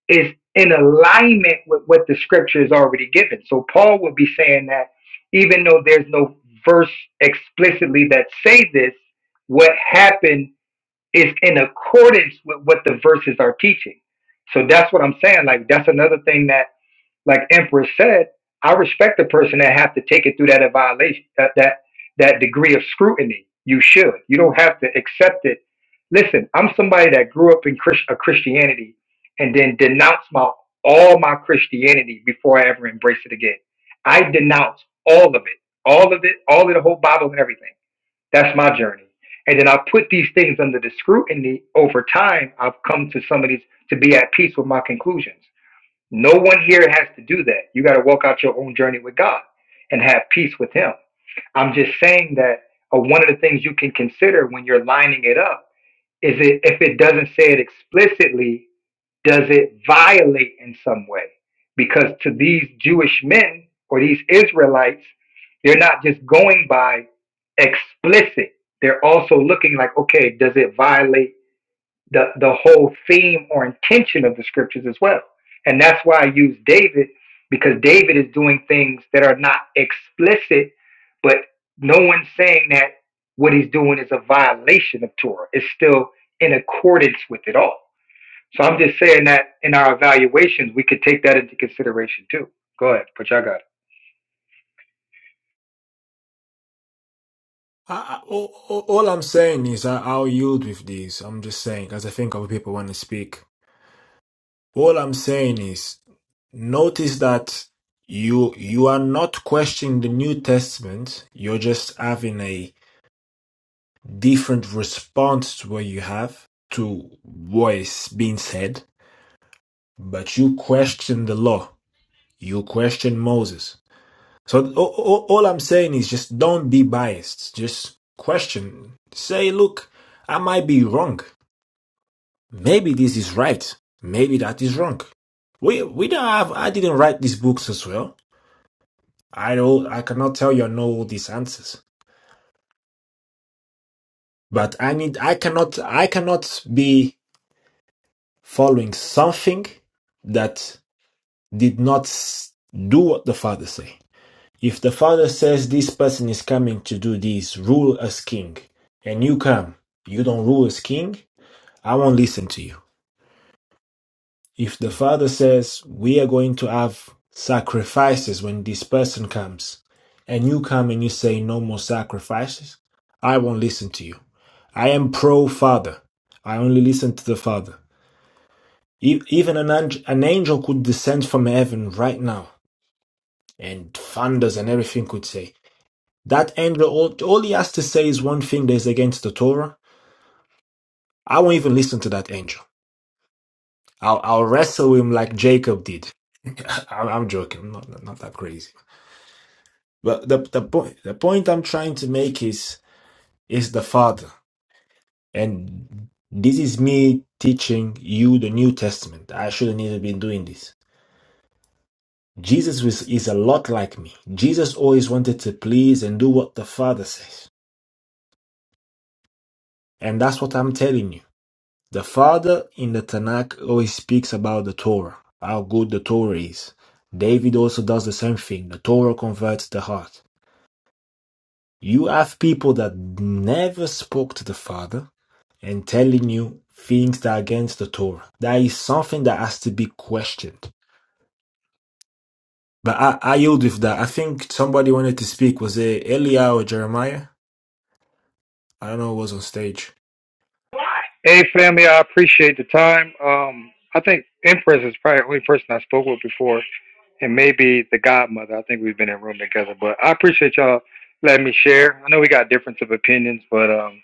is in alignment with what the scripture is already given. So Paul would be saying that even though there's no verse explicitly that say this, what happened is in accordance with what the verses are teaching. So that's what I'm saying. Like that's another thing that like Empress said, I respect the person that have to take it through that violation, that that that degree of scrutiny. You should. You don't have to accept it. Listen, I'm somebody that grew up in Chris, a Christianity and then denounced my all my Christianity before I ever embraced it again. I denounced all of it, all of it, all of the whole Bible and everything. That's my journey. And then I put these things under the scrutiny over time. I've come to some of these to be at peace with my conclusions. No one here has to do that. You got to walk out your own journey with God and have peace with Him. I'm just saying that uh, one of the things you can consider when you're lining it up is it if it doesn't say it explicitly, does it violate in some way? Because to these Jewish men or these Israelites, they're not just going by explicit. They're also looking like, okay, does it violate? the the whole theme or intention of the scriptures as well. And that's why I use David because David is doing things that are not explicit, but no one's saying that what he's doing is a violation of Torah. It's still in accordance with it all. So I'm just saying that in our evaluations, we could take that into consideration too. Go ahead, but y'all got it. I, I, all, all all I'm saying is I, I'll yield with these. I'm just saying because I think other people want to speak. All I'm saying is notice that you you are not questioning the New Testament. You're just having a different response what you have to what is being said, but you question the law, you question Moses. So a- all I'm saying is just don't be biased. Just question. Say, look, I might be wrong. Maybe this is right. Maybe that is wrong. We we don't have. I didn't write these books as well. I don't. I cannot tell you I know all these answers. But I need. I cannot. I cannot be following something that did not do what the father say. If the father says this person is coming to do this, rule as king, and you come, you don't rule as king, I won't listen to you. If the father says we are going to have sacrifices when this person comes, and you come and you say no more sacrifices, I won't listen to you. I am pro father. I only listen to the father. E, Even an angel, an angel could descend from heaven right now and thunders and everything could say. That angel, all, all he has to say is one thing that is against the Torah. I won't even listen to that angel. I'll, I'll wrestle him like Jacob did. I'm, I'm joking. I'm not, not that crazy. But the, the point, the point I'm trying to make is, is the Father. And this is me teaching you the New Testament. I shouldn't even be doing this Jesus was, is a lot like me. Jesus always wanted to please and do what the Father says. And that's what I'm telling you. The Father in the Tanakh always speaks about the Torah, how good the Torah is. David also does the same thing. The Torah converts the heart. You have people that never spoke to the Father and telling you things that are against the Torah. That is something that has to be questioned. But I, I yield with that. I think somebody wanted to speak. Was it Eliyahu or Jeremiah? I don't know who was on stage. Hey, family, I appreciate the time. Um, I think Empress is probably the only person I spoke with before, and maybe the Godmother. I think we've been in room together, but I appreciate y'all letting me share. I know we got difference of opinions, but um,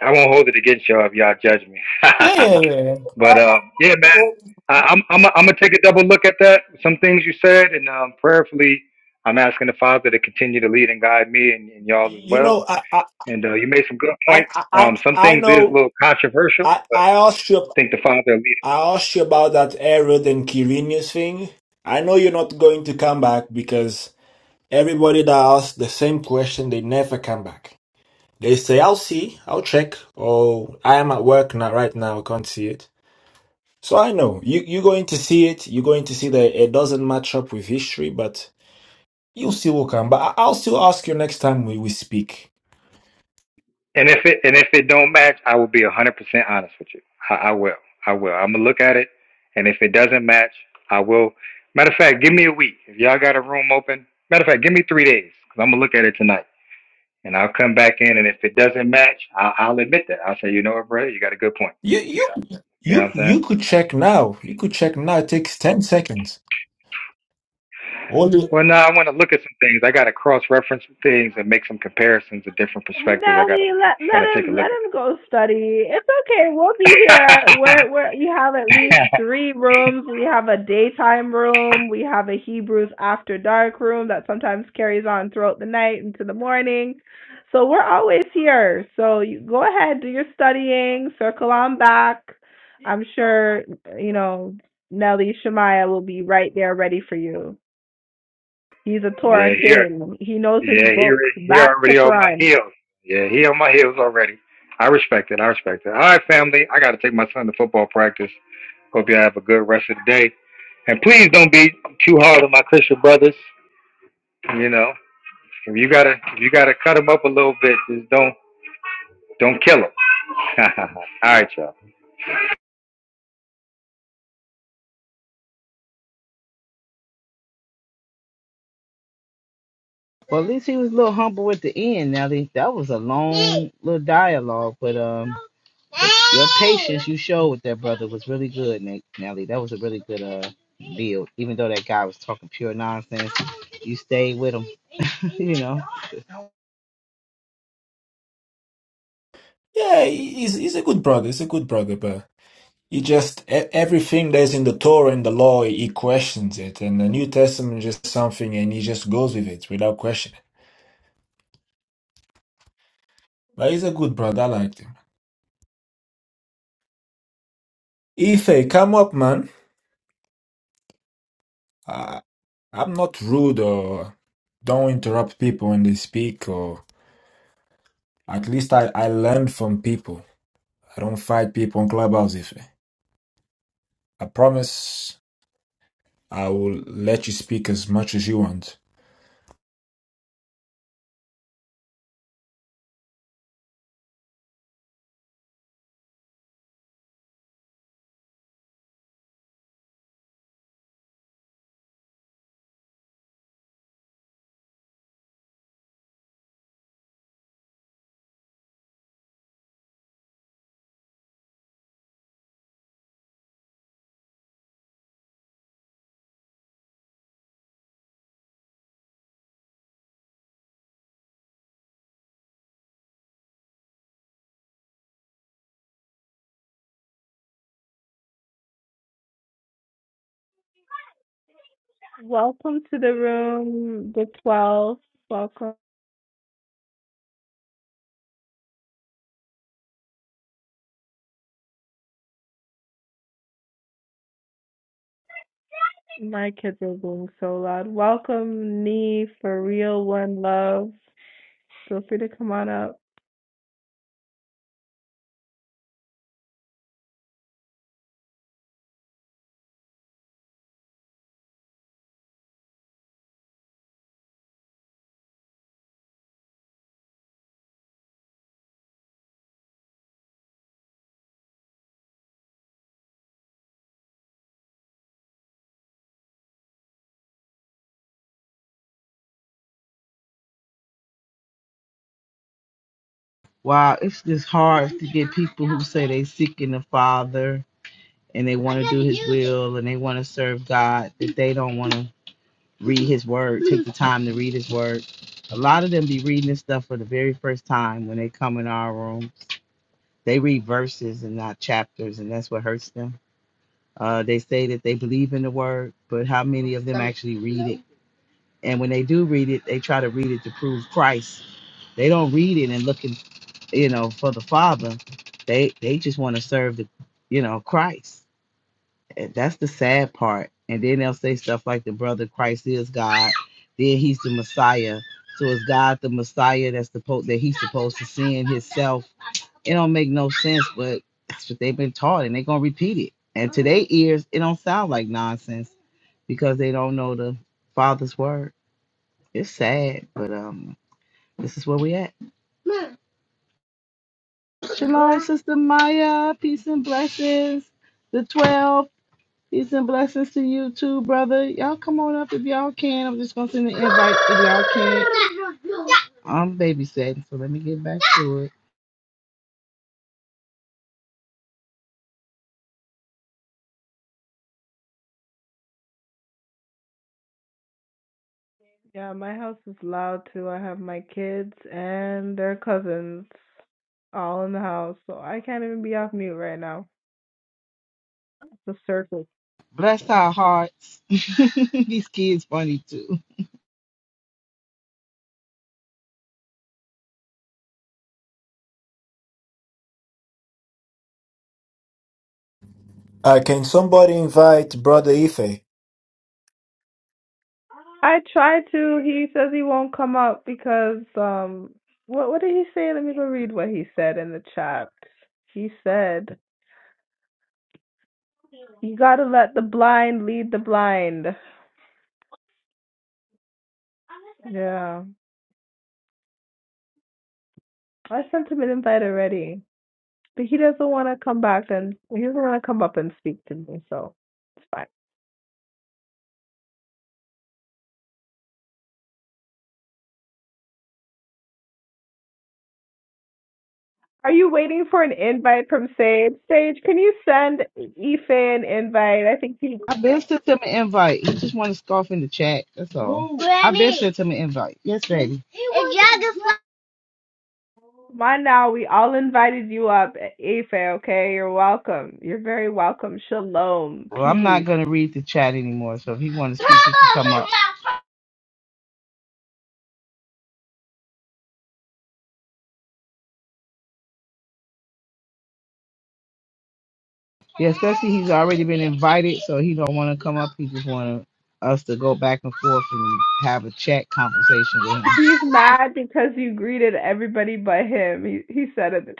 I won't hold it against y'all if y'all judge me. Yeah, yeah, yeah. yeah. but um, yeah, man, Oh, I, I'm I'm I'm gonna take a double look at that. Some things you said, and um, prayerfully, I'm asking the Father to continue to lead and guide me and, and y'all as you well. know, I, I, And uh, you made some good I, points. I, Um, some I things is a know. little controversial I, I asked you, think the Father will lead it. I asked you about that Herod and Quirinius thing. I know you're not going to come back because everybody that asks the same question, they never come back. They say, "I'll see, I'll check," or "I am at work now, right now, I can't see it." So I know you, you're going to see it. You're going to see that it doesn't match up with history, but you still will come. But I- I'll still ask you next time we, we speak. And if it and if it don't match, I will be hundred percent honest with you. I, I will. I will. I'm gonna look at it, and if it doesn't match, I will. Matter of fact, give me a week. If y'all got a room open, matter of fact, give me three days because I'm gonna look at it tonight, and I'll come back in. And if it doesn't match, I, I'll admit that. I'll say, you know what, brother, you got a good point. You you You know what you I'm saying? you could check now. You could check now. It takes ten seconds. Only Well, no, I want to look at some things. I got to cross reference things and make some comparisons of different perspectives. I gotta Nelly, let let gotta take a him let look at him go study. It's okay. We'll be here. it. We're we're we have at least three rooms. We have a daytime room. We have a Hebrews after dark room that sometimes carries on throughout the night into the morning. So we're always here. So you go ahead, do your studying. Circle on back. I'm sure you know Nelly Shemaiah will be right there ready for you. He's a yeah, Torah here. king. He knows his Yeah, he book re- he back to already on my front. heels. Yeah, he on my heels already. I respect it. I respect it. All right, family. I got to take my son to football practice. Hope y'all have a good rest of the day. And please don't be too hard on my Christian brothers. You know, if you gotta if you gotta cut them up a little bit, just don't don't kill them. All right, y'all. Well, at least he was a little humble at the end, Nelly. That was a long little dialogue, but um, you showed with that brother was really good, Ne- Nelly. That was a really good uh build, even though that guy was talking pure nonsense, you know. yeah, he- he's he's a good brother. He's a good brother, but he just e- everything that's in the Torah and the law, he questions it, and the New Testament is just something, and he just goes with it without questioning. But he's a good brother. I liked him. Ife, come up, man. Uh, I'm not rude or don't interrupt people when they speak, or at least I I learn from people. I don't fight people on Clubhouse, Ife. I promise. I will let you speak as much as you want. Welcome to the room, the 12. Welcome. My kids are being so loud. Welcome, Nee, for real, one love. Feel free to come on up. Wow, it's just hard people who say they seeking the Father and they want build and they want to serve God, that they don't want to read His Word, take the time to read His Word. A lot of them be reading this stuff for the very first time when they come in our room. They read verses and not chapters, and that's what hurts them. Uh, they say that they believe in the Word, but how many of them actually read it? And when they do read it, they try to read it to prove Christ. They don't read it and looking, you know, for the Father. They they just want to serve the, you know, Christ eh, That's the sad part. And then they'll say stuff like the brother Christ is God, then he's the Messiah. So is God the Messiah that's supposed that he's supposed to send himself? It don't make no sense, but that's what they've been taught, and they're gonna repeat it. And to their ears, it don't sound like nonsense because they don't know the Father's word. It's sad, but um, this is where we at. Shalom, Sister Maya. Peace and blessings. The twelve. Peace and blessings to you too, brother. Y'all come on up if y'all can. I'm just gonna send an invite if y'all can. I'm babysitting, so let me get back to it. Yeah, my house is loud too. I have my kids and their cousins all in the house, so I can't even be off mute right now. It's a circle. Bless our hearts. These kids funny too. Uh, can somebody invite Brother Ife? I tried to. He says he won't come up because um, what what did he say? Let me go read what he said in the chat. He said. You gotta let the blind lead the blind. Yeah. I sent him an invite already. But he doesn't wanna come back and he doesn't wanna come up and speak to me, so it's fine. Are you waiting for an invite from Sage? Sage, can you send Ife an invite? I think he I been sent him an invite. He just want to scoff in the chat. That's all. Sent him an invite. Yes, baby. come on now, we all invited you up, Ife, okay? You're welcome. You're very welcome. Shalom. Well, I'm not Peace. gonna read the chat anymore. So if he wants, yeah, especially he's already been invited, so he don't want to come up. He just want us to go back and forth and have a chat conversation with him. He's mad because you greeted everybody but him. He he said it.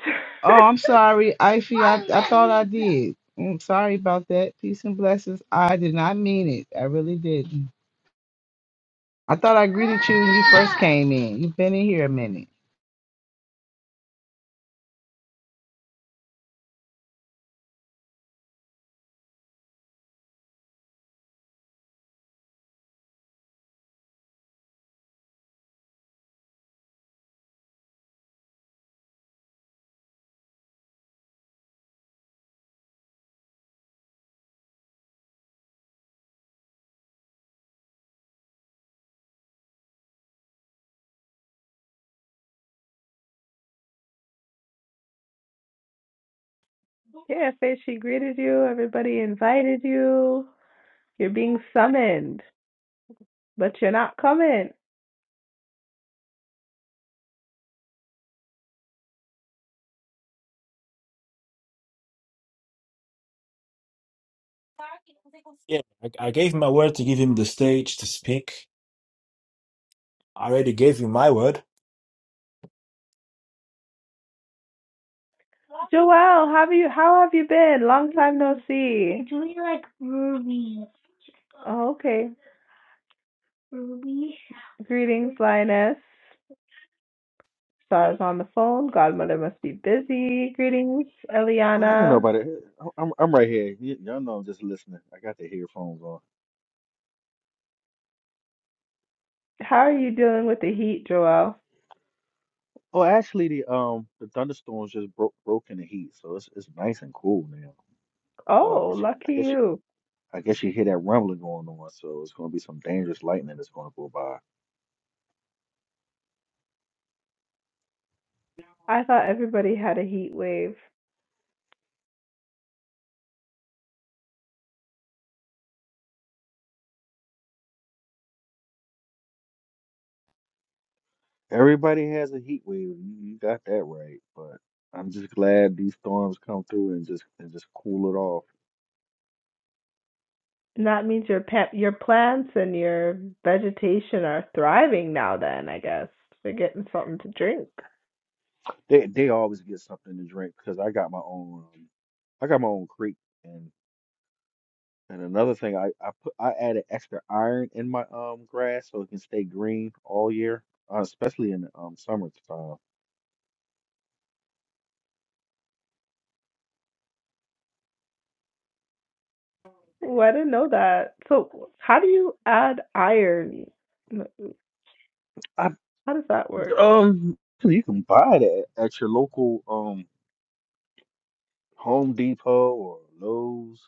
Oh, I'm sorry, Ify. I. I did. I'm sorry about that. Peace and blessings. I did not mean it. I really didn't. I thought I greeted you when you came in. You've been in here a minute. Yeah, Faith, she greeted you. Everybody invited you. You're being summoned, but you're not coming. Yeah, I, I gave him my word to give him the stage to speak. I already gave you my word. Joelle, how have you how have you been? Long time no see. Oh, Okay. Greetings, Lioness. Stars on the phone. Godmother must be busy. Greetings, I ain't Eliana. nobody. I'm I'm I'm right here. Y- y'all know I'm just listening. I got the headphones on. How are you dealing with the heat, Joelle? Oh, actually, the um the thunderstorms just broke broke in the heat, so it's it's nice and cool now. Oh, I Oh, guess you I lucky guess you you. I guess you hear that rumbling going on, so it's gonna be some dangerous lightning that's gonna go by. I thought everybody had a heat wave. Everybody has a heat wave. You, you got that right, but I'm just glad these storms come through and just and just cool it off. And that means your pa- your plants and your vegetation are thriving now then, I guess. They're getting something to drink. They they always get something to drink because I got my own um, I got my own creek And another thing, I I put I added extra iron in my um grass so it can stay green all year, uh, especially in the um summertime. Oh, I didn't know that. So, how do you add iron? I How does that work? um you can buy that at your local um Home Depot or Lowe's.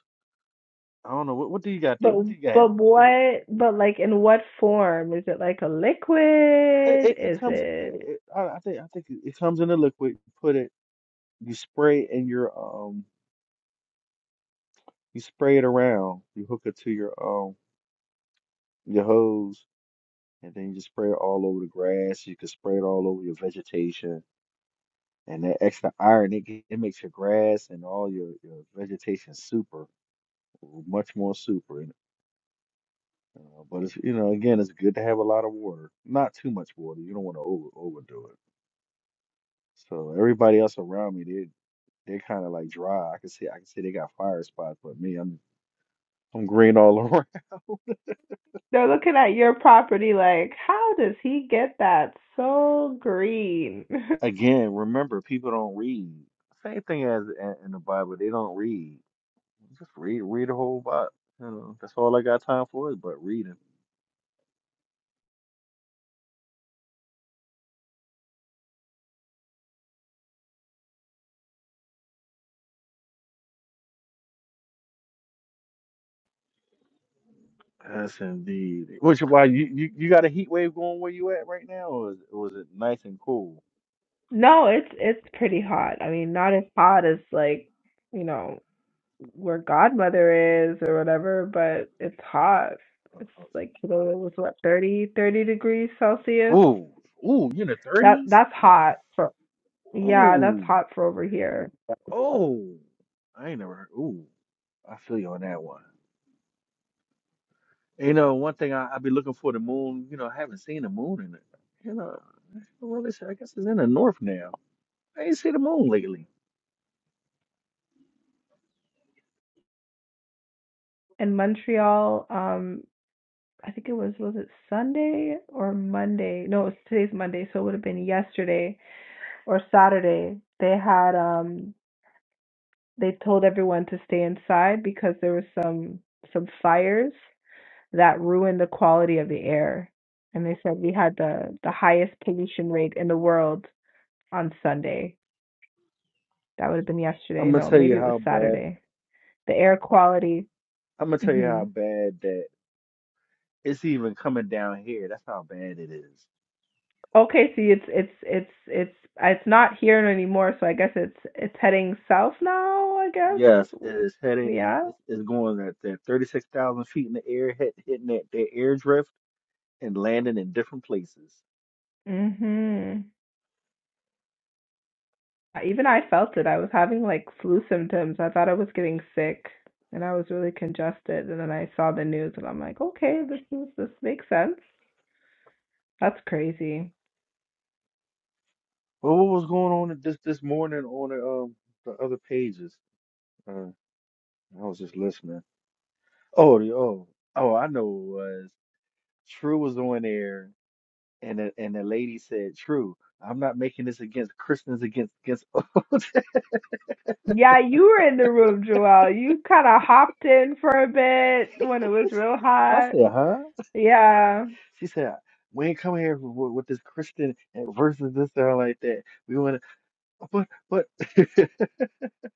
I don't know what what do you got there? But What do you got? but What do you? what but like in what form? Is it like a It liquid? it, it Is comes. It, it it, I, I think I think it it comes in a liquid. You put it. You spray it in your um. You spray it around. You hook it to your um your hose and then you just spray it all over the grass. You can spray it all over your vegetation, and that extra iron it, ge- it makes your grass and all your, your vegetation super, much more super. And, uh, but it's you know again it's good to have a lot of water, not too much water. You don't want to over overdo it. So everybody else around me they they're kind of like dry. I can see I can see they got fire spots, but me I'm I'm green all around they're looking at your property like, how does he get that so green? again, remember, people don't read. Same thing as in in the Bible, they don't read. Just read, read a whole lot. You know, that's all I got time for is but reading. Yes, indeed. Which why you, you you got a heat wave going where you at right now, or is, or is it nice and cool? No, it's it's pretty hot. I mean, not as hot as like, you know, where godmother is or whatever, but it's hot. It's like you know, it was what thirty thirty degrees Celsius. Ooh, ooh, you in the That thirties? that's hot for yeah, that's Ooh, hot for over here oh, I ain't never heard. Ooh, I feel you on that one. You know, one thing I I be looking for the moon. You know, I haven't seen the moon in it. You know, well, it's, I guess it's in the north now. I ain't seen the moon lately. in Montreal. Um, I think it was was it Sunday or Monday? No, it's today's Monday, so it would have been yesterday or Saturday. They had um they told everyone to stay inside because there was some some fires that ruined the quality of the air, and they said we had the the highest pollution rate in the world on Sunday. That would have been I'm yesterday. gonna No, tell you maybe it was how bad. Saturday. The air quality. I'm gonna tell you mhm. how bad that it's even coming down here. That's how bad it is. Okay, see, it's it's it's it's it's not here no anymore, so I guess it's it's heading south now, I Yes, it guess. is heading. Yeah. It's, it's going at that 36,000 feet in the air, hit, hitting that, that air drift and landing in different places. Mhm. Even I felt it. I was having like flu symptoms. I thought I was getting sick and I was really congested and then I saw the news and I'm like, "Okay, this is this makes sense." That's crazy. Well, what was going on this this morning on the um the other pages? Uh, I was just listening. Oh, the, oh, oh! I know what it was. True was on there, and the, and the lady said, "True, I'm not making this against Christians against against." Yeah, you were in the room, Joelle. You kind of hopped in for a bit when it was real I hot. said, "Huh?" Yeah, She said, "We ain't come here with, with this Christian and versus this or like that. We want to, but, but."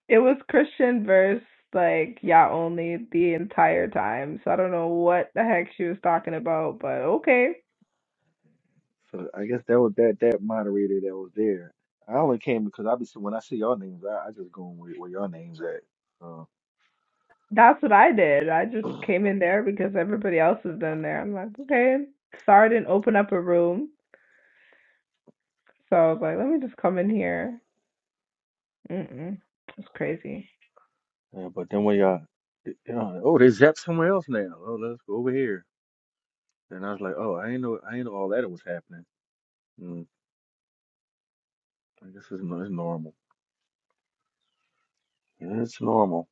it was Christian verse, like, yeah, only the entire time. So I don't know what the heck she was talking about, but okay. so I guess that was that that moderator that was there. I only came because I be see- when I see y'all names, I, I just go where, where y'all names at. So, That's what I did. I just came in there because everybody else has been there. I'm like, okay. Sorry, didn't open up a room. So I was like, let me just come in here. Mm-mm. It's crazy. yeah, but then when y'all, you know, oh, they zapped somewhere else now. Oh, let's go over here. And I was like, oh, I ain't know, I ain't know all that was happening. Mm, I guess it's, no- it's normal. Yeah, It's normal.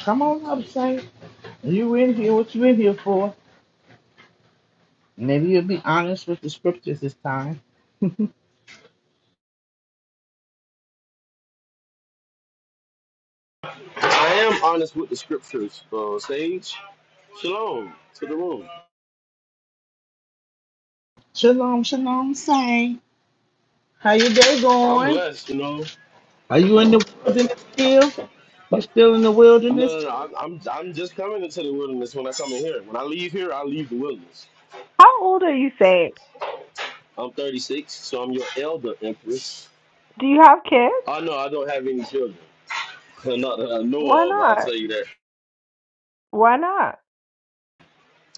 Come on up, Saint. You in here? What you in here for? Maybe you'll be honest with the scriptures this time. I am honest with the scriptures, uh, Sage. Shalom to the room. Shalom, shalom, Saint. How your day I'm going? blessed, you know. Are you in the wilderness still? You still in the No, no, wilderness? no. I'm, I'm, I'm just coming into the wilderness when I come in here. When I leave here, I leave the wilderness. How old are you, Say? I'm 36, so I'm your elder empress. Do you have kids? Oh no, I don't have any children. Not that I Why know of. I'll not? tell you that. Why not?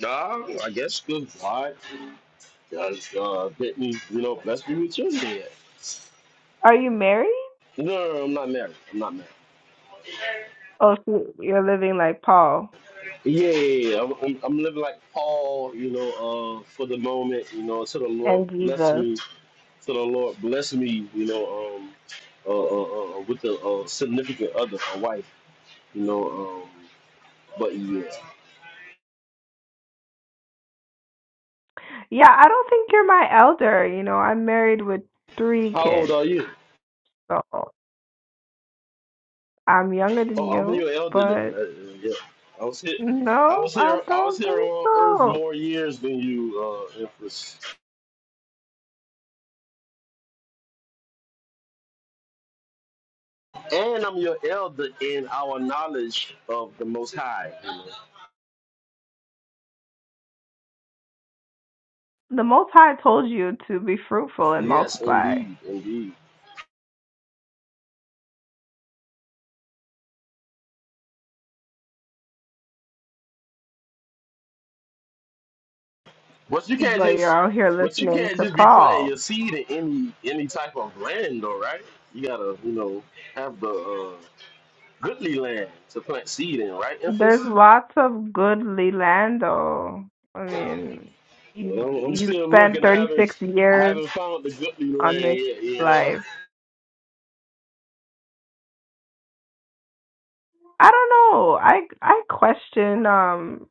Nah, I guess good God, because uh, Brittany, you know, blessed me with children yet. Are you married? No, no, no, I'm not married. I'm not married. Oh, so you're living like Paul Yeah, yeah, yeah. yeah. I'm, I'm, I'm living like Paul, you know, uh, for the moment, you know, to the Lord and bless Jesus. me, to the Lord bless me, you know, um, uh, uh, uh, uh, with a uh, significant other, a wife, you know, um, but yeah. Yeah, I don't think you're my elder. You know, I'm married with three How old kids. are you? So I'm younger than Oh, I'm you, your elder then. but Uh, uh, yeah, I was here. I no, was I here. I was don't here think on Earth so. more years than you, uh, Empress. And I'm your elder in our knowledge of the Most High. you know. The Most High told you to be fruitful and Yes, multiply, indeed, indeed. But you can't but you're just, out here but you listening can't to just be planting Paul. your seed in any any type of land, though, right? You gotta, you know, have the uh, goodly land to plant seed in, right, Empress? There's lots of good Lelando. I mean, you I'm, I'm you've still spent looking. I 36 haven't, I years haven't found the goodly on land this yet, you know. life. I don't know. I I question um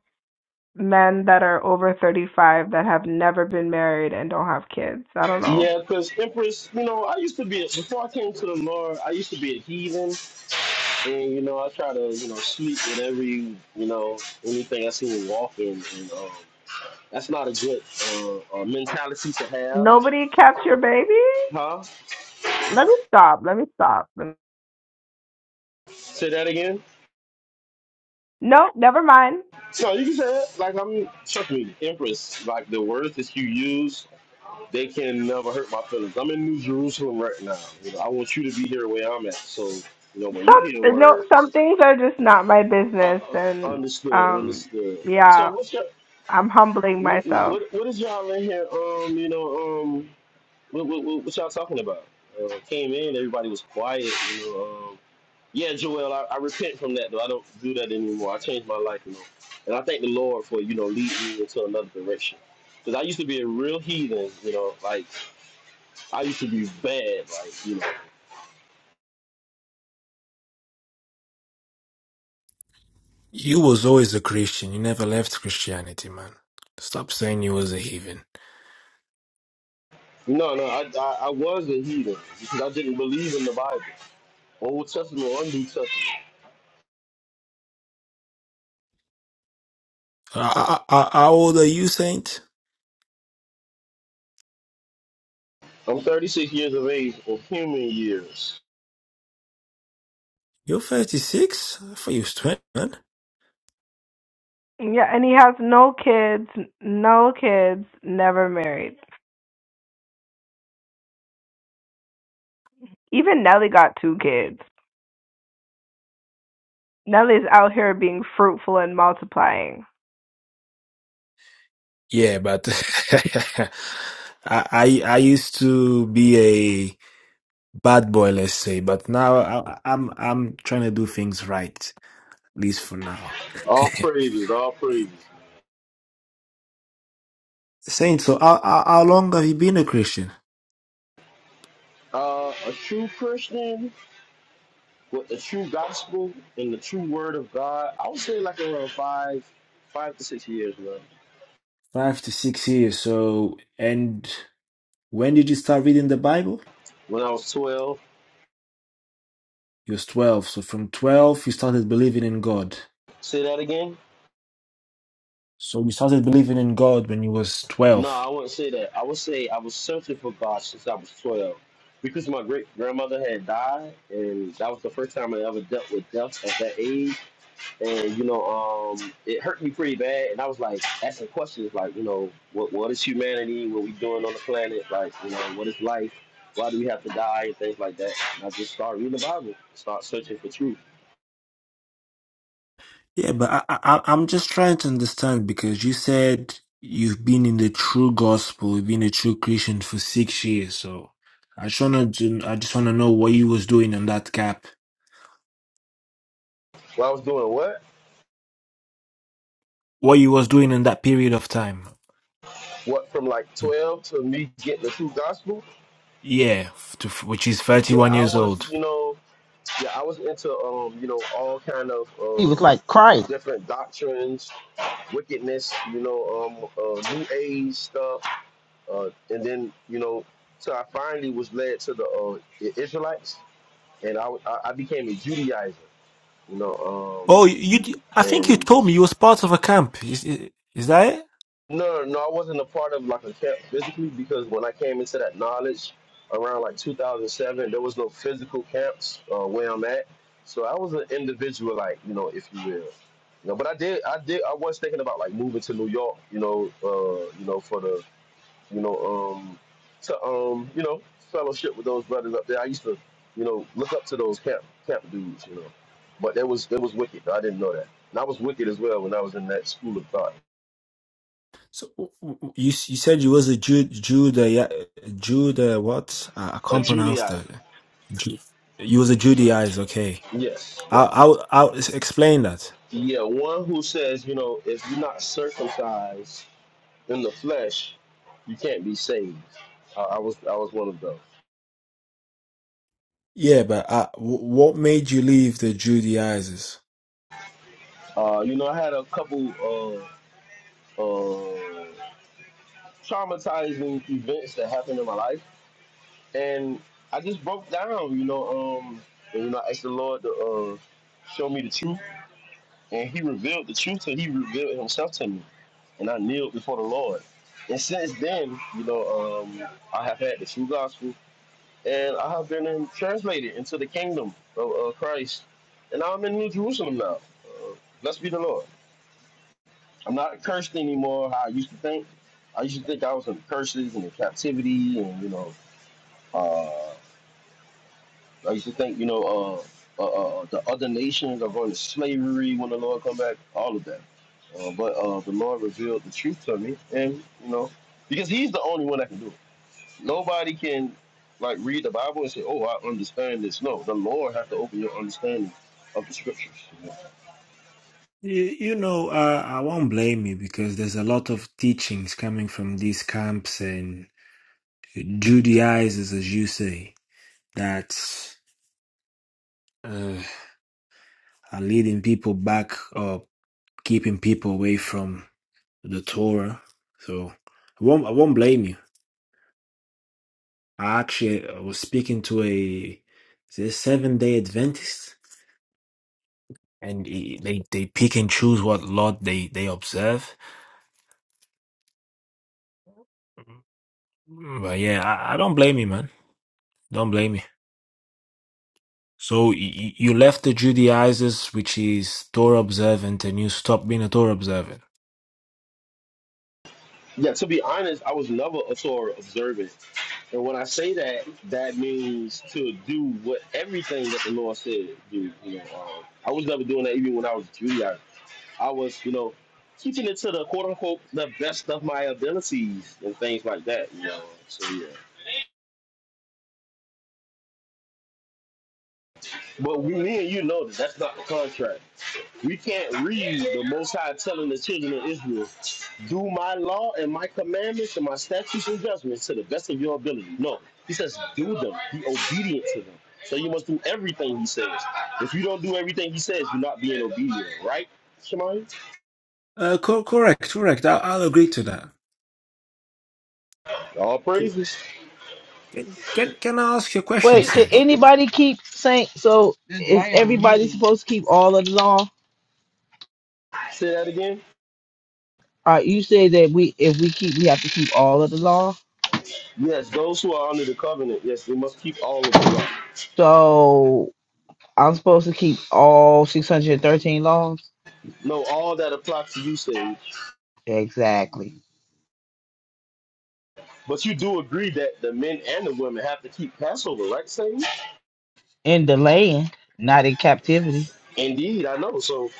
men that are over 35 that have never been married and don't have kids. I don't know. Yeah, because Empress, you know, I used to be a, before I came to the Lord, I used to be a heathen, and you know, I try to, you know, sleep with every, you know, anything I see me walking, and um, that's not a good uh, uh, mentality to have, Nobody kept your baby? huh? Let me stop. Let me stop. Let me- Say that again. No, never mind. So you can say it like I'm. Trust me, Empress. Like the words that you use, they can never hurt my feelings. I'm in New Jerusalem right now. You know, I want you to be here where I'm at. So you know, when you hear Some no some words, things are just not my uh, business uh, and understood, um understood. yeah, So what's your I'm humbling what myself. what what is y'all in here? Um, you know, um, what what, what, what y'all talking about? Uh, came in, everybody was quiet. You know, um, Yeah, Joel, I, I repent from that though. I don't do that anymore. I changed my life, you know. And I thank the Lord for, you know, leading me into another direction. Because I used to be a real heathen, you know, like I used to be bad, like, you know. You was always a Christian. You never left Christianity, man. Stop saying you was a heathen. No, no, I, I, I was a heathen because I didn't believe in the Bible, Old Testament or New Testament. Uh, uh, How old are you, Saint? I'm 36 years of age, of human years. You're 36? I thought you was 20, man. Yeah, and he has no kids, no kids, never married. Even Nelly got two kids. Nelly's out here being fruitful and multiplying. Yeah, but I, I I used to be a bad boy, let's say, but now I, I'm I'm trying to do things right, at least for now. All praises, all praises. Saint, so how, how how long have you been a Christian? Uh, a true Christian with the true gospel and the true word of God, I would say like around five, five to six years ago. Five to six years. So, and when did you start reading the Bible? When I was twelve. You was 12. So from 12, you started believing in God. Say that again? So you started believing in God when you was No, 12. I wouldn't say that. I would say I was searching for God since I was twelve. Because my great grandmother had died and that was the first time I ever dealt with death at that age. and you know, um, it hurt me pretty bad. And I was like asking questions, like, you know, what what is humanity? What we doing on the planet? Like, you know, what is life? Why do we have to die and things like that? And I just started reading the Bible, start searching for truth. Yeah, but I, I, I- am just trying to understand because you said you've been in the true gospel, you've been a true Christian for six years. So I just wanna, do, I just wanna know what you was doing in that gap, Well, I was doing what? what you was doing in that period of time. What from like twelve to me getting the true gospel? Yeah, f- to, f- which is Yeah, 31 I years was, old. you know, yeah, I was into, um, you know, all kind of. He was Uh, like Christ. different doctrines wickedness you know um uh, new age stuff Uh, and then you know, so I finally was led to the, uh, the Israelites, and I, I I became a Judaizer. You know, Oh, um, you, you- I think you and told me you was part of a camp. Is is is that it? no, no, I wasn't a part of like a camp physically because when I came into that knowledge around like 2007, there was no physical camps uh, where I'm at. So I was an individual, like you know, if you will. You know, but I did, I did, I was thinking about like moving to New York, you know, uh, you know, for the you know, um, to um, you know, fellowship with those brothers up there. I used to, you know, look up to those camp camp dudes, you know. But that was that was wicked. I didn't know that. And I was wicked as well when I was in that school of thought. So w- w- you s- you said you was a Jew Judea Judah what? I, I A can't pronounce Judaizer. that. yeah. Ju you was a Judaizer, okay. Yes, I'll yes. I'll, I'll s- explain that. Yeah, one who says, you know, if you're not circumcised in the flesh, you can't be saved. I, I was I was one of those. Yeah, but uh, w- what made you leave the Judaizers? Uh, you know, I had a couple uh, uh, traumatizing events that happened in my life and I just broke down, you know, um, and you know, I asked the Lord to uh, show me the truth, and He revealed the truth, and He revealed Himself to me, and I kneeled before the Lord. And since then, you know, um, I have had the true gospel, and I have been in, translated into the kingdom of uh, Christ, and I'm in New Jerusalem now. Uh, blessed be the Lord. I'm not cursed anymore. How I used to think. I used to think I was in curses and in captivity, and you know. uh, I used to think, you know, uh, uh, uh, uh, the other nations are going to slavery when the Lord come back, all of that. Uh, but uh, the Lord revealed the truth to me, and you know, because He's the only one that can do it. Nobody can like read the Bible and say, "Oh, I understand this." No, the Lord has to open your understanding of the Scriptures. You, you know, uh, I won't blame you because there's a lot of teachings coming from these camps and Judaizers, as you say, that uh, are leading people back or keeping people away from. the Torah. So I won't I won't blame you. I actually I was speaking to a this seven day Adventist, and he- they they pick and choose what lot they they observe. But yeah, I, I don't blame you, man. Don't blame you. So you, you left the Judaizers, which is Torah observant, and you stopped being a Torah observant. Yeah, to be honest, I was never a Torah observant, and when I say that, that means to do what everything that the Lord said do. You know, um, I was never doing that even when I was a Judaizer. I was, you know, teaching it to the quote unquote the best of my abilities and things like that, you know. So yeah. But we, me and you know that that's not the contract. We can't read the Most High telling the children of Israel, "Do my law and my commandments and my statutes and judgments to the best of your ability." No, he says, "Do them. Be obedient to them." So you must do everything he says. If you don't do everything he says, you're not being obedient, right, Shemai? Uh, co- correct, correct. I- I'll agree to that. All praises. Can, can can I ask you a question, Wait, did Saint? anybody keep Saint? So is everybody supposed to keep all of the law? Say that again. Uh, you say that we, if we keep, we have to keep all of the law. Yes, those who are under the covenant, yes, they must keep all of the law. So I'm supposed to keep all 613 laws. No, all that apply to you, Sage. Exactly. But you do agree that the men and the women have to keep Passover, right, Sage? In the land, not in captivity. Indeed, I know. So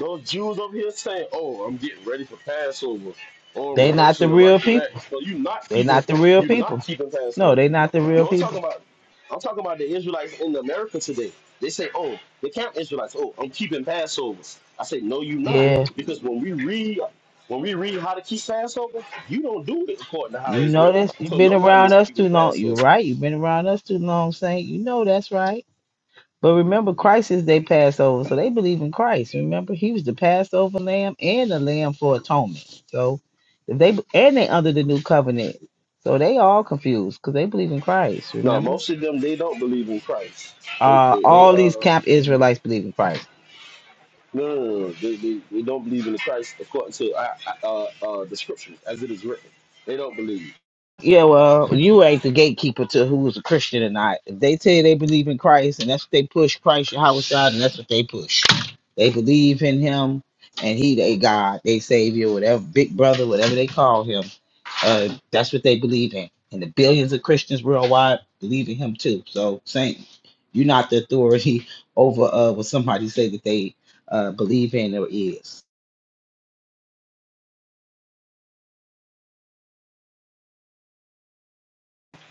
those Jews over here saying, "Oh, I'm getting ready for Passover," or They not the rehearsing the real righteous people. acts. So you not They keeping, not the real you not people. keeping No, Passover. they not the real No, I'm talking people. about I'm talking about the Israelites in America today. They say, "Oh, the camp Israelites. Oh, I'm keeping Passovers." I say, "No, you not, Yeah. because when we read when we read how to keep Passover, you don't do it according to how You it's know written. this. You've So been nobody around is us keeping too long. You're Passover. right. You've been around us too long, Saint. You know that's right. But remember, Christ is their Passover, so they believe in Christ. Remember, He was the Passover Lamb and the Lamb for atonement. So if they and they under the new covenant, so they all confused because they believe in Christ. No, Remember, most of them they don't believe in Christ. They uh, they, they all uh these camp Israelites believe in Christ. no, no, no, no. They, they they don't believe in Christ according to uh, uh, uh, the scriptures as it is written. They don't believe. Yeah, well, you ain't the gatekeeper to who's a Christian or not. If they tell you they believe in Christ and that's what they push, Christ Yahweh's side, and that's what they push. They believe in him and he they God, they savior, whatever big brother, whatever they call him. Uh that's what they believe in. And the billions of Christians worldwide believe in him too. So Saint, you're not the authority over uh what somebody say that they uh believe in or is.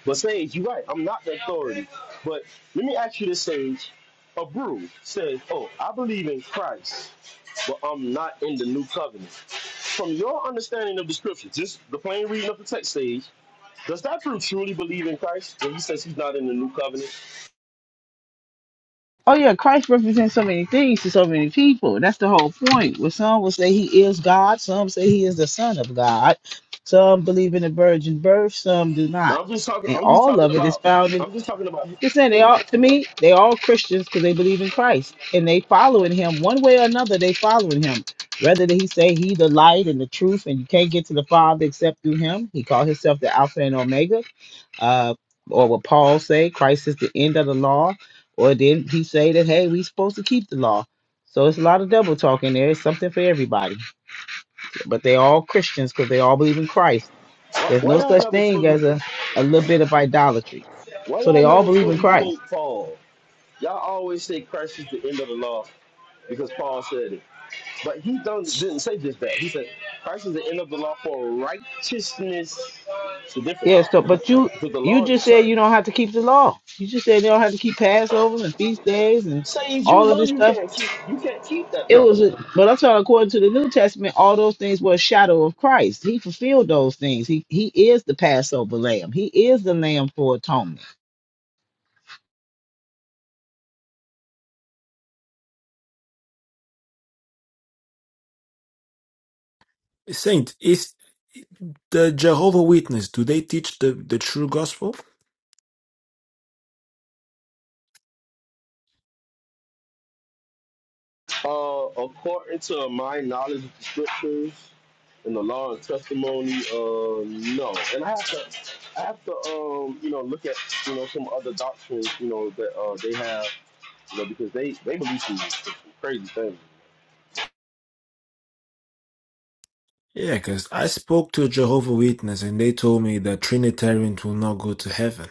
But Sage, you're right. I'm not the authority. But let me ask you this, Sage. A brew says, "Oh, I believe in Christ, but I'm not in the new covenant." From your understanding of the scripture, just the plain reading of the text, Sage, does that brew truly believe in Christ when he says he's not in the new covenant? Oh yeah, Christ represents so many things to so many people. That's the whole point. Well, some will say he is God, some say he is the Son of God, some believe in the virgin birth, some do not. Now, I'm just talking. And I'm just all talking of it is about. found in I'm just talking about just saying they all to me, they all Christians because they believe in Christ and they following him one way or another, they following him. Whether that he say he the light and the truth and you can't get to the Father except through him, he called himself the Alpha and Omega uh, or what Paul say, Christ is the end of the law, or did he say that hey, we supposed to keep the law? So it's a lot of double talk in there. It's something for everybody, but they all Christians because they all believe in Christ. why, There's why no y'all such never thing as fully a a little bit of idolatry. why So y'all they all never believe in fully quote Christ. Paul. Y'all always say Christ is the end of the law because Paul said it. But he don't, didn't say just that. He said, Christ is the end of the law for righteousness. It's different. Yeah. So, but you Because the you law is just said you eternal. don't have to keep the law. You just said they don't have to keep Passover and feast days and Says you all of know this you stuff. can't keep you can't keep that It law. was, a, but I'm talking according to the New Testament, all those things were a shadow of Christ. He fulfilled those things. He he is the Passover lamb. He is the lamb for atonement. Saint, is the Jehovah Witness, do they teach the, the true gospel? Uh, according to my knowledge of the scriptures and the law and testimony, uh, no. And I have to I have to um, you know, look at, you know, some other doctrines, you know, that uh they have, you know, because they, they believe some crazy things. Yeah, because I spoke to a Jehovah Witness and they told me that Trinitarians will not go to heaven.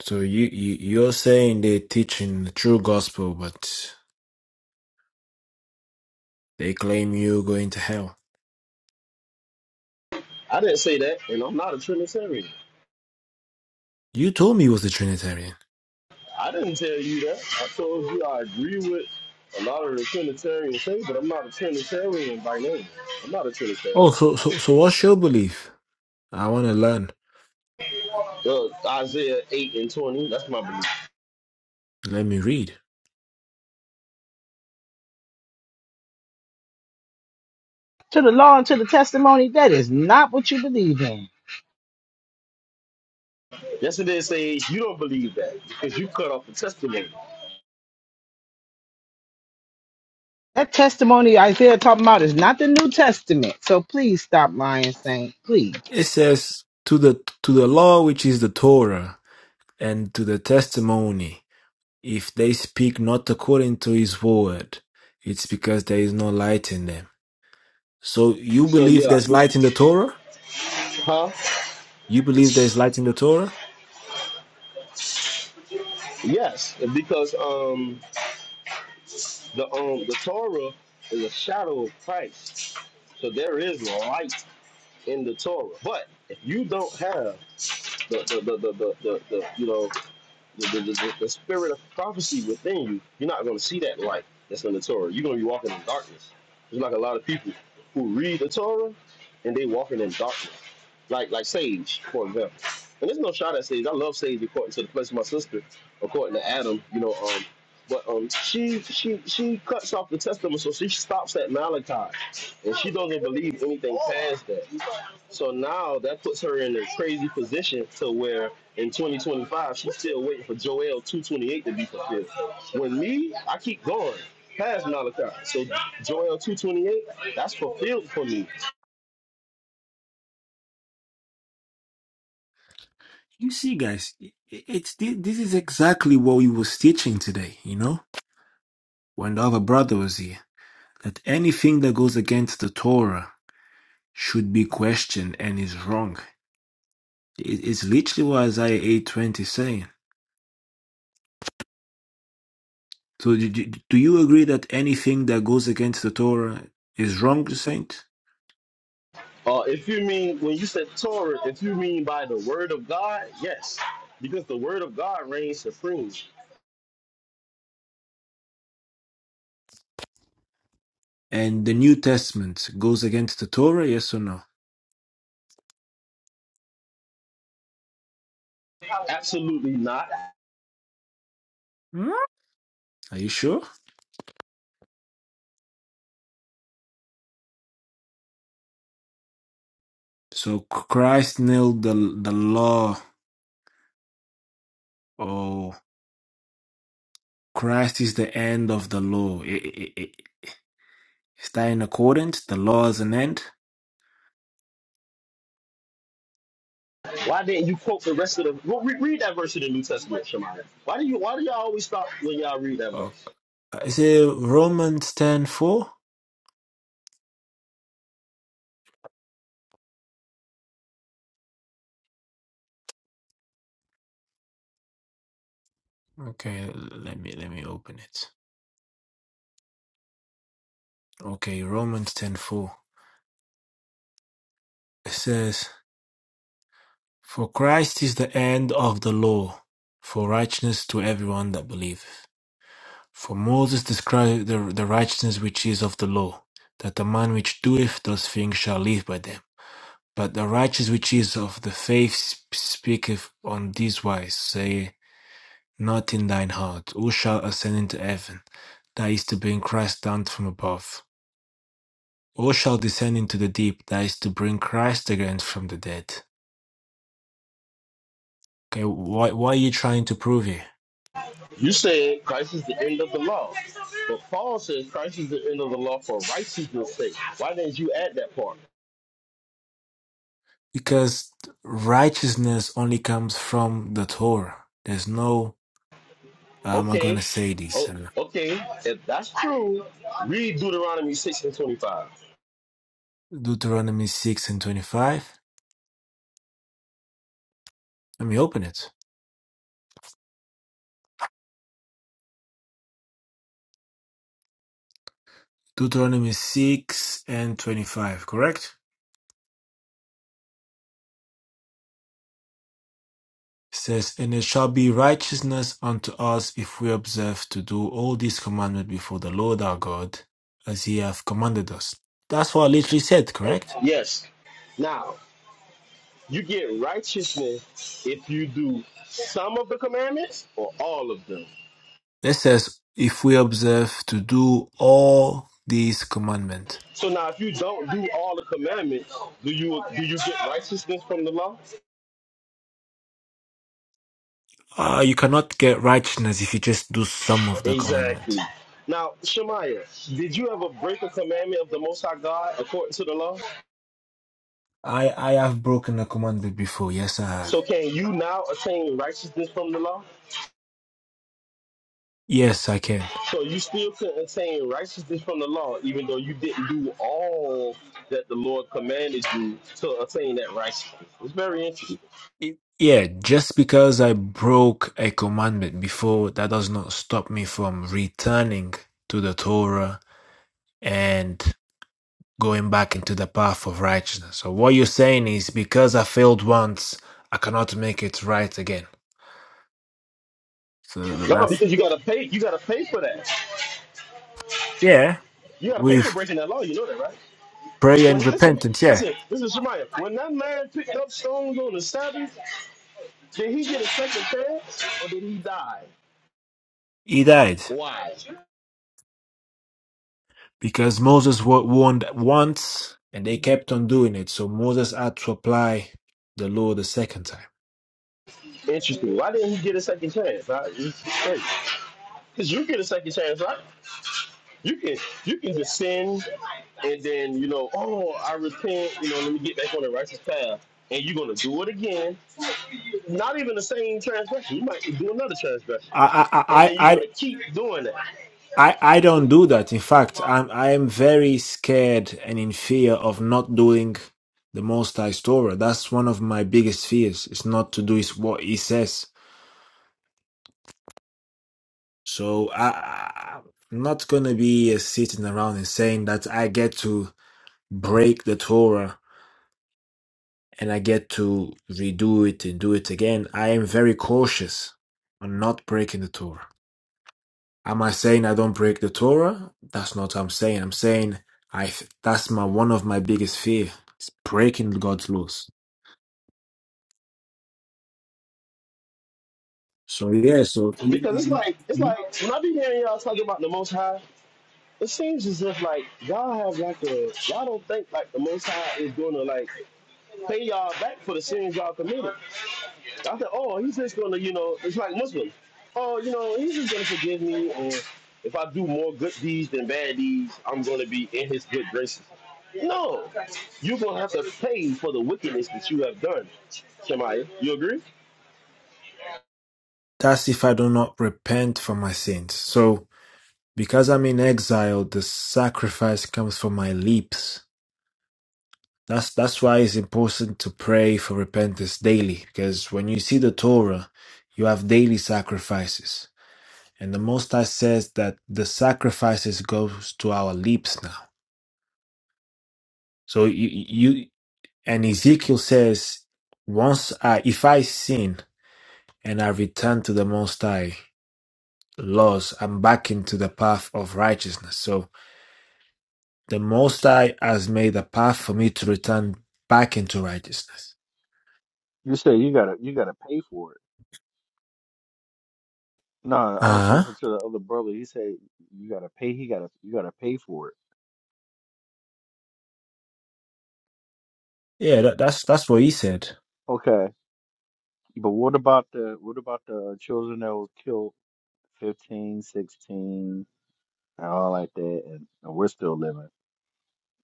So you, you you're saying they're teaching the true gospel, but they claim you're going to hell. I didn't say that, and I'm not a Trinitarian. You told me you was a Trinitarian. I didn't tell you that. I told you I agree with a lot of the Trinitarian things, but I'm not a Trinitarian by name. I'm not a Oh, Trinitarian. so so so what's your belief? I want to learn. Well, Isaiah 8 and 20, that's my belief. Let me read. To the law and to the testimony, that is not what you believe in. Yesterday says you don't believe that because you cut off the testimony. That testimony Isaiah talking about is not the New Testament. So please stop lying, Saint. Please. It says to the to the law which is the Torah and to the testimony If they speak not according to his word, it's because there is no light in them. So you So believe yeah, there's light in the Torah? huh? You believe there's light in the Torah? Yes, because um the um the Torah is a shadow of Christ. So there is light in the Torah. But if you don't have the the the the, the, the, the you know the, the, the, the spirit of prophecy within you, you're not going to see that light that's in the Torah. You're going to be walking in darkness. It's like a lot of people who read the Torah and they walking in darkness. Like like Sage, for example. And there's no shot at Sage. I love Sage according to the place of my sister, according to Adam, you know, um, but um, she she she cuts off the testament, so she stops at Malachi, and she doesn't believe anything past that. So now that puts her in a crazy position to where in 2025 she's still waiting for Joel 228 to be fulfilled. When me, I keep going past Malachi. So Joel 228, that's fulfilled for me. You see, guys, i- i- it's thi- this is exactly what we was teaching today. You know, when the other brother was here, that anything that goes against the Torah should be questioned and is wrong. It- It's literally what Isaiah eight twenty is saying. So do, do do you agree that anything that goes against the Torah is wrong, Saint? Uh, if you mean when you said Torah, if you mean by the word of God, yes, because the word of God reigns supreme. And the New Testament goes against the Torah, yes or no? Absolutely not. Are you sure? So Christ nailed the the law. Oh, Christ is the end of the law. I- I- I- Is that in accordance? The law is an end. Why didn't you quote the rest of the? Well, re- read that verse in the New Testament, Shemaya. Why do you? Why do y'all always stop when y'all read that Okay. verse? Is it Romans ten four? Okay, let me let me open it. Okay, Romans ten four. It says, "For Christ is the end of the law, for righteousness to everyone that believeth." For Moses described the, the righteousness which is of the law, that the man which doeth those things shall live by them. But the righteousness which is of the faith sp- speaketh on this wise, say not in thine heart, who shall ascend into heaven, that is to bring Christ down from above, who shall descend into the deep, that is to bring Christ again from the dead. Okay, why, why are you trying to prove here? You said Christ is the end of the law. But Paul says Christ is the end of the law for righteousness sake. Why didn't you add that part? Because righteousness only comes from the Torah. There's no I'm not going to Okay. say this. Oh, uh, okay. If that's true, read Deuteronomy 6 and 25. Deuteronomy 6 and 25. Let me open it. Deuteronomy 6 and 25, correct? It says, And it shall be righteousness unto us if we observe to do all these commandments before the Lord our God, as he hath commanded us. That's what I literally said, correct? Yes. Now, you get righteousness if you do some of the commandments or all of them. It says, if we observe to do all these commandments. So now if you don't do all the commandments, do you do you get righteousness from the law? Uh, you cannot get righteousness if you just do some of the commandments. Exactly. Now, Shemaiah, did you ever break a commandment of the Most High God according to the law? I I have broken a commandment before. Yes, I have. So can you now attain righteousness from the law? Yes, I can. So you still can attain righteousness from the law, even though you didn't do all that the Lord commanded you to attain that righteousness. It's very interesting. It- yeah, just because I broke a commandment before, that does not stop me from returning to the Torah and going back into the path of righteousness. So what you're saying is because I failed once, I cannot make it right again. So No, that's because you gotta pay. You gotta pay for that. yeah, You gotta pay for with breaking that law. You know that, right? prayer When and listen, repentance. Yeah, listen, listen, Shemaiah. When that man picked up stones on the Sabbath, did he get a second chance or did he die? he died. Why? because Moses was warned once and they kept on doing it. So Moses had to apply the law the second time. Interesting. Why didn't he get a second chance? Huh? Because you get a second chance, right? You can you can just sin and then you know, oh, I repent. You know, let me get back on the righteous path. And you're gonna do it again. Not even the same transgression. You might do another transgression. I I and I then you're I gonna keep doing it I, I don't do that. In fact, I'm I am very scared and in fear of not doing the Most High Torah. That's one of my biggest fears. Is not to do is what He says. So I, I- I'm not gonna be uh, sitting around and saying that I get to break the Torah and I get to redo it and do it again, I am very cautious on not breaking the Torah. Am I saying I don't break the Torah? That's not what I'm saying. I'm saying I th- that's my one of my biggest fear is breaking God's laws. So yeah, so because it's like it's like when I be hearing y'all talking about the Most High, it seems as if like y'all have like a y'all don't think like the Most High is gonna like pay y'all back for the sins y'all committed. I thought, oh, he's just gonna, you know, it's like Muslims. Oh, you know, he's just gonna forgive me, or if I do more good deeds than bad deeds, I'm gonna be in his good graces. No, you're gonna have to pay for the wickedness that you have done. Shemaya, you agree? that's if I do not repent for my sins. So because I'm in exile, the sacrifice comes from my lips. That's that's why it's important to pray for repentance daily, because when you see the Torah, you have daily sacrifices. And the Most High says that the sacrifices goes to our lips now. So you, you and Ezekiel says, once I if I sin and I return to the Most High laws, I'm back into the path of righteousness. So the Most High has made a path for me to return back into righteousness. You say you gotta you gotta pay for it. No, I was Uh huh. listening to the other brother. He said you gotta pay. He gotta you gotta pay for it. Yeah, that, that's that's what he said. Okay, but what about the what about the uh, children that was killed 15, 16, and all like that, and, and we're still living?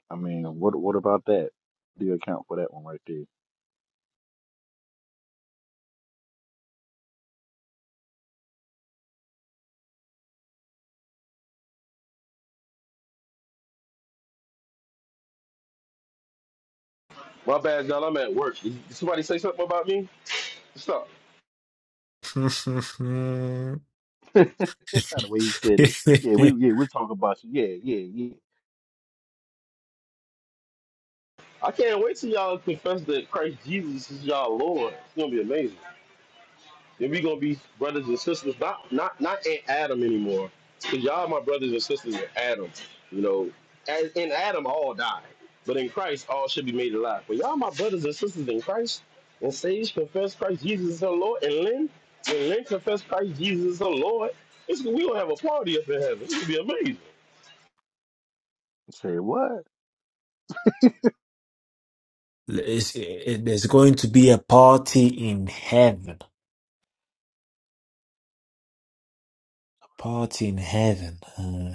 I mean, what what about that? Do you account for that one right there? My bad, y'all. I'm at work. Did somebody say something about me? Stop. it's, the way he said it. Yeah, we yeah we talk about you. Yeah, yeah, yeah. I can't wait till y'all confess that Christ Jesus is y'all Lord. It's gonna be amazing. Then we gonna be brothers and sisters, not not not in Adam anymore. Cause y'all my brothers and sisters in Adam. You know, as in Adam all died, but in Christ all should be made alive. But y'all my brothers and sisters in Christ, and sage confess Christ Jesus is her Lord, and Lynn when Lynn confess Christ Jesus is her Lord, it's we gonna have a party up in heaven. It's gonna be amazing. I said what? it- there's going to be a party in heaven. A party in heaven. Uh,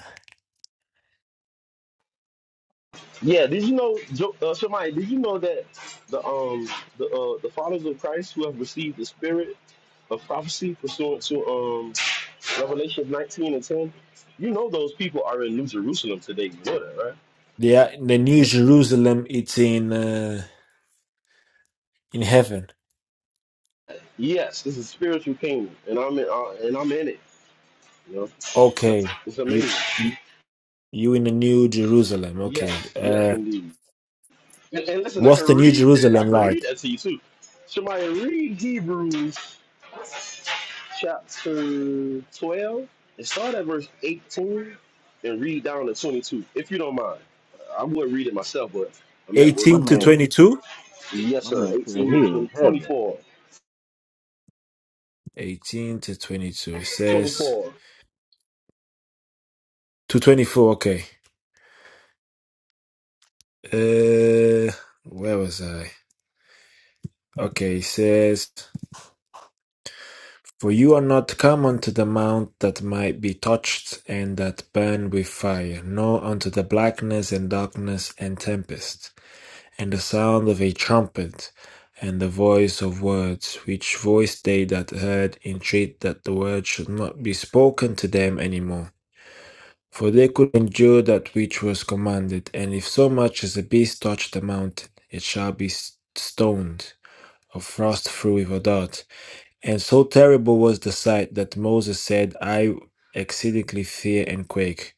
Yeah, did you know, Jo- uh, Shemai, did you know that the um the uh, the followers of Christ who have received the Spirit of prophecy pursuant to um Revelation 19 and 10. You know those people are in New Jerusalem today. You know that, right? yeah, the New And it, Jerusalem. It's in uh, in heaven. Yes, this is spiritual kingdom, and I'm in, uh, and I'm in it. You know, so, Okay, it's you amazing. you you in the New Jerusalem. Yes, Okay. yes, Uh, indeed. And, and listen, I what's can the New read that. I Jerusalem can like? read that to you too. Somebody read Hebrews chapter 12 and start at verse 18 and read down to 22, if you don't mind. I would read it myself, but I'm at work. my Eighteen I to can't. man, twenty-two. Yes, my sir. man said 18 to he in 20, heaven. 24. Eighteen to twenty-two. It says 24. to twenty-four. Okay. Uh, where was I? Okay, it says. For you are not come unto the mount that might be touched, and that burn with fire; nor unto the blackness, and darkness, and tempest, and the sound of a trumpet, and the voice of words; which voice they that heard entreat that the word should not be spoken to them any more. For they could endure that which was commanded. And if so much as a beast touch the mountain, it shall be stoned, or thrust through with a dart. And so terrible was the sight that Moses said, I exceedingly fear and quake.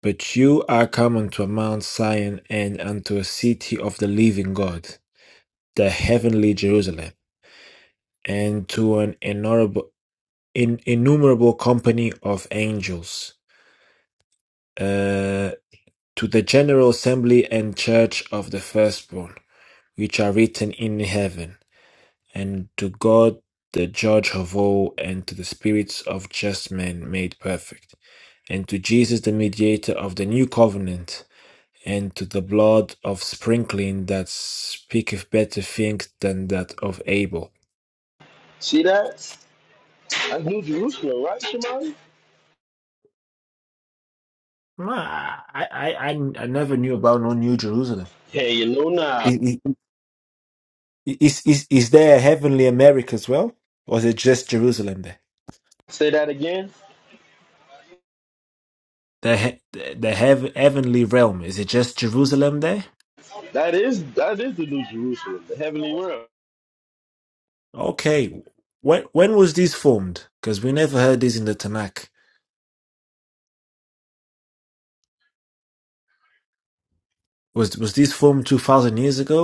But you are come unto Mount Zion and unto a city of the living God, the heavenly Jerusalem, and to an innumerable, in, innumerable company of angels, uh, to the general assembly and church of the firstborn, which are written in heaven, and to God the judge of all, and to the spirits of just men made perfect and to Jesus, the mediator of the new covenant, and to the blood of sprinkling that speaketh better things than that of Abel. See that? That's New Jerusalem, right, Shemai? Ah, I, I, I I never knew about no New Jerusalem. Hey, you know now. I- I- Is, is, is there a heavenly America as well? Or is it just Jerusalem there? Say that again. The, he- the the heav- heavenly realm, is it just Jerusalem there? That is that is the New Jerusalem, the heavenly realm. Okay. When, when was this formed? Because we never heard this in the Tanakh. Was, was this formed 2,000 years ago?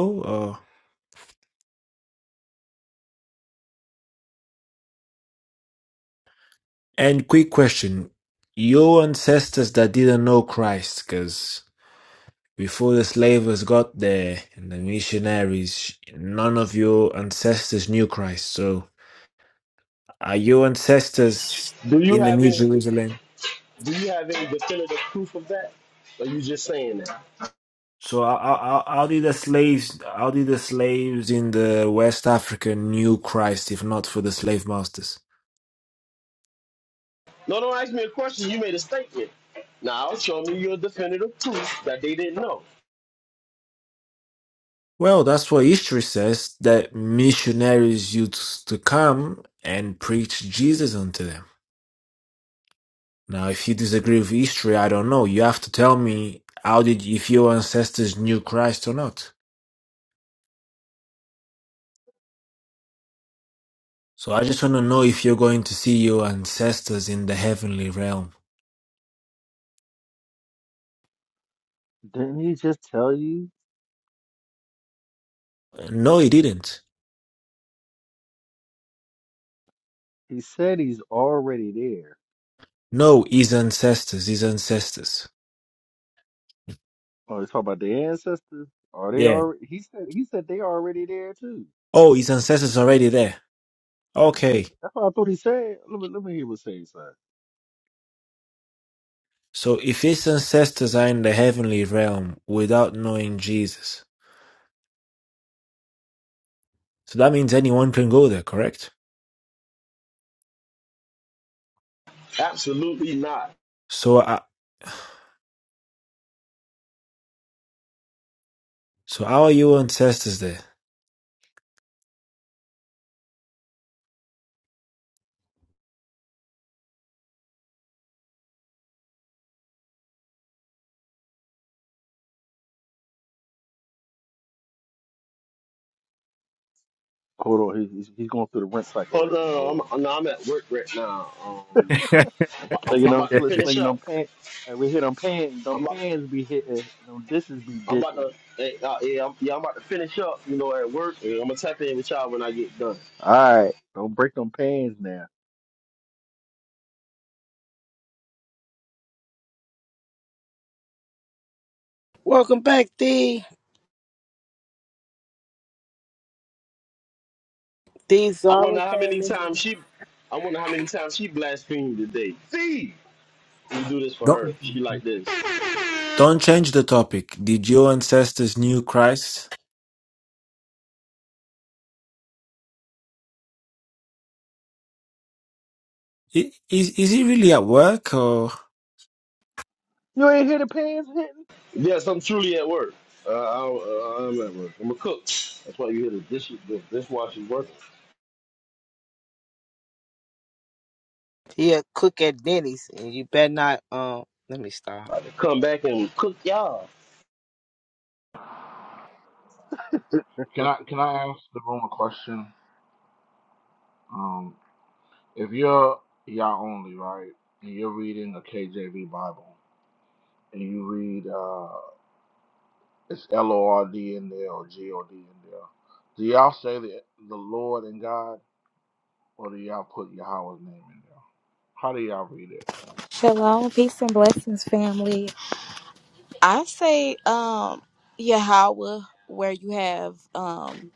And quick question, your ancestors that didn't know Christ, because before the slavers got there and the missionaries, none of your ancestors knew Christ. So are your ancestors Do you in the have New any Jerusalem? do you have any definitive proof of that? Or you just saying that? So how, how, how how did the slaves, how did the slaves in the West Africa knew Christ if not for the slave masters? No, don't ask me a question. You made a statement. Now show me your definitive proof that they didn't know. Well, that's what history says, that missionaries used to come and preach Jesus unto them. Now, if you disagree with history, I don't know. You have to tell me how did if your ancestors knew Christ or not. So I just want to know if you're going to see your ancestors in the heavenly realm. Didn't he just tell you? No, he didn't. He said he's already there. No, his ancestors, his ancestors. Oh, you talking about the ancestors? Are they Yeah. already? He said. He said they already there too. Oh, his ancestors already there. That's what. He, Okay. that's what I thought he said. Let me let me hear what he said. So if his ancestors are in the heavenly realm without knowing Jesus, so that means anyone can go there, correct? Absolutely not. So, uh, so how are your ancestors there? Hold on. He, he's he's going through the rent cycle Oh no, right now. Hold no, on. I'm, no, I'm at work right now. Um, I'm, I'm, Slinging them, about to sl- finish slinging them up. pants. we hit them pants. Them I'm. about, pans be hitting. and Them dishes be I'm about dishing. to, hey, uh, yeah, I'm, yeah, I'm about to finish up, you know, at work. And I'm gonna tap in with y'all when I get done. All right. Don't break them pans now. Welcome back, D. D I wonder Zara how many came times in. she, I wonder how many times she blasphemed today. See, we do this for Don't. her. She like this. Don't change the topic. Did your ancestors knew Christ? I- Is, is he really at work or? You ain't hear the pans hitting. Yes, I'm truly at work. Uh, I, uh, I'm at work. I'm a cook. That's why you hear the dish, the dishwasher working. He a cook at Denny's, and you better not. Um, let me stop. I'm About to come back and cook y'all. Can I can I ask the room a question? Um, if you're y'all only right, and you're reading a KJV Bible, and you read uh, it's L O R D in there or G O D in there, do y'all say the the Lord and God, or do y'all put Yahweh's name in there? How do y'all read it? Shalom, peace and blessings, family. I say, um, Yahweh, where you have um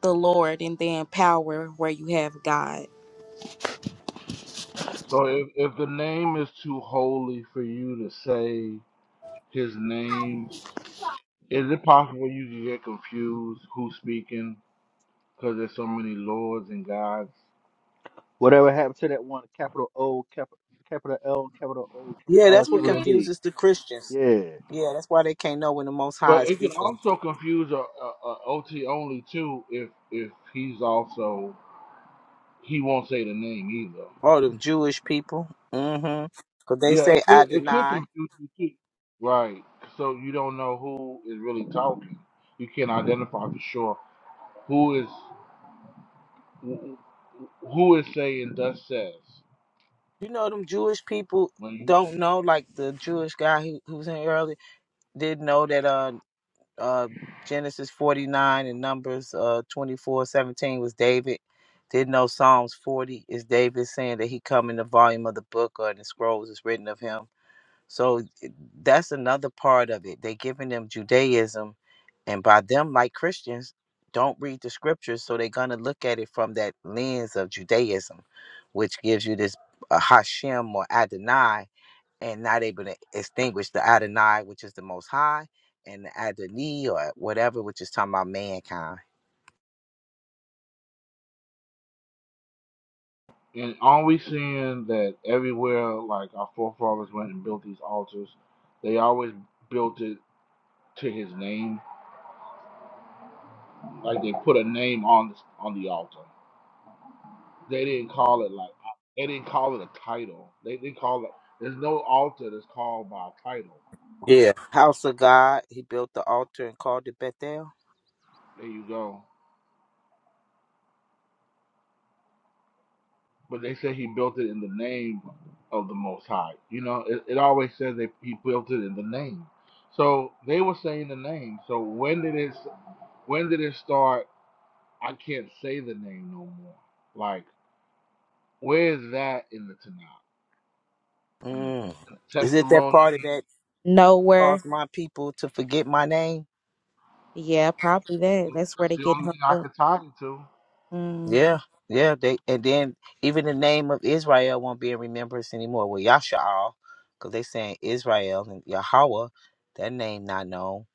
the Lord, and then power, where you have God. So if, if the name is too holy for you to say his name, is it possible you could get confused who's speaking because there's so many lords and gods? Whatever happened to that one? Capital O, capital capital L, capital O, capital Yeah, R, that's what capital D. confuses the Christians. Yeah. Yeah, that's why they can't know when the Most High But is it can speaking. also confuse a, OT only too if if he's also he won't say the name either. All them Jewish people. Mm-hmm. Cause they Yeah, it say I could it could deny. confuse you too. Right. So you don't know who is really talking. You can't identify for sure who is. who is saying thus says You know them Jewish people when don't know, like the Jewish guy who, who was in earlier did know that uh uh Genesis forty nine and Numbers uh twenty four seventeen was David. Did know Psalms forty is David saying that he come in the volume of the book or in the scrolls is written of him. So it- that's another part of it. They're giving them Judaism, and by them, like Christians, don't read the scriptures, so they're gonna look at it from that lens of Judaism, which gives you this uh, Hashem or Adonai, and not able to extinguish the Adonai, which is the Most High, and the Adonai or whatever, which is talking about mankind. you and are we seeing that everywhere like our forefathers went and built these altars they always built it to his name like they put a name on the, on the altar they didn't call it like they didn't call it a title they didn't call it there's no altar that's called by a title Yeah, house of God. He built the altar and called it Bethel. there you go but they say he built it in the name of the Most High. You know, it, it always says that he built it in the name. So they were saying the name. So when did it? When did it start? I can't say the name no more. Like, where is that in the Tanakh? In the, Mm. in the Is it that part of testimony. that Nowhere, caused my people to forget my name? yeah, probably that. That's where That's they the get only thing I hung could tie it to. up. Yeah, yeah. They and then even the name of Israel won't be in remembrance anymore. Well, Yasha'al, because they saying Israel and Yahweh, that name not known.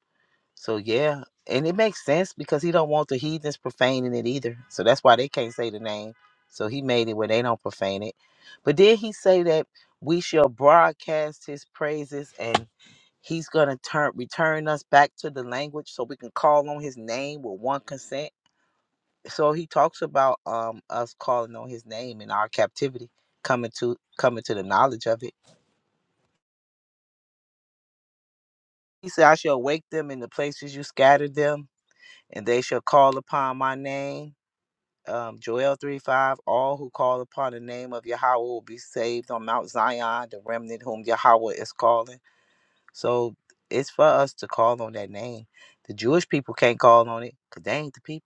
So yeah, and it makes sense because he don't want the heathens profaning it either. So that's why they can't say the name. So he made it where they don't profane it. But then he say that we shall broadcast his praises and he's gonna turn return us back to the language so we can call on his name with one consent so he talks about um us calling on his name in our captivity coming to coming to the knowledge of it he said i shall wake them in the places you scattered them and they shall call upon my name um joel 3 5 all who call upon the name of yahweh will be saved on mount zion the remnant whom yahweh is calling so it's for us to call on that name the jewish people can't call on it because they ain't the people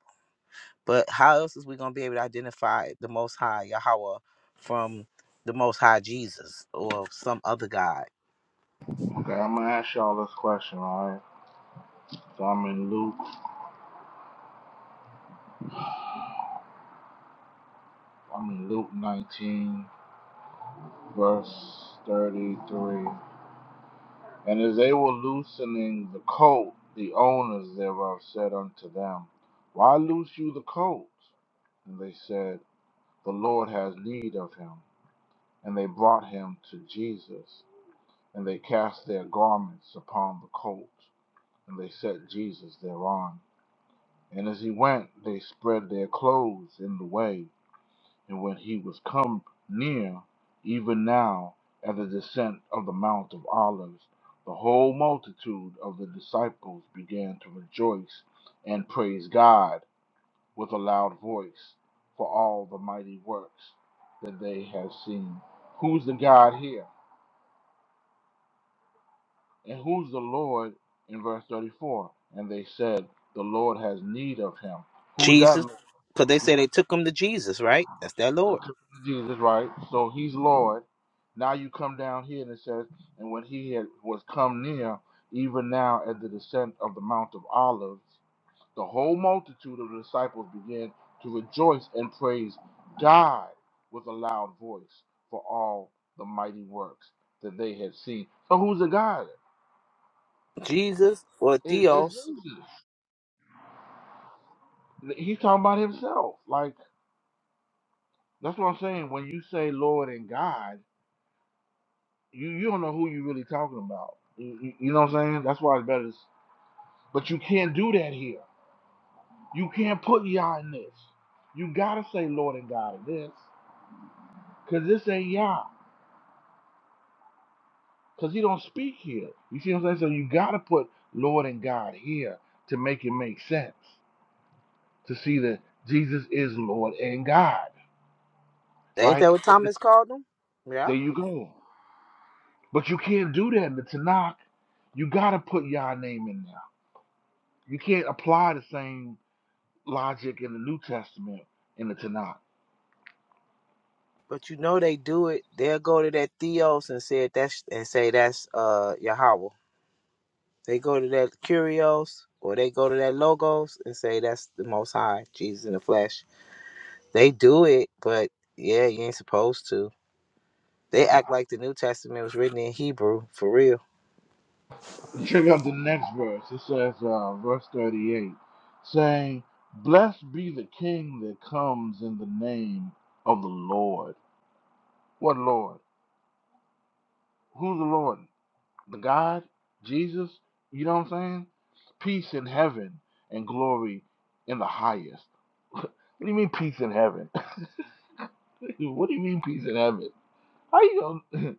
But how else is we gonna be able to identify the Most High Yahweh from the Most High Jesus or some other God? Okay, I'm gonna ask y'all this question. All right. So I'm in Luke. I'm in Luke 19, verse 33. And as they were loosening the colt, the owners thereof said unto them, Why loose you the colt? And they said, The Lord has need of him. And they brought him to Jesus, and they cast their garments upon the colt, and they set Jesus thereon. And as he went, they spread their clothes in the way. And when he was come near, even now at the descent of the Mount of Olives, the whole multitude of the disciples began to rejoice and praise God with a loud voice for all the mighty works that they had seen. Who's the God here? And who's the Lord in verse 34? And they said, The Lord has need of him. Who's that Jesus, Lord? because they say they took him to Jesus, right? That's their They Lord. took him to Jesus, right? So he's Lord. Now you come down here and it says, and when he had was come near, even now at the descent of the Mount of Olives, the whole multitude of the disciples began to rejoice and praise God with a loud voice for all the mighty works that they had seen. So who's the God? Jesus or It, it's Theos. Jesus. He's talking about himself. Like that's what I'm saying. When you say Lord and God. you you don't know who you really talking about. You, you, you know what I'm saying? That's why it's better. s- But you can't do that here. You can't put Yah in this. You gotta say Lord and God in this, cause this ain't Yah, cause He don't speak here. You see what I'm saying? So you gotta put Lord and God here to make it make sense. To see that Jesus is Lord and God, Ain't right? that what But the- Thomas called him? Yeah. there you go. But you can't do that in the Tanakh. You gotta put Yah name in there. You can't apply the same. logic in the New Testament in the Tanakh. But you know they do it. They'll go to that Theos and say that's and say that's uh Yahweh. They go to that Curios or they go to that Logos and say that's the Most High, Jesus in the flesh. They do it, but yeah, you ain't supposed to. They act like the New Testament was written in Hebrew for real. Check out the next verse. It says, uh, verse 38, saying, Blessed be the King that comes in the name of the Lord. What Lord? Who's the Lord? The God? Jesus? You know what I'm saying? Peace in heaven and glory in the highest. What do you mean peace in heaven? what do you mean peace in heaven? How you going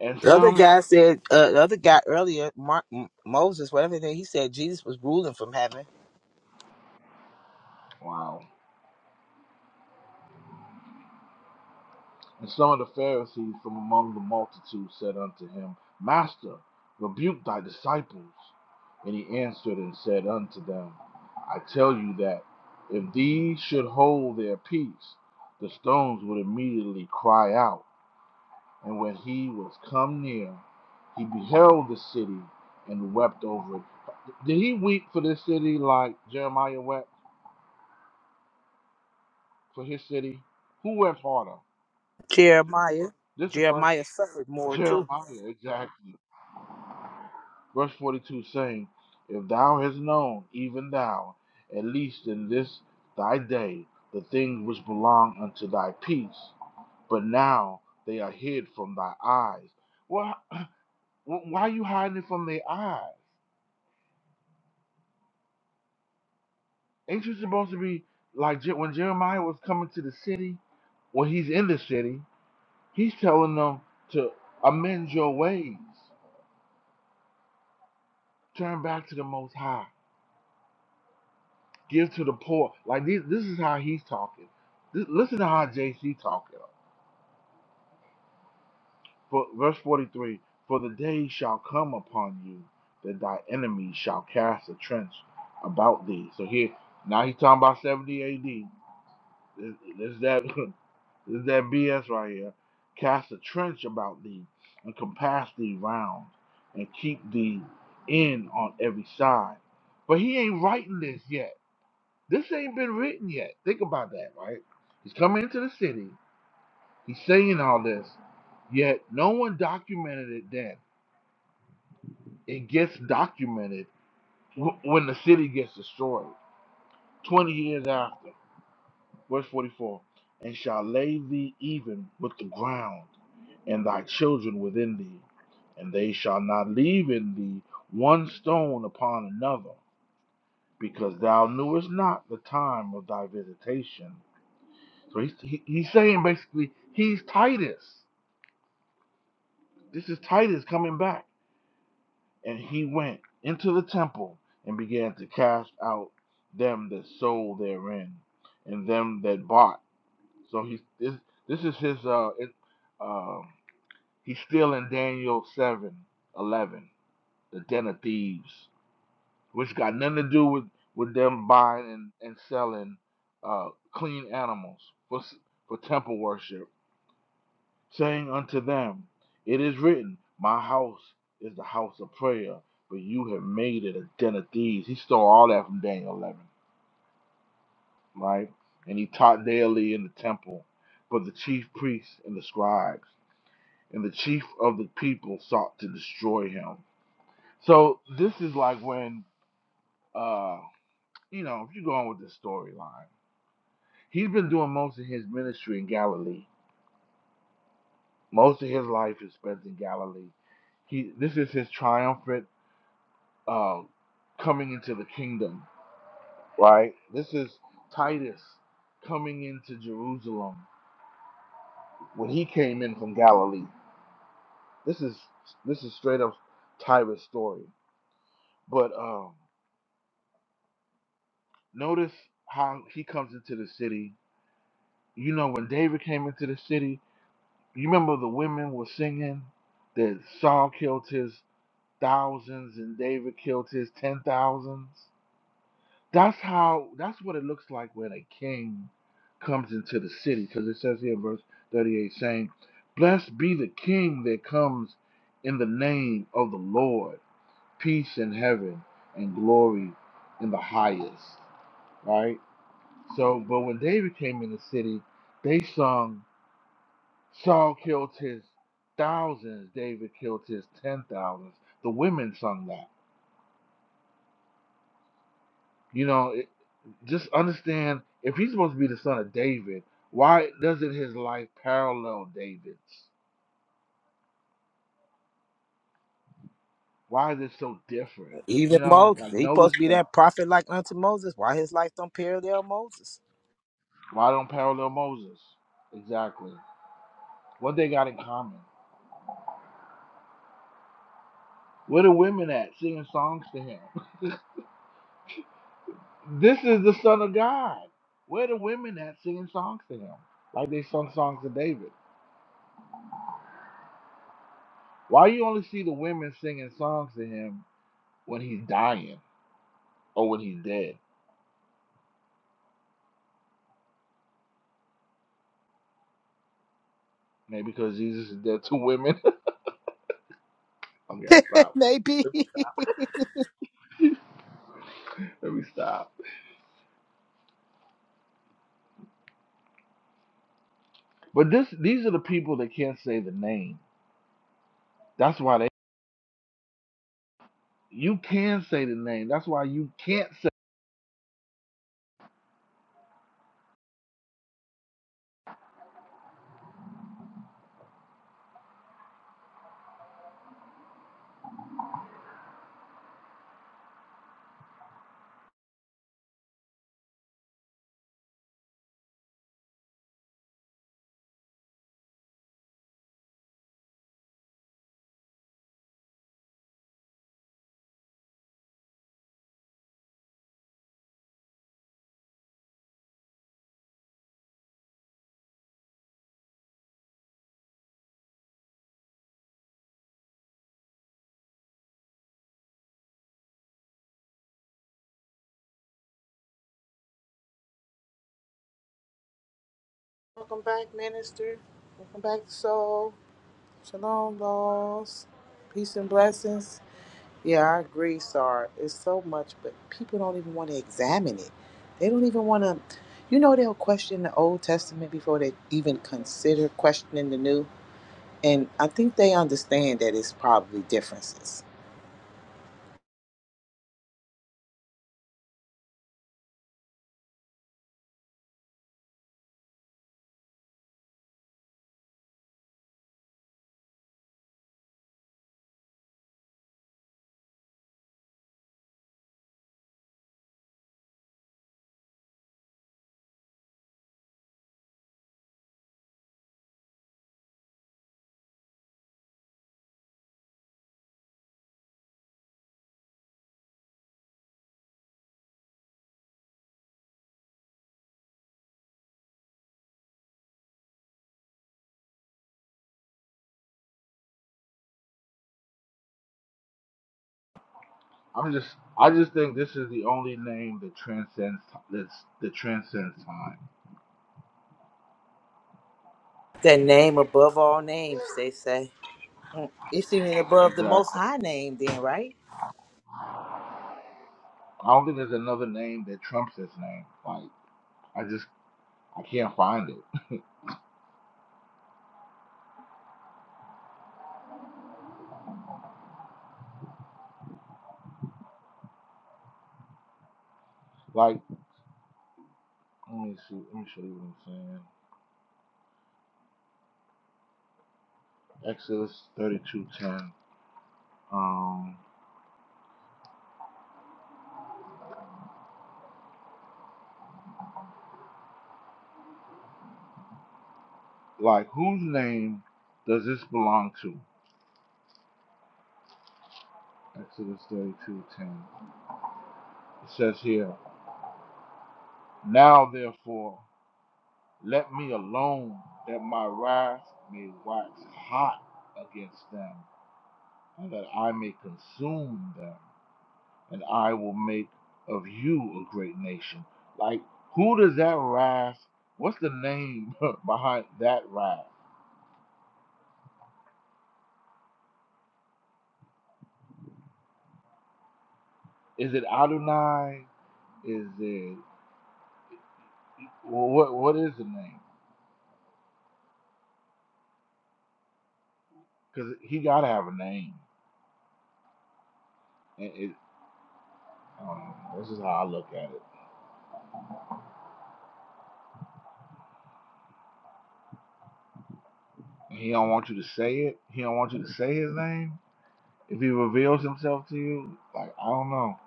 to. and The other some. oh, guy said, uh, the other guy earlier, Mark, M- Moses, whatever thing he said, Jesus was ruling from heaven. Wow. And some of the Pharisees from among the multitude said unto him, Master, rebuke thy disciples. And he answered and said unto them, I tell you that if these should hold their peace, the stones would immediately cry out. And when he was come near, he beheld the city and wept over it. Did he weep for this city like Jeremiah wept for his city? Who wept harder? Jeremiah, This is the first Jeremiah suffered more too. Jeremiah, exactly. Verse 42 saying, If thou hast known, even thou, at least in this thy day, the things which belong unto thy peace, but now they are hid from thy eyes. Well, why are you hiding it from their eyes? Ain't you supposed to be like Je- when Jeremiah was coming to the city? When he's in the city, he's telling them to amend your ways, turn back to the Most High Give to the poor. Like these, this is how he's talking. This, listen to how JC talking. For, verse 43 For the day shall come upon you that thy enemies shall cast a trench about thee. So here, now he's talking about 70 AD. This, this that, this that BS right here. Cast a trench about thee and compass thee round and keep thee in on every side. But he ain't writing this yet. This ain't been written yet. Think about that, right? He's coming into the city. He's saying all this, yet no one documented it then. It gets documented w- when the city gets destroyed. 20 years after, verse 44, and shall lay thee even with the ground and thy children within thee, and they shall not leave in thee one stone upon another, because thou knewest not the time of thy visitation. So he's he, he's saying basically he's Titus. This is Titus coming back, and he went into the temple and began to cast out them that sold therein, and them that bought. So he this this is his uh it, um he's still in Daniel seven eleven the den of thieves, which got nothing to do with with them buying and, and selling uh clean animals for for temple worship saying unto them, It is written, My house is the house of prayer, but you have made it a den of thieves. He stole all that from Daniel 11, right? And he taught daily in the temple. But the chief priests and the scribes and the chief of the people sought to destroy him. So this is like when, uh, you know, if you go on with this storyline, he's been doing most of his ministry in Galilee. Most of his life is spent in Galilee. He, this is his triumphant um, coming into the kingdom, right? This is Titus coming into Jerusalem when he came in from Galilee. This is this is straight up Titus' story. But um, notice how he comes into the city. You know, when David came into the city, you remember the women were singing that Saul killed his thousands and David killed his ten thousands. That's how. That's what it looks like when a king comes into the city, because it says here in verse thirty-eight, saying, "Blessed be the king that comes in the name of the Lord, peace in heaven and glory in the highest." Right. So, but when David came in the city, they sung, "Saul killed his thousands, David killed his ten thousands." The women sung that. You know, Just understand if he's supposed to be the son of David, why doesn't his life parallel David's? Why is it so different? Even You know, Moses, like he supposed notice to be the that prophet like unto Moses. Why his life don't parallel Moses? why don't parallel Moses? Exactly. What they got in common. Where the women at singing songs to him? this is the son of God. Where the women at singing songs to him? Like they sung songs to David. Why you only see the women singing songs to him when he's dying or when he's dead? Maybe because Jesus is dead to women. I'm gonna stop. Let me stop. But this, these are the people that can't say the name. That's why they. You can say the name. That's why you can't say. Welcome back, minister. Welcome back, soul. Shalom, laws. Peace and blessings. Yeah, I agree, Sar. It's so much, but people don't even want to examine it. They don't even want to. You know, they'll question the Old Testament before they even consider questioning the New. And I think they understand that it's probably differences. I'm just. I just think this is the only name that transcends. That's that transcends time. That name above all names, they say. It's even above the most Exactly. high name then, right? I don't think there's another name that trumps this name. Like I just. I can't find it. Like let me see. Let me show you what I'm saying. Exodus 32:10. Um. Like whose name does this belong to? Exodus 32:10. It says here. Now, therefore, let me alone, that my wrath may wax hot against them, and that I may consume them, and I will make of you a great nation. Like, who does that wrath, what's the name behind that wrath? Is it Adonai? Is it, well, what, what is the name? Because he got to have a name. It, it, I this is how I look at it. He don't want you to say it. He don't want you to say his name If he reveals himself to you, like I don't know.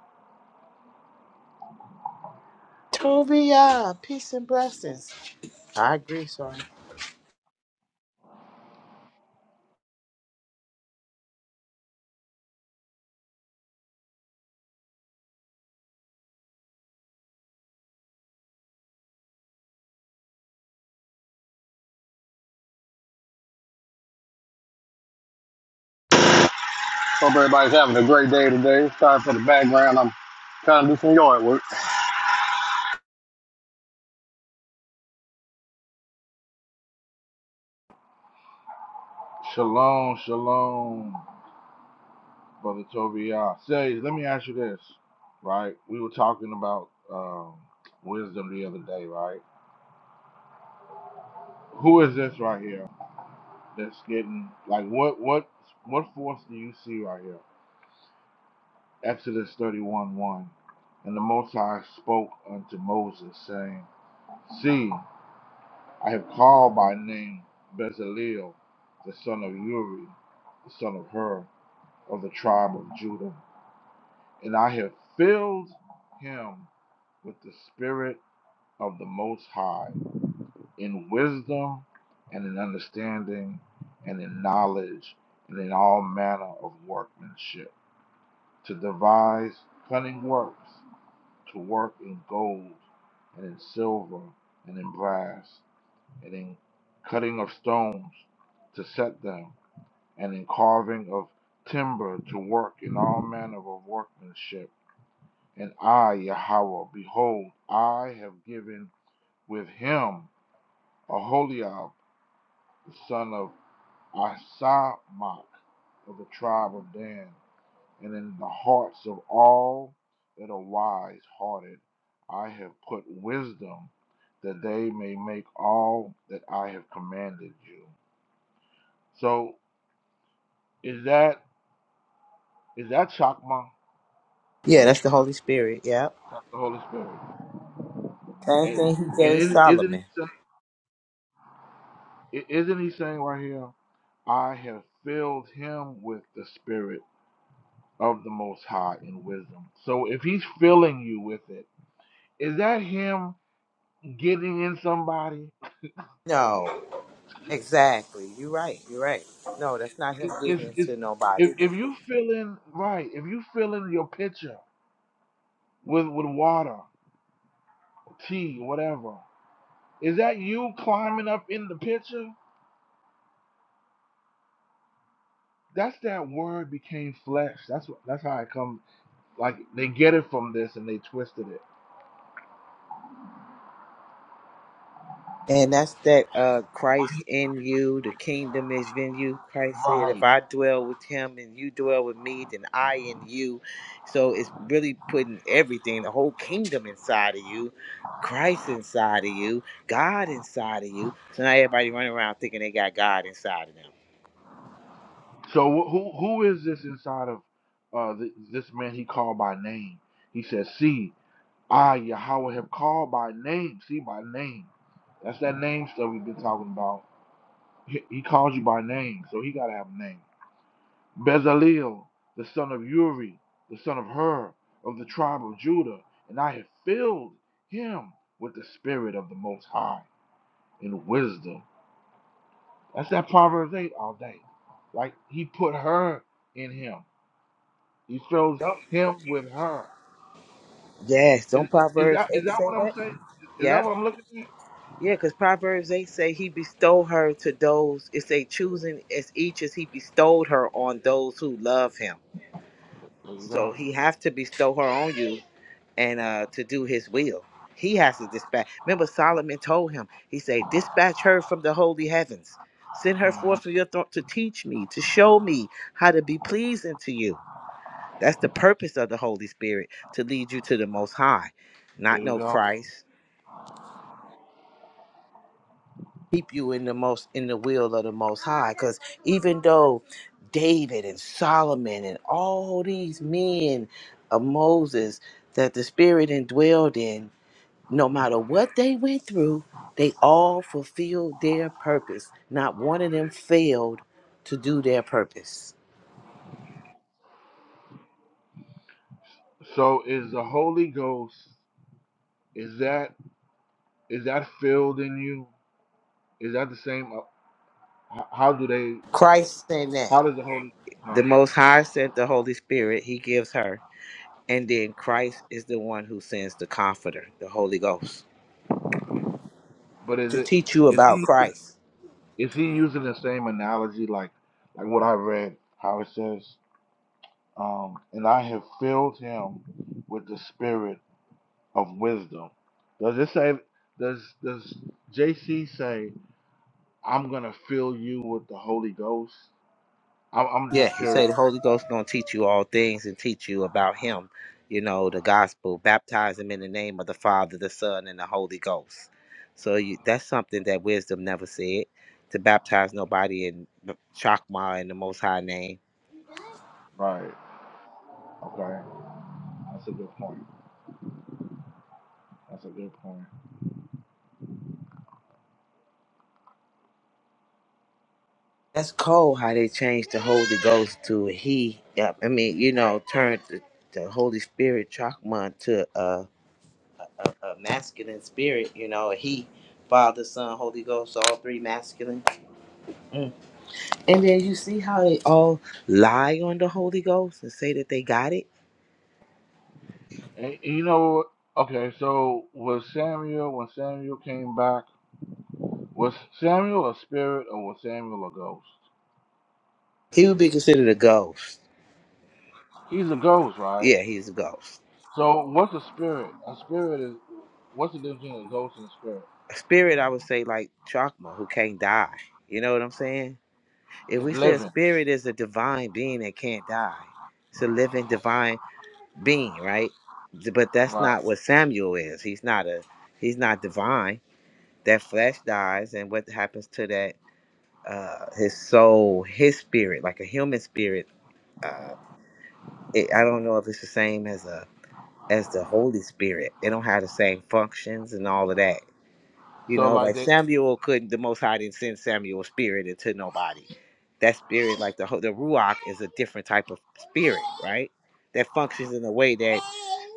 Tobiah, peace and blessings. I agree, son. Hope everybody's having a great day today. Sorry for the background. I'm trying to do some yard work. Shalom, shalom, brother Tobiah. Say, let me ask you this, right? We were talking about um, wisdom the other day, right? Who is this right here that's getting like what what what force do you see right here? Exodus thirty one one. And the Most High spoke unto Moses, saying, See, I have called by name Bezaleel, the son of Uri, the son of Hur, of the tribe of Judah. And I have filled him with the spirit of the Most High in wisdom and in understanding and in knowledge and in all manner of workmanship to devise cunning works, to work in gold and in silver and in brass and in cutting of stones to set them and in carving of timber to work in all manner of workmanship And I, Yahweh, behold, I have given with him Aholiab, the son of Asamach of the tribe of Dan, and in the hearts of all that are wise hearted, I have put wisdom, that they may make all that I have commanded you. So is that is that Chakma, Yeah, that's the Holy Spirit, Yep. the Holy Spirit? Same And, thing he and gave is- isn't Solomon. he saying? Isn't he saying right here? I have filled him with the Spirit of the Most High in wisdom. So if he's filling you with it, is that him getting in somebody? No, exactly. You're right, you're right. No, that's not him It- It's, giving it it's, to nobody. if, if you fill in, right, if you fill in your pitcher with, with water, tea, whatever, is that you climbing up in the pitcher? That's that word became flesh. That's what, that's how it comes. Like they get it from this and they twisted it. And that's that uh, Christ in you, the kingdom is in you. Christ said, If Right. I dwell with him and you dwell with me, then I in you. So it's really putting everything, the whole kingdom inside of you, Christ inside of you, God inside of you. So now everybody running around thinking they got God inside of them. So wh- who who is this inside of uh, th- this man he called by name? He says, "See, I Yahweh have called by name. See by name. That's that name stuff we've been talking about. He, he calls you by name, so he gotta have a name. Bezalel, the son of Uri, the son of Hur, of the tribe of Judah, and I have filled him with the spirit of the Most High in wisdom. That's that Proverbs eight all day. Like he put her in him. He shows him with her. Yes, Is, don't is, is Proverbs that is 8 that say what I'm that? saying? Is that Yeah. what I'm looking at? Yeah, because Proverbs 8 say he bestowed her to those, it's a choosing as each as he bestowed her on those who love him. There you So go. he has to bestow her on you and uh to do his will. He has to dispatch. Remember Solomon told him, he said, dispatch her from the holy heavens. Send her Mhm. forth from your throne to teach me, to show me how to be pleasing to you. That's the purpose of the Holy Spirit, to lead you to the most high. There Not you know go. Christ, keep you in the most in the will of the most high because even though david and solomon and all these men of moses that the spirit indwelled in no matter what they went through they all fulfilled their purpose not one of them failed to do their purpose So is the Holy Ghost? Is that is that filled in you? Is that the same? uh, How, how do they? christ said that How does the Holy? No. the most high sent the holy spirit he gives her and then christ is the one who sends the comforter the holy ghost But is to it? teach you Is he? about Using- christ Is he using the same analogy like like what I read? How it says, um, and I have filled him with the Spirit of wisdom. Does it say? Does does JC say I'm gonna fill you with the Holy Ghost? I'm, I'm just Yeah, he curious. said the Holy Ghost gonna teach you all things and teach you about him, you know, the gospel. Baptize him in the name of the Father, the Son, and the Holy Ghost. So you, that's something that wisdom never said to baptize nobody in the- Chakma in the Most High name. Right. Okay. That's a good point. That's a good point. That's cold how they changed the Holy Ghost to he. yeah, I mean, you know, turned the, the Holy Spirit Chakma to a, a masculine spirit. You know, he, Father, Son, Holy Ghost, all three masculine And then you see how they all lie on the Holy Ghost and say that they got it. And, and you know, okay. So was Samuel when Samuel came back? Was Samuel a spirit or was Samuel a ghost? He would be considered a ghost. He's a ghost, right? Yeah, he's a ghost. So what's a spirit? A spirit is what's the difference between a ghost and a spirit? A spirit, I would say, like Chakma, who can't die. You know what I'm saying? If It's we say a living, spirit is a divine being that can't die, it's a living divine being, right? But that's right? not what Samuel is. He's not a. He's not divine. That flesh dies, and what happens to that? Uh, his soul, his spirit, like a human spirit. uh, it, I don't know if it's the same as a as the Holy Spirit. They don't have the same functions and all of that. You So know, like like they Samuel couldn't the Most High didn't send Samuel's spirit into nobody. That spirit, like the ho- the ruach, is a different type of spirit, right? That functions in a way that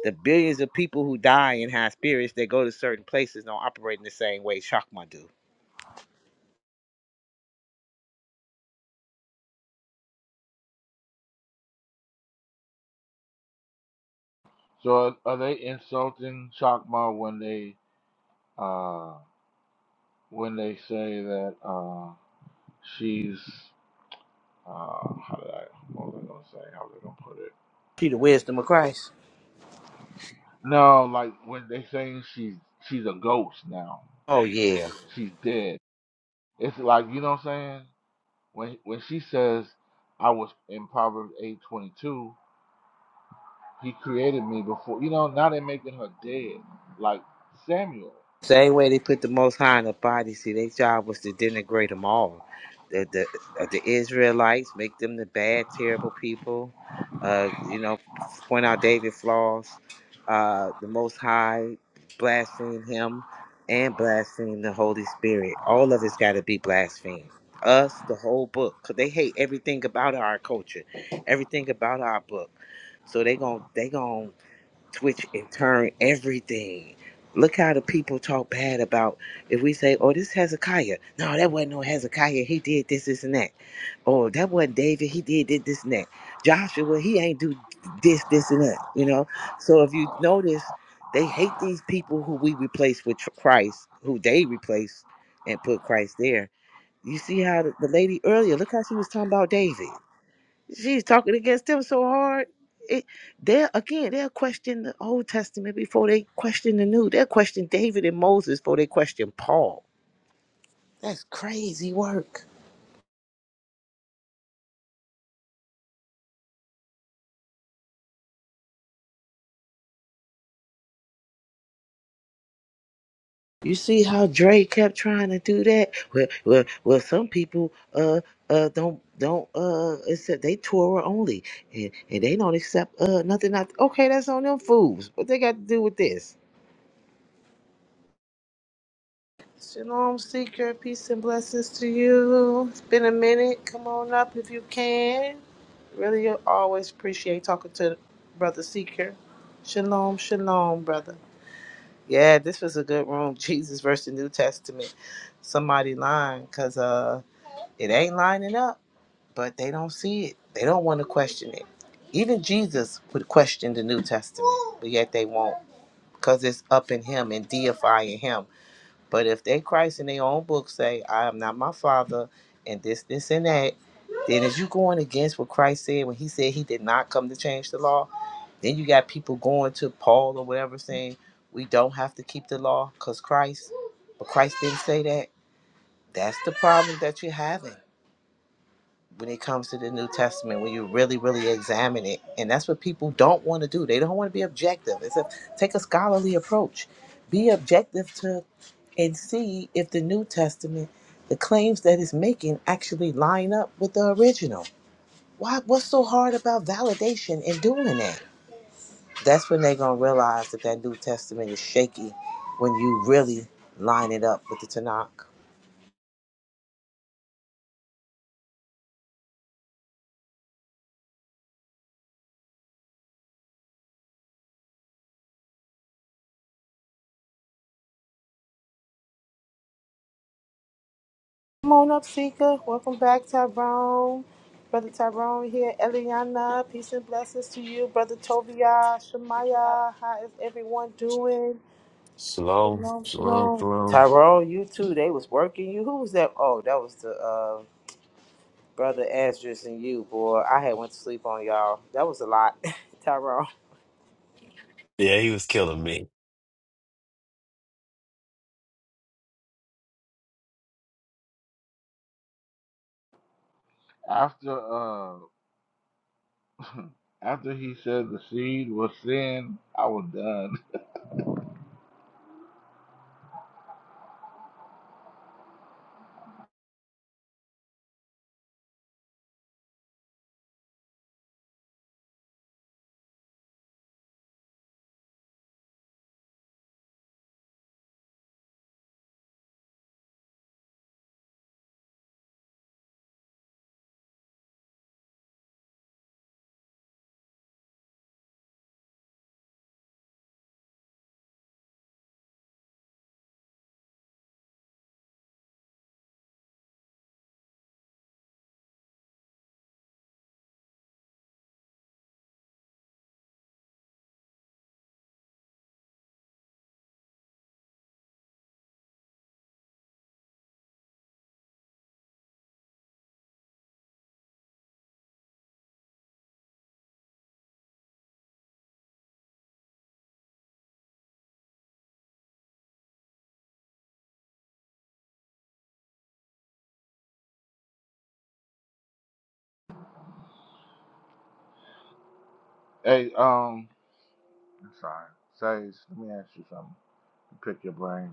the billions of people who die and have spirits that go to certain places don't operate in the same way Chakma do. So are, are they insulting Chakma when they uh, when they say that uh, she's uh, how did I what was I gonna say? How was I gonna put it? See the wisdom of Christ. No, like when they saying she's she's a ghost now. Oh yeah, She's dead. It's like you know what I'm saying? When when she says I was in Proverbs eight twenty two, he created me before you know, now they're making her dead. Like Samuel. Same way they put the Most High in the body. See, their job was to denigrate them all. The the uh, the Israelites make them the bad, terrible people. Uh, you know, point out David flaws. Uh, the Most High blaspheme him and blaspheme the Holy Spirit. All of it's got to be blasphemed. Us, the whole book, 'cause they hate everything about our culture, everything about our book. So they gon' they gon' switch and turn everything. Look how the people talk bad about if we say, "Oh, this Hezekiah." No, that wasn't no Hezekiah. He did this, this, and that. Oh, that wasn't David. He did this, this, and that. Joshua, he ain't do this, this, and that. You know. So if you notice, they hate these people who we replace with tr- Christ, who they replace and put Christ there. You see how the, the lady earlier? Look how she was talking about David. She's talking against them so hard. It, they're again, they'll question the Old Testament before they question the New. They'll question David and Moses before they question Paul. That's crazy work. You see how Dre kept trying to do that? Well, well, well. Some people uh uh don't don't uh accept they Torah only and, and they don't accept uh nothing. Not okay. That's on them fools. What they got to do with this? Shalom, seeker. Peace and blessings to you. It's been a minute. Come on up if you can. Really always appreciate talking to Brother Seeker. Shalom, shalom, brother. Yeah, this was a good room. Jesus versus the New Testament. Somebody lying because uh, it ain't lining up, but they don't see it. They don't want to question it. Even Jesus would question the New Testament, but yet they won't because it's up in him and deifying him. But if they Christ in their own book say, I am not my father, and this, this, and that, then is you going against what Christ said when he said he did not come to change the law? Then you got people going to Paul or whatever saying, we don't have to keep the law because Christ, but Christ didn't say that. That's the problem that you're having when it comes to the New Testament, when you really, really examine it. And that's what people don't want to do. They don't want to be objective. It's a take a scholarly approach. Be objective to and see if the New Testament, the claims that it's making actually line up with the original. Why what's so hard about validation in doing that? That's when they're gonna realize that that New Testament is shaky when you really line it up with the Tanakh. Come on up, Seeker. Welcome back, Tyrone. Brother Tyrone here. Eliana, peace and blessings to you. Brother Tovia, Shemaya, how is everyone doing? Shalom, Shalom, shalom, shalom. shalom. Tyrone, you too. They was working you. Who was that? Oh, that was the uh, brother Andrews and you, boy. I had went to sleep on y'all. That was a lot, Tyrone. Yeah, he was killing me. After uh, After he said the seed was sin, I was done. Hey, um, I'm sorry. Sage, let me ask you something. Pick your brain.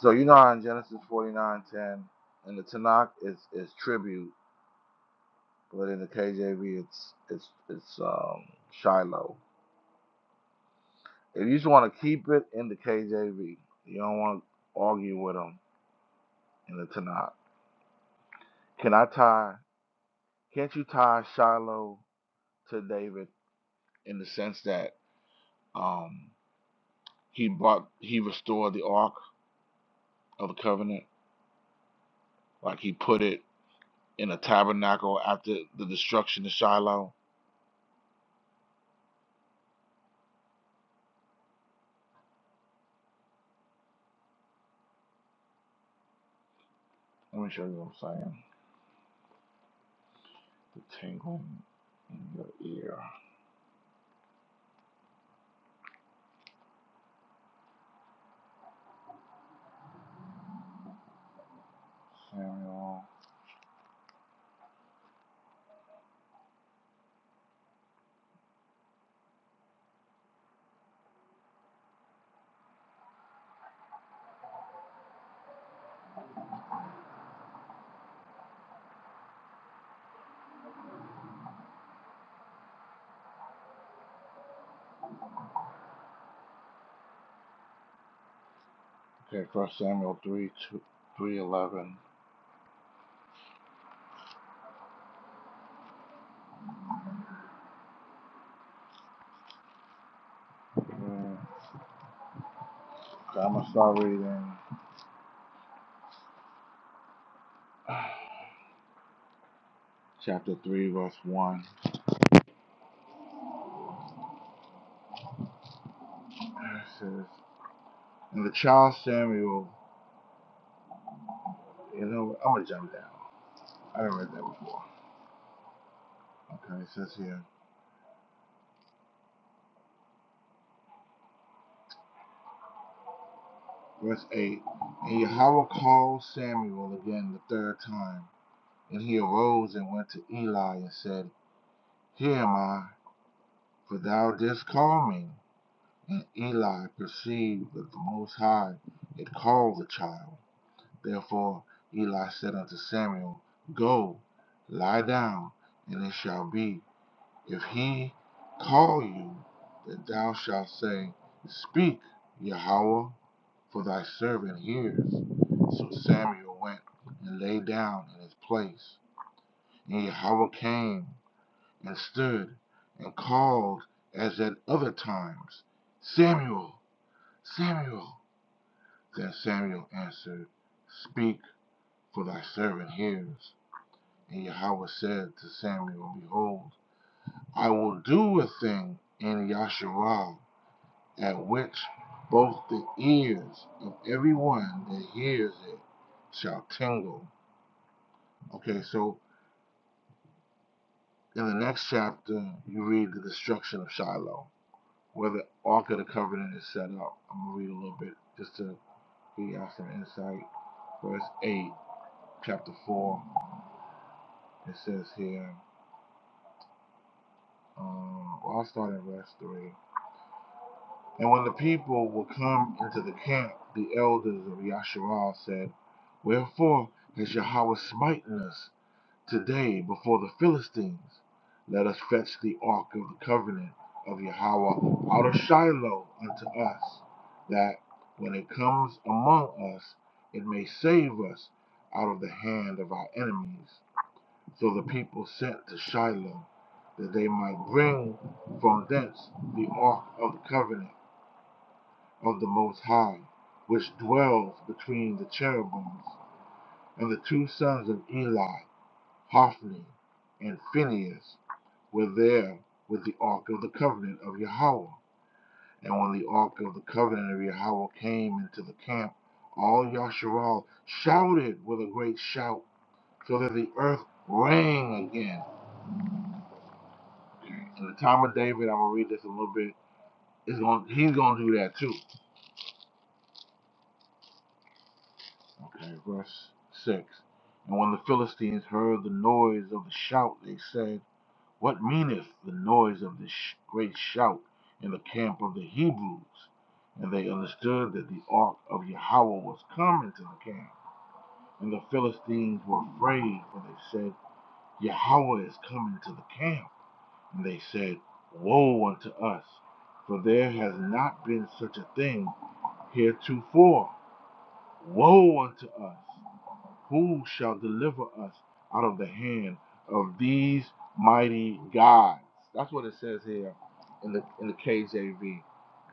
So you know how in Genesis 49:10, in the Tanakh it's it's tribute, but in the KJV it's it's it's um Shiloh. If you just want to keep it in the KJV, you don't want to argue with them in the Tanakh. Can I tie? Can't you tie Shiloh to David in the sense that? um He brought he restored the ark of the covenant, like he put it in a tabernacle after the destruction of Shiloh. Let me show you what I'm saying. The tingling in your ear. Samuel. Okay, first Samuel 3 2 3 11. Okay, I'm going to start reading chapter 3, verse 1. It says, And the child Samuel, you know, I'm going to jump down. I didn't read that before. Okay, it says here. Verse 8 And Yahweh called Samuel again the third time. And he arose and went to Eli and said, Here am I, for thou didst call me. And Eli perceived that the Most High had called the child. Therefore Eli said unto Samuel, Go, lie down, and it shall be. If he call you, then thou shalt say, Speak, Yahweh, for thy servant hears. So Samuel went and lay down in his place. And Yahweh came and stood and called as at other times, Samuel, Samuel. Then Samuel answered, Speak, for thy servant hears. And Yahweh said to Samuel, Behold, I will do a thing in Yahshua at which both the ears of everyone that hears it shall tingle. Okay, so in the next chapter, you read the destruction of Shiloh, where the Ark of the Covenant is set up. I'm going to read a little bit just to give you some insight. Verse 8, chapter 4, it says here, um, well, I'll start at verse 3. And when the people were come into the camp, the elders of Yasharal said, Wherefore has Yahweh smitten us Today, before the Philistines, let us fetch the ark of the covenant of Yahweh out of Shiloh unto us, that when it comes among us, it may save us out of the hand of our enemies. So the people sent to Shiloh, that they might bring from thence the ark of the covenant of the Most High, which dwells between the cherubims, and the two sons of Eli, Hophni and Phinehas were there with the ark of the covenant of Yahweh. And when the ark of the covenant of Yahweh came into the camp, all Yasharal shouted with a great shout, so that the earth rang again. In the time of David, I'm gonna read this a little bit. Is going he's gonna do that too. Okay, verse six. And when the Philistines heard the noise of the shout, they said. What meaneth the noise of this great shout in the camp of the Hebrews? And they understood that the ark of Yahweh was come into the camp. And the Philistines were afraid, for they said, Yahweh is come into the camp. And they said, Woe unto us, for there has not been such a thing heretofore. Woe unto us, whom shall deliver us out of the hand of these mighty gods? That's what it says here in the in the KJV.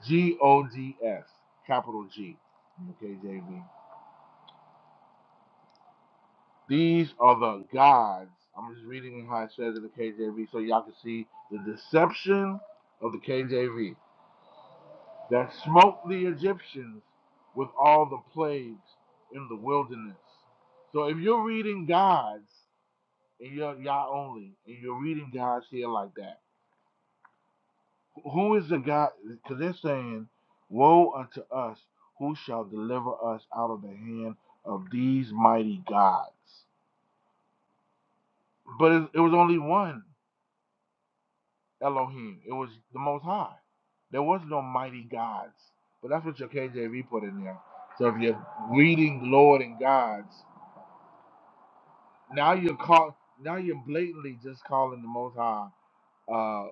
G O D S, capital G in the KJV. These are the gods. I'm just reading how it says in the KJV so y'all can see the deception of the KJV that smote the Egyptians with all the plagues in the wilderness. So if you're reading gods and you're Yah only, and you're reading God's here like that. Who is the God? Because they're saying, "Woe unto us! Who shall deliver us out of the hand of these mighty gods?" But it, it was only one Elohim. It was the Most High. There was no mighty gods. But that's what your KJV put in there. So if you're reading Lord and gods, now you're call, now you're blatantly just calling the Most High uh,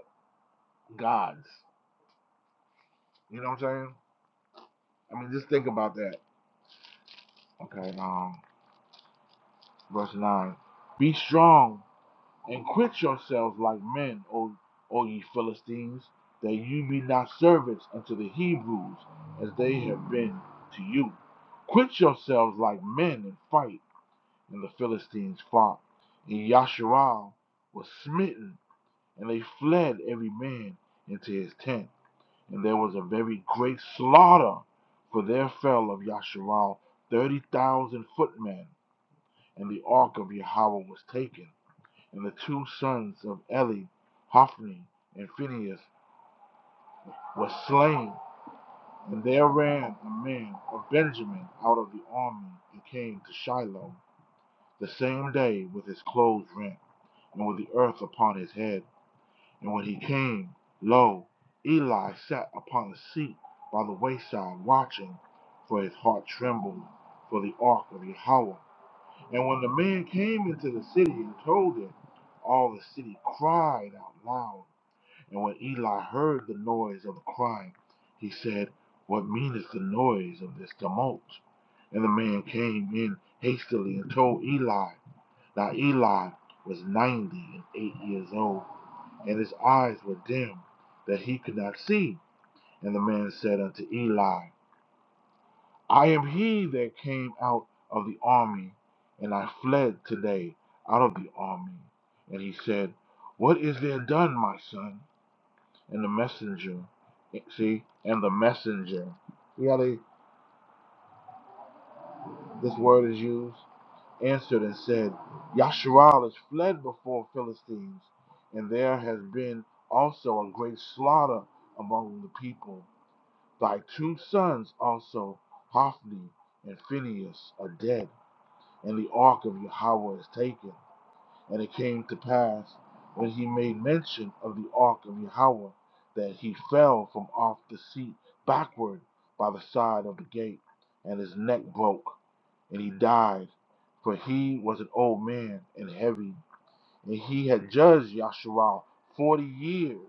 gods. You know what I'm saying? I mean, just think about that. Okay, um, verse 9. Be strong and quit yourselves like men, O, o ye Philistines, that you be not servants unto the Hebrews as they have been to you. Quit yourselves like men and fight. And the Philistines fought. And Yasharal was smitten, and they fled every man into his tent. And there was a very great slaughter, for there fell of Yasharal thirty thousand footmen, and the ark of Yahweh was taken, and the two sons of Eli, Hophni and Phinehas, were slain. And there ran a man of Benjamin out of the army and came to Shiloh the same day with his clothes rent and with the earth upon his head. And when he came, lo, Eli sat upon a seat by the wayside, watching, for his heart trembled for the ark of Yahweh. And when the man came into the city and told it, all the city cried out loud. And when Eli heard the noise of the crying, he said, What meaneth the noise of this tumult? And the man came in hastily and told Eli. Now Eli was ninety and eight years old and his eyes were dim that he could not see. And the man said unto Eli, I am he that came out of the army, and I fled today out of the army. And he said, What is there done, my son? And the messenger, see, and the messenger, see how they, this word is used, answered and said, Yasharal has fled before Philistines, and there has been also a great slaughter among the people. Thy two sons also, Hophni and Phinehas, are dead, and the ark of Yahweh is taken. And it came to pass, when he made mention of the ark of Yahweh, that he fell from off the seat backward by the side of the gate, and his neck broke, and he died. For he was an old man and heavy, and he had judged Yasharal forty years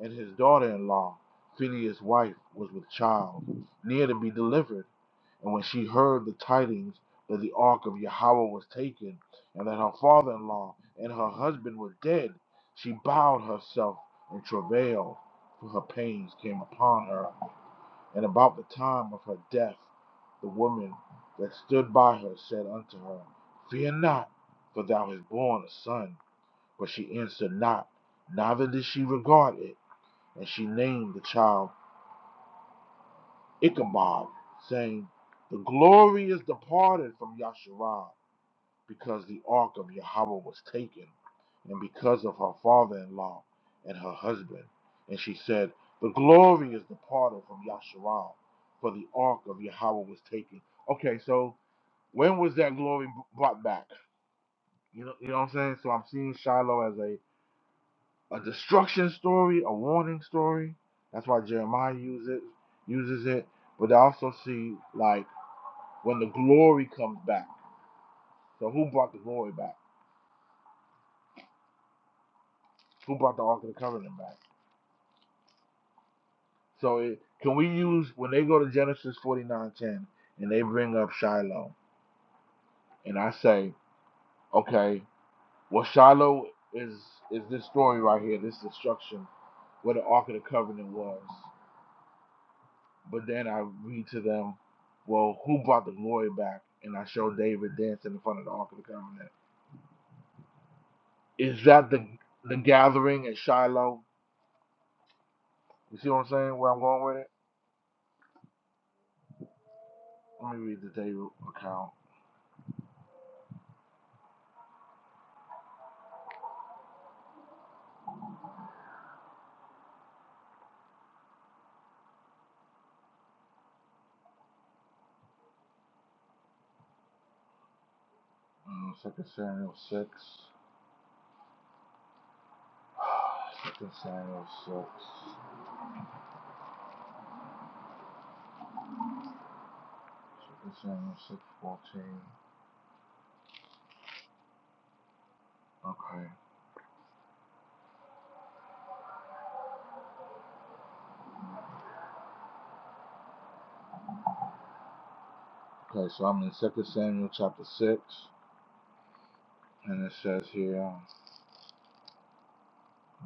and his daughter in law, Phineas' wife, was with child, near to be delivered. And when she heard the tidings that the ark of Yahweh was taken, and that her father in law and her husband were dead, she bowed herself and travailed, for her pains came upon her. And about the time of her death, the woman that stood by her said unto her, Fear not, for thou hast borne a son. But she answered not, neither did she regard it. And she named the child Ichabod, saying, The glory is departed from Yasharal, because the ark of Yahweh was taken, and because of her father in law and her husband. And she said, The glory is departed from Yasharal, for the ark of Yahweh was taken. Okay, so when was that glory brought back? You know, you know what I'm saying? So I'm seeing Shiloh as a a destruction story, a warning story. That's why Jeremiah uses it, uses it. But I also see like when the glory comes back. So who brought the glory back? Who brought the Ark of the Covenant back? So it, can we use when they go to Genesis forty nine ten and they bring up Shiloh and I say, okay, well Shiloh is is this story right here, this destruction where the Ark of the Covenant was. But then I read to them, well, who brought the glory back? And I show David dancing in front of the Ark of the Covenant. Is that the the gathering at Shiloh? You see what I'm saying? Where I'm going with it? Let me read the David account. Mm, Second Samuel 6. 2 Samuel 6. 2 Samuel 6 14. Okay. Okay, so I'm in Second Samuel chapter 6. And it says here,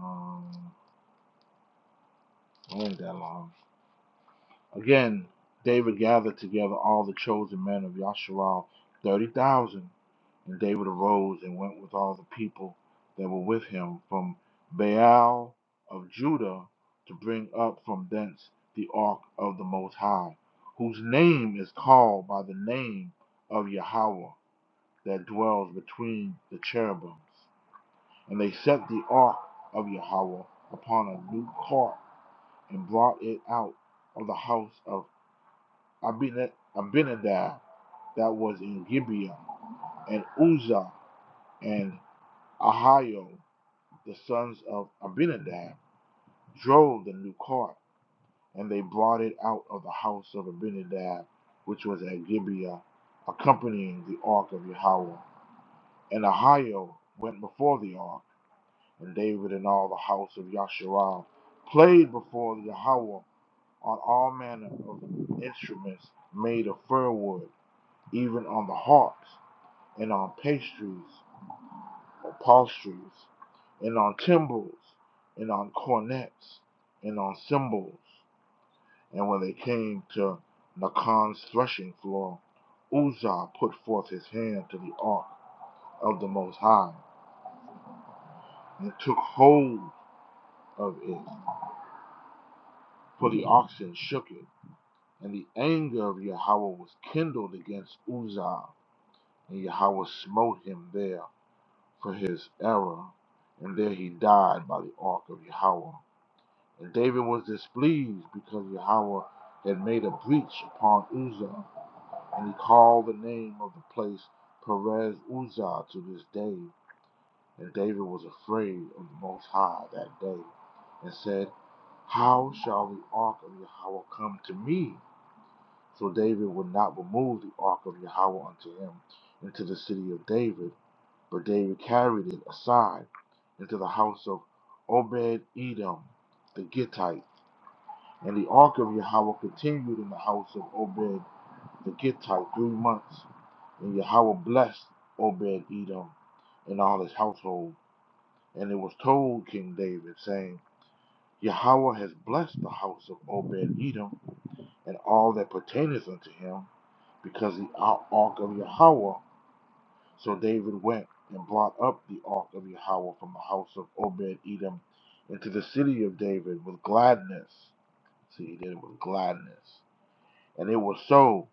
um, it ain't that long. Again, David gathered together all the chosen men of Yasharal, thirty thousand. And David arose and went with all the people that were with him from Baal of Judah to bring up from thence the ark of the Most High, whose name is called by the name of Yahweh that dwells between the cherubims. And they set the ark of Yahweh upon a new cart and brought it out of the house of Abinadab that was in Gibeon, and Uzzah and Ahio, the sons of Abinadab, drove the new cart, and they brought it out of the house of Abinadab, which was at Gibeah, accompanying the ark of Yahweh. And Ahio went before the ark, and David and all the house of Yasharal played before Yahweh on all manner of instruments made of fir wood, even on the harps and on pastries, upholsteries, and on timbrels, and on cornets, and on cymbals. And when they came to Nacon's threshing floor, Uzzah put forth his hand to the ark of the Most High, and took hold of it, for the oxen shook it. And the anger of Yahweh was kindled against Uzzah, and Yahweh smote him there for his error, and there he died by the ark of Yahweh. And David was displeased because Yahweh had made a breach upon Uzzah, and he called the name of the place Perez Uzzah to this day. And David was afraid of the Most High that day, and said, How shall the ark of Yahweh come to me? So David would not remove the ark of Yahweh unto him into the city of David, but David carried it aside into the house of Obed Edom the Gittite and the ark of Yahweh continued in the house of Obed the Gittite three months. And Yahweh blessed Obed Edom and all his household. And it was told King David, saying, Yahweh has blessed the house of Obed Edom and all that pertaineth unto him, because the ark of Yahweh. So David went and brought up the ark of Yahweh from the house of Obed Edom into the city of David with gladness. See, he did it with gladness. And it was so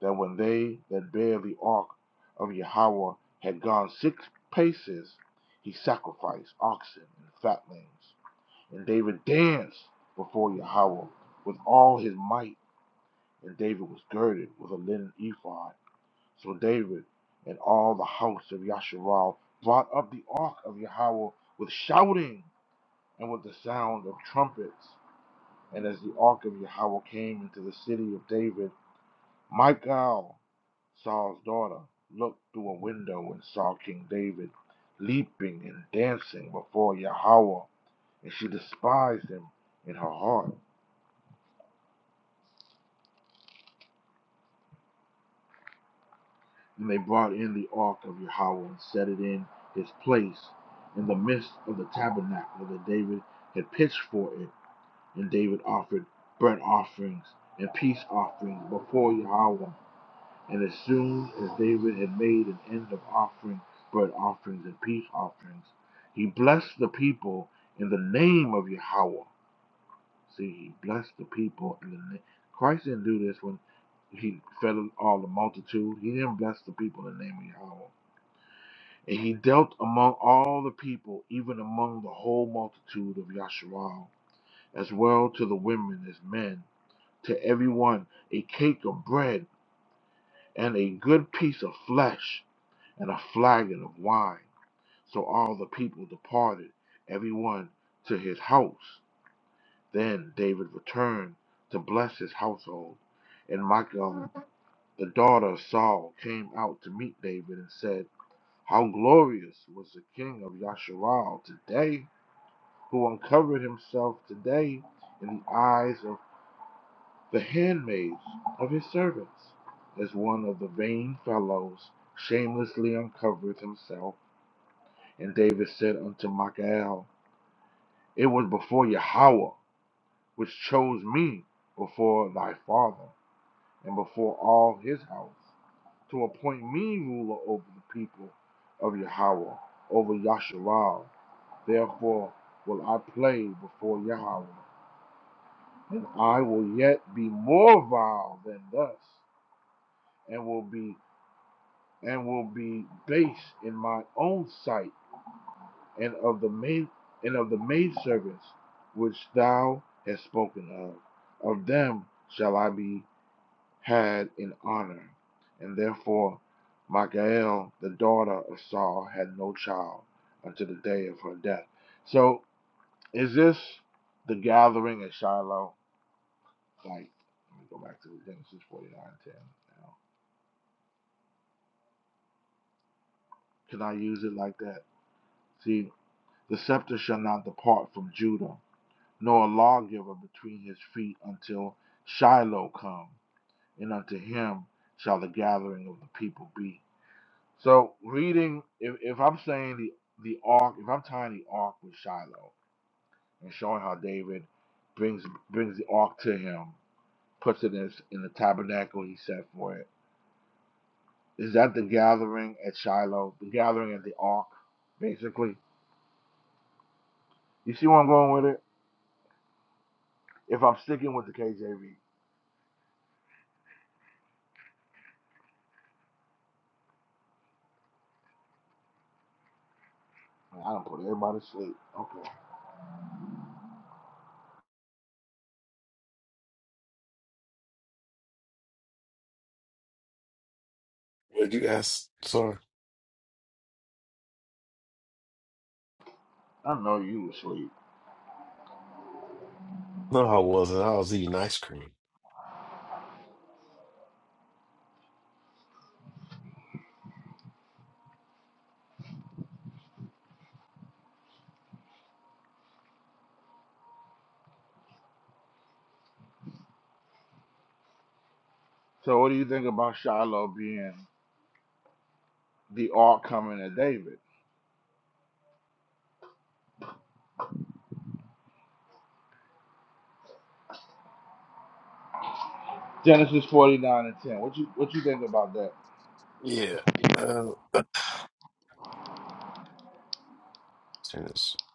that when they that bare the ark of Yahweh had gone six paces, he sacrificed oxen and fatlings. And David danced before Yahweh with all his might. And David was girded with a linen ephod. So David and all the house of Yasharal brought up the ark of Yahweh with shouting and with the sound of trumpets. And as the ark of Yahweh came into the city of David, Michal Saul's daughter looked through a window and saw King David leaping and dancing before Yahweh, and she despised him in her heart. And they brought in the ark of Yahweh and set it in his place in the midst of the tabernacle that David had pitched for it. And David offered burnt offerings and peace offerings before Yahweh. And as soon as David had made an end of offering burnt offerings and peace offerings, he blessed the people in the name of Yahweh. See, he blessed the people in the name. Christ didn't do this when he fed all the multitude. He didn't bless the people in the name of Yahweh. And he dealt among all the people, even among the whole multitude of Yasharal, as well to the women as men, to every one a cake of bread and a good piece of flesh and a flagon of wine. So all the people departed, every one to his house. Then David returned to bless his household. And Michal, the daughter of Saul, came out to meet David and said, How glorious was the king of Yasharal today, who uncovered himself today in the eyes of the handmaids of his servants, as one of the vain fellows shamelessly uncovers himself And David said unto Michal, It was before Yahweh which chose me before thy father and before all his house to appoint me ruler over the people of Yahweh, over Yasharal. Therefore will I play before Yahweh, and I will yet be more vile than thus, and will be and will be base in my own sight and of the maid and of the maidservants which thou hast spoken of. Of them shall I be had in honor. And therefore Michael, the daughter of Saul, had no child until the day of her death. So is this the gathering at Shiloh? Like let me go back to Genesis forty nine ten now. Can I use it like that? See, the scepter shall not depart from Judah, nor a lawgiver between his feet until Shiloh come, and unto him shall the gathering of the people be. So reading, if, if I'm saying the the ark, if I'm tying the ark with Shiloh and showing how David brings brings the ark to him, puts it in, in the tabernacle he set for it. Is that the gathering at Shiloh, the gathering at the ark, basically? You see where I'm going with it? If I'm sticking with the KJV, Man, I don't put everybody to sleep. Okay, What you ask? Sorry. I know you asleep. No, I wasn't. I was eating ice cream. So what do you think about Shiloh being the ark coming to David? Genesis forty nine and ten. What you what you think about that? Yeah. Uh, Turn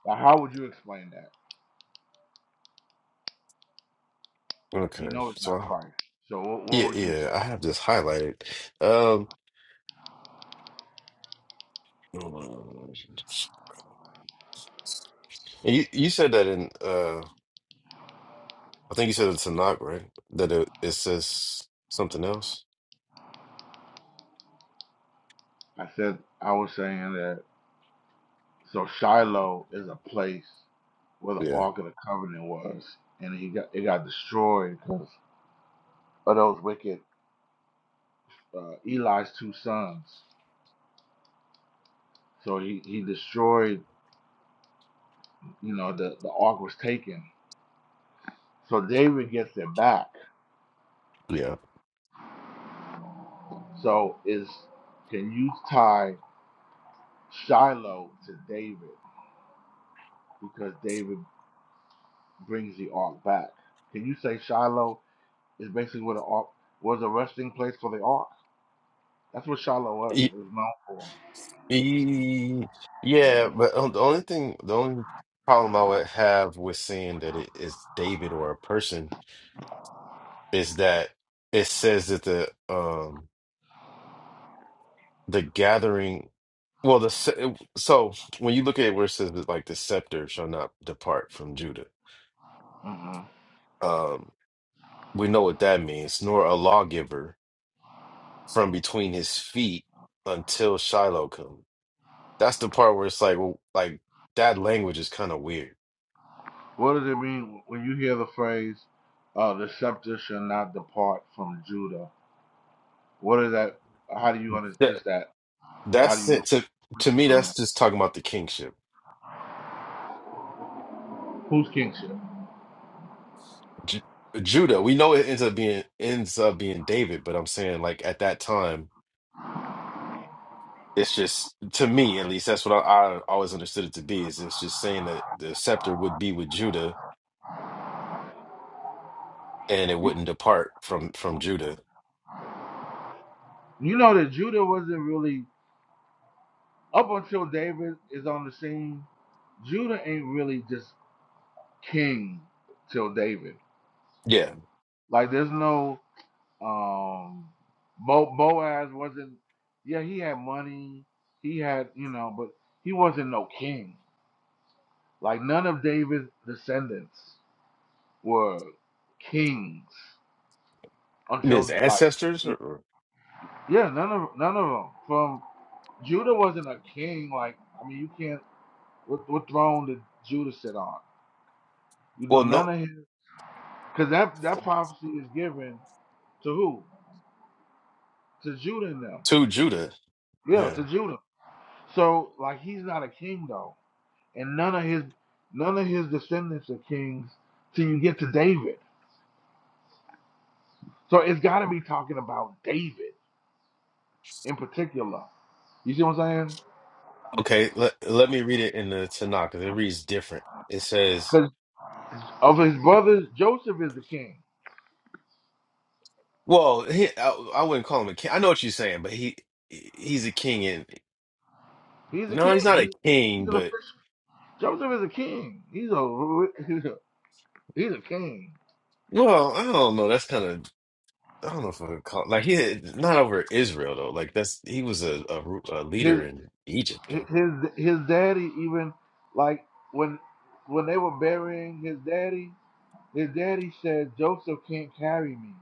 Now, how would you explain that? You Okay, know it's so not I, Christ. So what what yeah, would you yeah, I say? have this highlighted. Um, and you you said that in uh, I think you said it's a knock, right? That it, it says something else. I said I was saying that so Shiloh is a place where the Yeah, Ark of the Covenant was, and he got it got destroyed because of those wicked uh, Eli's two sons. So he, he destroyed, you know, the, the ark was taken. So David gets it back yeah. So is can you tie Shiloh to David because David brings the ark back? Can you say Shiloh is basically where the ark was a resting place for the ark? That's what Shiloh was. It was known for. E- Yeah, but um, the only thing, the only problem I would have with saying that it is David or a person is that it says that the um the gathering, well, the se- so when you look at it where it says that like the scepter shall not depart from Judah, hmm um, we know what that means, nor a lawgiver from between his feet until Shiloh come. That's the part where it's like, well, like that language is kind of weird. What does it mean when you hear the phrase uh, "the scepter shall not depart from Judah"? What is that? How do you understand just that? How do That's you it. To to get me, from that's that? just talking about the kingship. Whose kingship? Ju Judah, we know it ends up being ends up being David, but I'm saying like at that time, it's just to me at least that's what I, I always understood it to be. Is it's just saying that the scepter would be with Judah and it You, wouldn't depart from from Judah. you know that Judah wasn't really up until David is on the scene Judah ain't really just king till David. Yeah, Like there's no um Bo- Boaz wasn't yeah, he had money, he had, you know, but he wasn't no king. Like none of David's descendants were kings I mean, his until like ancestors, or, he- or yeah, none of none of them from Judah wasn't a king. Like, I mean, you can't. What, what throne did Judah sit on? You know, well, none no, of his. Because that, that prophecy is given. To who? To Judah and them. to Judah. Yeah, Yeah. to Judah. So like he's not a king though, and none of his none of his descendants are kings till you get to David. So it's got to be talking about David in particular. You see what I'm saying? Okay. Let let me read it in the Tanakh 'cause it reads different. It says. Because of his brothers, Joseph is the king. Well, he, I, I wouldn't call him a king. I know what you're saying, but he he's a king and He's a no, he's king. not a He's he's king, an but official. Joseph is a king. He's a he's a, he's a king. well, I don't know. That's kind of I don't know if I would call like he not over Israel though. Like that's he was a a, ru- a His leader in Egypt though. his his daddy even like when when they were burying his daddy His daddy said, Joseph can't carry me.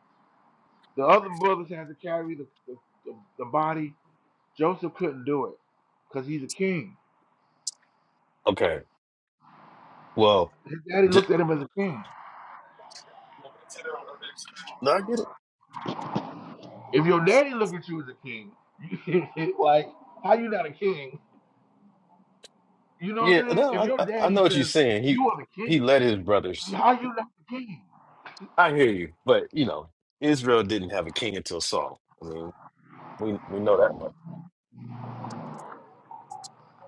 The other brothers had to carry the, the, the, the body. Joseph couldn't do it because he's a king. Okay, well, His daddy d looked at him as a king. no, I get it. If your daddy looked at you as a king, like, how you not a king? You know what Yeah, I'm saying? no, If I your I I know daddy what you're says, saying. He you are the he king, led his brothers. how you not the king? I hear you, but you know, Israel didn't have a king until Saul. I mean, we we know that much.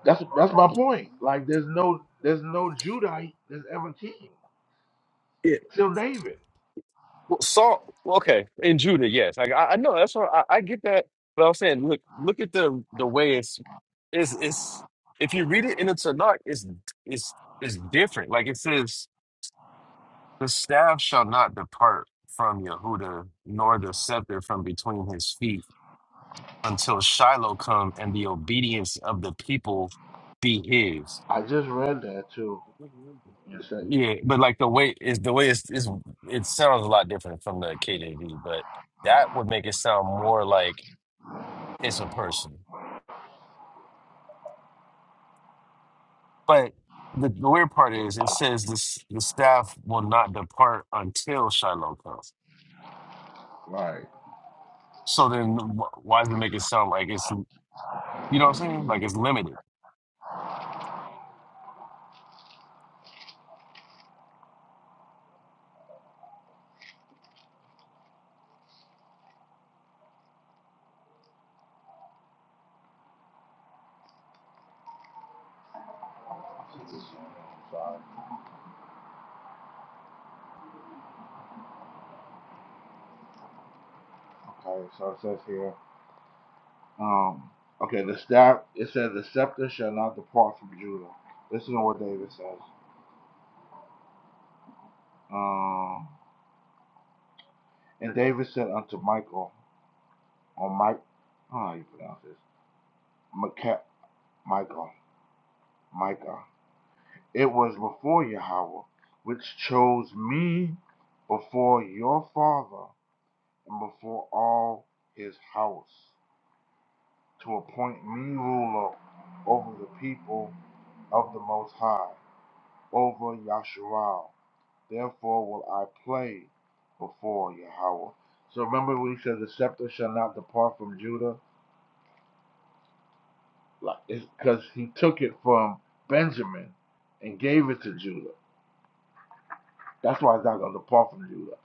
That's that's my point. Like, there's no there's no Judite that's ever king. till David. Well, Saul, well, okay, in Judah, yes, like, I, I know that's what I, I get that, but I'm saying, look, look at the the way it's it's it's if you read it in the Tanakh, it's it's it's different. Like it says, the staff shall not depart from Yehuda, nor the scepter from between his feet, until Shiloh come and the obedience of the people be his. I just read that too. You said, Yeah, but like the way is the way it's, it's it sounds a lot different from the KJV, but that would make it sound more like it's a person. But the, the weird part is it says this the staff will not depart until Shiloh comes. right. So then wh- why does it make it sound like it's you know what I'm saying? Like it's limited. Okay, so it says here, um, okay, the staff, it says the scepter shall not depart from Judah. Listen to what David says. Um, and David said unto Michael, or Mike, I don't know how you pronounce this, Mica, Michael, Micah, it was before Yahweh, which chose me before your father and before all his house, to appoint me ruler over the people of the Most High, over Yasharal. Therefore will I play before Yahweh. So remember when he said the scepter shall not depart from Judah? Like it's because he took it from Benjamin and gave it to Judah. That's why it's not gonna depart from Judah.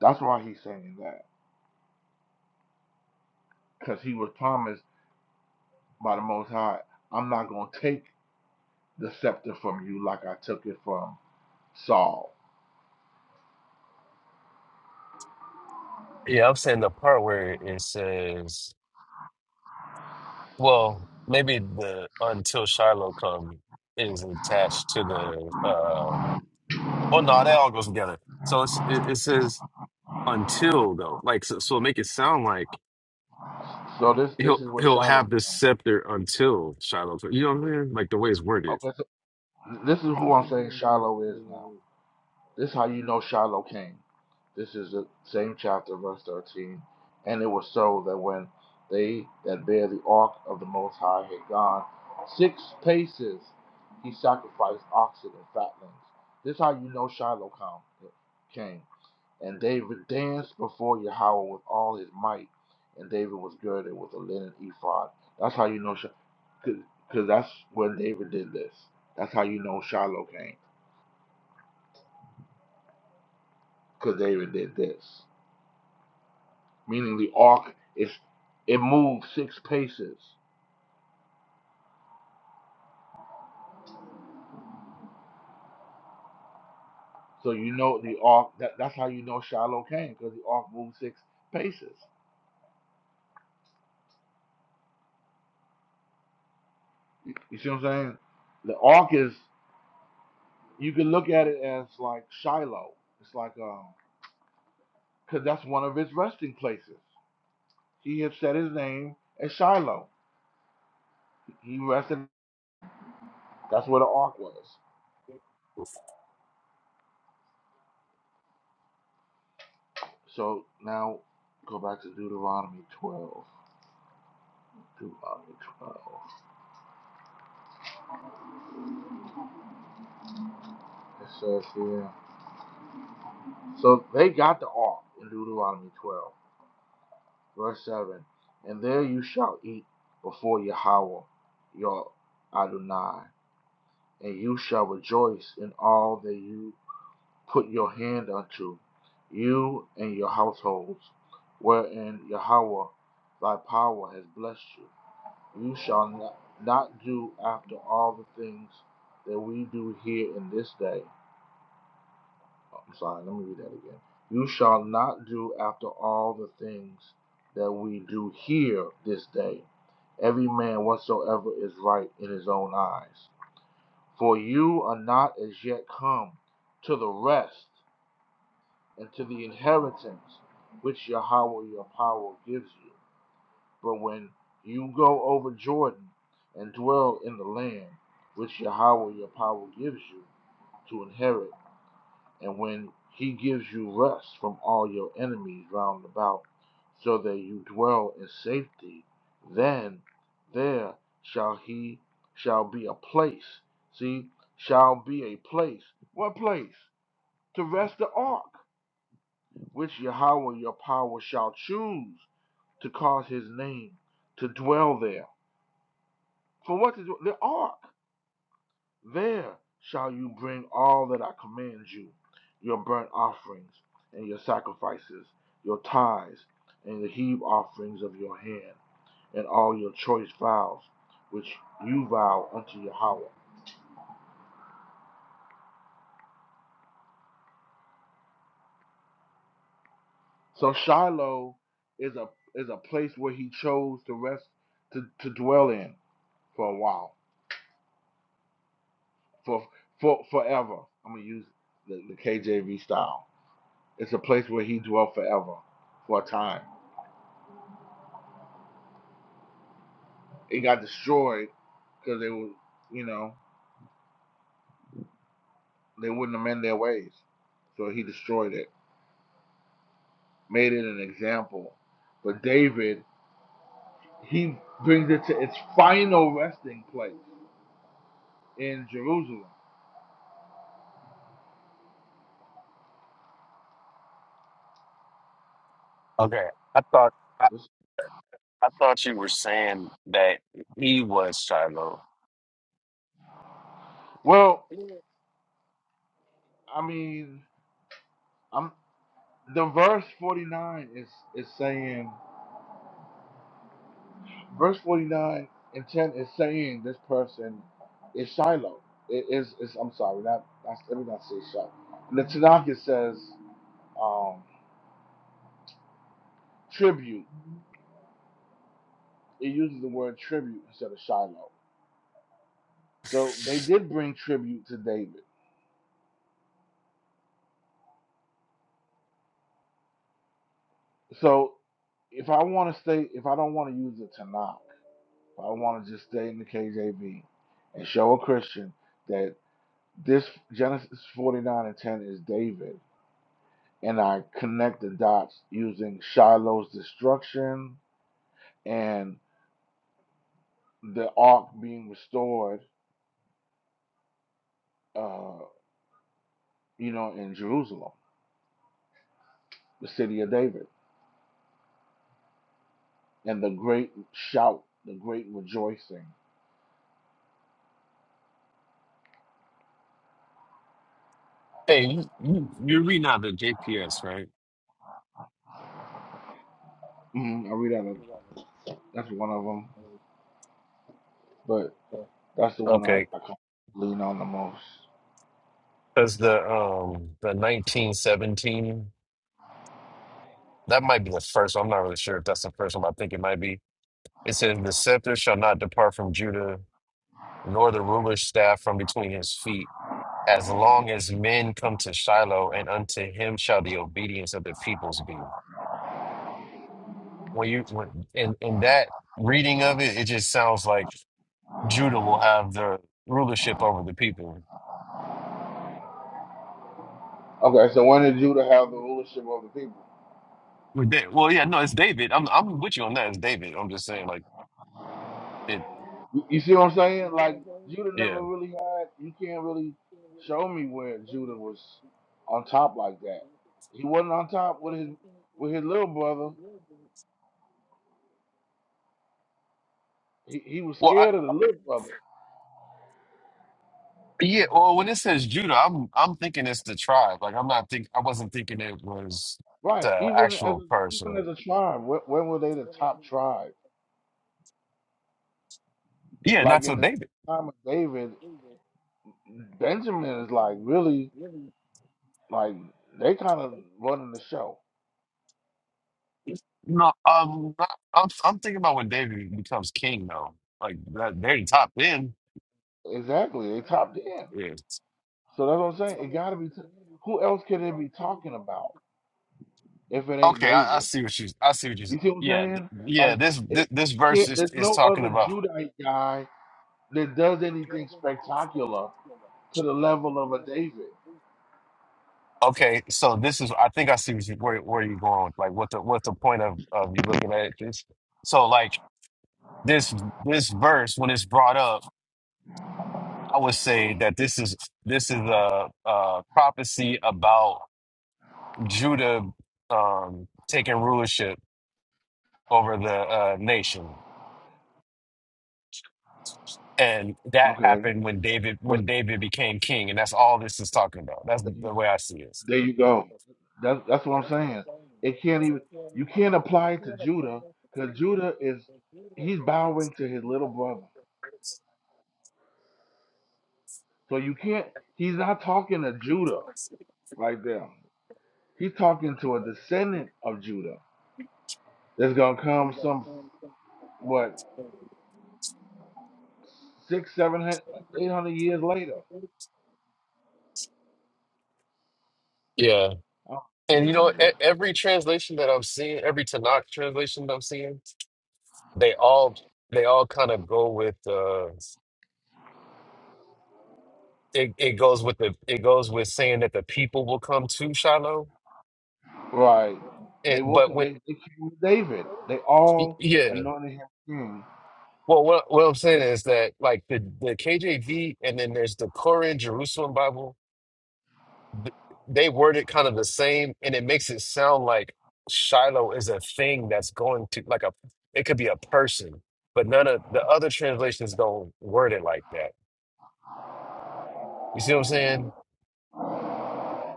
That's why he's saying that. Because he was promised by the Most High, I'm not gonna take the scepter from you like I took it from Saul. Yeah, I'm saying the part where it says, well, maybe the until Shiloh come is attached to the Well, no, that all goes together. So it's, it, it says until though, like so, so make it sound like So this this he'll is what he'll Shiloh have this scepter until Shiloh. So, You know what i mean? Like the way it's worded. okay, so this is who I'm saying Shiloh is now. This is how you know Shiloh came. This is the same chapter, verse 13. And it was so that when they that bear the ark of the Most High had gone six paces, he sacrificed oxen and fatlings. This is how you know Shiloh come, came. And David danced before Yahweh with all his might. And David was girded with a linen ephod. That's how you know, because that's when David did this. That's how you know Shiloh came, because David did this. meaning the ark is it moved six paces. So you know the ark. That, that's how you know Shiloh came because the ark moved six paces. You, you see what I'm saying? The ark is you can look at it as like Shiloh. It's like um because that's one of his resting places. He had set his name as Shiloh. He rested. That's where the ark was. So now go back to Deuteronomy 12. Deuteronomy 12. It says here. So they got the ark in Deuteronomy 12, verse 7. And there you shall eat before Yahweh, your Adonai, and you shall rejoice in all that you put your hand unto, you and your households, wherein Yahweh thy power has blessed you. You shall not, do after all the things that we do here in this day, Oh, I'm sorry, let me read that again. You shall not do after all the things that we do here this day, every man whatsoever is right in his own eyes. For you are not as yet come to the rest and to the inheritance which Yahweh your power gives you. But when you go over Jordan and dwell in the land which Yahweh your power gives you to inherit, And when he gives you rest from all your enemies round about, so that you dwell in safety, then there shall he shall be a place. See, shall be a place. What place? To rest the ark, which Yahweh your power shall choose to cause his name to dwell there. For what is the ark? There shall you bring all that I command you your burnt offerings and your sacrifices, your tithes and the heave offerings of your hand, and all your choice vows which you vow unto Yahweh. So Shiloh is a is a place where he chose to rest to, to dwell in for a while, for for forever. I'm gonna use the, the KJV style. It's a place where he dwelt forever, for a time. It got destroyed because they would, you know, they wouldn't amend their ways. So he destroyed it, made it an example. But David, he brings it to its final resting place in Jerusalem. Okay, I thought I, I thought you were saying that he was Shiloh. Well, I mean, I'm the verse 49 is is saying, verse 49 and 10 is saying this person is Shiloh. It is, is I'm sorry, not, not let me not say Shiloh. And the Tanakh it says um, tribute It uses the word tribute instead of Shiloh. So they did bring tribute to David. So if I want to stay, if I don't want to use the Tanakh, if I want to just stay in the KJV and show a Christian that this Genesis 49 and 10 is David, and I connect the dots using Shiloh's destruction and the ark being restored, uh, you know, in Jerusalem, the city of David, and the great shout, the great rejoicing. Hey, you, you, you're reading out the JPS, right? hmm I read out of that's one of them, but that's the one I, Okay, I kind of lean on the most. because the um the 1917 that might be the first. one. I'm not really sure if that's the first one. I think it might be. It says, The scepter shall not depart from Judah, nor the ruler's staff from between his feet, as long as men come to Shiloh, and unto him shall the obedience of the peoples be. When you when in, in that reading of it, it just sounds like Judah will have the rulership over the people. Okay, so when did Judah have the rulership of the people? With Da- Well, yeah, no, it's David. I'm I'm with you on that. It's David. I'm just saying, like it. You, you see what I'm saying? Like Judah Yeah. never really had. You can't really show me where Judah was on top like that. He wasn't on top with his with his little brother. He he was Well, I. scared of the little brother. Yeah, well, when it says Judah, I'm I'm thinking it's the tribe. Like I'm not think I wasn't thinking it was Right. the Even as actual a, even as person. a tribe, when, when were they the top tribe? Yeah, Like not to in the David. time of David, Benjamin is like really. Like they kind of running the show. No, um, I- I'm I'm thinking about when David becomes king though. Like that very top end. Exactly, they top ten. Yeah. So that's what I'm saying. It got to be. T- who else can they be talking about if it ain't Okay, I, I David? see what you I see what you You see what I'm yeah th- saying? yeah Like, this it, this, this you verse can't, is there's is no talking other about Judite guy that does anything spectacular to the level of a David. Okay, so this is I think I see what you, where where you're going. with, Like what the what's the point of of you looking at this? So like this this verse when it's brought up, I would say that this is this is a, a prophecy about Judah um taking rulership over the uh nation. And that Okay, happened when David but when so, David became king, and that's all this is talking about. That's there you the way I see it. there you go. That's That's, that's what I'm that's what I'm saying. telling you. It can't So even. if you want You can't if apply it you to want to play Judah with the because freedom, Judah is if you want he's if bowing to his you little buy it brother. with the So you can't, he's not talking to Judah right there. He's talking to a descendant of Judah that's going to we're come gonna some, turn it into- what, six, seven, hun- eight hundred years later. Yeah, Oh, and you know 800. e- every translation that I'm seeing, every Tanakh translation that I'm seeing, they all they all kind of go with uh it, it goes with the it goes with saying that the people will come to Shiloh, Right. and, They will. but up, when they, they came with David. They all yeah anointed him king. Well, what what I'm saying is that like the the KJV and then there's the Koran Jerusalem Bible. th- They word it kind of the same, and it makes it sound like Shiloh is a thing that's going to like a it could be a person, but none of the other translations don't word it like that. You see what I'm saying?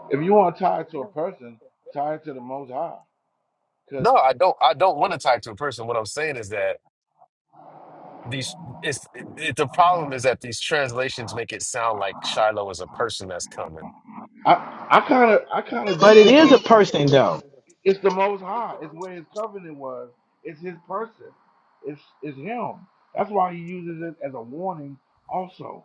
If you want to tie it to a person, tie it to the Most High. Because No, I don't. I don't want to tie it to a person. What I'm saying is that these it's it, the problem is that these translations make it sound like Shiloh is a person that's coming. I, I kind of, I kind of But do it think. is a person though. It's the Most High. It's where His covenant was. It's His person. It's it's Him. That's why He uses it as a warning, also.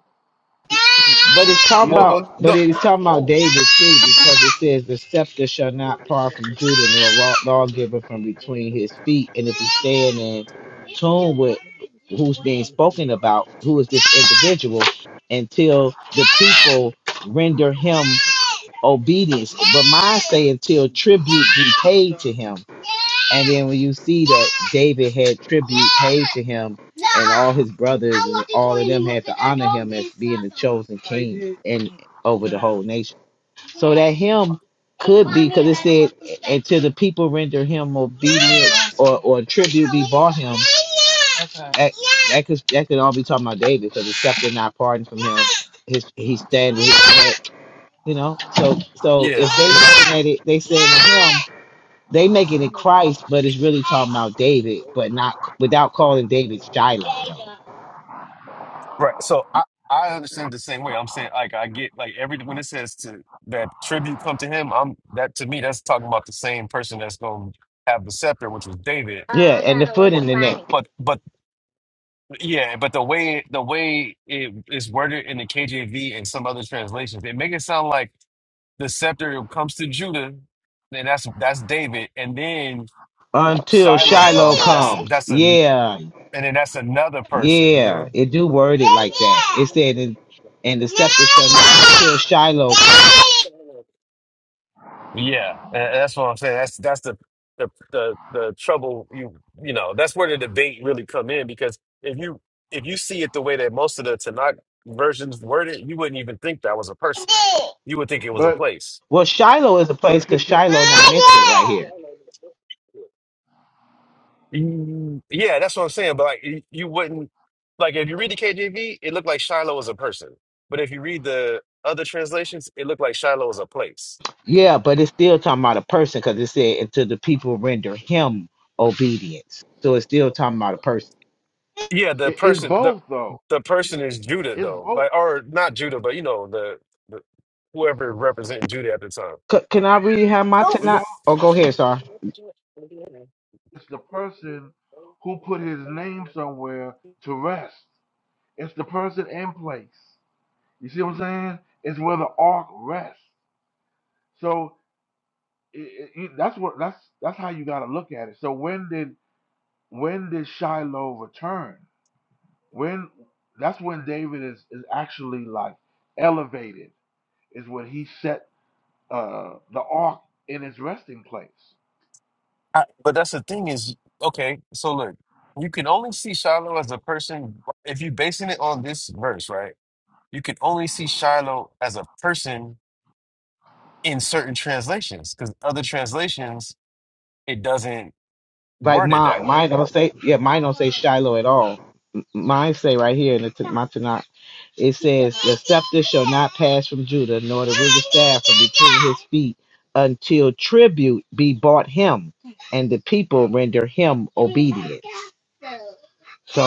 He- But it's talking you Well, well, know, about, but no. it's talking about Oh, David too, because it says the scepter shall not part from Judah, nor law- lawgiver from between his feet. And if you stand in tune with who's being spoken about, who is this individual, until the people render him obedience. But mine say until tribute be paid to him. And then when you see that David had tribute paid to him, and all his brothers and all of them had to honor him as being the chosen king and over the whole nation. So that him could be because it said until the people render him obedient or, or tribute be bought him. That, that could that could all be talking about David because the scepter not pardoned from him. His he stands. You know, so so if yeah, they th- looking at it, they saying to him, they making it Christ, but it's really talking about David, but not without calling David Shiloh. Though. right. So I, I understand it the same way. I'm saying like I get like every when it says to that tribute come to him. I'm that to me that's talking about the same person that's going to have the scepter, which was David. Yeah, and the foot in the neck But but yeah, but the way the way it is worded in the KJV and some other translations, it make it sound like the scepter comes to Judah, and that's that's David, and then until Shiloh Shiloh come. and That's comes. that's a Yeah, and then that's another person. You yeah, know. it do word it like that. It said and and the scepter shall not until Shiloh. Comes. Yeah, and that's what I'm saying. That's that's the the the the trouble you you know, that's where the debate really come in because if you if you see it the way that most of the Tanakh versions word it, you wouldn't even think that was a person. You would think it was a but place. Well, Shiloh is a place but because c- c- Shiloh not mentioned right here. Mm, Yeah, that's what I'm saying. But like you you wouldn't like if you read the KJV, it looked like Shiloh was a person. But if you read the other translations, it looked like Shiloh was a place. Yeah, but it's still talking about a person because it said until the people render him obedience. So it's still talking about a person. Yeah, the it- it's person the both though. the person is Judah It's though, both. like or not Judah, but you know the, the whoever representing Judah at the time. C- can I read how my But tonight? y'all, Oh, go ahead, sir. it's the person who put His name somewhere to rest. It's the person and place. You see what I'm saying? It's where the ark rests. So it, it, it- that's what that's that's how you got to look at it. So when did when did Shiloh return? When that's when David is, is actually like elevated, is when he set uh the ark in its resting place. I, but that's the thing is okay. So look, you can only see Shiloh as a person if you're basing it on this verse, right? You can only see Shiloh as a person in certain translations because other translations it doesn't Like word it that mine, way. mine don't say yeah, mine don't say Shiloh at all. Mine say right here in the t- my tonight. It says pass from Judah nor speak until tribute be bought him and the people render him. o- So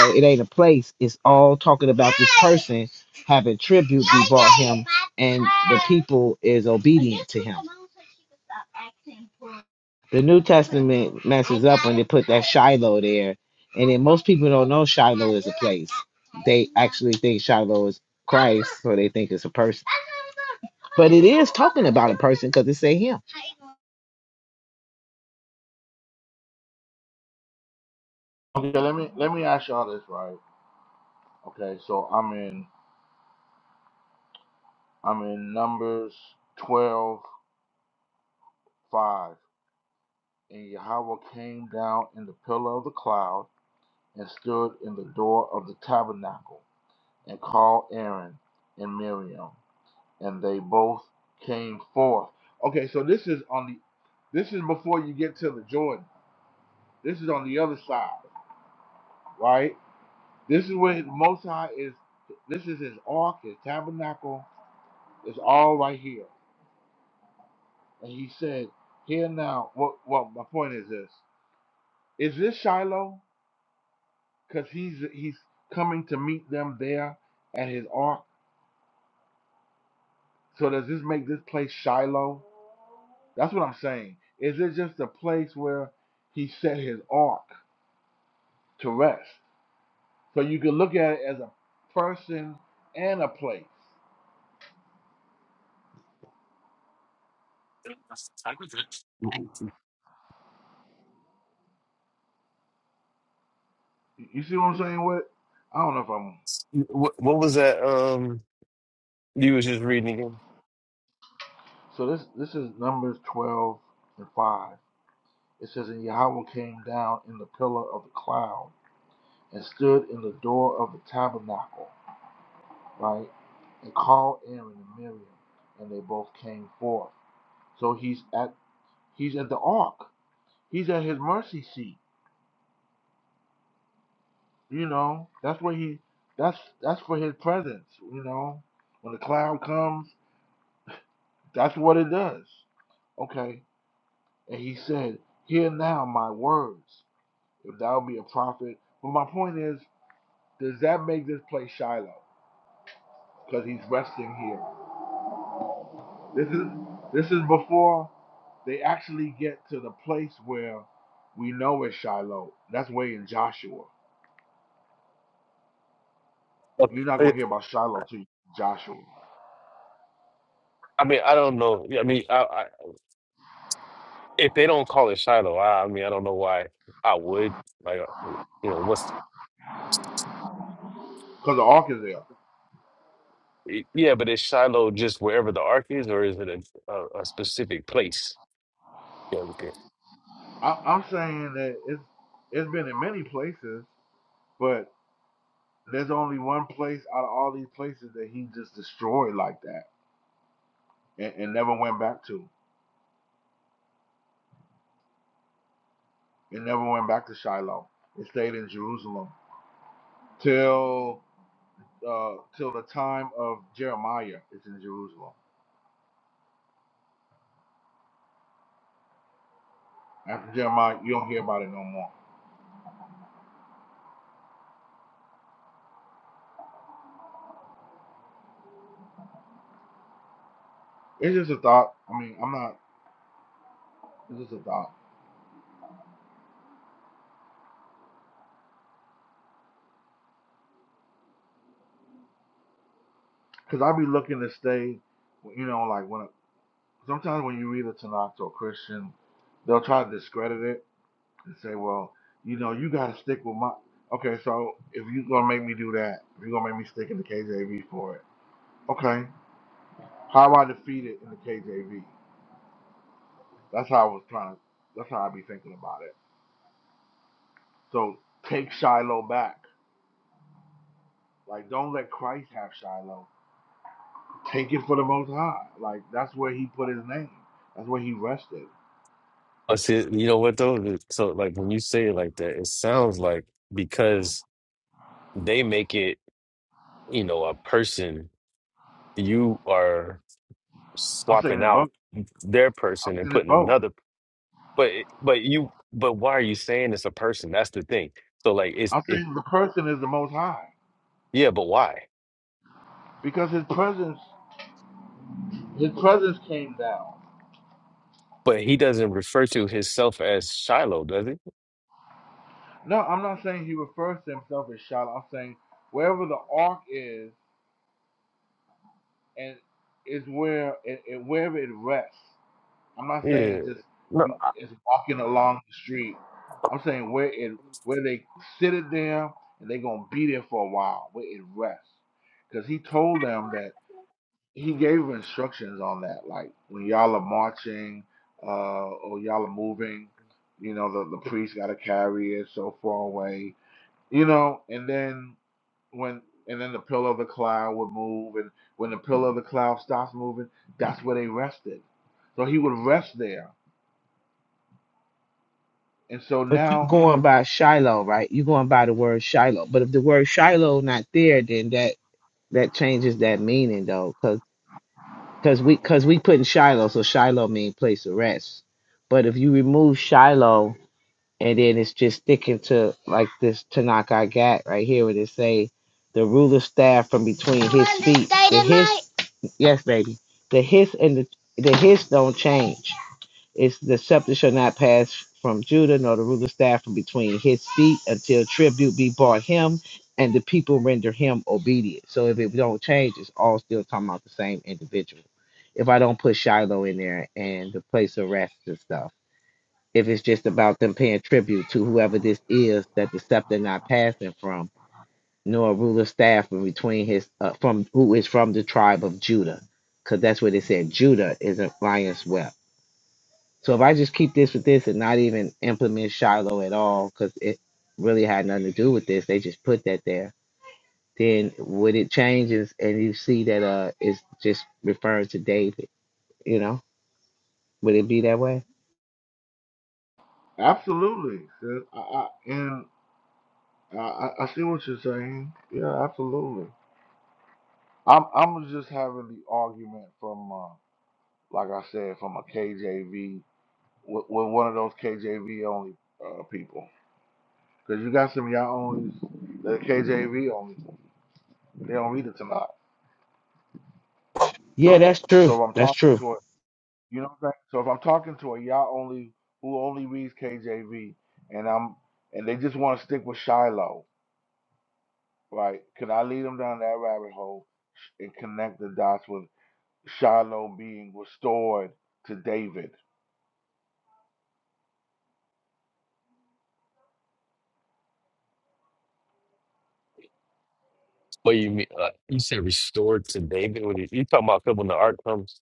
it ain't a place. It's all talking about this person having tribute and people is obedient. The New Testament. Shiloh there. And then most people don't know Shiloh actually think Shiloh is so they think it's a person. But person because it say him. Okay, let me let me ask y'all this, right? Okay, so I'm in I'm in Numbers twelve five. And Yahweh came down in the pillar of the cloud and stood in the door of the tabernacle and called Aaron and Miriam. and they both came forth. Okay, so this is on the this is before you get to the Jordan. This is on the other side, right? This is where the Most High is. This is his ark, his tabernacle. It's all right here. And he said, "Here now." What? Well, my point is this: Is this Shiloh? Because he's he's coming to meet them there at his ark. So does this make this place Shiloh? That's what I'm saying. Is it just a place where he set his ark? to rest. So you can look at it as a person and a place. You see what I'm saying? What I don't know if I'm What, what was that? Um, you was just reading again. so this this is Numbers twelve and five. It says, And Yahweh came down in the pillar of the cloud and stood in the door of the tabernacle, right? And called Aaron and Miriam, and they both came forth. So he's at he's at the ark. He's at his mercy seat. You know, that's where he that's that's for his presence, you know. When the cloud comes, that's what it does. Okay. And he said, Hear now my words, if thou be a prophet. But my point is, does that make this place Shiloh? Because he's resting here. This is this is before they actually get to the place where we know it's Shiloh. That's way in Joshua. You're not Okay. gonna hear about Shiloh till you Joshua. I mean, I don't know. I mean, I, I, if they don't call it Shiloh, I, I mean, I don't know why I would. Like, uh, you know, what's Because the ark is there. it- yeah, but is Shiloh just wherever the ark is, or is it a, a, a specific place? Yeah, okay. I, I'm saying that it's it's been in many places, but there's only one place out of all these places that he just destroyed like that and, and never went back to. It never went back to Shiloh. It stayed in Jerusalem till uh, till the time of Jeremiah. It's in Jerusalem. After Jeremiah, you don't hear about it no more. It's just a thought. I mean, I'm not. It's just a thought. Cause I be looking to stay. You know, like when sometimes when you read a Tanakh to a Christian, they'll try to discredit it to say, well, you know, you got to stick with my. Okay, so if you're gonna make me do that, if you're gonna make me stick in the KJV for it, okay, how do I defeat it in the KJV? That's how I was trying. To, that's how I be thinking about it. So take Shiloh back. Like, don't let Christ have Shiloh. Take it for the Most High. Like that's where He put His name. That's where He rested. I see, you know what though? It- So, like, when you say it like that, it sounds like because they make it, you know, a person, you are I'm saying swapping it's out both. their I'm person and saying it's putting both. another. But, it- but you, but why are you saying it's a person? That's the thing. So like it's I'm it saying the person is the Most High Yeah, but why? because His presence, His presence came down. But he doesn't refer to himself as Shiloh, does he? No, I'm not saying he refers to himself as Shiloh. I'm saying wherever the ark is, and is where it, it wherever it rests. I'm not Yeah. saying just No. you is walking along the street. I'm saying where it where they sit it there and they're gonna be there for a while where it rests. Because he told them that he gave instructions on that, like when y'all are marching uh, or y'all are moving, you know the the priest got to carry it so far away you know, and then when and then the pillar of the cloud would move and when the pillar of the cloud stops moving, that's where they rested. So he would rest there. And so But you now going by Shiloh, right? you going by the word Shiloh. But if the word Shiloh not there, then that that changes that meaning though, because cause we because we put in Shiloh, so Shiloh means place of rest. But if you remove Shiloh and then it's just sticking to like this Tanakh I got right here where they say the ruler staff from between yes baby the hiss and the the hiss don't change it's the scepter shall not pass from Judah nor the ruler staff from between his feet until tribute be brought him and the people render him obedient so if it don't change it's all still talking about the same individual if I don't put Shiloh in there and the place of rest and stuff if it's just about them paying tribute to whoever this is that the scepter not passing from, nor a ruler staff from between his uh, from who is from the tribe of Judah, because that's what it said. Judah is a lion's whelp. So if I just keep this with this and not even implement Shiloh at all, because it really had nothing to do with this, they just put that there. Then would it changes and you see that uh it's just referring to David, you know? Would it be that way? absolutely. sis. I, I, and I, I I see what you're saying. Yeah, absolutely. I'm I'm just having the argument from uh, like I said from a KJV with, with one of those KJV only uh, people. Cause you got some of y'all onlys that are KJV only. They don't read it tonight. Yeah, that's true. So if I'm That's talking true. to a, you know what I'm saying? So if I'm talking to a y'all only who only reads KJV, and I'm and they just want to stick with Shiloh, right? Can I lead them down that rabbit hole and connect the dots with Shiloh being restored to David? What you mean? Uh, you said restored to David? What you, you talking about? 'cause When the ark comes,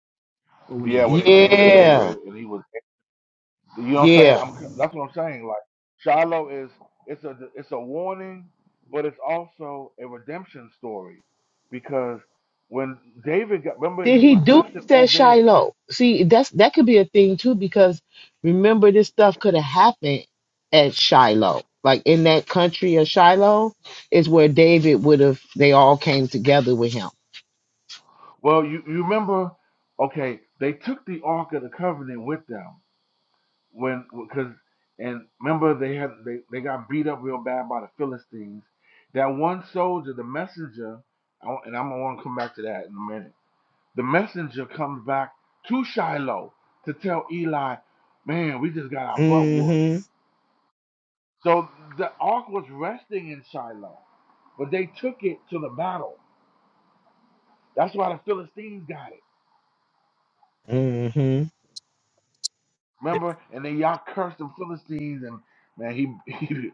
Or when they Yeah, get when the it ark came back. to Yeah. David and he was, you know what I'm saying? Yeah. I'm that's what I'm saying. Like Shiloh is it's a it's a warning, but it's also a redemption story because when David got remember Did he he was do blessed in this at Obed Shiloh? See, that's that could be a thing too, because remember this stuff could have happened at Shiloh. Like in that country of Shiloh is where David would have they all came together with him. Well, you, you remember, okay, they took the Ark of the Covenant with them when because and remember they had they, they got beat up real bad by the Philistines. That one soldier, the messenger, I and I'm gonna want to come back to that in a minute. The messenger comes back to Shiloh to tell Eli, man, we just got our butt whooped. Mm-hmm. So the ark was resting in Shiloh, but they took it to the battle. That's why the Philistines got it. Mm-hmm. Remember? And then y'all cursed the Philistines, and man, he, he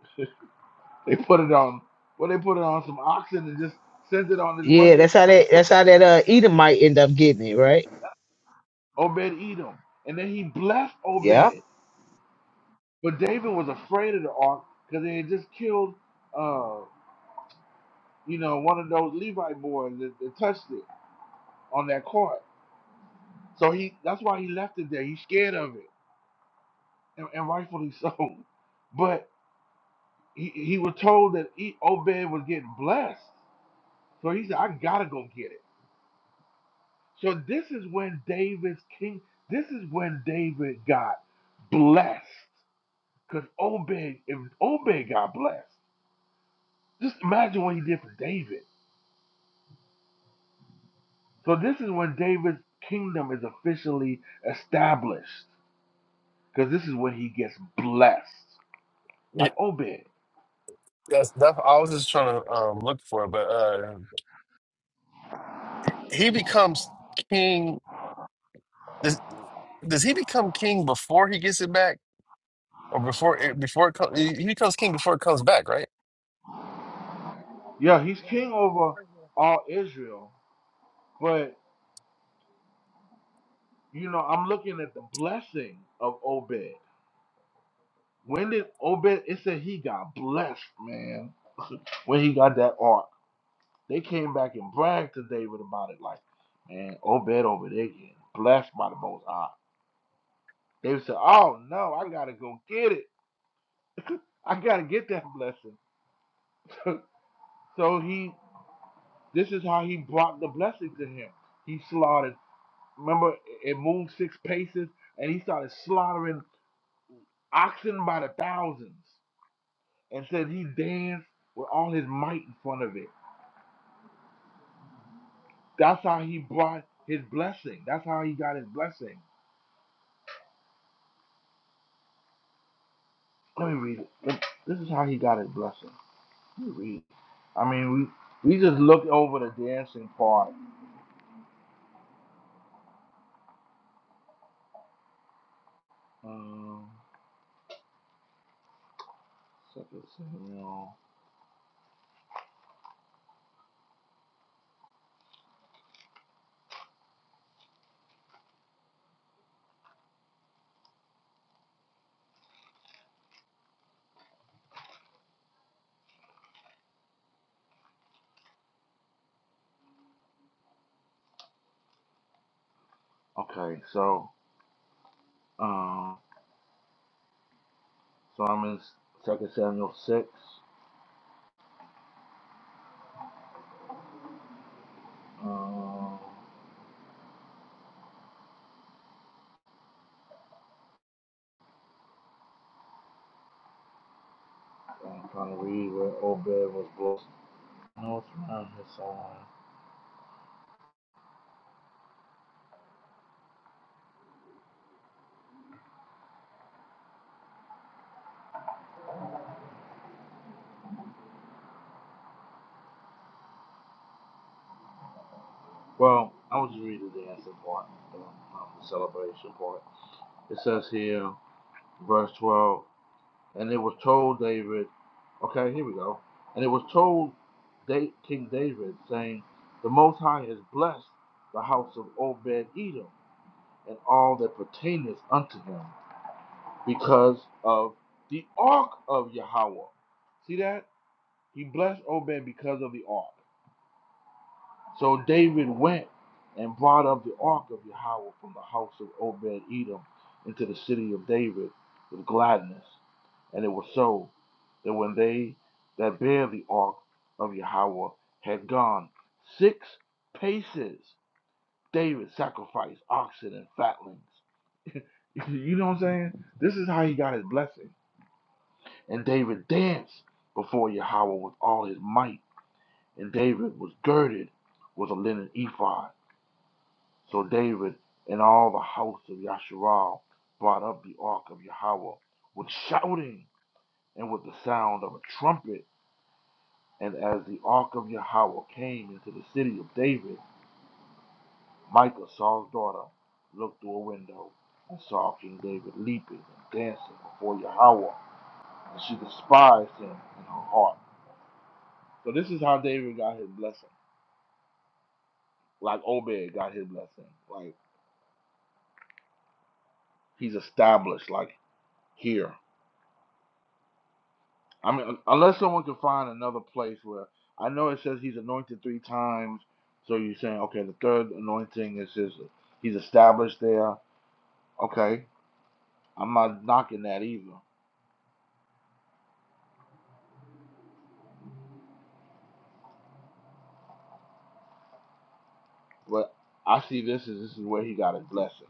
they put it on. Well, they put it on some oxen and just sent it on his Yeah, way. that's how that that's how that uh Edom might end up getting it, right? Obed Edom, and then he blessed Yeah. Obed. But David was afraid of the ark because they had just killed, uh, you know, one of those Levite boys that, that touched it on that court. So he that's why he left it there. He's scared of it, and, and rightfully so. But he, he was told that he, Obed was getting blessed, so he said, "I gotta go get it." So this is when David's king, this is when David got blessed. Because Obed, if Obed got blessed, just imagine what he did for David. So this is when David's kingdom is officially established. Because this is when he gets blessed. yeah, Like Obed. that's that. I was just trying to um, look for it, but uh, he becomes king. Does, does he become king before he gets it back, or before it before it comes? He he becomes king before it comes back, right? Yeah, he's king over all Israel. But you know, I'm looking at the blessing of Obed. When did Obed it said he got blessed, man, when he got that ark. They came back and bragged to David about it, like, man, Obed over there getting blessed by the Most High. David said, oh no, I gotta go get it. I gotta get that blessing. so he, this is how he brought the blessing to him. He slaughtered. Remember, it moved six paces, and he started slaughtering oxen by the thousands, and said he danced with all his might in front of it. That's how he brought his blessing. That's how he got his blessing. Let me read it. This is how he got his blessing. Let me read. it. I mean, we we just looked over the dancing part. Um, Second Samuel. Okay, so um, so I'm in Second Samuel six. Um, I'm trying to read where Obed was blessed. No, it's around here somewhere. Well, I was just reading the dancing part, um, um, the celebration part. It says here, verse twelve. And it was told David, okay, here we go. And it was told Da- King David, saying, The Most High has blessed the house of Obed Edom and all that pertaineth unto him because of the ark of Yahweh. See that? He blessed Obed because of the ark. So David went and brought up the ark of Yahweh from the house of Obed Edom into the city of David with gladness. And it was so. that when they that bear the ark of Yahweh had gone six paces, David sacrificed oxen and fatlings. you know what I'm saying? This is how he got his blessing. And David danced before Yahweh with all his might. And David was girded with a linen ephod. So David and all the house of Yasharal brought up the ark of Yahweh with shouting and with the sound of a trumpet. And as the ark of Yahweh came into the city of David, Michal Saul's daughter, looked through a window and saw King David leaping and dancing before Yahweh, and she despised him in her heart. So this is how David got his blessing, like Obed got his blessing. Like he's established, like here. I mean, unless someone can find another place where I know it says he's anointed three times. So you're saying, okay, the third anointing is his. He's established there. Okay, I'm not knocking that either. But I see this as this is where he got his blessing.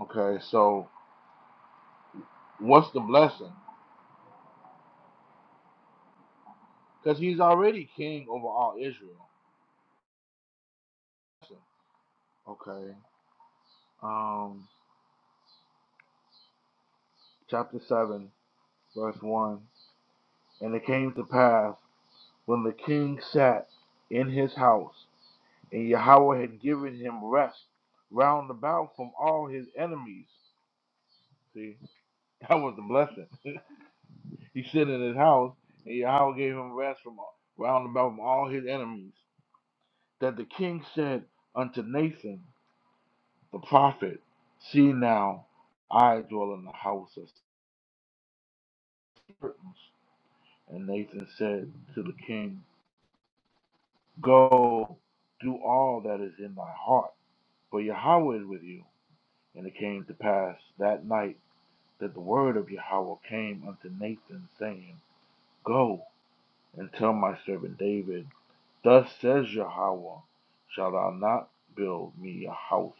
Okay, so what's the blessing? Because he's already king over all Israel. Okay, um, chapter 7, verse 1. And it came to pass when the king sat in his house, and Yahweh had given him rest round about from all his enemies. See, that was the blessing. He stood in his house, and Yahweh gave him rest from all- round about from all his enemies. That the king said unto Nathan the prophet, See now, I dwell in the house of curtains. And Nathan said to the king, Go, do all that is in thy heart, for Yahweh is with you. And it came to pass that night that the word of Yahweh came unto Nathan, saying, Go. and tell my servant David, Thus says Yahweh, Shall thou not build me a house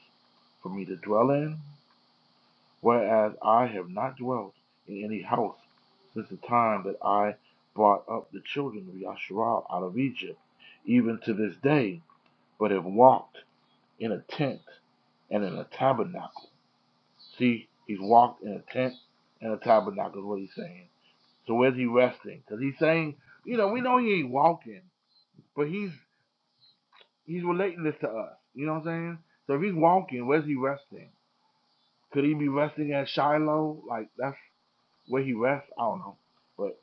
for me to dwell in? Whereas I have not dwelt in any house since the time that I brought up the children of Yasharal out of Egypt, even to this day, but have walked in a tent and in a tabernacle. See, he's walked in a tent and a tabernacle, is what he's saying. So where's he resting? Because he's saying, you know, we know he ain't walking, but he's He's relating this to us. You know what I'm saying? So if he's walking, where's he resting? Could he be resting at Shiloh? Like that's where he rests? I don't know. But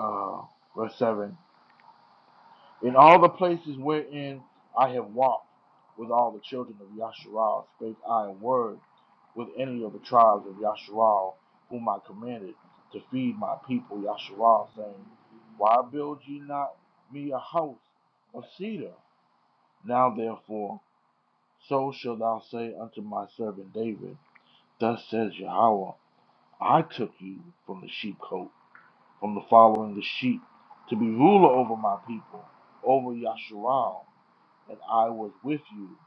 uh verse seven. In all the places wherein I have walked with all the children of Yasharal spake I a word with any of the tribes of Yasharal, whom I commanded to feed my people Yasharal, saying, Why build ye not me a house of cedar? Now therefore So shalt thou say unto my servant David, Thus says Yahweh, I took you from the sheepcote, from the following the sheep, to be ruler over my people, over Yasharal, and I was with you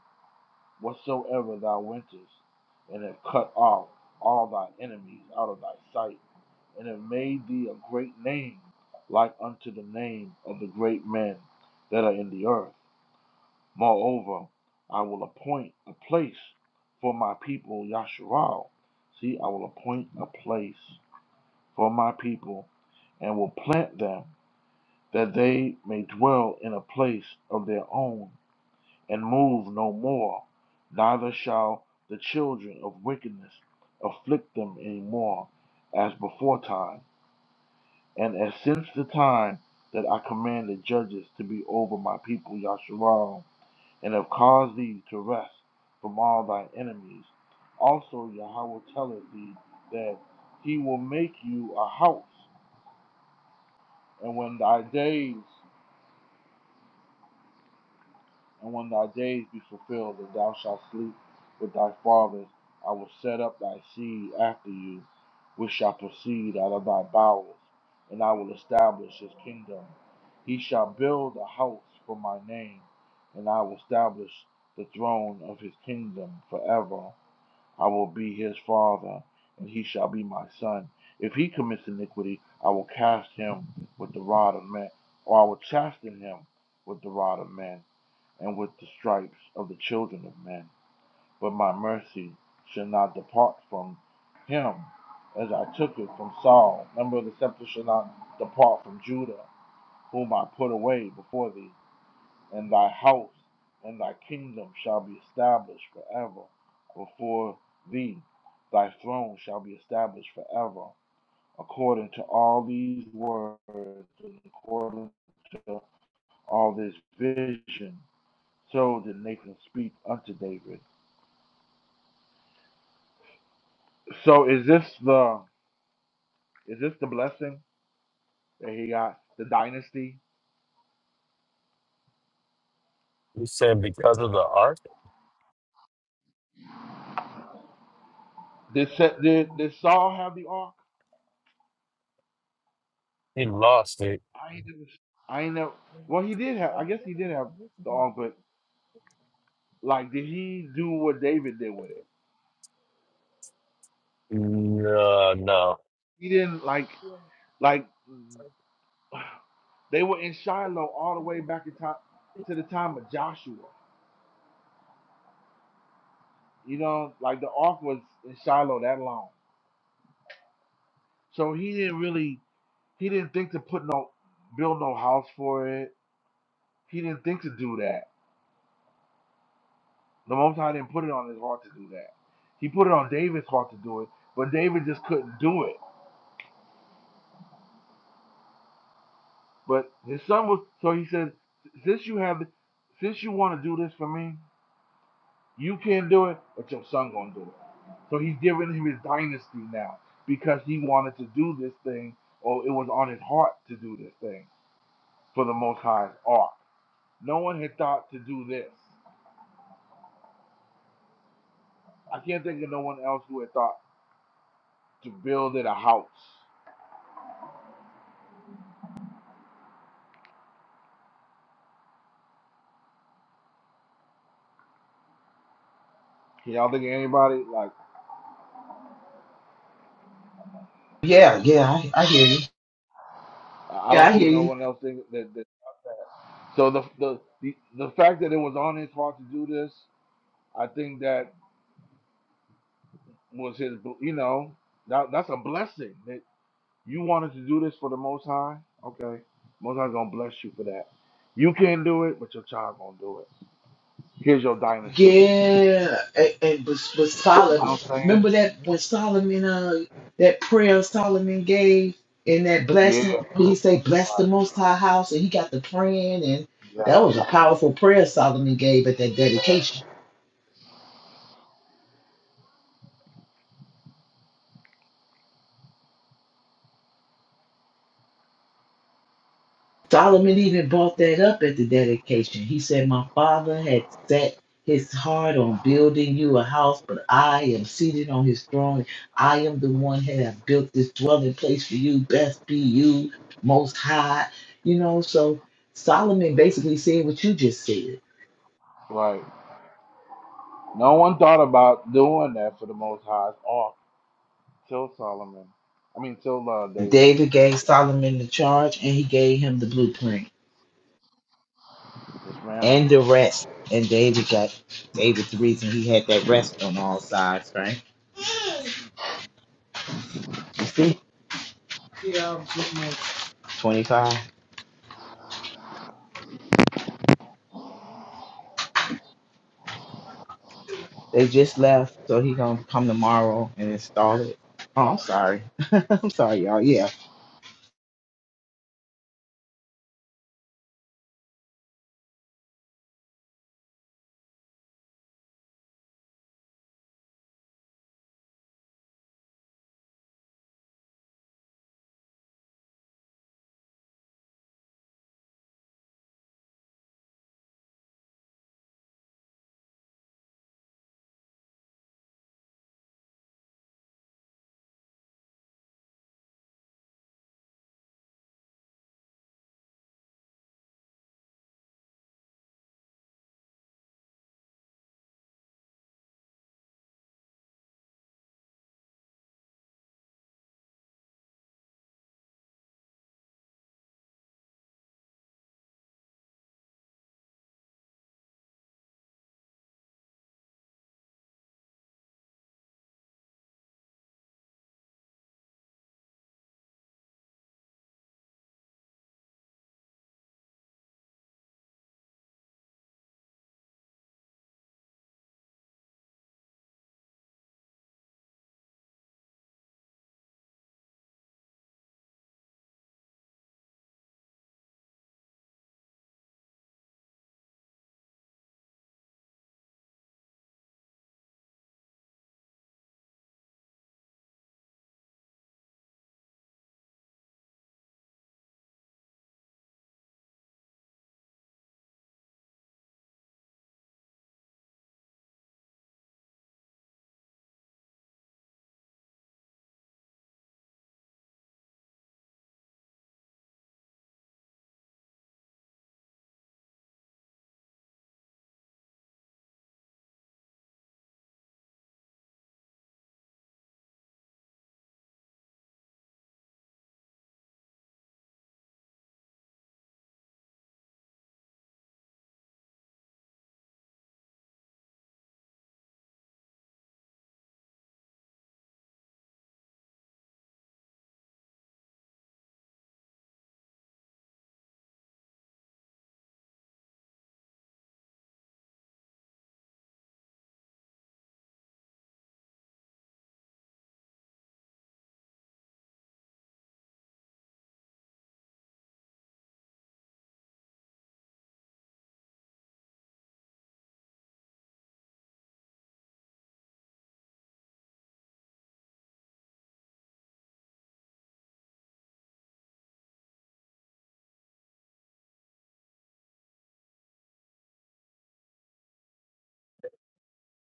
whatsoever thou wentest, and have cut off all thy enemies out of thy sight, and have made thee a great name, like unto the name of the great men that are in the earth. Moreover, I will appoint a place for my people, Yasharal. See, I will appoint a place for my people and will plant them that they may dwell in a place of their own and move no more. Neither shall the children of wickedness afflict them any more as before time and as since the time that I commanded judges to be over my people, Yasharal and have caused thee to rest from all thy enemies. Also Yahweh telleth thee that he will make you a house, and when thy days and when thy days be fulfilled, and thou shalt sleep with thy fathers, I will set up thy seed after you, which shall proceed out of thy bowels, and I will establish his kingdom. He shall build a house for my name, and I will establish the throne of his kingdom forever. I will be his father, and he shall be my son. If he commits iniquity, I will cast him with the rod of men, or I will chasten him with the rod of men, and with the stripes of the children of men. But my mercy shall not depart from him, as I took it from Saul. Remember, the scepter shall not depart from Judah, whom I put away before thee and thy house and thy kingdom shall be established forever before thee. Thy throne shall be established forever, according to all these words, and according to all this vision. So did Nathan speak unto David. So is this the is this the blessing that he got? The dynasty? You said because of the ark, Did Sa- did, did Saul have the ark? he lost it. I ain't never, I ain't never. Well, he did have. I guess he did have the ark, but. Like, did he do what David did with it? No, no, He didn't like like they were in Shiloh all the way back in time to the time of Joshua. You know, like the ark was in Shiloh that long. So he didn't really he didn't think to put no build no house for it. He didn't think to do that. The Most High didn't put it on his heart to do that. He put it on David's heart to do it, but David just couldn't do it. But his son was so he said, since you have since you want to do this for me, You can't do it, but your son gonna do it. So he's giving him his dynasty now because he wanted to do this thing, or it was on his heart to do this thing for the Most High's ark. No one had thought to do this. I can't think of no one else who had thought to build it a house. Can y'all think of anybody? Like Yeah, yeah, I, I hear you. I Yeah, I don't see hear no you. one else think that. that so the, the the the fact that it was on his heart to do this, I think that was his. You know, that, that's a blessing. That You wanted to do this for the Most High? Okay. Most High's gonna bless you for that. You can't do it, but your child gonna do it. Here's your dynasty. Yeah, and, and but, but You Solomon, know what I'm saying? remember that when Solomon, uh, that prayer Solomon gave in that Yeah, blessing, when he say, "Bless the Most High House," and he got the praying, and that yes, was a powerful prayer Solomon gave at that yeah. dedication. Solomon even brought that up at the dedication. He said, My father had set his heart on building you a house, but I am seated on his throne. I am the one that have built this dwelling place for you. Best be you, most high. You know, so Solomon basically said what you just said. Right. No one thought about doing that for the Most High's ark till Solomon. I mean, till uh, David. David gave Solomon the charge and he gave him the blueprint Yes, ma'am. and the rest. And David got David the reason he had that rest on all sides, right? You see? 25. They just left, so he gonna come tomorrow and install it. Oh, I'm sorry. I'm sorry, y'all. Yeah,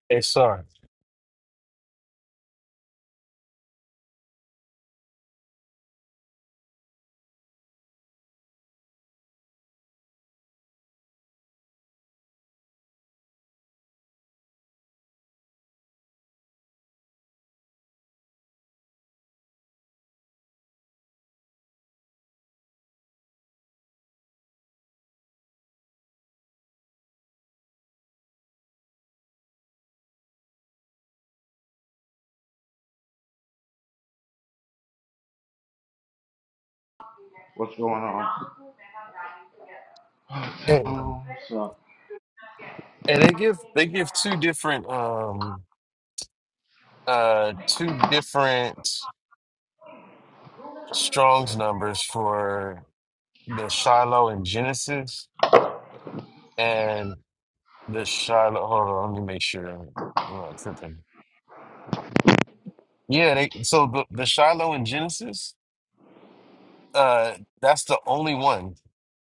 it's sorry. What's going on? Oh, what's up? And they give they give two different um uh two different Strong's numbers for the Shiloh in Genesis and the Shiloh. Hold on, let me make sure I'm not tripping. Yeah, they, so the the Shiloh in Genesis, uh, that's the only one.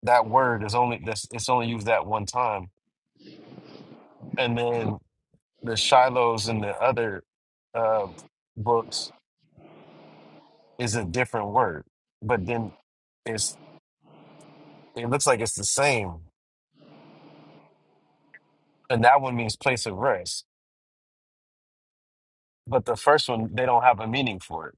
That word is only that's it's only used that one time, and then the Shilohs in the other uh, books is a different word, but then. it's It looks like it's the same, and that one means place of rest. But the first one, they don't have a meaning for it.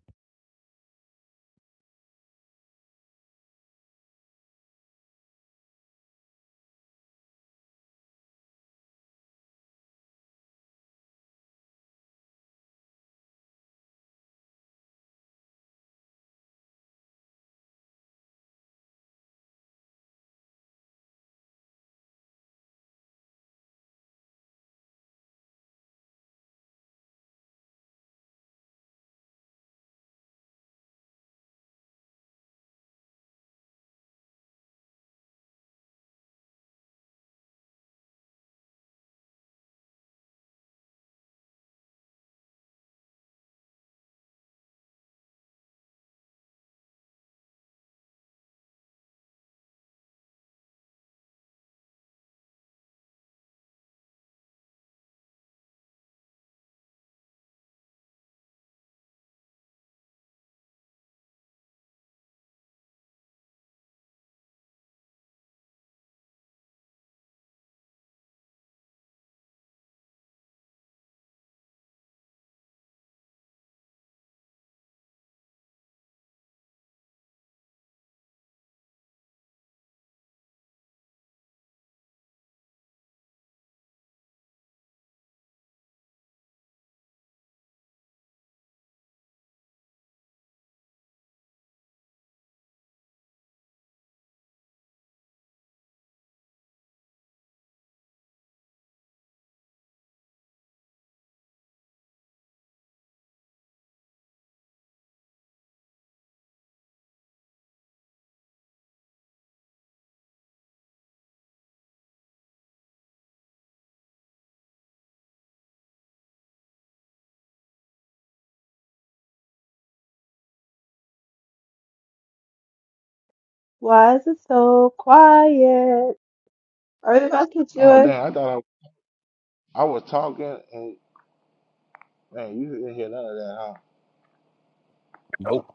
Why is it so quiet? Are they about to do Oh, it? damn. I thought I, I was talking, and man, you didn't hear none of that, huh? Nope.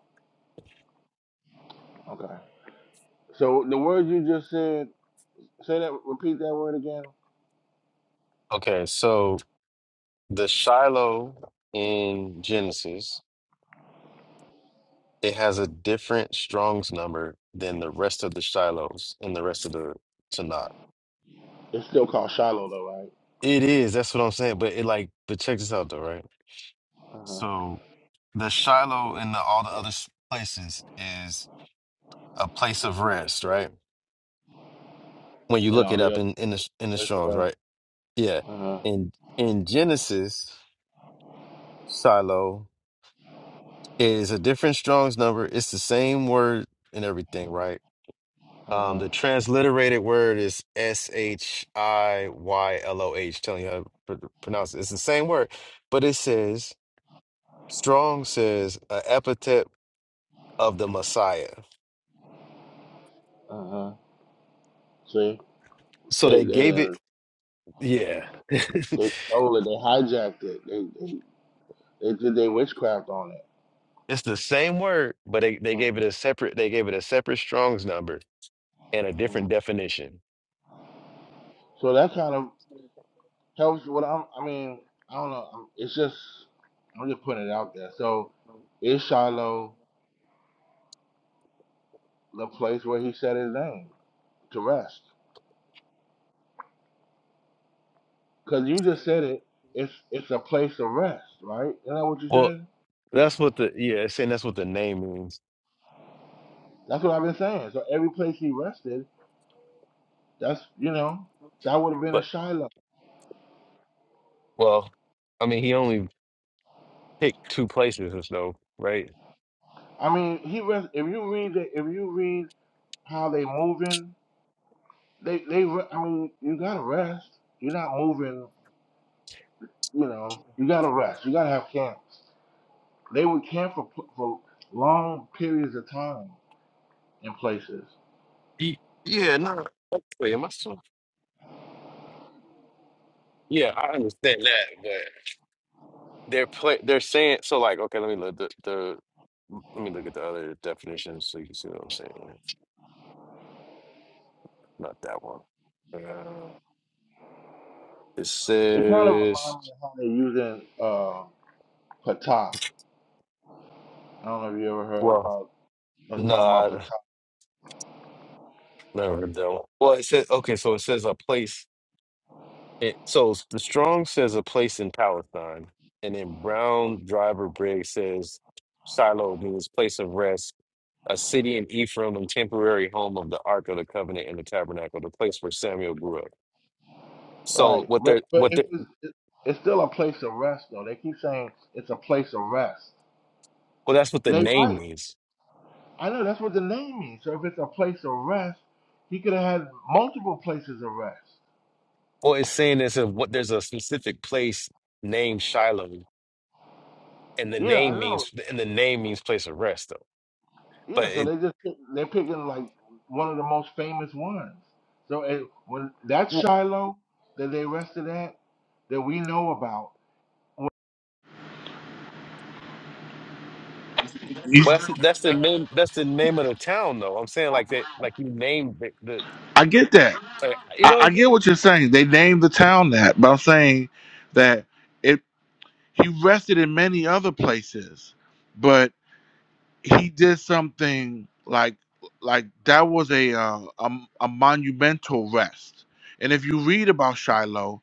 Okay. So the words you just said, say that, repeat that word again. Okay, so the Shiloh in Genesis, it has a different Strong's number than the rest of the Shilohs and the rest of the Tanakh. It's still called Shiloh though, right? It is, that's what I'm saying. But it like, but check this out though, right? Uh-huh. So the Shiloh in the, all the other s- places is a place of rest, right? When you And look all it the up other in in the in the places, Strong's, right? right? Yeah. Uh-huh. In in Genesis, Shiloh is a different Strong's number. It's the same word and everything, right? Um, Uh-huh. the transliterated word is S H I Y L O H, telling you how to pr- pronounce it. It's the same word, but it says Strong says a epithet of the Messiah. Uh-huh. See, So they they they gave it, done- yeah. they stole it, they hijacked it, they they, they did their witchcraft on it. It's the same word, but they, they gave it a separate they gave it a separate Strong's number and a Mm-hmm. different definition. So that kind of helps. What I'm, I mean, I don't know. I'm- It's just I'm just putting it out there. So is Shiloh the place where he said his name to rest? Because you just said it. It's it's a place of rest, right? Isn't that what you Well, said? that's what the yeah, it's saying that's what the name means. That's what I've been saying. So every place he rested That's you know that would have been a But Shiloh. well, I mean, he only picked two places or so, right? I mean, he res- if you read the, if you read how they moving, they they re- I mean you gotta rest. You're not moving. You know you gotta rest. You gotta have camps. They would camp for pl- for long periods of time in places. Ye- Yeah, no. oh, Wait, am I still? Yeah, I understand that, but they're play they're saying so like okay, let me look the, the let me look at the other definitions so you can see what I'm saying. Not that one. Uh, it It kind of says reminds me of how they are using uh, patah. I don't know if you ever heard well. about us No, talking about I patah, never heard that one. Well, it says okay, so it says a place. It so the strong says a place in Palestine, and then Brown Driver Briggs says Shiloh means place of rest, a city in Ephraim and temporary home of the Ark of the Covenant and the Tabernacle, the place where Samuel grew up. So right? what But they're but what they it's it, it's still a place of rest though. They keep saying it's a place of rest well, that's what the They name right. means. I know that's what the name means. So if it's a place of rest, he could have had multiple places of rest. Well, it's saying this of what there's a specific place named Shiloh, and the Yeah, I name know. means and the name means place of rest though, but Yeah, so it. they just they're picking like one of the most famous ones. So it, when that Shiloh that they rested at that we know about, when- You, Well, that's that's the name. That's the name of the town, though. I'm saying like that, like you named the, the I get that. like, you know. I, what I I'm get saying? what you're saying. They named the town that, but I'm saying that it he rested in many other places. he did something like like that was a uh, a, a monumental rest. And if you read about Shiloh,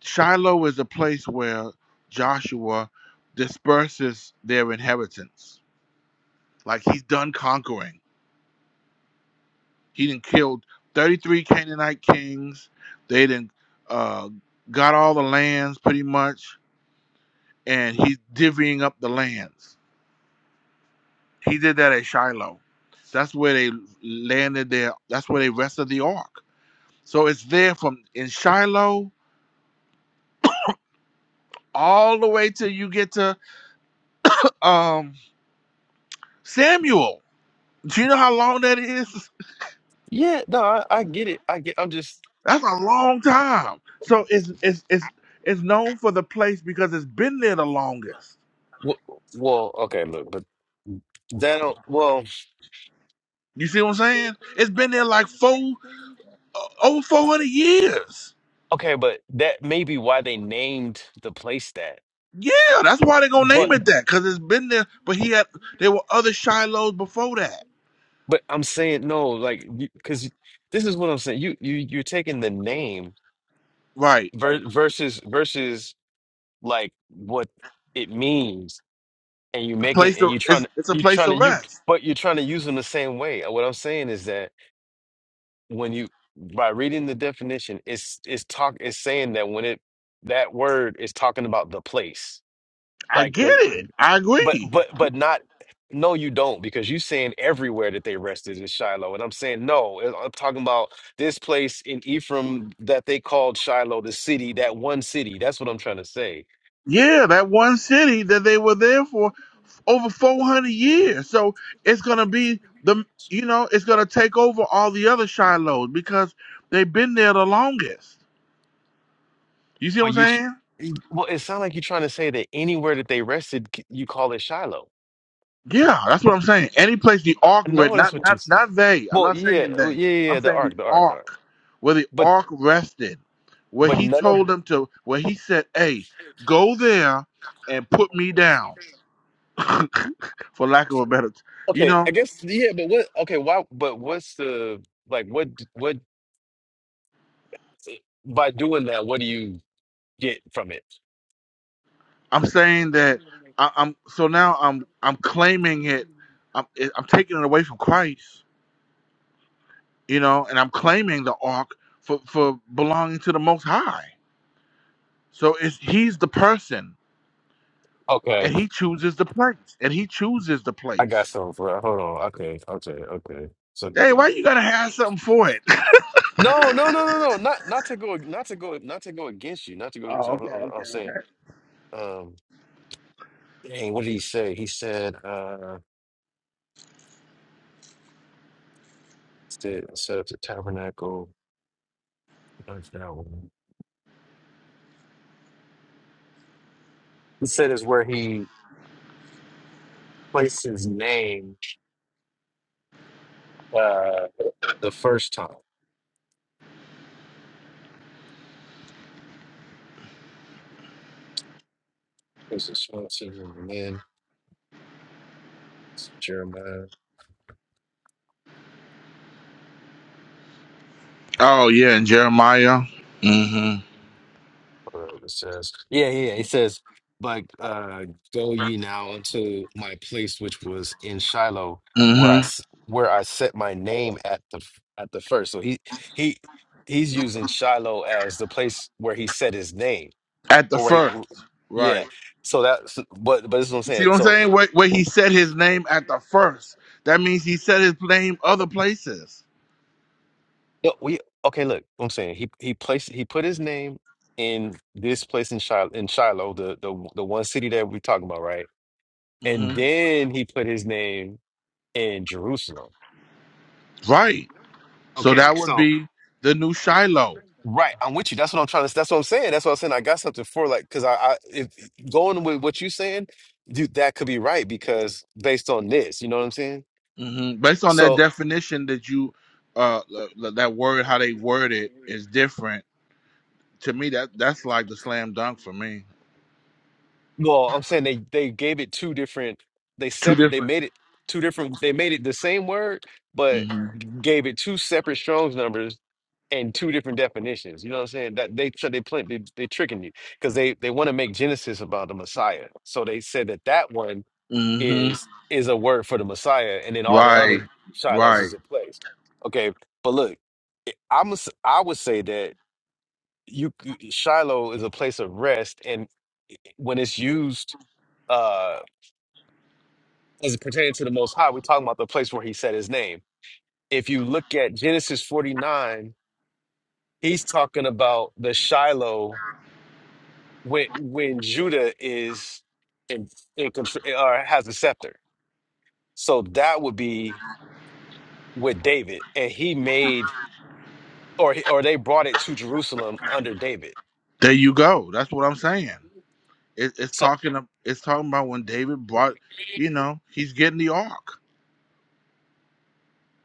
Shiloh is a place where Joshua disperses their inheritance. Like he's done conquering. He didn't killed 33 Canaanite kings. They didn't uh, got all the lands pretty much, and he's divvying up the lands He did that at Shiloh. That's where they landed there. That's where they rested the ark. So it's there from in Shiloh all the way till you get to um Samuel. Do you know how long that is? Yeah, no, I, I get it. I get. I'm just That's a long time. So it's it's it's it's known for the place because it's been there the longest. well, well, okay, look, but that don't. Well, You see what I'm saying? It's been there like four uh, over 400 years. okay, but that may be why they named the place that. Yeah, that's why they're gonna name But it that because it's been there. But he had there were other Shilohs before that. but I'm saying no, like because this is what I'm saying. You you you're taking the name Right. ver- versus versus like what it means. and you make it place and to you're trying it's, to it's a you're place trying to to you rest. but you're trying to use them the same way And what i'm saying is that when you by reading the definition it's it's talk it's saying that when it that word is talking about the place I like get the it. I but agree. but but not no you don't because you saying everywhere that they rested is shiloh and i'm saying no i'm talking about this place in ephraim that they called shiloh the city that one city that's what i'm trying to say Yeah, that one city that they were there for over 400 years. So it's going to be the you know, it's going to take over all the other Shilohs because they've been there the longest. You see what Are I'm you? tr- saying? Well, it sounds like you're trying to say that anywhere that they rested, c- you call it Shiloh. Yeah, that's what I'm saying. Any place the ark read, No, that's not what you. not not they. I'm Well, not yeah, saying well, they. yeah, yeah, I'm yeah, the saying the ark, the ark, the ark. ark, where the But ark rested, where but he none of. told them to, where he said, "Hey, go there and put me down." for lack of a better, t- you Okay, know, I guess yeah, but what? Okay, why? But what's the like? What d- what? eh, By doing that, what do you get from it? I'm saying that I, I'm so now I'm I'm claiming it. I'm it, I'm taking it away from Christ, you know, and I'm claiming the ark for for belonging to the Most High. So it's he's the person, and Okay, he chooses the place, and he chooses the I got place. something for. Hold on. Okay, okay, okay. So Hey, why you gotta have something for it? no, no, no, no, no. Not not to go, not to go, not to go against you. Not to go against. You. Oh, I'm, okay, I'm okay. I'm saying. um, Dang, what did he say? He said, uh, said, set up the tabernacle. That's that one. He said is where he placed his name uh, the first time. It was the Swanson and then Jeremiah. Oh yeah, and Jeremiah. Mm-hmm. whatever it says. Yeah, yeah, yeah. It says, but uh, go ye now unto my place which was in Shiloh, where I Mm-hmm. s- where I set my name at the f- at the first. So he he he's using Shiloh as the place where he set his name, At the or where he, first, right. yeah. So that's but but this is what I'm You see saying. what I'm So saying? it, Where, where he said his name at the first. That means he said his name other places. no, we okay. Look, what I'm saying he he placed he put his name in this place in Shiloh in Shiloh, the the the one city that we're talking about, right? and hmm then he put his name in Jerusalem. Right. So that Okay, would so be the new Shiloh. right, I'm with you. That's what I'm trying to. That's what I'm saying. That's what I'm saying. I got something for like because I, I if going with what you're saying, dude, that could be right because based on this, you know what I'm saying. hmm Based on that So, definition that you, uh, uh, that word, how they word it is different. To me, that that's like the slam dunk for me. well, I'm saying they they gave it two different. They Two separate. They different. made it two different. They made it the same word, but. hmm gave it two separate Strong's numbers and two different definitions. You know what I'm saying? That they so they play they, they tricking you because they they want to make Genesis about the Messiah. So they said that that one hmm is is a word for the Messiah, and then all the Right. other Shilohs Right. is a place. Okay, but look, eh, I'm a s- I would say that you c- Shiloh is a place of rest, and when it's used uh as it pertains to the Most High, we're talking about the place where He said His name. If you look at Genesis 49 He's talking about the Shiloh when when Judah is in, in contr- or has the scepter. So that would be with David, and he made or he- or they brought it to Jerusalem under David. There you go. That's what I'm saying. It, it's So talking. It's talking about when David brought. You know, he's getting the ark.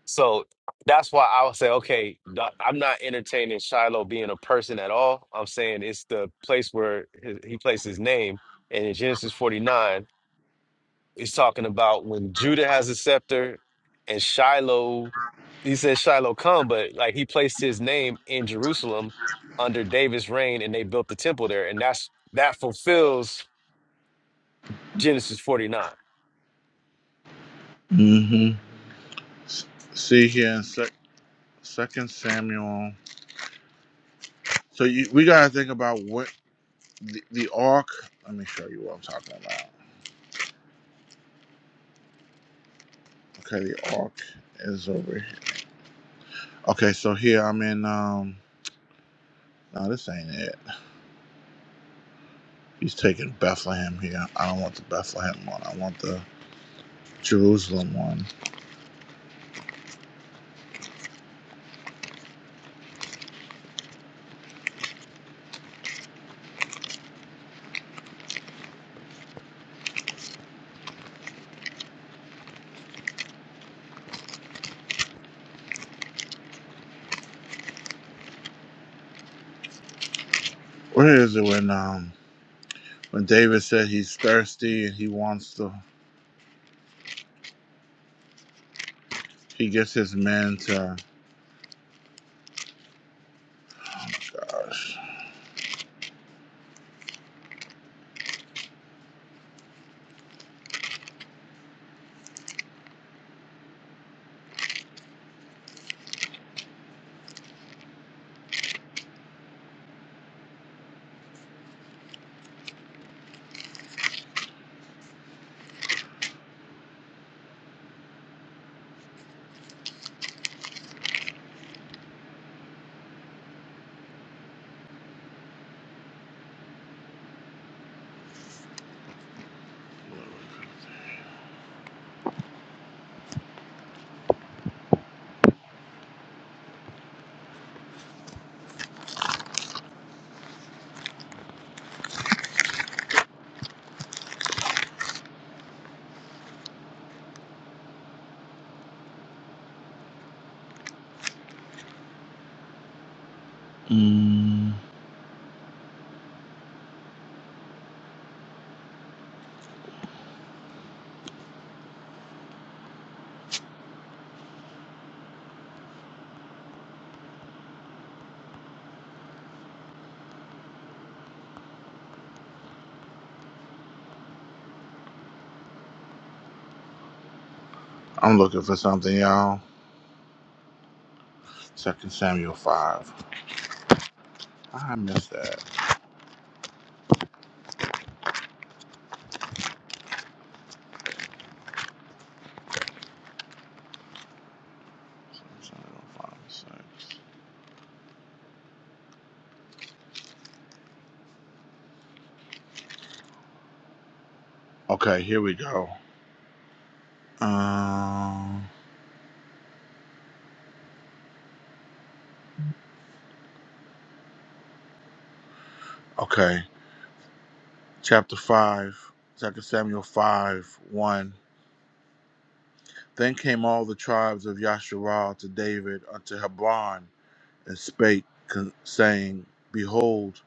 so that's why I would say, okay, th- I'm not entertaining Shiloh being a person at all. I'm saying it's the place where he he placed his name, and in Genesis 49. He's talking about when Judah has a scepter and Shiloh, he says Shiloh come, but like he placed his name in Jerusalem under David's reign and they built the temple there. And that's that fulfills Genesis 49. hmm S- See here in sec- Second Samuel. So you, we gotta think about what the, the ark. Let me show you what I'm talking about. Okay, the ark is over here. Okay, so here I'm in. Um, no, this ain't it. He's taking Bethlehem here. I don't want the Bethlehem one. I want the Jerusalem one. Where is it when um when David said he's thirsty and he wants to he gets his men to. Oh my gosh. Mm. I'm looking for something, y'all. Second Samuel five. I missed that. Second Samuel five six. Okay, here we go. Um. Okay, chapter five. Second Samuel five one. Then came all the tribes of Yasharal to David unto Hebron and spake, con- saying, Behold,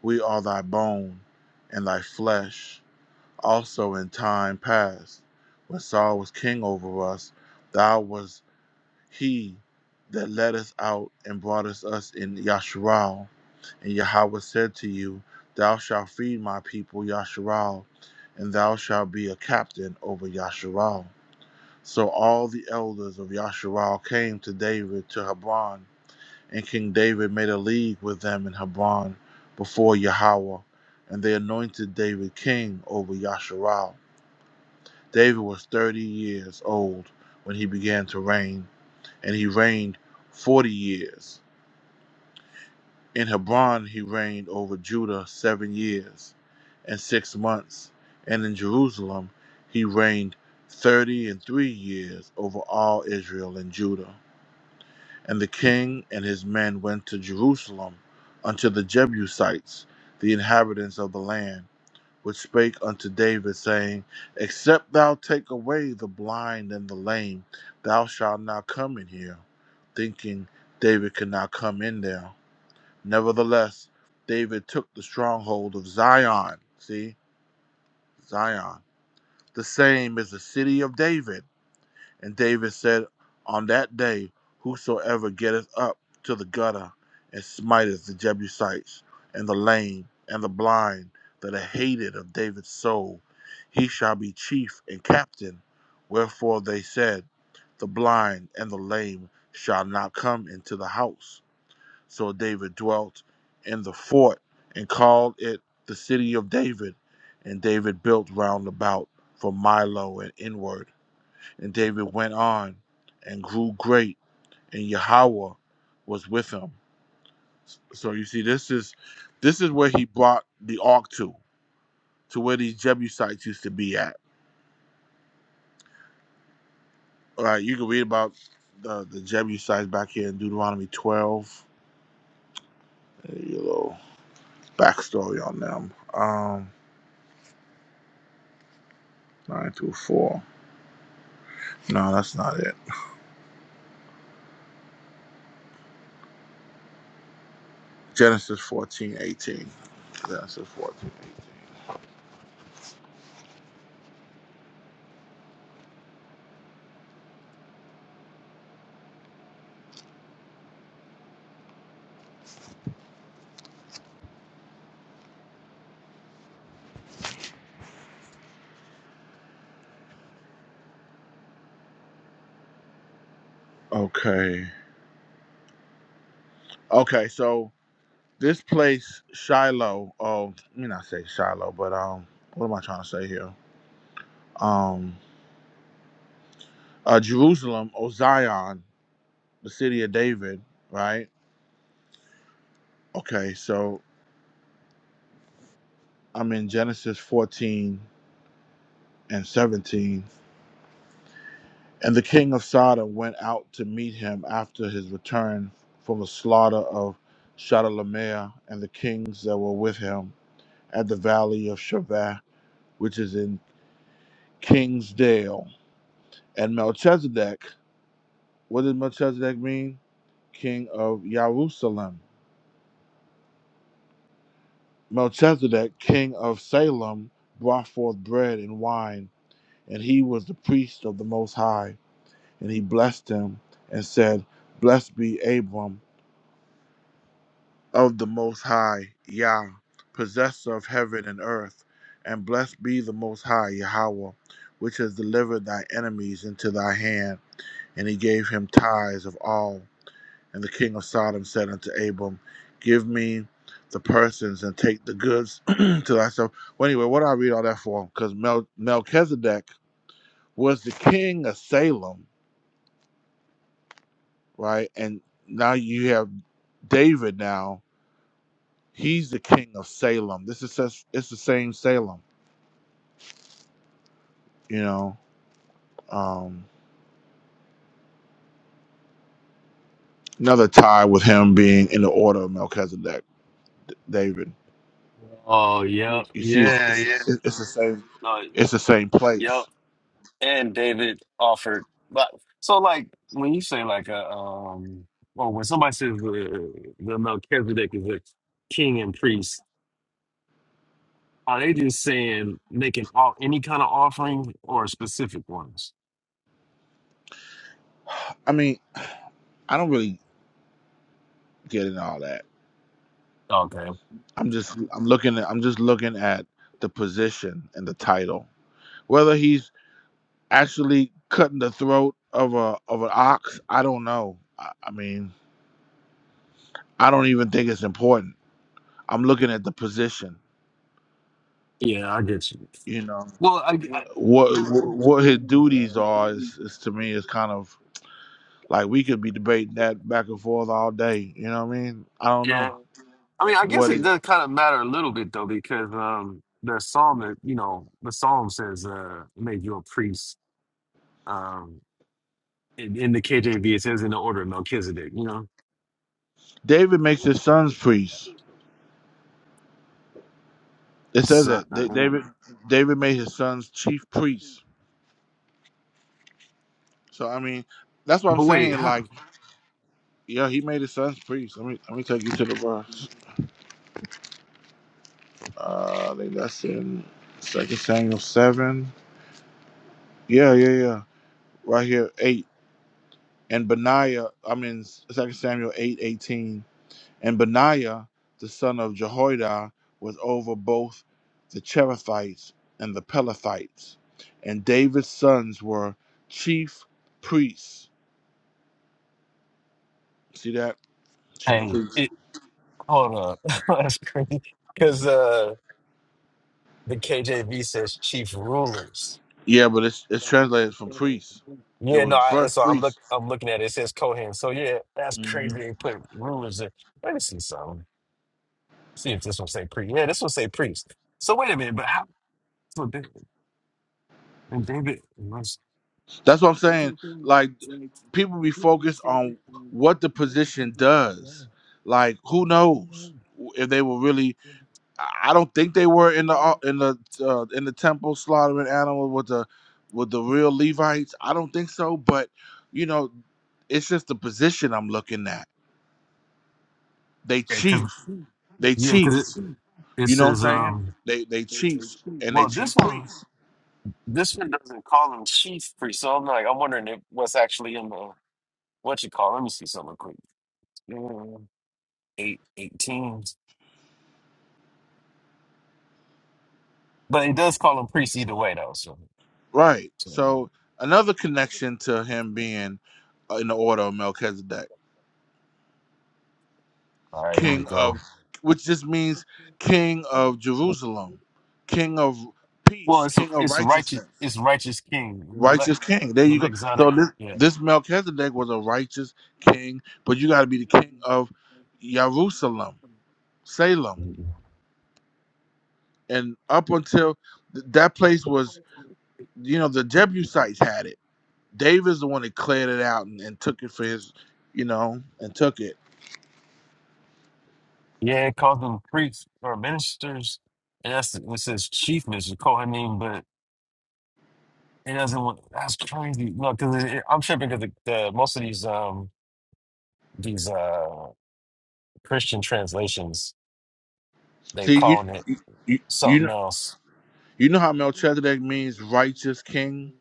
we are thy bone and thy flesh. Also in time past, when Saul was king over us, thou was He that led us out and brought us us in Yasharal. And Yahweh said to you, Thou shalt feed my people Yasharal, and thou shalt be a captain over Yasharal. So all the elders of Yasharal came to David to Hebron, and King David made a league with them in Hebron before Yahweh, and they anointed David king over Yasharal. David was thirty years old when he began to reign and he reigned 40 years. In Hebron, he reigned over Judah seven years and six months. And in Jerusalem, he reigned 30 and three years over all Israel and Judah. And the king and his men went to Jerusalem unto the Jebusites, the inhabitants of the land which spake unto David, saying, Except thou take away the blind and the lame, thou shalt not come in here. Thinking David could not come in there. Nevertheless, David took the stronghold of Zion. See, Zion. The same is the city of David. And David said, On that day, whosoever getteth up to the gutter and smiteth the Jebusites, and the lame, and the blind, that are hated of David's soul, he shall be chief and captain. Wherefore they said, The blind and the lame shall not come into the house. So David dwelt in the fort and called it the city of David. And David built round about from Milo and inward and David went on and grew great, and Yahweh was with him. So you see, this is this is where he brought the ark to, to where these Jebusites used to be at. All right, you can read about the, the Jebusites back here in Deuteronomy 12. Give A little backstory on them. Um, 9 through 4. No, that's not it. Genesis 14:18. Genesis 14:18. Okay. Okay, so This place, Shiloh. Oh, let me not say Shiloh, but um, what am I trying to say here? Um, uh, Jerusalem, or Zion, the city of David, right? Okay, so I'm in Genesis 14 and 17. And the king of Sodom went out to meet him after his return from the slaughter of Chedorlaomer and the kings that were with him at the valley of Shaveh, which is in Kingsdale. And Melchizedek What did Melchizedek mean? King of Jerusalem. Melchizedek, king of Salem, brought forth bread and wine, and he was the priest of the Most High. And he blessed him and said, Blessed be Abram of the Most High, Yah, possessor of heaven and earth, and blessed be the Most High, Yahweh, which has delivered thy enemies into thy hand. And he gave him tithes of all. And the king of Sodom said unto Abram, Give me the persons and take the goods to thyself. Well, anyway, what do I read all that for? Because Mel- Melchizedek was the king of Salem, right? And now you have David now. He's the king of Salem. This is just, it's the same Salem, you know. Um, another tie with him being in the order of Melchizedek, David. Oh, yep. You see, it's, Yeah, yeah. it's, it's the same. No, It's the same yep. place. And David offered. But so, like, when you say, like, a, um, or when somebody says the, the Melchizedek is a king and priest, Are they just saying they can all any kind of offering or specific ones? I mean, I don't really get into all that Okay. I'm just I'm looking at I'm just looking at the position and the title. Whether he's actually cutting the throat of a of an ox, I don't know. I, I mean, I don't even think it's important. I'm looking at the position. Yeah, I get you. You know, Well, I, I what what what his duties are is, is to me is kind of like we could be debating that back and forth all day. You know what I mean? I don't yeah. know I mean, I guess what it, it does kind of matter a little bit though, because um, the psalm that you know, the psalm says, uh, "Make you a priest." Um, in, in the KJV, it says, "In the order of Melchizedek." You know. David makes his sons priests. It says So, that uh, Da- David David made his sons chief priests So I mean, that's what I'm but wait, saying. how? Like, yeah, he made his sons priests. Let me let me take you to the verse. Uh, I think that's in Second Samuel seven. Yeah, yeah, yeah. Right here, eight. And Benaiah, I mean Second Samuel eight eighteen. And Benaiah, the son of Jehoiada, was over both the Cherethites and the Pelethites. And David's sons were chief priests. See that? Chief Dang, priests. it, hold up. That's crazy. Because The KJV says chief rulers. Yeah, but it's it's translated from priest. It Yeah, no, was I, first so I'm look priest. I'm looking at it. It says Kohen. So yeah, that's hmm crazy. They put rulers in. Let me see something. See if this one say priest. Yeah, this one say priest. So wait a minute, but how? So David, and David was That's what I'm saying. Like people be focused on what the position does. Like who knows if they were really? I I don't think they were in the au- in the uh, in the temple slaughtering animals with the with the real Levites. I don't think so. But you know, it's just the position I'm looking at. They yeah, because chief. They yeah, because it chiefs. it You know what says I'm saying? um, They they chiefs and they well chief this one priests. this one doesn't call him chief priest. So I'm like I'm wondering if, what's actually in the what you call. Let me see something quick. Yeah, Eight eighteen, but it does call him priest either way though. So. Right. so, yeah. So another connection to him being uh, in the order of Melchizedek, All right, here we king of, go. which just means king of Jerusalem, king of Well, peace, it's king of it's righteous. righteousness, It's righteous king. Malek, righteous king. There you go. Malek Zadok. So this Yeah, this Melchizedek was a righteous king, but you got to be the king of Jerusalem, Salem, and up until th- that place was, you know, the Jebusites had it Dave is the one that cleared it out and, and took it for his, you know, and took it. yeah. It calls them priests or ministers, and that's what it says chief minister Kohanim. But it doesn't. want- That's crazy. No, because it, it- I'm tripping because the, the most of these um these uh Christian translations they See, you, calling it you, you, you something know, else. you know how Melchizedek means righteous king.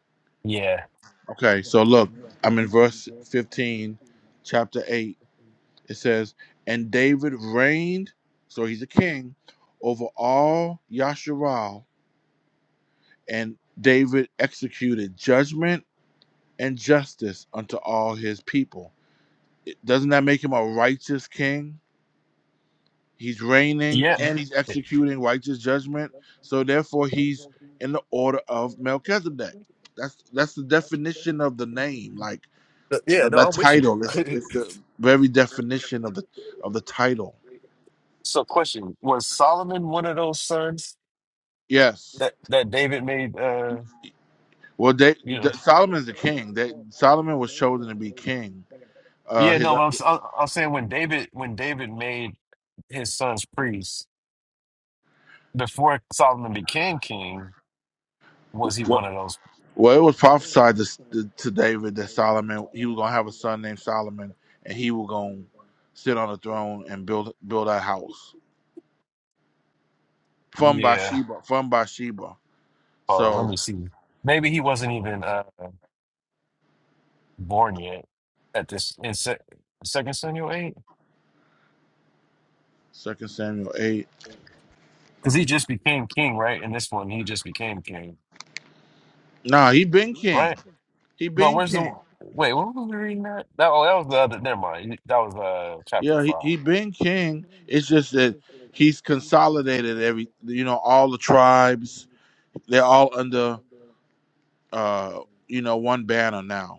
Yeah, Okay, so look, I'm in verse 15, chapter 8. It says, "And David reigned, so he's a king, over all Yasharal, and David executed judgment and justice unto all his people." Doesn't that make him a righteous king? He's reigning yeah, and he's executing righteous judgment. So therefore, he's in the order of Melchizedek. That's that's the definition of the name. Like yeah. that No, that I'm with you. title It's it's the very definition of the of the title. so, question: Was Solomon one of those sons? Yes. that that David made uh Well, they, you know the, Solomon's the king. They, Solomon was chosen to be king. Uh, yeah his, no uh, but I'm, s- I- I'm saying when David when David made his sons priests before Solomon became king was he what? one of those Well, it was prophesied to, to David that Solomon he was gonna have a son named Solomon, and he was gonna sit on the throne and build build a house. from yeah Bathsheba, from Bathsheba. hold on let So me see maybe he wasn't even uh born yet at this in se- second Samuel eight Second Samuel eight. because he just became king right in this one he just became king Nah, he been king. right He no been where's the king. wait what was we reading that that oh that was the other never mind that was uh chapter Yeah, he, five he been king. It's just that he's consolidated every you know, all the tribes. They're all under uh, you know, one banner now.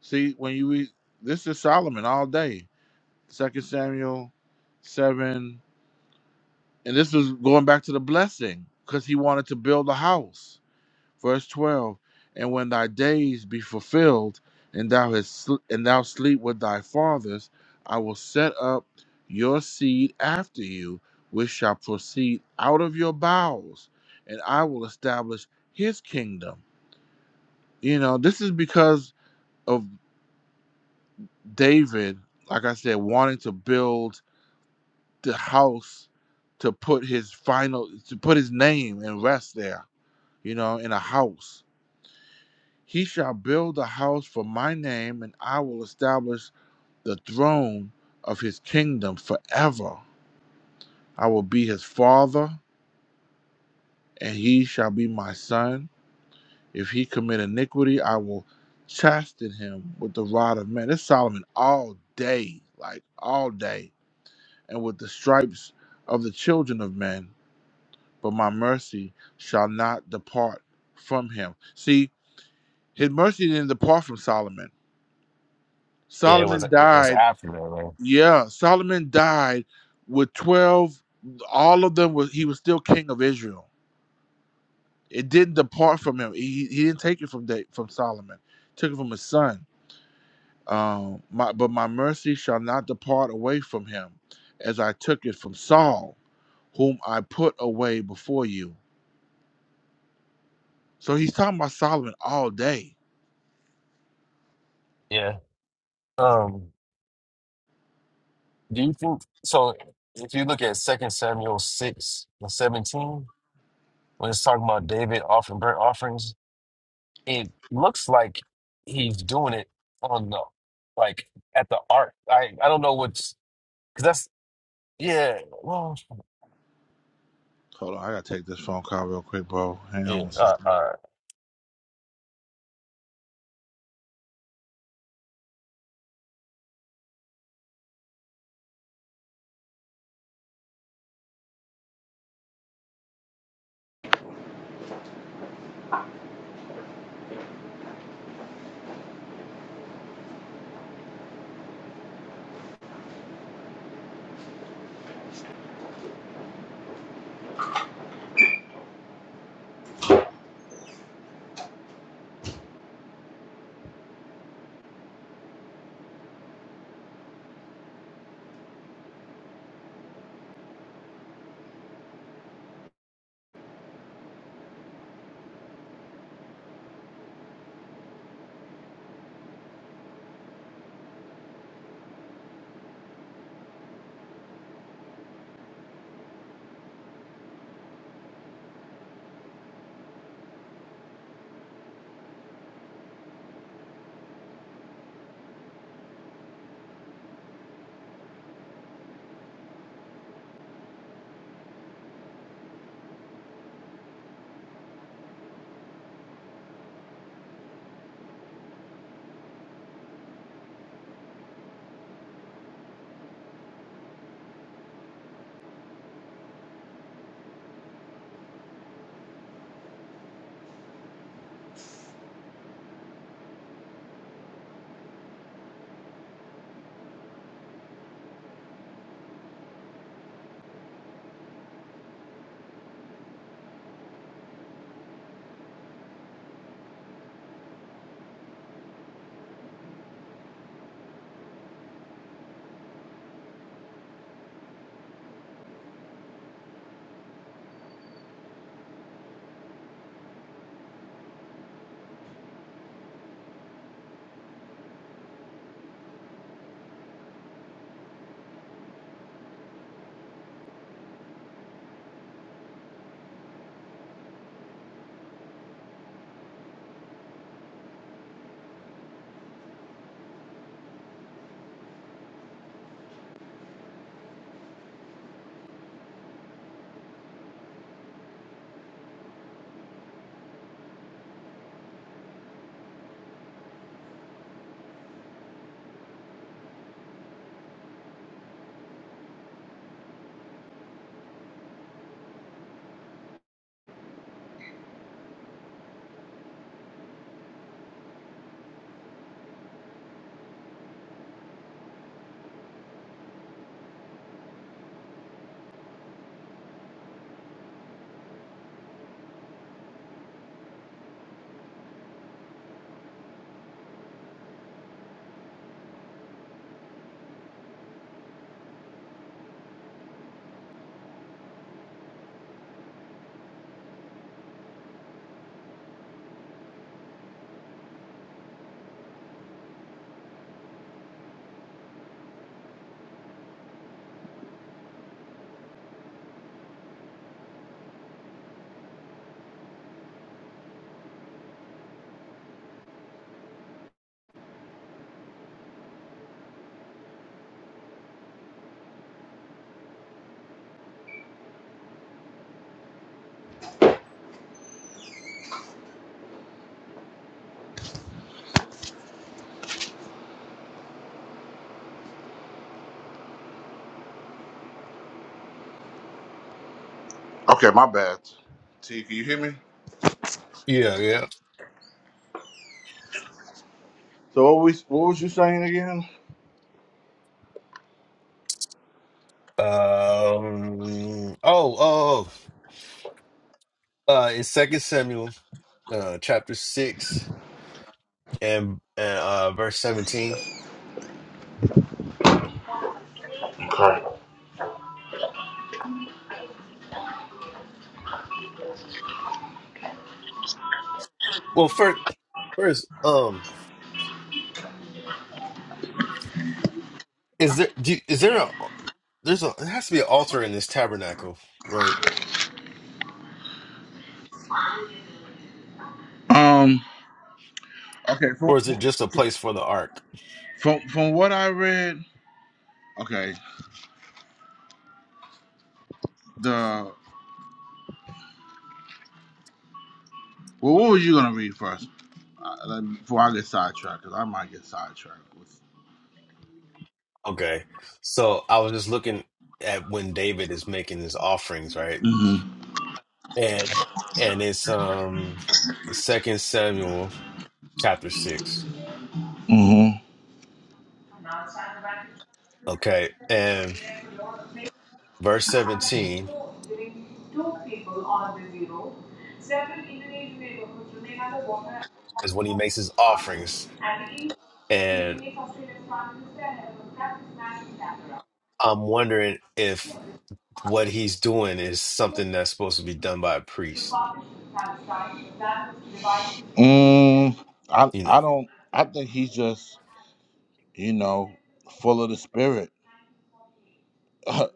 See, when you read this is Solomon all day. Second Samuel seven. And this was going back to the blessing, because he wanted to build a house. Verse 12 And when thy days be fulfilled, and thou, hast sl- and thou sleep with thy fathers, I will set up your seed after you, which shall proceed out of your bowels, and I will establish his kingdom. You know, this is because of David, like I said, wanting to build the house to put his final, to put his name and rest there, you know, in a house He shall build a house for my name, and I will establish the throne of his kingdom forever. I will be his father, and he shall be my son. If he commit iniquity, I will chasten him with the rod of men. It's Solomon all day, like all day, and with the stripes of the children of men. But my mercy shall not depart from him. See, his mercy didn't depart from Solomon. yeah it was Solomon it was died after that right Yeah, Solomon died with 12. All of them was he was still king of Israel. It didn't depart from him. He, he didn't take it from da- from Solomon. took it from his son. Um, my, but my mercy shall not depart away from him, as I took it from Saul, whom I put away before you. So he's talking about Solomon all day. yeah. Um, Do you think so? If you look at Second Samuel six and seventeen, when it's talking about David offering burnt offerings, it looks like he's doing it on the like at the ark. I I don't know what's because that's yeah. Well, Hold on, I gotta take this phone call real quick, bro. Hang on yeah. one Uh, second. all Okay, my bad. T, can you hear me? So what was what was you saying again? right. Um. Oh, oh, oh. Uh, in Second Samuel, uh, chapter six and and uh, verse seventeen. Okay. Well, first, first, um. Is there do you- is there a there's a there has to be an altar in this tabernacle, right? Um. Okay, from, Or is it just a place for the ark? from from what I read, okay, the well, what was you gonna read first? Uh, let me- Before I get sidetracked, because I might get sidetracked with. Okay. So I was just looking at when David is making his offerings, right? Mhm. And and it's um Second Samuel chapter six. Mhm. Okay. And verse 17 is when he makes his offerings. And I'm wondering if what he's doing is something that's supposed to be done by a priest, Mm, I you know. I don't. I think he's just you know full of the spirit. I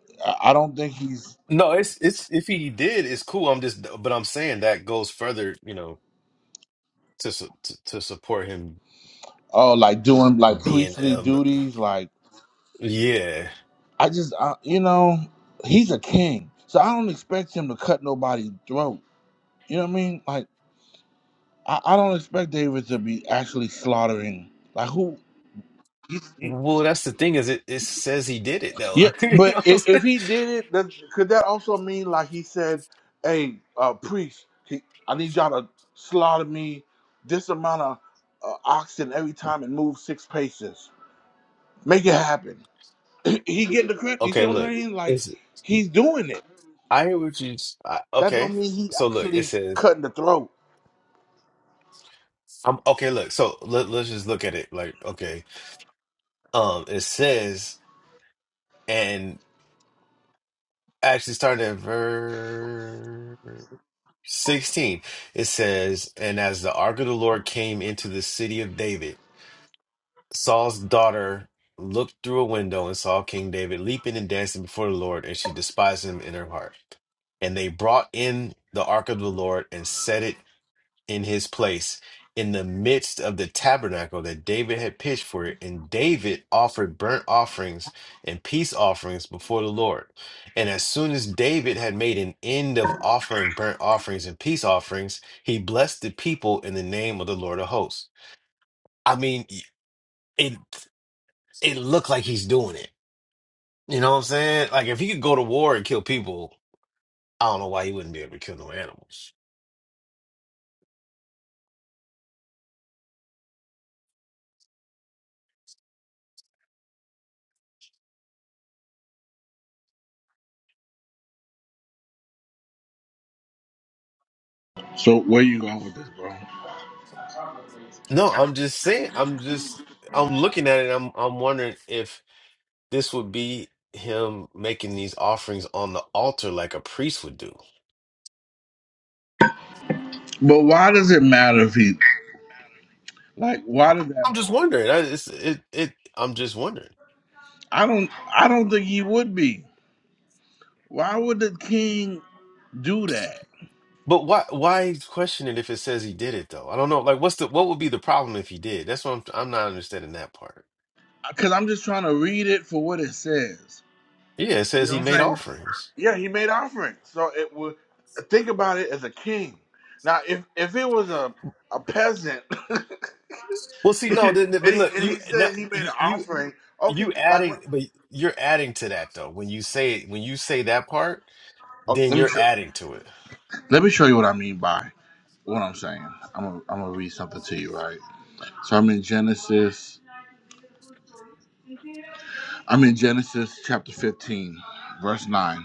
I don't think he's No, it's it's if he did, it's cool. I'm just, but I'm saying that goes further, you know, to su- to, to support him oh like doing like being, priestly um, duties. Like yeah. I just I, you know he's a king, so I don't expect him to cut nobody's throat. You know what I mean? Like I, I don't expect David to be actually slaughtering. Like who? Well, that's the thing is it it says he did it though. Yeah, You but know what I'm if, if saying? he did it, that, could that also mean like he said, "Hey, uh, priest, he- I need y'all to slaughter me this amount of uh, oxen every time and move six paces. Make it happen." he getting the credit. You see Okay, what I'm look, saying? Like it's he's doing it. I hear what you. s- I, That don't okay, mean he so look, it actually says cutting the throat. I'm okay. Look, so let, let's just look at it. Like, okay, um, it says and actually starting at verse. 16 it says and as the ark of the lord came into the city of david saul's daughter looked through a window and saw king david leaping and dancing before the lord and she despised him in her heart and they brought in the ark of the lord and set it in his place in the midst of the tabernacle that David had pitched for it. And David offered burnt offerings and peace offerings before the Lord. And as soon as David had made an end of offering burnt offerings and peace offerings, he blessed the people in the name of the Lord of hosts. I mean, it it looked like he's doing it. You know what I'm saying? Like if he could go to war and kill people, I don't know why he wouldn't be able to kill no animals. So where you going with this, bro? No, I'm just saying, I'm just I'm looking at it, I'm I'm wondering if This would be him making these offerings on the altar like a priest would do. But why does it matter if he like? Why does that I'm just matter? wondering. I, it's, it, it, I'm just wondering. I don't. I don't think he would be. Why would the king do that? But why, why question it if it says he did it though? I don't know. Like, what's the, what would be the problem if he did? That's what I'm, I'm not understanding that part. because I'm just trying to read it for what it says. Yeah, it You says know what he I'm made saying? offerings. Yeah, he made offerings. So it would think about it as a king. Now, if if it was a a peasant, and, Well, see, no, then, but he, look, and you he now, said he made an you, you, offering, okay, you like adding, what? but you're adding to that though. When you say when you say that part, Oh, then let me you're show, adding to it. let me show you what I mean by what I'm saying. I'm gonna, I'm gonna read something to you, right? So I'm in Genesis. I'm in Genesis chapter 15, verse 9,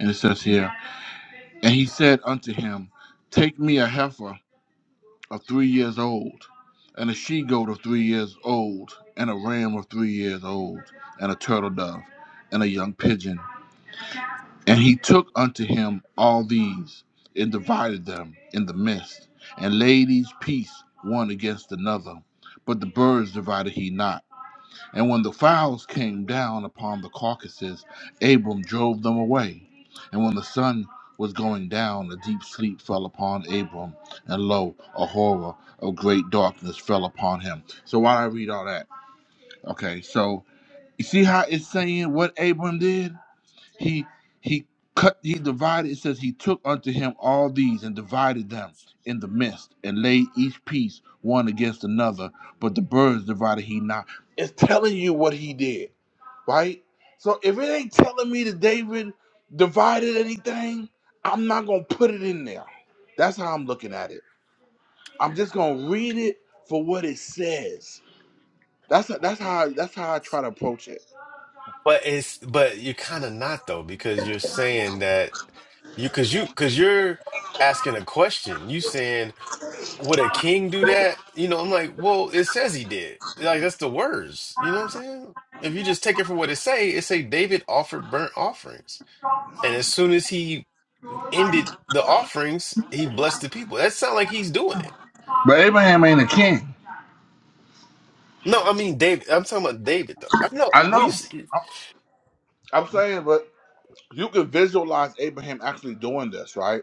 and it says here, and he said unto him, Take me a heifer of three years old, and a she goat of three years old, and a ram of three years old, and a turtle dove, and a young pigeon. And he took unto him all these, and divided them in the midst, and laid each piece one against another. But the birds divided he not. And when the fowls came down upon the carcasses, Abram drove them away. And when the sun was going down, a deep sleep fell upon Abram, and lo, a horror of great darkness fell upon him. So why did I read all that? Okay, so you see how it's saying what Abram did? He he cut he divided, it says he took unto him all these and divided them in the midst, and laid each piece one against another, but the birds divided he not. It's telling you what he did right? So if it ain't telling me that David divided anything, I'm not gonna put it in there. That's how I'm looking at it. I'm just gonna read it for what it says. That's that's how that's how I try to approach it. But it's but you're kind of not though because you're saying that you because you because you're asking a question. You saying would a king do that? You know, I'm like, well, it says he did. Like that's the words. You know what I'm saying? If you just take it for what it say, it say David offered burnt offerings, and as soon as he ended the offerings, he blessed the people. That sound like he's doing it. But Abraham ain't a king. No, I mean David. I'm talking about David though. I know. I Well, you know. see, I'm saying, but you can visualize Abraham actually doing this, right?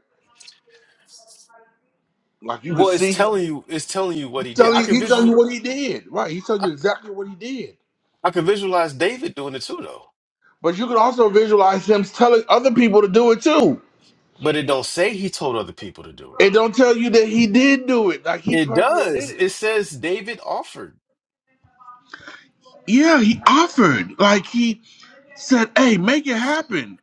Like you could well, it's see him. telling you. It's telling you what he did. Tell I you, can he telling you visual. what he did. Right. He tells you exactly what he did. I could visualize David doing it too, though. But you can also visualize him telling other people to do it too. But it don't say he told other people to do it. It don't tell you that he did do it. Like he It personally did does. it. It says David offered. Yeah, he offered. Like he said, hey, make it happen.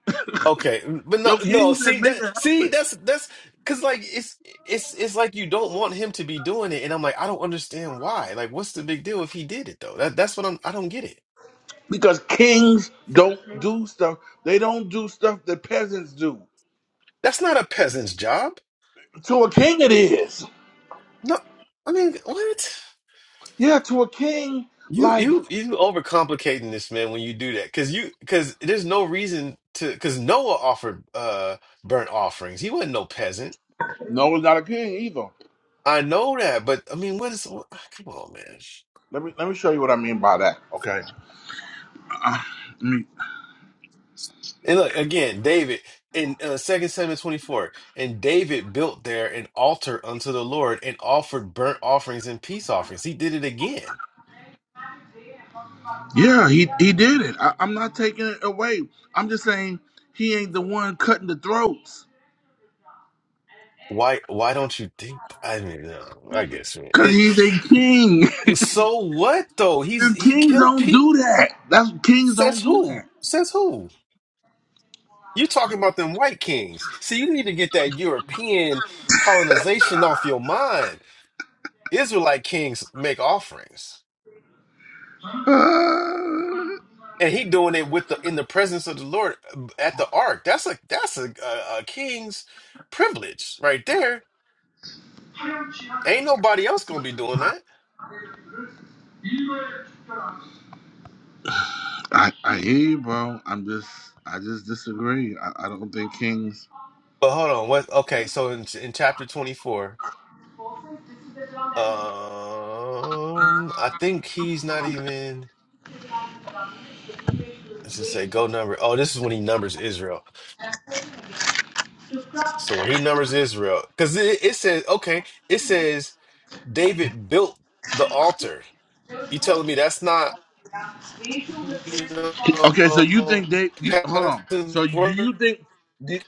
Okay, but no, Your king no. said, See make it that? See happen. that's that's because like it's it's it's like you don't want him to be doing it, and I'm like I don't understand why. Like, what's the big deal if he did it though? That that's what I'm. I don't get it. Because kings don't do stuff. They don't do stuff that peasants do. That's not a peasant's job. To a king it is. No, I mean what? Yeah, to a king, You like you you overcomplicating this, man, when you do that. Cause you cause there's no reason to cause Noah offered uh burnt offerings. He wasn't no peasant. Noah's not a king either. I know that, but I mean what is what, come on, man. Let me let me show you what I mean by that. Okay. And look again, David in uh, 2 Samuel 24, and David built there an altar unto the Lord and offered burnt offerings and peace offerings. He did it again. Yeah, he he did it. I, I'm not taking it away. I'm just saying he ain't the one cutting the throats Why why don't you think I mean uh, I guess man. because It he's a king. so what though? He's And he kings killed don't people. do that. That's kings don't Says do that. who? Says who? You talking about them white kings. See, you need to get that European colonization off your mind. Israelite kings make offerings. And he doing it with the in the presence of the Lord uh, at the ark. That's a that's a, a, a king's privilege right there. Uh, Ain't nobody else gonna be doing that. I I hear you, bro. I'm just I just disagree. I, I don't think kings. But hold on, what? Okay, so in in chapter twenty four, um, I think he's not even. Let's just say go number. Oh, this is when he numbers Israel. So when he numbers Israel, because it, it says, okay, it says David built the altar. You telling me that's not, you Okay, so you know, think they? You, hold on. passing So do you work? think? Did,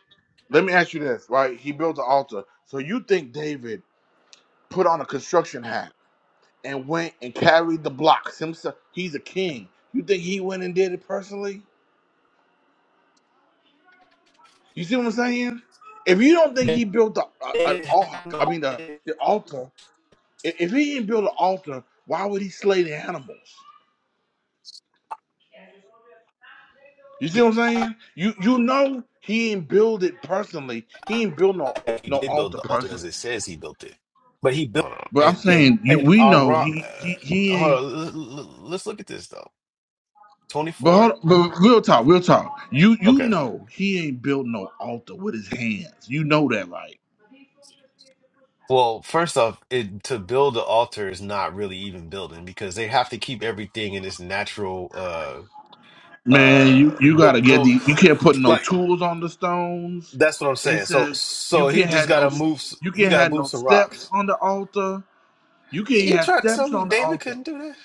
let me ask you this, right? He built the altar. So you think David put on a construction hat and went and carried the blocks himself? He's a king. You think he went and did it personally? You see what I'm saying? If you don't think he built the a, And an it had- ark, I mean the the altar. i- If he didn't build an altar, why would he slay the animals? You see what I'm saying? You you know he ain't build it personally. He ain't build no yeah, he no did build altar the altar person. as it says he built it, but he built But I'm and and saying you and we know Ara. Uh, he he, he hold ain't on, l- l- l- let's look at this though. Twenty but hold four. on, but real talk, real talk. You you Okay. know he ain't built no altar with his hands. You know that right. Well, first off, it, to build the altar is not really even building because they have to keep everything in this natural. uh, Man, you, uh you the gotta get the the you can't put no like tools on the stones. that's what I'm It saying. So says you so he can't just have gotta no move. s- you He can't gotta have move no some steps rocks. on the altar. You can't You have try to tell steps me on the David altar. couldn't do that?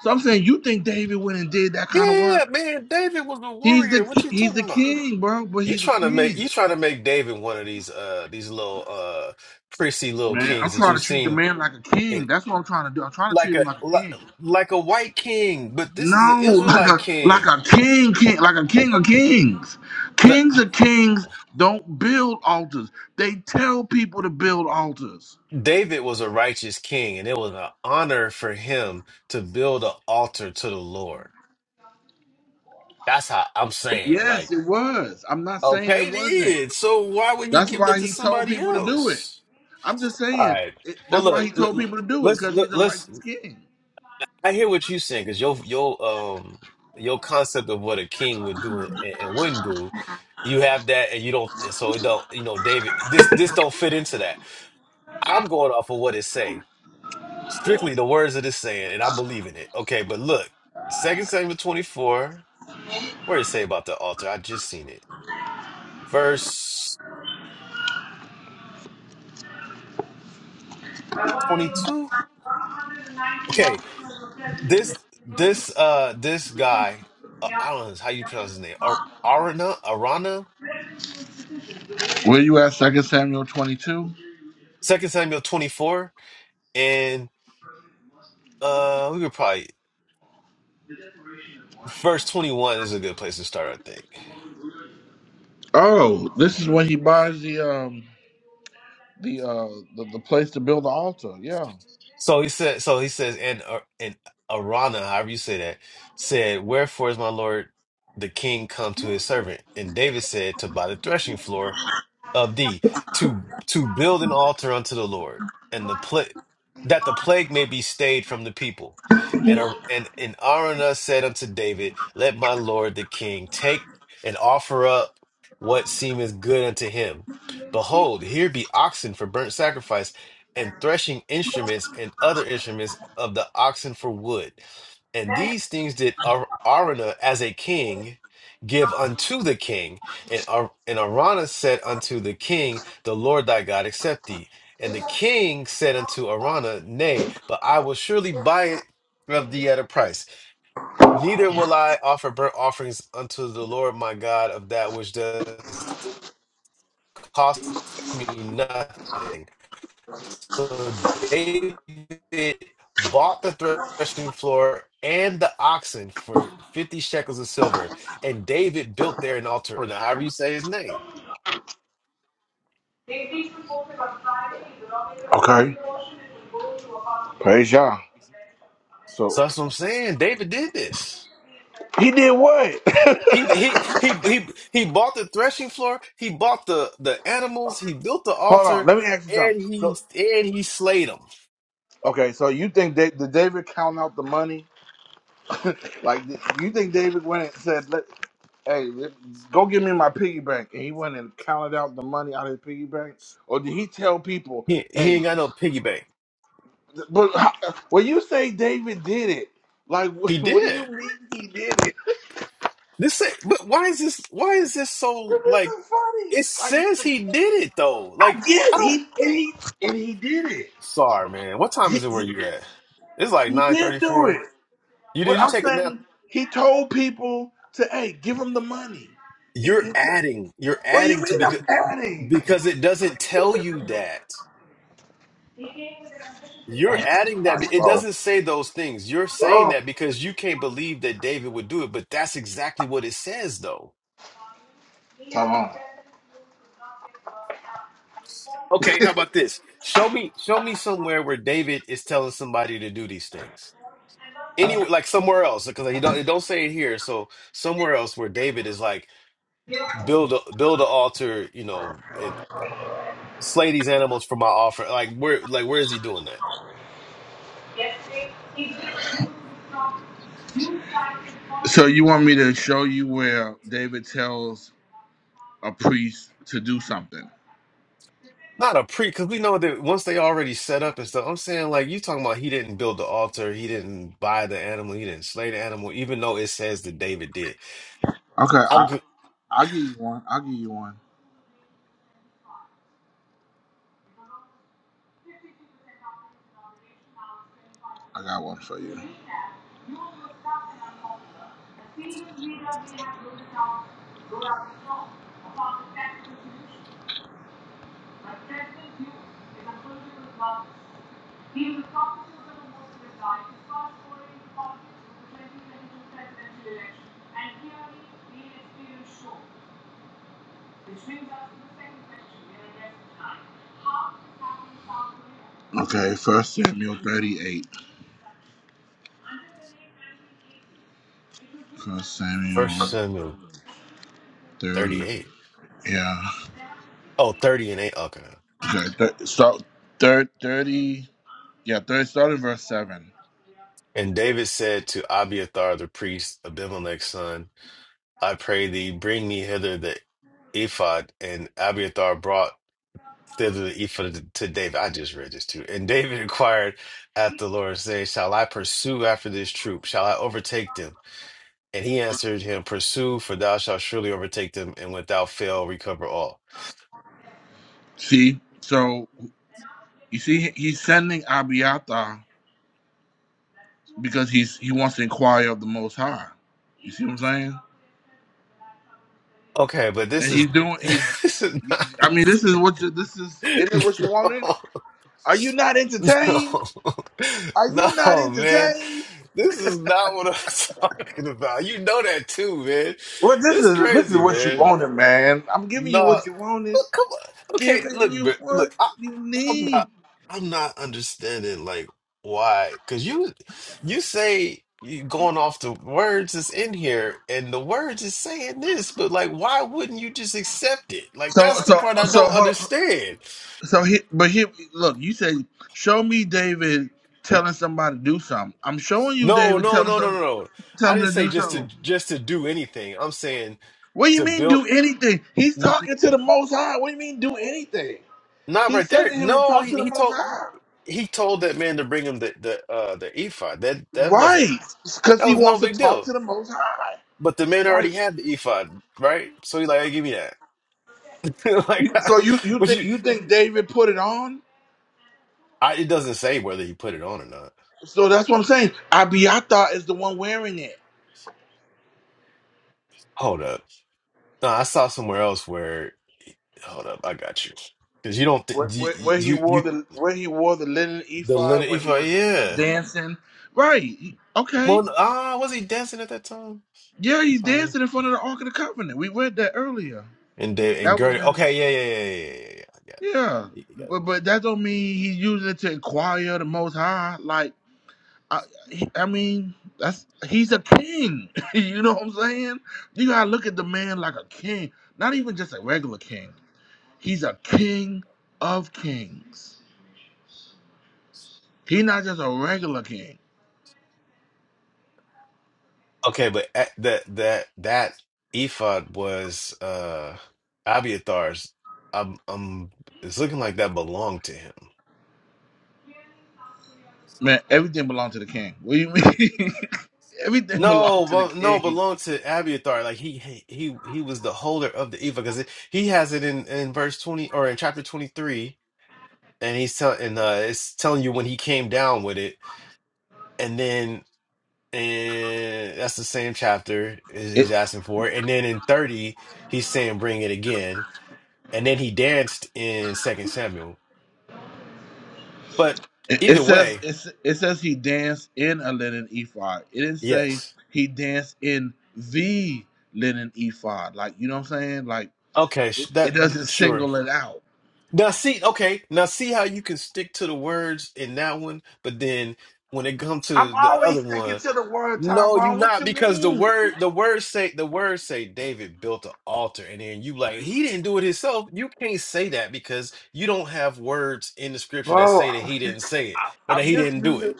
So I'm saying you think David went and did that Yeah, kind of yeah, yeah, work? man. David was a He's warrior. the What you he's talking the about? king, bro. But You he's a trying to make king, you trying to make David one of these uh these little uh prissy little man. I'm kings that trying to you've treat the seen man like a king. in That's what I'm trying to do. I'm trying to treat like him a like a li- king. like a white king, but this is an No, like Israelite a like king. a king, king, like a king of kings. The, Kings of kings don't build altars. They tell people to build altars. David was a righteous king, and it was an honor for him to build an altar to the Lord That's how I'm saying. Yes, Like, it was. I'm not saying it okay, wasn't. then. So why would you That's give that why to he told somebody people to do it. else? I'm just All saying right. it, Well, that's why look, he l- told l- people to do it let's because let, he's a let's. righteous king. I hear what you're saying because your your um your concept of what a king would do and, and wouldn't do, you have that, and you don't. And so it don't. You know, David, this this don't fit into that. I'm going off of what it say, strictly the words of this saying, and I'm believing it. Okay, but look, Second Samuel 24. Where did it say about the altar? I just seen it. Verse. 22 okay this this uh this guy uh, i don't know how you pronounce his name Ar- arana arana Where you at? Second Samuel twenty-two. second samuel 24 and uh we could probably verse 21 is a good place to start i think Oh, this is when he buys the um the uh the, the place to build the altar. Yeah. so he said so he says and Ar- and arana however you say that said wherefore is my lord the king come to his servant and david said to buy the threshing floor of D to to build an altar unto the Lord and the pla- that the plague may be stayed from the people. And Ar- and and Araunah said unto David, Let my lord the king take and offer up what seemeth good unto him. Behold, here be oxen for burnt sacrifice, and threshing instruments and other instruments of the oxen for wood. And these things did Ar- Araunah as a king give unto the king and, Ar- and Arana said unto the king, The Lord thy God accept thee. And the king said unto Arana, Nay, but I will surely buy it of thee at a price. Neither will I offer burnt offerings unto the Lord my God of that which does cost me nothing. So David bought the threshing floor and the oxen for 50 shekels of silver. And David built there an altar, or however you say his name. Okay. Praise Yah. So So that's what I'm saying. David did this. he did what? He he he he he bought the threshing floor. He bought the the animals. He built the Hold on. altar, Let me ask you something. and he So and he slayed them. okay. So you think that did David count out the money? Like you think David went and said, Let, "Hey, let- go give me my piggy bank," and he went and counted out the money out of his piggy bank, or did he tell people, He he "Hey"? ain't got no piggy bank. But how, when you say David did it, like He what, do did. you mean he did it? This it. But why is this? Why is this so This like? isn't funny. It says Like he did it though. Like yeah, I don't. he and he and he did it. Sorry, man. What time He, is it where he, you at? It's like he nine thirty did do four. it. You did What you I'm take a nap? saying, he told people to, "Hey, give him the money." He, he You're t- adding. You're what do you adding to mean because I'm adding? because it doesn't tell you that. Nice, You're adding that. It bro. doesn't say those things. You're saying Bro, that because you can't believe that David would do it, but that's exactly what it says, though. Tyrone. Okay, how about this? Show me, show me somewhere where David is telling somebody to do these things. Anywhere, like somewhere else, because you don't, it don't say it here. So somewhere else where David is like, build a build an altar, you know, and slay these animals for my offer. Like where, like where is he doing that? So you want me to show you where David tells a priest to do something? Not a pre, because we know that once they already set up and stuff, I'm saying like you talking about he didn't build the altar, he didn't buy the animal, he didn't slay the animal, even though it says that David did. Okay, I'm I good. I'll give you one. I'll give you one. I got one for you. My present is a person of He is a promise of the most High to start scoring the politics of the 2022 presidential election. And clearly, the experience shows. Which brings us to the second question we are addressing tonight. How is this happening in South Korea? Okay, First Samuel 38. First First Samuel Samuel 30. 38. Yeah. Oh, thirty and 8. Okay. Okay, th- start third 30. Yeah, third, start in verse 7. And David said to Abiathar the priest, Abimelech's son, I pray thee, bring me hither the ephod. And Abiathar brought thither the ephod to David. I just read this too. And David inquired at the Lord, saying, Shall I pursue after this troop? Shall I overtake them? And he answered him, Pursue, for thou shalt surely overtake them, and without fail recover all. See? So. You see, he's sending Abiathar because he's he wants to inquire of the Most High. You see what I'm saying? Okay, but this And is he's doing he. this is not I the, mean, this is what you, this is. s- Isn't it what you wanted? no, Are you not entertained? Are no, you not no, man. entertained? This is not what I'm talking about. You know that too, man. Well, this This is is this is crazy, what you man. wanted, man. I'm giving you No, what you wanted, look, come on. Okay, giving look, you bro, what look. I, you I'm not. need. I'm not understanding like why. Because you, you say you going off the words that's in here, and the words is saying this, but like, why wouldn't you just accept it? Like, So that's the so part I so don't hold on. understand. so he but here look. You say show me David telling somebody to do something. I'm showing you No, David no, telling no, no, some. no. no. Tell I him didn't to say do just to something. just to do anything. I'm saying What do you to mean build. do anything? He's N- talking to the Most High. What do you mean do anything? not He's right there. sending him to No, talk he, to the he Most told High. he told that man to bring him the the uh the ephod. That that wasn't. Right, because That he was no wants to big talk deal. to the Most High. But the man Right. already had the ephod, right? So he like, hey, give me that. like, You- So you you what think you? you think David put it on? I, it doesn't say whether he put it on or not. So that's what I'm saying. Abiathar is the one wearing it. Hold up. No, I saw somewhere else where. Hold up, I got you. Because you don't th- Where, where, you, where he you wore you the where he wore the linen the ephod linen when he ephod, was yeah. dancing. Right. he- Well, Okay. n- ah, was he dancing at that time? Yeah, he's Fine. dancing in front of the Ark of the Covenant. We read that earlier. And Da- and That was Gertie, in okay, yeah, yeah, yeah, yeah, yeah, yeah. yeah, Yeah, yeah, I got it. but but that don't mean he's using it to inquire the Most High. Like, I, I mean, that's he's a king. you know what I'm saying? You gotta look at the man like a king, not even just a regular king. He's a king of kings. He's not just a regular king. Okay, but at- that that that ephod was uh Abiathar's. Um, um, it's looking like that belonged to him. Man, everything belongs to the king. What do you mean? everything belongs No, to the well, no, king. belonged to Abiathar. Like he he he he was the holder of the ephod because he has it in in verse twenty or in chapter twenty three, and he's telling uh it's telling you when he came down with it, and then and that's the same chapter is he's asking for it, and then in thirty he's saying bring it again. and then he danced in Second Samuel. But It it either says way, it, it says he danced in a linen ephod. It didn't say yes. he danced in the linen ephod. Like you know what I'm saying? Like Okay, sh- it, that it doesn't sure. single it out. Now see, okay, now see how you can stick to the words in that one, but then when it comes I'm to the other always sticking one, to the word no, you Tyrone. What not you because the mean, word the words say the words say David built an altar, and then you like he didn't do it himself. You can't say that because you don't have words in the scripture that bro? say that I'm he didn't say it or that I'm he just didn't do it. using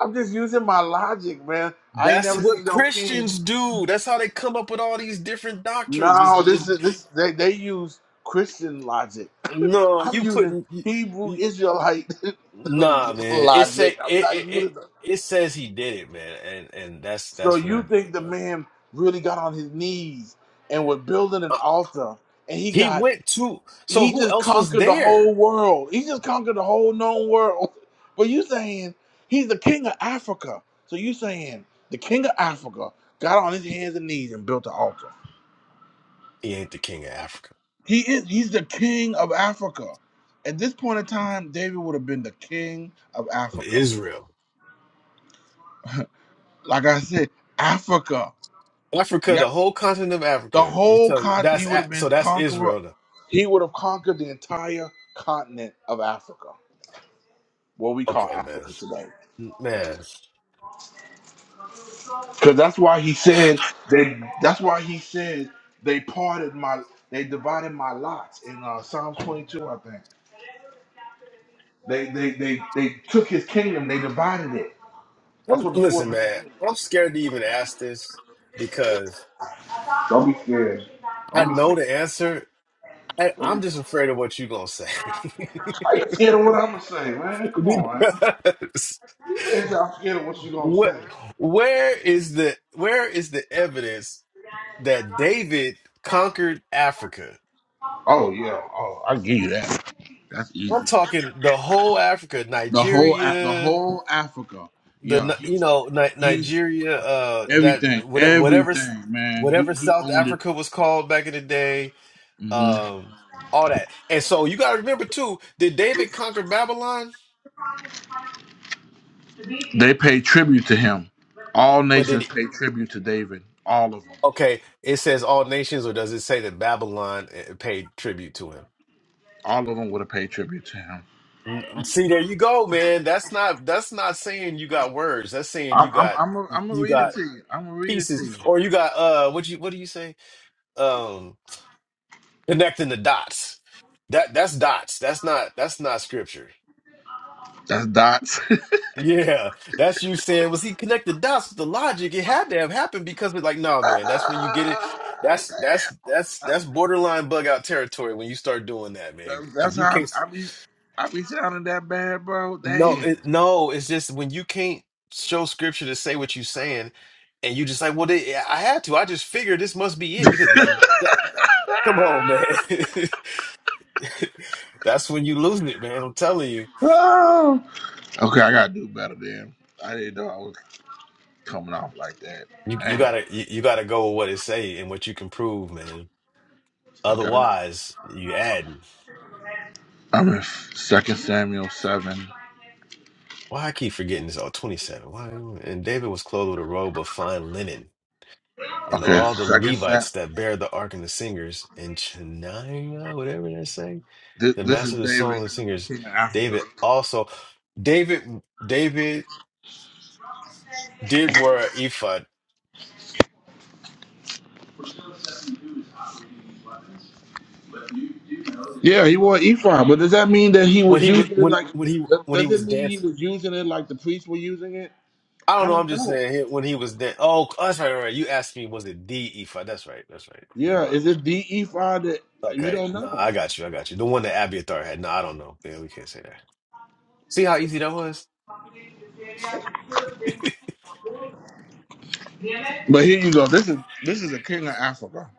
I'm just using my logic, man. I ain't That's never seen what no king. Christians do. That's how they come up with all these different doctrines. Is No, this is is this they they use Christian logic. no, I'm you using putting you, Hebrew you, Israelite nah, man. It logic. say I'm it, not it it using. it says he did it, man, and and that's So that's what you he did, think the bro. man really got on his knees and was building an Uh, altar and he He got went to so he who just else was conquered the whole there? world. He just conquered the whole known world. But you saying he's the king of Africa. So you saying the king of Africa got on his hands and knees and built an altar. He ain't the king of Africa He is he's the king of Africa. At this point in time, David would have been the king of of Africa. Israel, Like I said, Africa. Africa, the whole continent of The Africa. You whole tell continent, that's he would A- have so been that's conqueror. Israel. now. He would have conquered the entire continent of Africa, what we call Okay, man, Africa today. man. Because that's why he said they. That's why he said they parted my. They divided my lots in uh, Psalms 22, I think. They they they they took his kingdom. They divided it. That's I'm- what the listen, fourth beast man. did. I'm scared to even ask this because. Don't be scared. I Don't be know scared. the answer. I, Don't be, I'm just afraid of what you're gonna say. are you scared of what I'm gonna say, man? Come on, because People is out scared of what you gonna say. what where is the where is the evidence that David conquered Africa? Oh yeah. Oh, I give you that. That's easy. I'm talking the whole Africa, The whole Af- the Nigeria, whole Africa. the Yeah, Ni- you he's know Ni- he's Nigeria, uh, that everything, what- whatever everything, man. whatever He he South owned it. Africa was called back in the day, hmm um, all that. And so you got to remember too, did David conquer Babylon? They paid tribute to him. All But did nations paid tribute to David. All of them. Okay, it says all nations, or does it say that Babylon eh, eh, paid tribute to him? All of them would have paid tribute to him. N- See, there you go, man. That's not that's not saying you got words. That's saying I'm you I'm got I'm gonna I'm gonna you read it got to you. I'm gonna read it to pieces, you. or you got uh, what you what do you say? Um, connecting the dots. That that's dots. That's not that's not scripture. That's dots. Yeah, that's you saying. Was he connected dots with the logic? It had to have happened because it's like, no, man. That's when you get it. Ah, That's that's damn. that's that's borderline bug out territory when you start doing that, man. That- Because That's you how can't. i I be I be sounding that bad, bro. No, Dang. it, no, it's just when you can't show scripture to say what you're saying, and you just like, well, they, I had to. I just figured this must be it because, like, that, come on, man. That's when you losing it, man. I'm telling you, Oh. okay, I gotta do better then. I didn't know I was coming off like that. you you Hey, gotta you, you gotta go with what it say and what you can prove, man. okay. Otherwise, you adding. I'm in Second Samuel seven. Why I keep forgetting this? Oh, 27. Why? And David was clothed with a robe of fine linen. and Okay, all the Second Sam. Levites that bear the ark and the singers, and Shania, whatever they're saying, This, the this is master of the song David, and singers, king of Africa. David also, David, David did wear an ephod Yeah, he wore ephod, but does that mean that he when was he wa- using it when like? when he Does when he does it was mean he dancing. was using it like the priests were using it? I don't I know. I'm don't just know. saying he- when he was dan Oh, oh, that's right, right. right. You asked me, was it the ephod? That's right. That's right. Never Yeah, mind. is it the ephod that you Okay. don't No, know? I got you. I got you. The one that Abiathar had. No, I don't know. Yeah, we can't say that. See how easy that was. But here you go. This is this is a king of Africa.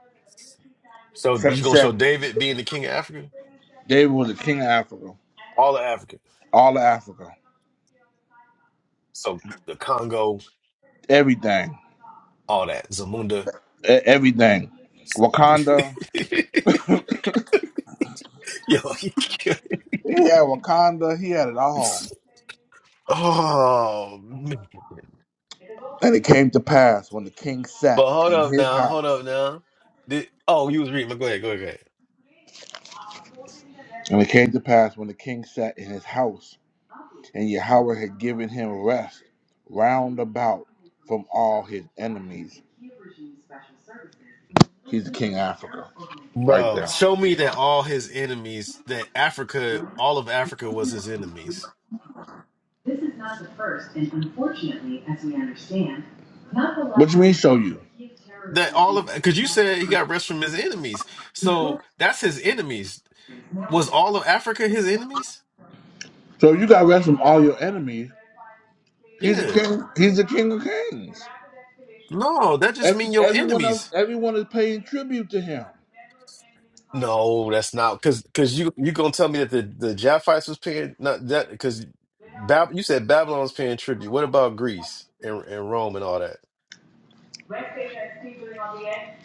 So From you gonna show Samuel. David being the king of Africa? David was a king of Africa. All of Africa. All of Africa. So the Congo, Everything. all that, Zamunda. E- Everything. Wakanda. Yo, He had Wakanda. He had it all. oh man. And it came to pass when the king sat But hold in up his now, hold house. up now. Did, oh, you was reading. but Go ahead, go ahead, go ahead. And it came to pass when the king sat in his house, and Yahweh had given him rest round about from all his enemies. He's the king of Africa, right Bro, there. show me that all his enemies, that Africa, all of Africa was his enemies. This is not the first, and unfortunately, as we understand, not the last. What do you mean, show you? That all of, because you said he got rest from his enemies. So that's his enemies. Was all of Africa his enemies? So you got rest from all your enemies. He's the Yeah. king. He's the king of kings. No, that just Every, mean your everyone else, enemies. everyone is paying tribute to him. No, that's not because because you you gonna tell me that the the Japhites was paying not that because Bab you said Babylon's paying tribute. What about Greece and and Rome and all that?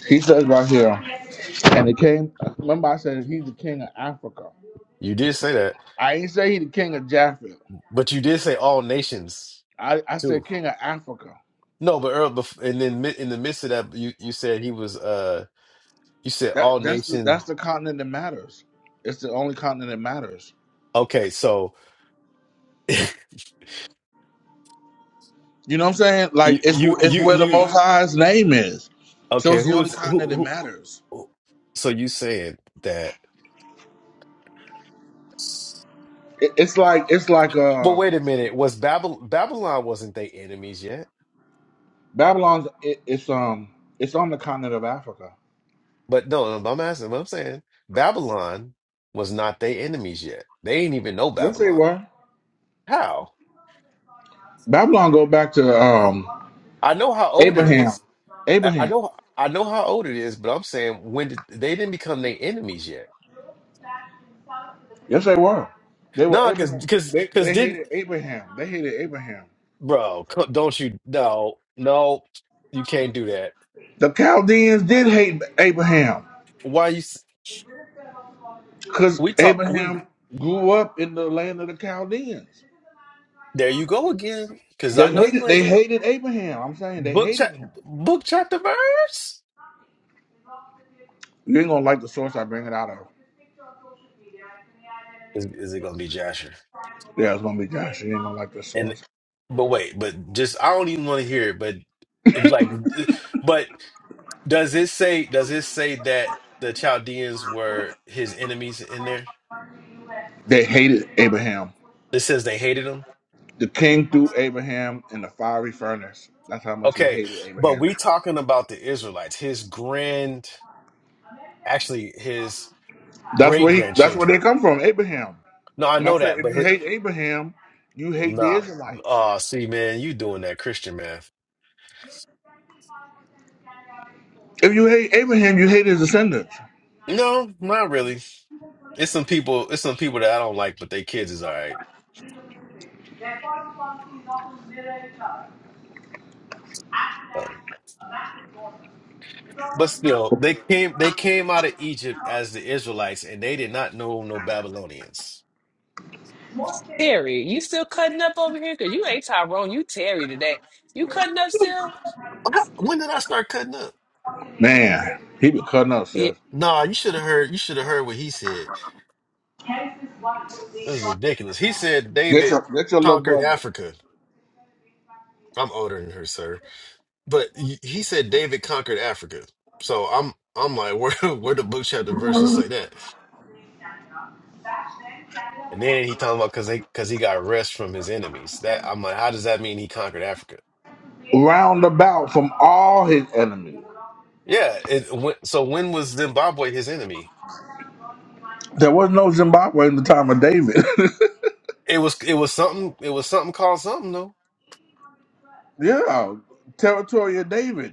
He says right here, and it came. Remember, I said he's the king of Africa. You did say that, I ain't say he the king of Jaffa. but you did say all nations I, I too. said king of Africa. No, but Earl, bef- and then mi- in the midst of that, you you said he was uh you said all That that's the nations. that's the continent that matters. It's the only continent that matters. Okay, so you You know what I'm saying? Like it's you it's you where the you Most High's name is, so okay? it's the Who only is who continent that who? matters. who- So you saying that? It, it's like it's like But uh, wait a minute, was Babylon Babylon wasn't they enemies yet? Babylon's. It, it's um, it's on the continent of Africa. But no, no, I'm asking. What I'm saying, Babylon was not their enemies yet. They ain't even know Yes, it Babylon. was. How? Babylon go back to um I know how old it Abraham. is. I I Abraham. know, I know how old it is. But I'm saying when did, they didn't become their enemies yet. Yes, they were. They were No, because Abraham. because They because they didn't hated Abraham. They hated Abraham. bro? co- Don't you? No, no, you can't do that. The Chaldeans did hate Abraham Why you? s- because We talk. We Abraham grew up in the land of the Chaldeans. there you go again. Because I They know hated you they ain't hated Abraham. I'm saying they book chap hated him. book chapter verse. You ain't gonna like the source I bring it out of. Is is it gonna be Jasher? Yeah, it's gonna be Josh. You ain't gonna like the And source. but wait, but just I don't even want to hear it. But like, but does it say? Does it say that the Chaldeans were his enemies in there? They hated Abraham. It says they hated him. The king threw Abraham in the fiery furnace. That's how much he Okay, hated but Abraham. we talking about the Israelites, his grand, actually his That's great where he that's where they grandchildren. come from, Abraham. No, I And I know said that, if but you his, hate Abraham, you hate the nah. Israelites. Uh, see, man, you doing that Christian math? If you hate Abraham, you hate his descendants. No, not really. It's some people. It's some people that I don't like, but they kids is all right. Their first function is often mirror each other. After that, a back It's But almost not still, they came they came out of Egypt as the Israelites and they did not know no Babylonians. most Terry, you still cutting up over here? Cause you ain't Tyrone, you Terry today. You cutting up still? What- When did I start cutting up? Man, he be cutting up, Yeah. Chef. Nah, you should have heard you should have heard what he said. Genesis 1 being It was God. ridiculous. He said That's David your, that's your little conquered brother. Back Africa. I'm older than her, sir. But he he said David conquered Africa. So I'm I'm like, where where the book chapter verses say that? And then he talking about cause they cause he got rest from his enemies. That I'm like, how does that mean he conquered Africa? Round about from all his enemies. Yeah, it, when, so when was Zimbabwe his enemy? There was no Zimbabwe in the time of David. It was it was something it was something called something though. yeah, territory of David.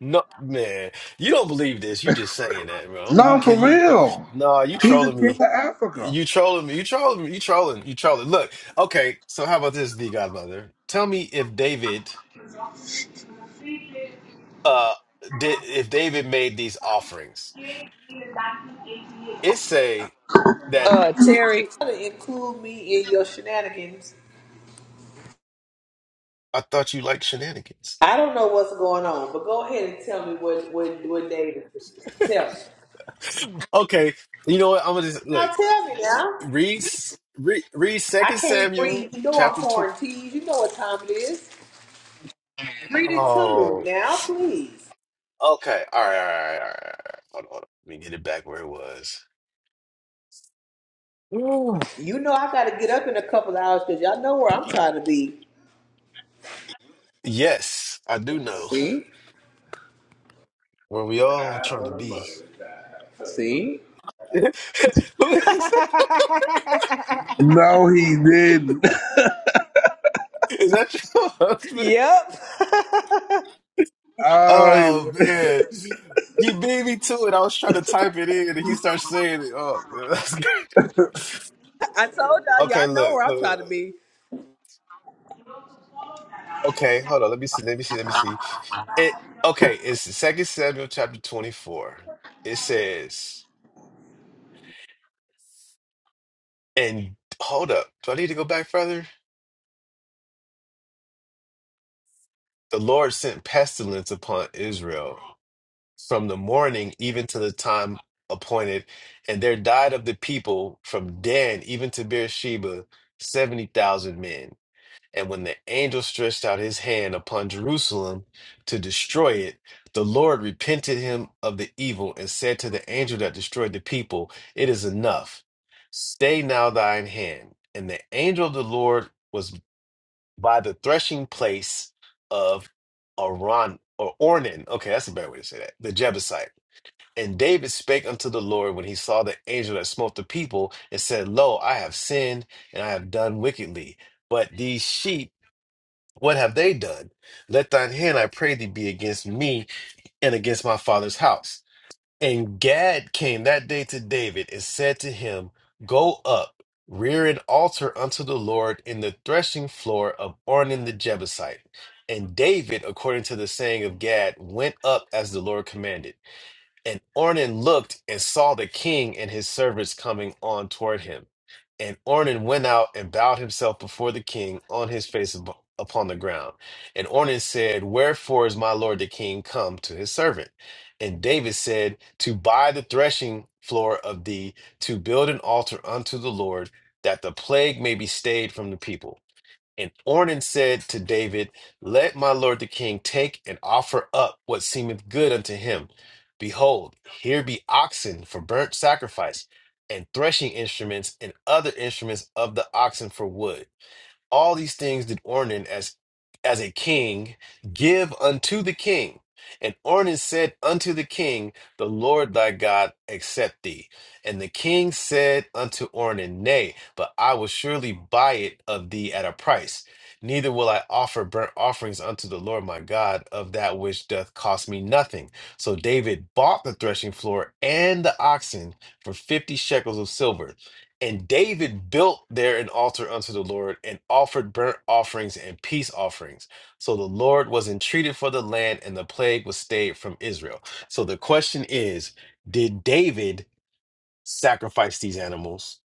No man, you don't believe this. You just saying that, bro. I'm, you No, for can you real. nah, you He's the trolling king of me. Africa. You trolling me. You trolling me. You trolling. You trolling. Look, okay. So how about this, the Godmother? Tell me if David uh did if David made these offerings. It say that Uh, Terry. to include me in your shenanigans. I thought you liked shenanigans. I don't know what's going on, but go ahead and tell me what what what day it is. Tell me. Okay, you know what? I'm gonna just Now look. tell me now. Read s- read read I Second can't Samuel breathe. You know I'm chapter two. pouring teas. You know what time it is. Read it to me Oh. now, please. Okay. All right. All right. All right. All right. Hold on. Hold on. Let me get it back where it was. You know I gotta get up in a couple of hours because y'all know where I'm trying to be. Yes, I do know where we all trying to be. See? Who is that No, he didn't. Is that your husband? yep. I- Oh man, he beat me to it. I was trying to type it in, and he starts saying it. Oh, man, that's great. I told y'all, Okay, y'all know look, where I'm look, trying look. look. to be. Okay, hold on. Let me see. Let me see. Let me see. It. Okay, it's Second Samuel chapter twenty-four. It says, and hold up. Do I need to go back further? The Lord sent pestilence upon Israel from the morning even to the time appointed, and there died of the people from Dan even to Beersheba 70,000 men. And when the angel stretched out his hand upon Jerusalem to destroy it, the Lord repented him of the evil and said to the angel that destroyed the people, It is enough. Stay now thine hand. And the angel of the Lord was by the threshing place of Aron or Ornan. Okay, that's a better way to say that. The Jebusite. And David spake unto the Lord when he saw the angel that smote the people and said, Lo, I have sinned and I have done wickedly. But these sheep, what have they done? Let thine hand, I pray thee, be against me and against my father's house. And Gad came that day to David and said to him, Go up, rear an altar unto the Lord in the threshing floor of Ornan the Jebusite. And David, according to the saying of Gad, went up as the Lord commanded. And Ornan looked and saw the king and his servants coming on toward him. And Ornan went out and bowed himself before the king on his face ab- upon the ground. And Ornan said, Wherefore is my lord the king come to his servant? And David said, To buy the threshing floor of thee, to build an altar unto the Lord, that the plague may be stayed from the people. And Ornan said to David, Let my lord the king take and offer up what seemeth good unto him. Behold, here be oxen for burnt sacrifice, and threshing instruments, and other instruments of the oxen for wood. All these things did Ornan as as a king give unto the king. And Ornan said unto the king, The Lord thy God accept thee. And the king said unto Ornan, Nay, but I will surely buy it of thee at a price. Neither will I offer burnt offerings unto the Lord my God of that which doth cost me nothing. So David bought the threshing floor and the oxen for fifty shekels of silver. And David built there an altar unto the Lord and offered burnt offerings and peace offerings. So the Lord was entreated for the land, and the plague was stayed from Israel. So the question is Did David sacrifice these animals?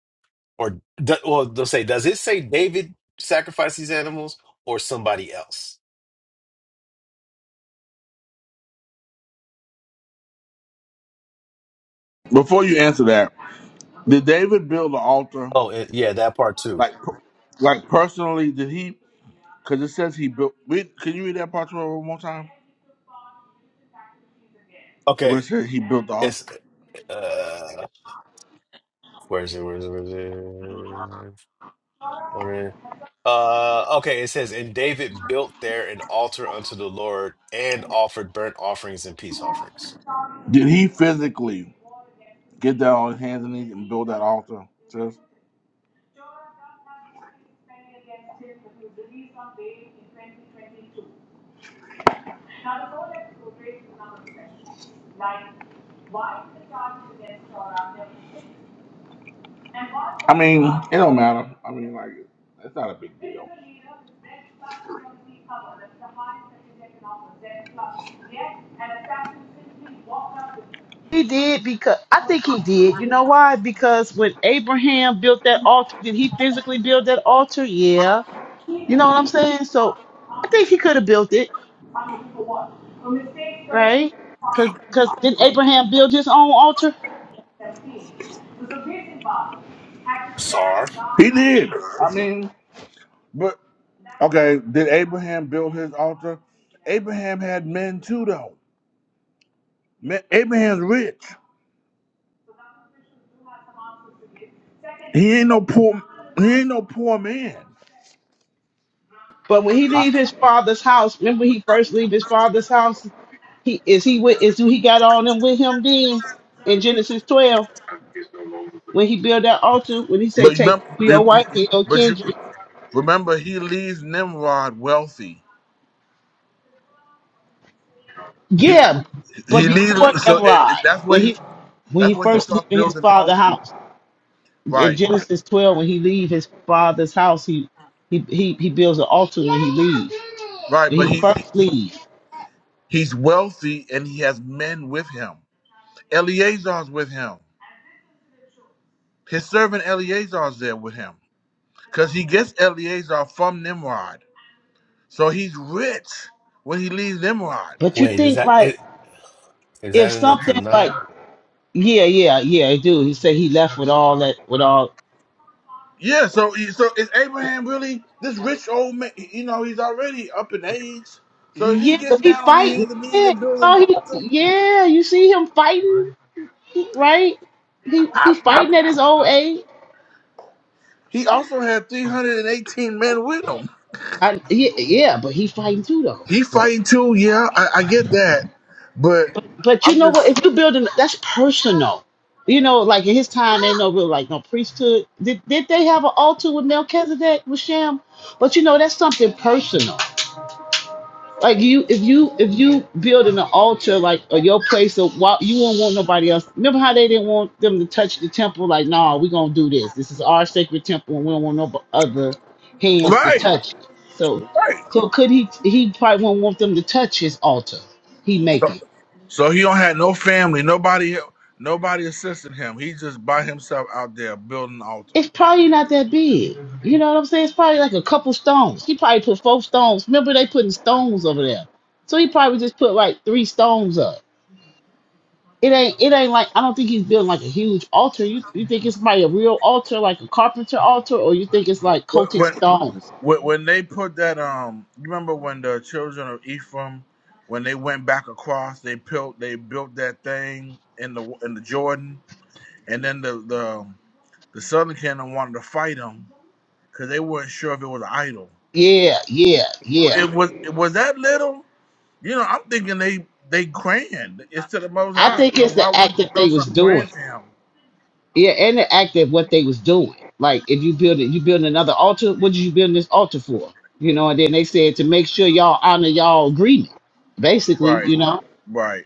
Or, do- well, they'll say, does it say David sacrificed these animals or somebody else? Before you answer that, did David build the altar? Oh, it, yeah, that part too. Like, per- like personally, did he? Because it says he built. Read, can you read that part to me one more time? Where it Okay. says he built the altar. It's, uh, where is it? Where is it? Where is it? Wondering. Uh, okay, it says, and David built there an altar unto the Lord and offered burnt offerings and peace offerings. Did he physically get down on his hands and knees and build that altar? Sis? Jordan does not need to against him but he was released on bail in 2022. Now, the court has raised another question. Like, why is the charges against Jordan never taken? And what I mean, it don't matter. I mean, like, it's not a big this deal. political leader with red plus company cover? That's the highest that you can offer, red plus. Yet, an assassin simply walked up with he did because I think he did. You know why? Because when Abraham built that altar, did he physically build that altar? Yeah. key You know what amount of I'm saying? So I think he could have built it, money for what? For mistakes committed. right? Cause, Yep. cause didn't Abraham build his own altar? Sar. He did. But okay, did Abraham build his altar? Abraham had men too, though. Man, Abraham's rich. He ain't no poor. He ain't no poor man. But when he I, leave his father's house, remember he first leave his father's house. He is he with is who he got all them with him then in Genesis 12. when he built that altar, when he say But you take remember, your you- wife you- and your but you kindred. remember, he leaves Nimrod wealthy. He Yeah, but he before leaves. So it, it- that's Nimrod, where when he. he when That's he where he first starts leaving his building father's altars. house in Right, Genesis twelve, when he leave his father's house, he he he, he builds an altar when he leaves. right. When he But he first leave. He's wealthy and he has men with him. Eleazar's with him. His servant Eleazar's there with him because he gets Eleazar from Nimrod. So he's rich when he leaves Nimrod. But you wait, is think that like it? Is if that in the something like Tanakh? yeah yeah yeah I do. He said he left with all that with all Yeah, so so is Abraham really this rich old man? You know, he's already up in age. So is he yeah, 'cause getting he down on his fighting. hands and knees Yeah, and you building an saw he altar? yeah you see him fighting. right? He he fighting at his old age. He also had 318 men with him. I, he, yeah, but he fighting too though. He fighting too, yeah, I, I get that. But But but you I'm know what? just. If you building that's personal. You know, like in his time, ain't no real like no priesthood. Did did they have an altar with Melchizedek with Shem? But you know, that's something personal. Like you, if you if you building an altar like or your place of why you won't want nobody else. Remember how they didn't want them to touch the temple? Like, nah, we gonna do this. This is our sacred temple, and we don't want no bu- other hands to Right, touch it. So, right. so could he? He probably won't want them to touch his altar. He making. So he don't have no family, nobody, nobody assisting him. He just by himself out there building an altar. It's probably not that big. You know what I'm saying? It's probably like a couple stones. He probably put four stones. Remember they putting stones over there. So he probably just put like three stones up It ain't it ain't like I don't think he's building like a huge altar. You you think it's probably a real altar, like a carpenter altar, or you think it's like When cultic when stones? when when they put that um, you remember when the children of Ephraim, when they went back across, they built they built that thing in the in the Jordan, and then the the the southern kingdom wanted to fight them because they weren't sure if it was an idol. Yeah, yeah, yeah. It was it was that little. You know, I'm thinking they they grand. It's to the Most I High. think So it's why the would act you that they build was something doing. grand to him? Yeah, and the act of what they was doing. Like if you build it, you build another altar. What did you build this altar for? You know, and then they said to make sure y'all honor y'all agreement. Basically, Right. you know. Right.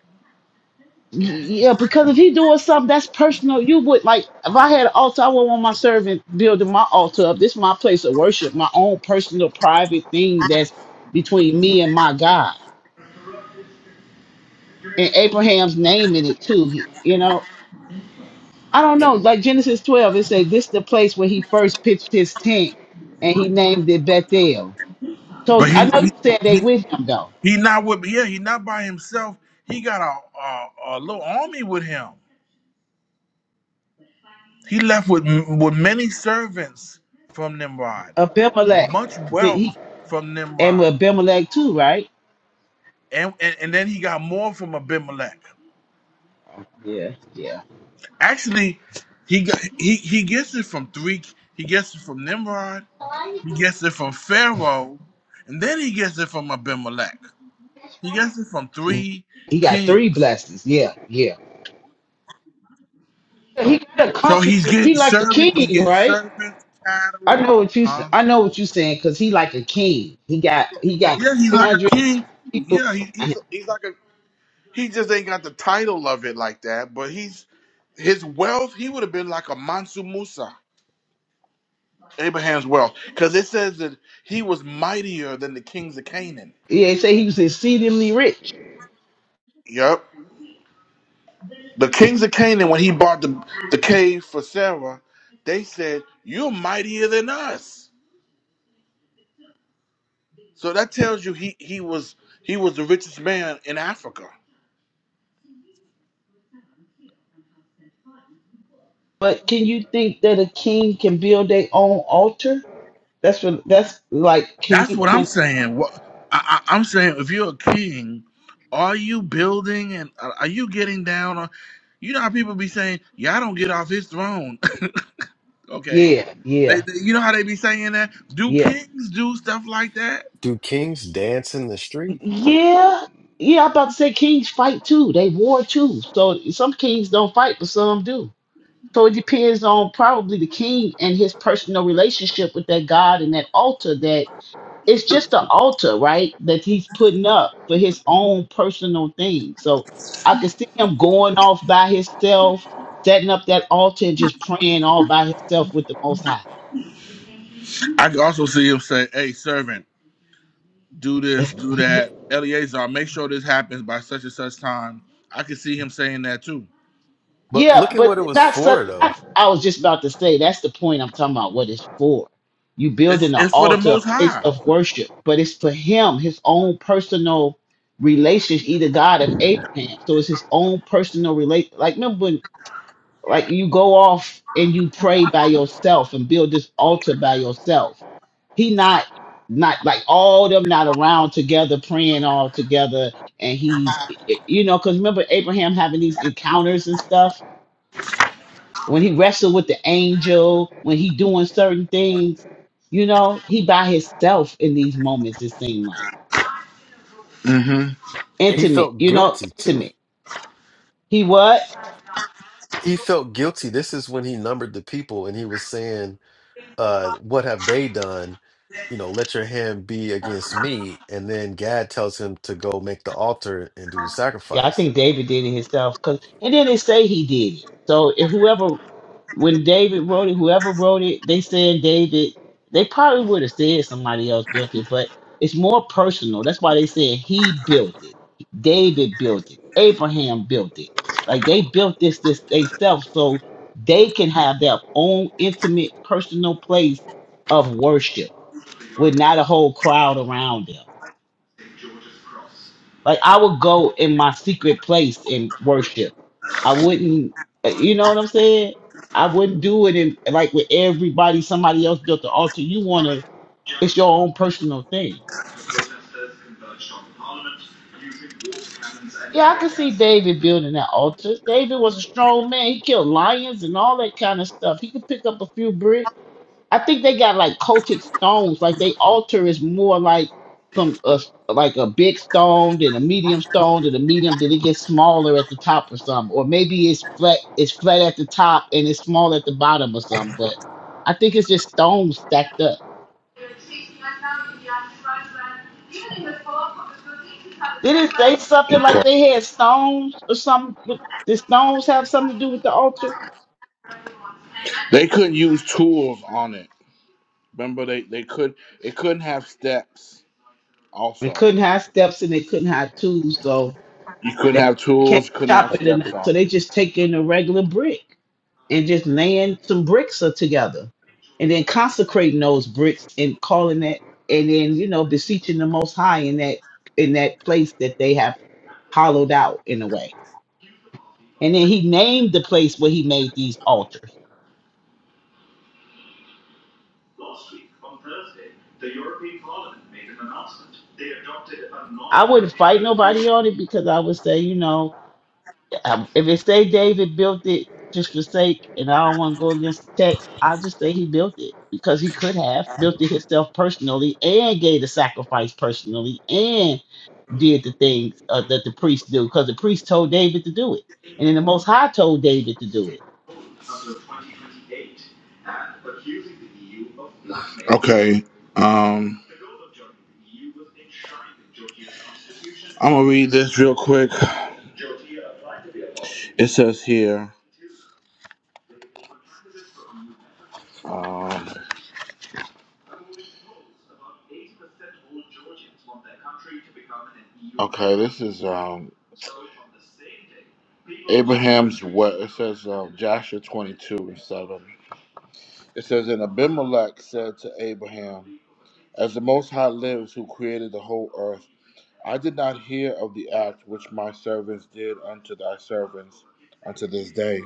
Yeah, because if he doing something that's personal, you would like. If I had an altar, I would want my servant building my altar up. This is my place of worship, my own personal, private thing that's between me and my God. And Abraham's name in it too. he- You know, I don't know. Like Genesis twelve, it says this is the place where he first pitched his tent, and he named it Bethel. So But I he know he you said they he, with him though. he not with yeah, he not by himself. He got a, a a little army with him. He left with with many servants from Nimrod, much Abimelech, did he wealth from and Nimrod, with Abimelech too, right? and and, and then he got more from Abimelech. Yeah, yeah. Actually, he got he he gets it from three. He gets it from Nimrod. He gets it from Pharaoh, and then he gets it from Abimelech. He gets it from three He got three kings. blessings. Yeah, yeah. He got a So he's comfortable. He getting like a servants. He's king, getting right? servants, I cattle, know what you. sa- huh? I know what you saying because he like a king. He got he got Yeah, he's three like a hundred king too. people. Yeah, he, around he's him. he's like a he just ain't got the title of it like that. But he's his wealth. He would have been like a Mansu Musa, Abraham's wealth, because it says that he was mightier than the kings of Canaan. Yeah, they say he was exceedingly rich. Yep, the kings of Canaan when he bought the the cave for Sarah, they said you're mightier than us. So that tells you he he was he was the richest man in Africa. But can you think that a king can build their own altar? That's what. That's like. Can That's you? what I'm Can saying. What I, I, I'm saying, if you're a king, are you building and are are you getting down on? You know how people be saying, "Y'all don't get off his throne." okay, yeah, they, yeah, they- you know how they be saying that. Do yeah, kings do stuff like that? Do kings dance in the street? yeah, yeah. I'm about to say kings fight too. They war too. So some kings don't fight, but some do. So it depends on probably the king and his personal relationship with that God and that altar that it's just an altar, right? That he's putting up for his own personal thing. So I can see him going off by himself, setting up that altar and just praying all by himself with the most high. I can also see him say, "Hey, servant, do this, do that." Eleazar, make sure this happens by such and such time. I can see him saying that too. But Yeah, look at what it but was that's such. for, though. That's, I was just about to say that's the point I'm talking about. What it's for? You It's building an it's for the altar, a Most place High. of worship, but it's for him, his own personal relationship. Either God of Abraham, so it's his own personal relate. Like remember when, like you go off and you pray by yourself and build this altar by yourself. He not not like all them not around together praying all together, and he's you know because remember Abraham having these encounters and stuff when he wrestled with the angel, when he doing certain things, you know, he by himself in these moments, it seemed like. hmm He Intimate, felt you know, guilty too. intimate. He what? He felt guilty. This is when he numbered the people and he was saying, uh, What have they done? You know, let your hand be against me. And then Gad tells him to go make the altar and do the Yeah, I sacrifice. think David did it himself. Cause and then they say he did it. So if whoever when David wrote it, whoever wrote it, they said David. They probably would have said somebody else built it, but it's more personal. That's why they said he built it. David built it. Abraham built it. Like they built this this themselves so they can have their own intimate personal place of worship with not a whole crowd around them. Like I would go in my secret place and worship. I wouldn't, you know what I'm saying? I wouldn't do it in like with everybody. Somebody else built the altar. You wanna, it's your own personal thing. Protesters converged on Parliament using water cannons and Yeah, I tear could see gas. David building that altar. David was a strong man. He killed lions and all that kind of stuff. He could pick up a few bricks I think they got like cultic stones. Like they altar is more like some uh, like a big stone, then a medium stone, then a medium, then it gets smaller at the top or something. Or maybe it's flat it's flat at the top and it's small at the bottom or something. But I think it's just stones stacked up. Did it say something like Uh, Okay. they had stones or something? With, did stones have something to do with the altar? They couldn't use tools on it. Remember, they they could it couldn't have steps. They Also, couldn't have steps and they couldn't have tools, so you couldn't they have can't tools. You couldn't have chop it. steps And so on they it. just take in a regular brick. and just laying some bricks uh, together and then consecrating those bricks and calling it and then you know beseeching the most high in that in that place that they have hollowed out in a way and then he named the place where he made these altars Last week, on Thursday, the European Parliament made an announcement. They adopted a i wouldn't non-binding fight nobody resolution. on it because i would say you know um, if it say david built it just for sake and i don't want to go against the text i'll just say he built it because he could have built it himself personally and gave the sacrifice personally and. did the things uh, that the priests do because the priest told David to do it, and then the Most High told David to do it. until 2028, and accusing the EU of blackmail. Okay. Um, I'm gonna read this real quick. It says here. Um, okay, this is um, So Abraham's what? It says um, Joshua 22 and 7. It says, And Abimelech said to Abraham, As the Most High lives, who created the whole earth, I did not hear of the act which my servants did unto thy servants unto this day.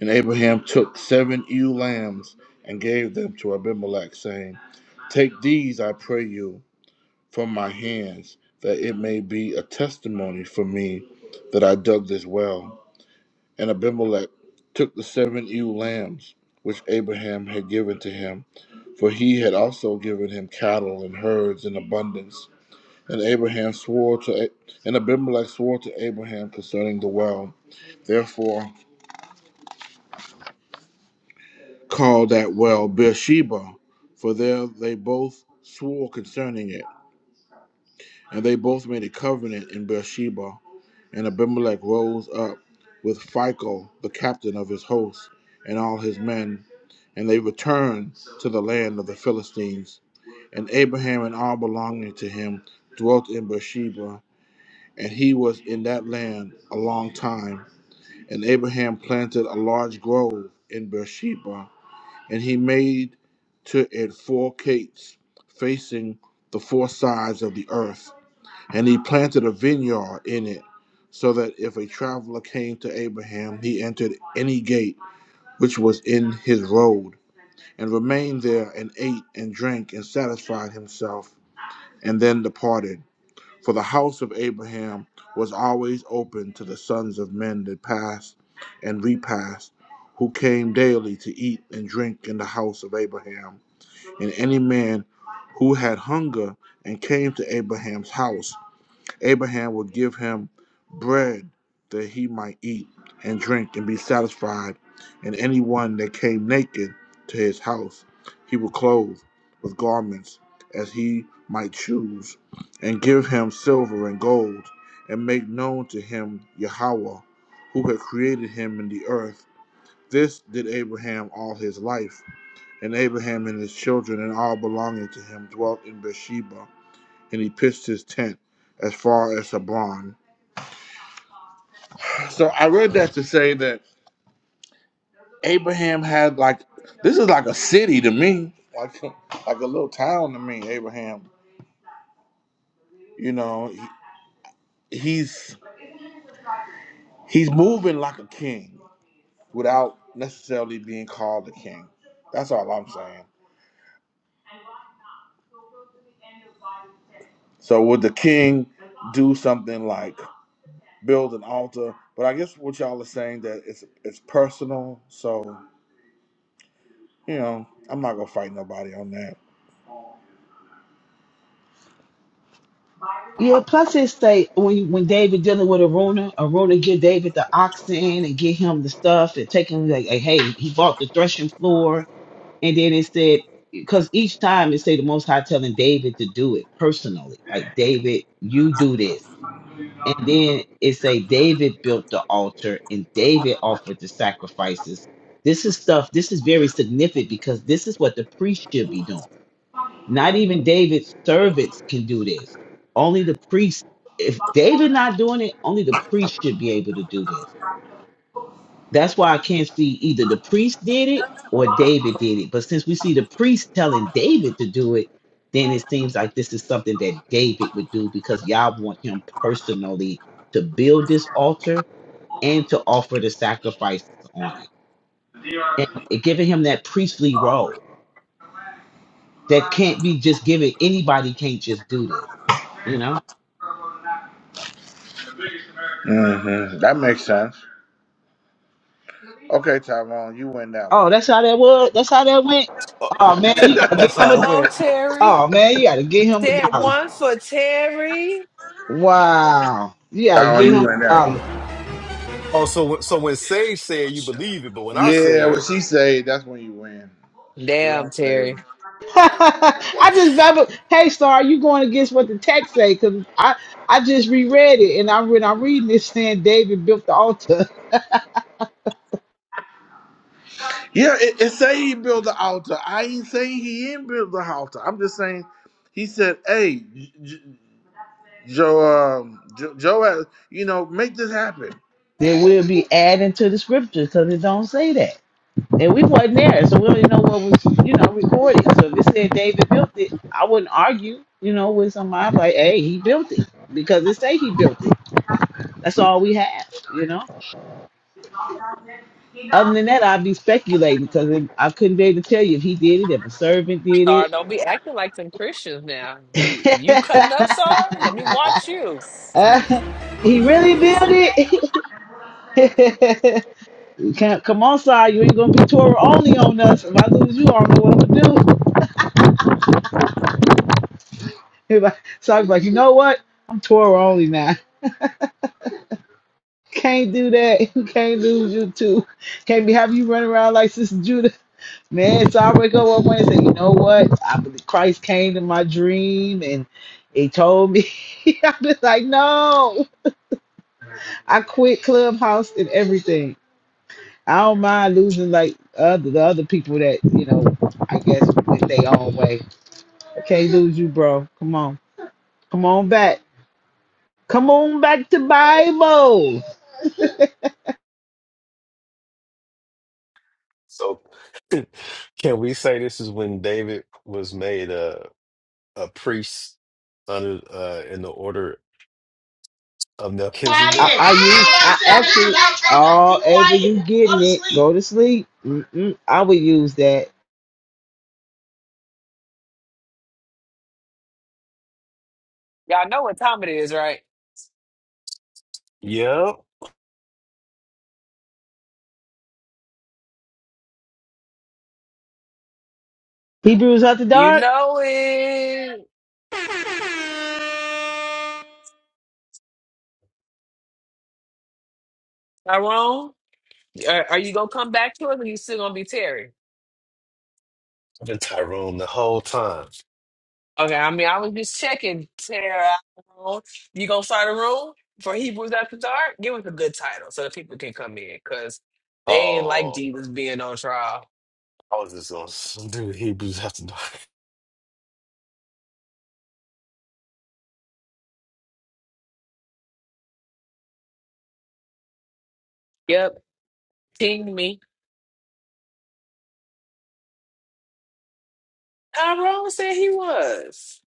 And Abraham took seven ewe lambs and gave them to Abimelech, saying, Take these, I pray you, from my hands, that it may be a testimony for me that I dug this well. And Abimelech took the seven ewe lambs which Abraham had given to him, for he had also given him cattle and herds in abundance. And Abraham swore to A- and Abimelech swore to Abraham concerning the well. Therefore called that well Beersheba, for there they both swore concerning it. And they both made a covenant in Beersheba. And Abimelech rose up with Phicol, the captain of his host, and all his men, and they returned to the land of the Philistines. And Abraham and all belonging to him dwelt in Beersheba, and he was in that land a long time. And Abraham planted a large grove in Beersheba, and he made to it four gates facing the four sides of the earth and he planted a vineyard in it, so that if a traveler came to Abraham, he entered any gate which was in his road, and remained there, and ate and drank, and satisfied himself, and then departed. For the house of Abraham was always open to the sons of men that passed and repassed, who came daily to eat and drink in the house of Abraham. And any man who had hunger and came to Abraham's house, Abraham will give him bread that he might eat and drink and be satisfied, and anyone that came naked to his house he will clothe with garments as he might choose, and give him silver and gold, and make known to him Yahweh, who had created him in the earth. This did Abraham all his life, and Abraham and his children and all belonging to him dwelt in Beersheba, and he pitched his tent as far as Hebron So I read that to say that Abraham had like this is like a city to me, like like a little town to me. Abraham, you know, he, he's he's moving like a king without necessarily being called a king. That's all I'm saying. So would the king do something like build an altar? But I guess what y'all are saying that it's it's personal. So you know, I'm not gonna fight nobody on that. Yeah, plus it say when when David dealing with Aruna, Aruna give David the oxen and get him the stuff and take him like, like, hey, he bought the threshing floor, and then it said because each time it say the Most High telling David to do it personally, like David, you do this. And then it say David built the altar and David offered the sacrifices. This is stuff, this is very significant because this is what the priest should be doing. Not even David's servants can do this. Only the priest, if David not doing it, only the priest should be able to do this. That's why I can't see either the priest did it or David did it. But since we see the priest telling David to do it, then it seems like this is something that David would do because y'all want him personally to build this altar and to offer the sacrifices on it. And it giving him that priestly role that can't be just given. Anybody can't just do this, you know? hmm That makes sense. Okay, Tyrone, you win that Oh, one. that's how that was. That's how that went. Uh, Oh man, you gotta That's get Uh him a. how do- it oh, went. Terry. Oh man, you gotta get him a Said dollar. one for Terry. Wow. Yeah, you Tyrone, get you him. win that Um, one. Oh, so when- so when Sage said you believe it, but when I Yeah, what said she say, that's when you win. She Damn, don't Terry. say. I just babble. Hey, Star, you going against what the text say? Cause I I just reread it, and I when I'm reading this, saying David built the altar. Yeah, it, it say he built the altar. I ain't saying he didn't build the altar. I'm just saying he said, hey, J- J- Joe, um, Joe, Joe, you know, make this happen. Then we will be adding to the scriptures, cause it don't say that. And we wasn't there, so we don't even know what was you know recorded. So if it said David built it, I wouldn't argue. You know, with somebody I'd be like, hey, he built it because it say he built it. That's all we have. You know. Other than that, I'd be speculating because it, I couldn't be able to tell you if he did it, if a servant did Sar, don't be acting like some Christians now. You you cutting up, it. Sar? Let me watch you. Uh, he really built it. You can't- Come on, Si, you ain't gonna be Torah only on us. If I lose you, I don't know what I'm gonna do. If I, so I was like, you know what? I'm Torah only now. Can't do that. You Can't lose you too. Can't be having you run around like Sister Judah. Man, so I wake up one morning and say, you know what? I Christ came in my dream and he told me. I was like, no, I quit Clubhouse and everything. I don't mind losing like other the other people that you know. I guess went their own way. I can't lose you, bro. Come on, come on back. Come on back to Bible. so, can we say this is when David was made a a priest under uh in the order of I, Melchizedek? I use I actually oh ever you getting it go to sleep. Mm-mm, I would use that Y'all know what time it is, right? Yep, Hebrews after You dark. know it. Tyrone, are, are you gonna come back to us, or you still gonna be Terry? and Tyrone the whole time. Okay, I mean, I was just checking, Tyrone. You gonna start a room for Hebrews after dark? Give us a good title so that people can come in, cause they ain't like Oh, Jesus being on trial. I was just gonna s- do Hebrews after dark. Yep, ting Tyrone said he was.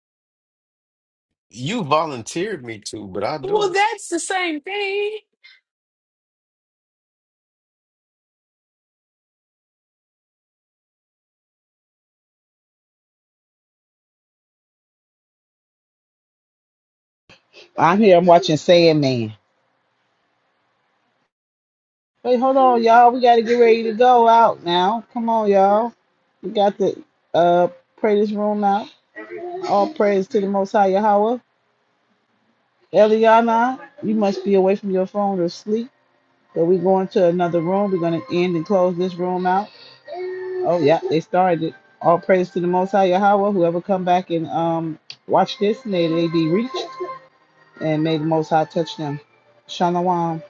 You volunteered me to, but I do. Well, that's the same thing. I'm here. I'm watching Sandman. Wait, hold on, y'all. We got to get ready to go out now. Come on, y'all. We got to uh, pray this room out. All praise to the Most High Yahweh. Eliana, you must be away from your phone or sleep. But we going to another room. We're going to end and close this room out. Oh, yeah, they started it. All praise to the Most High Yahweh. Whoever come back and um watch this, may they be reached. And may the Most High touch them. Shalom.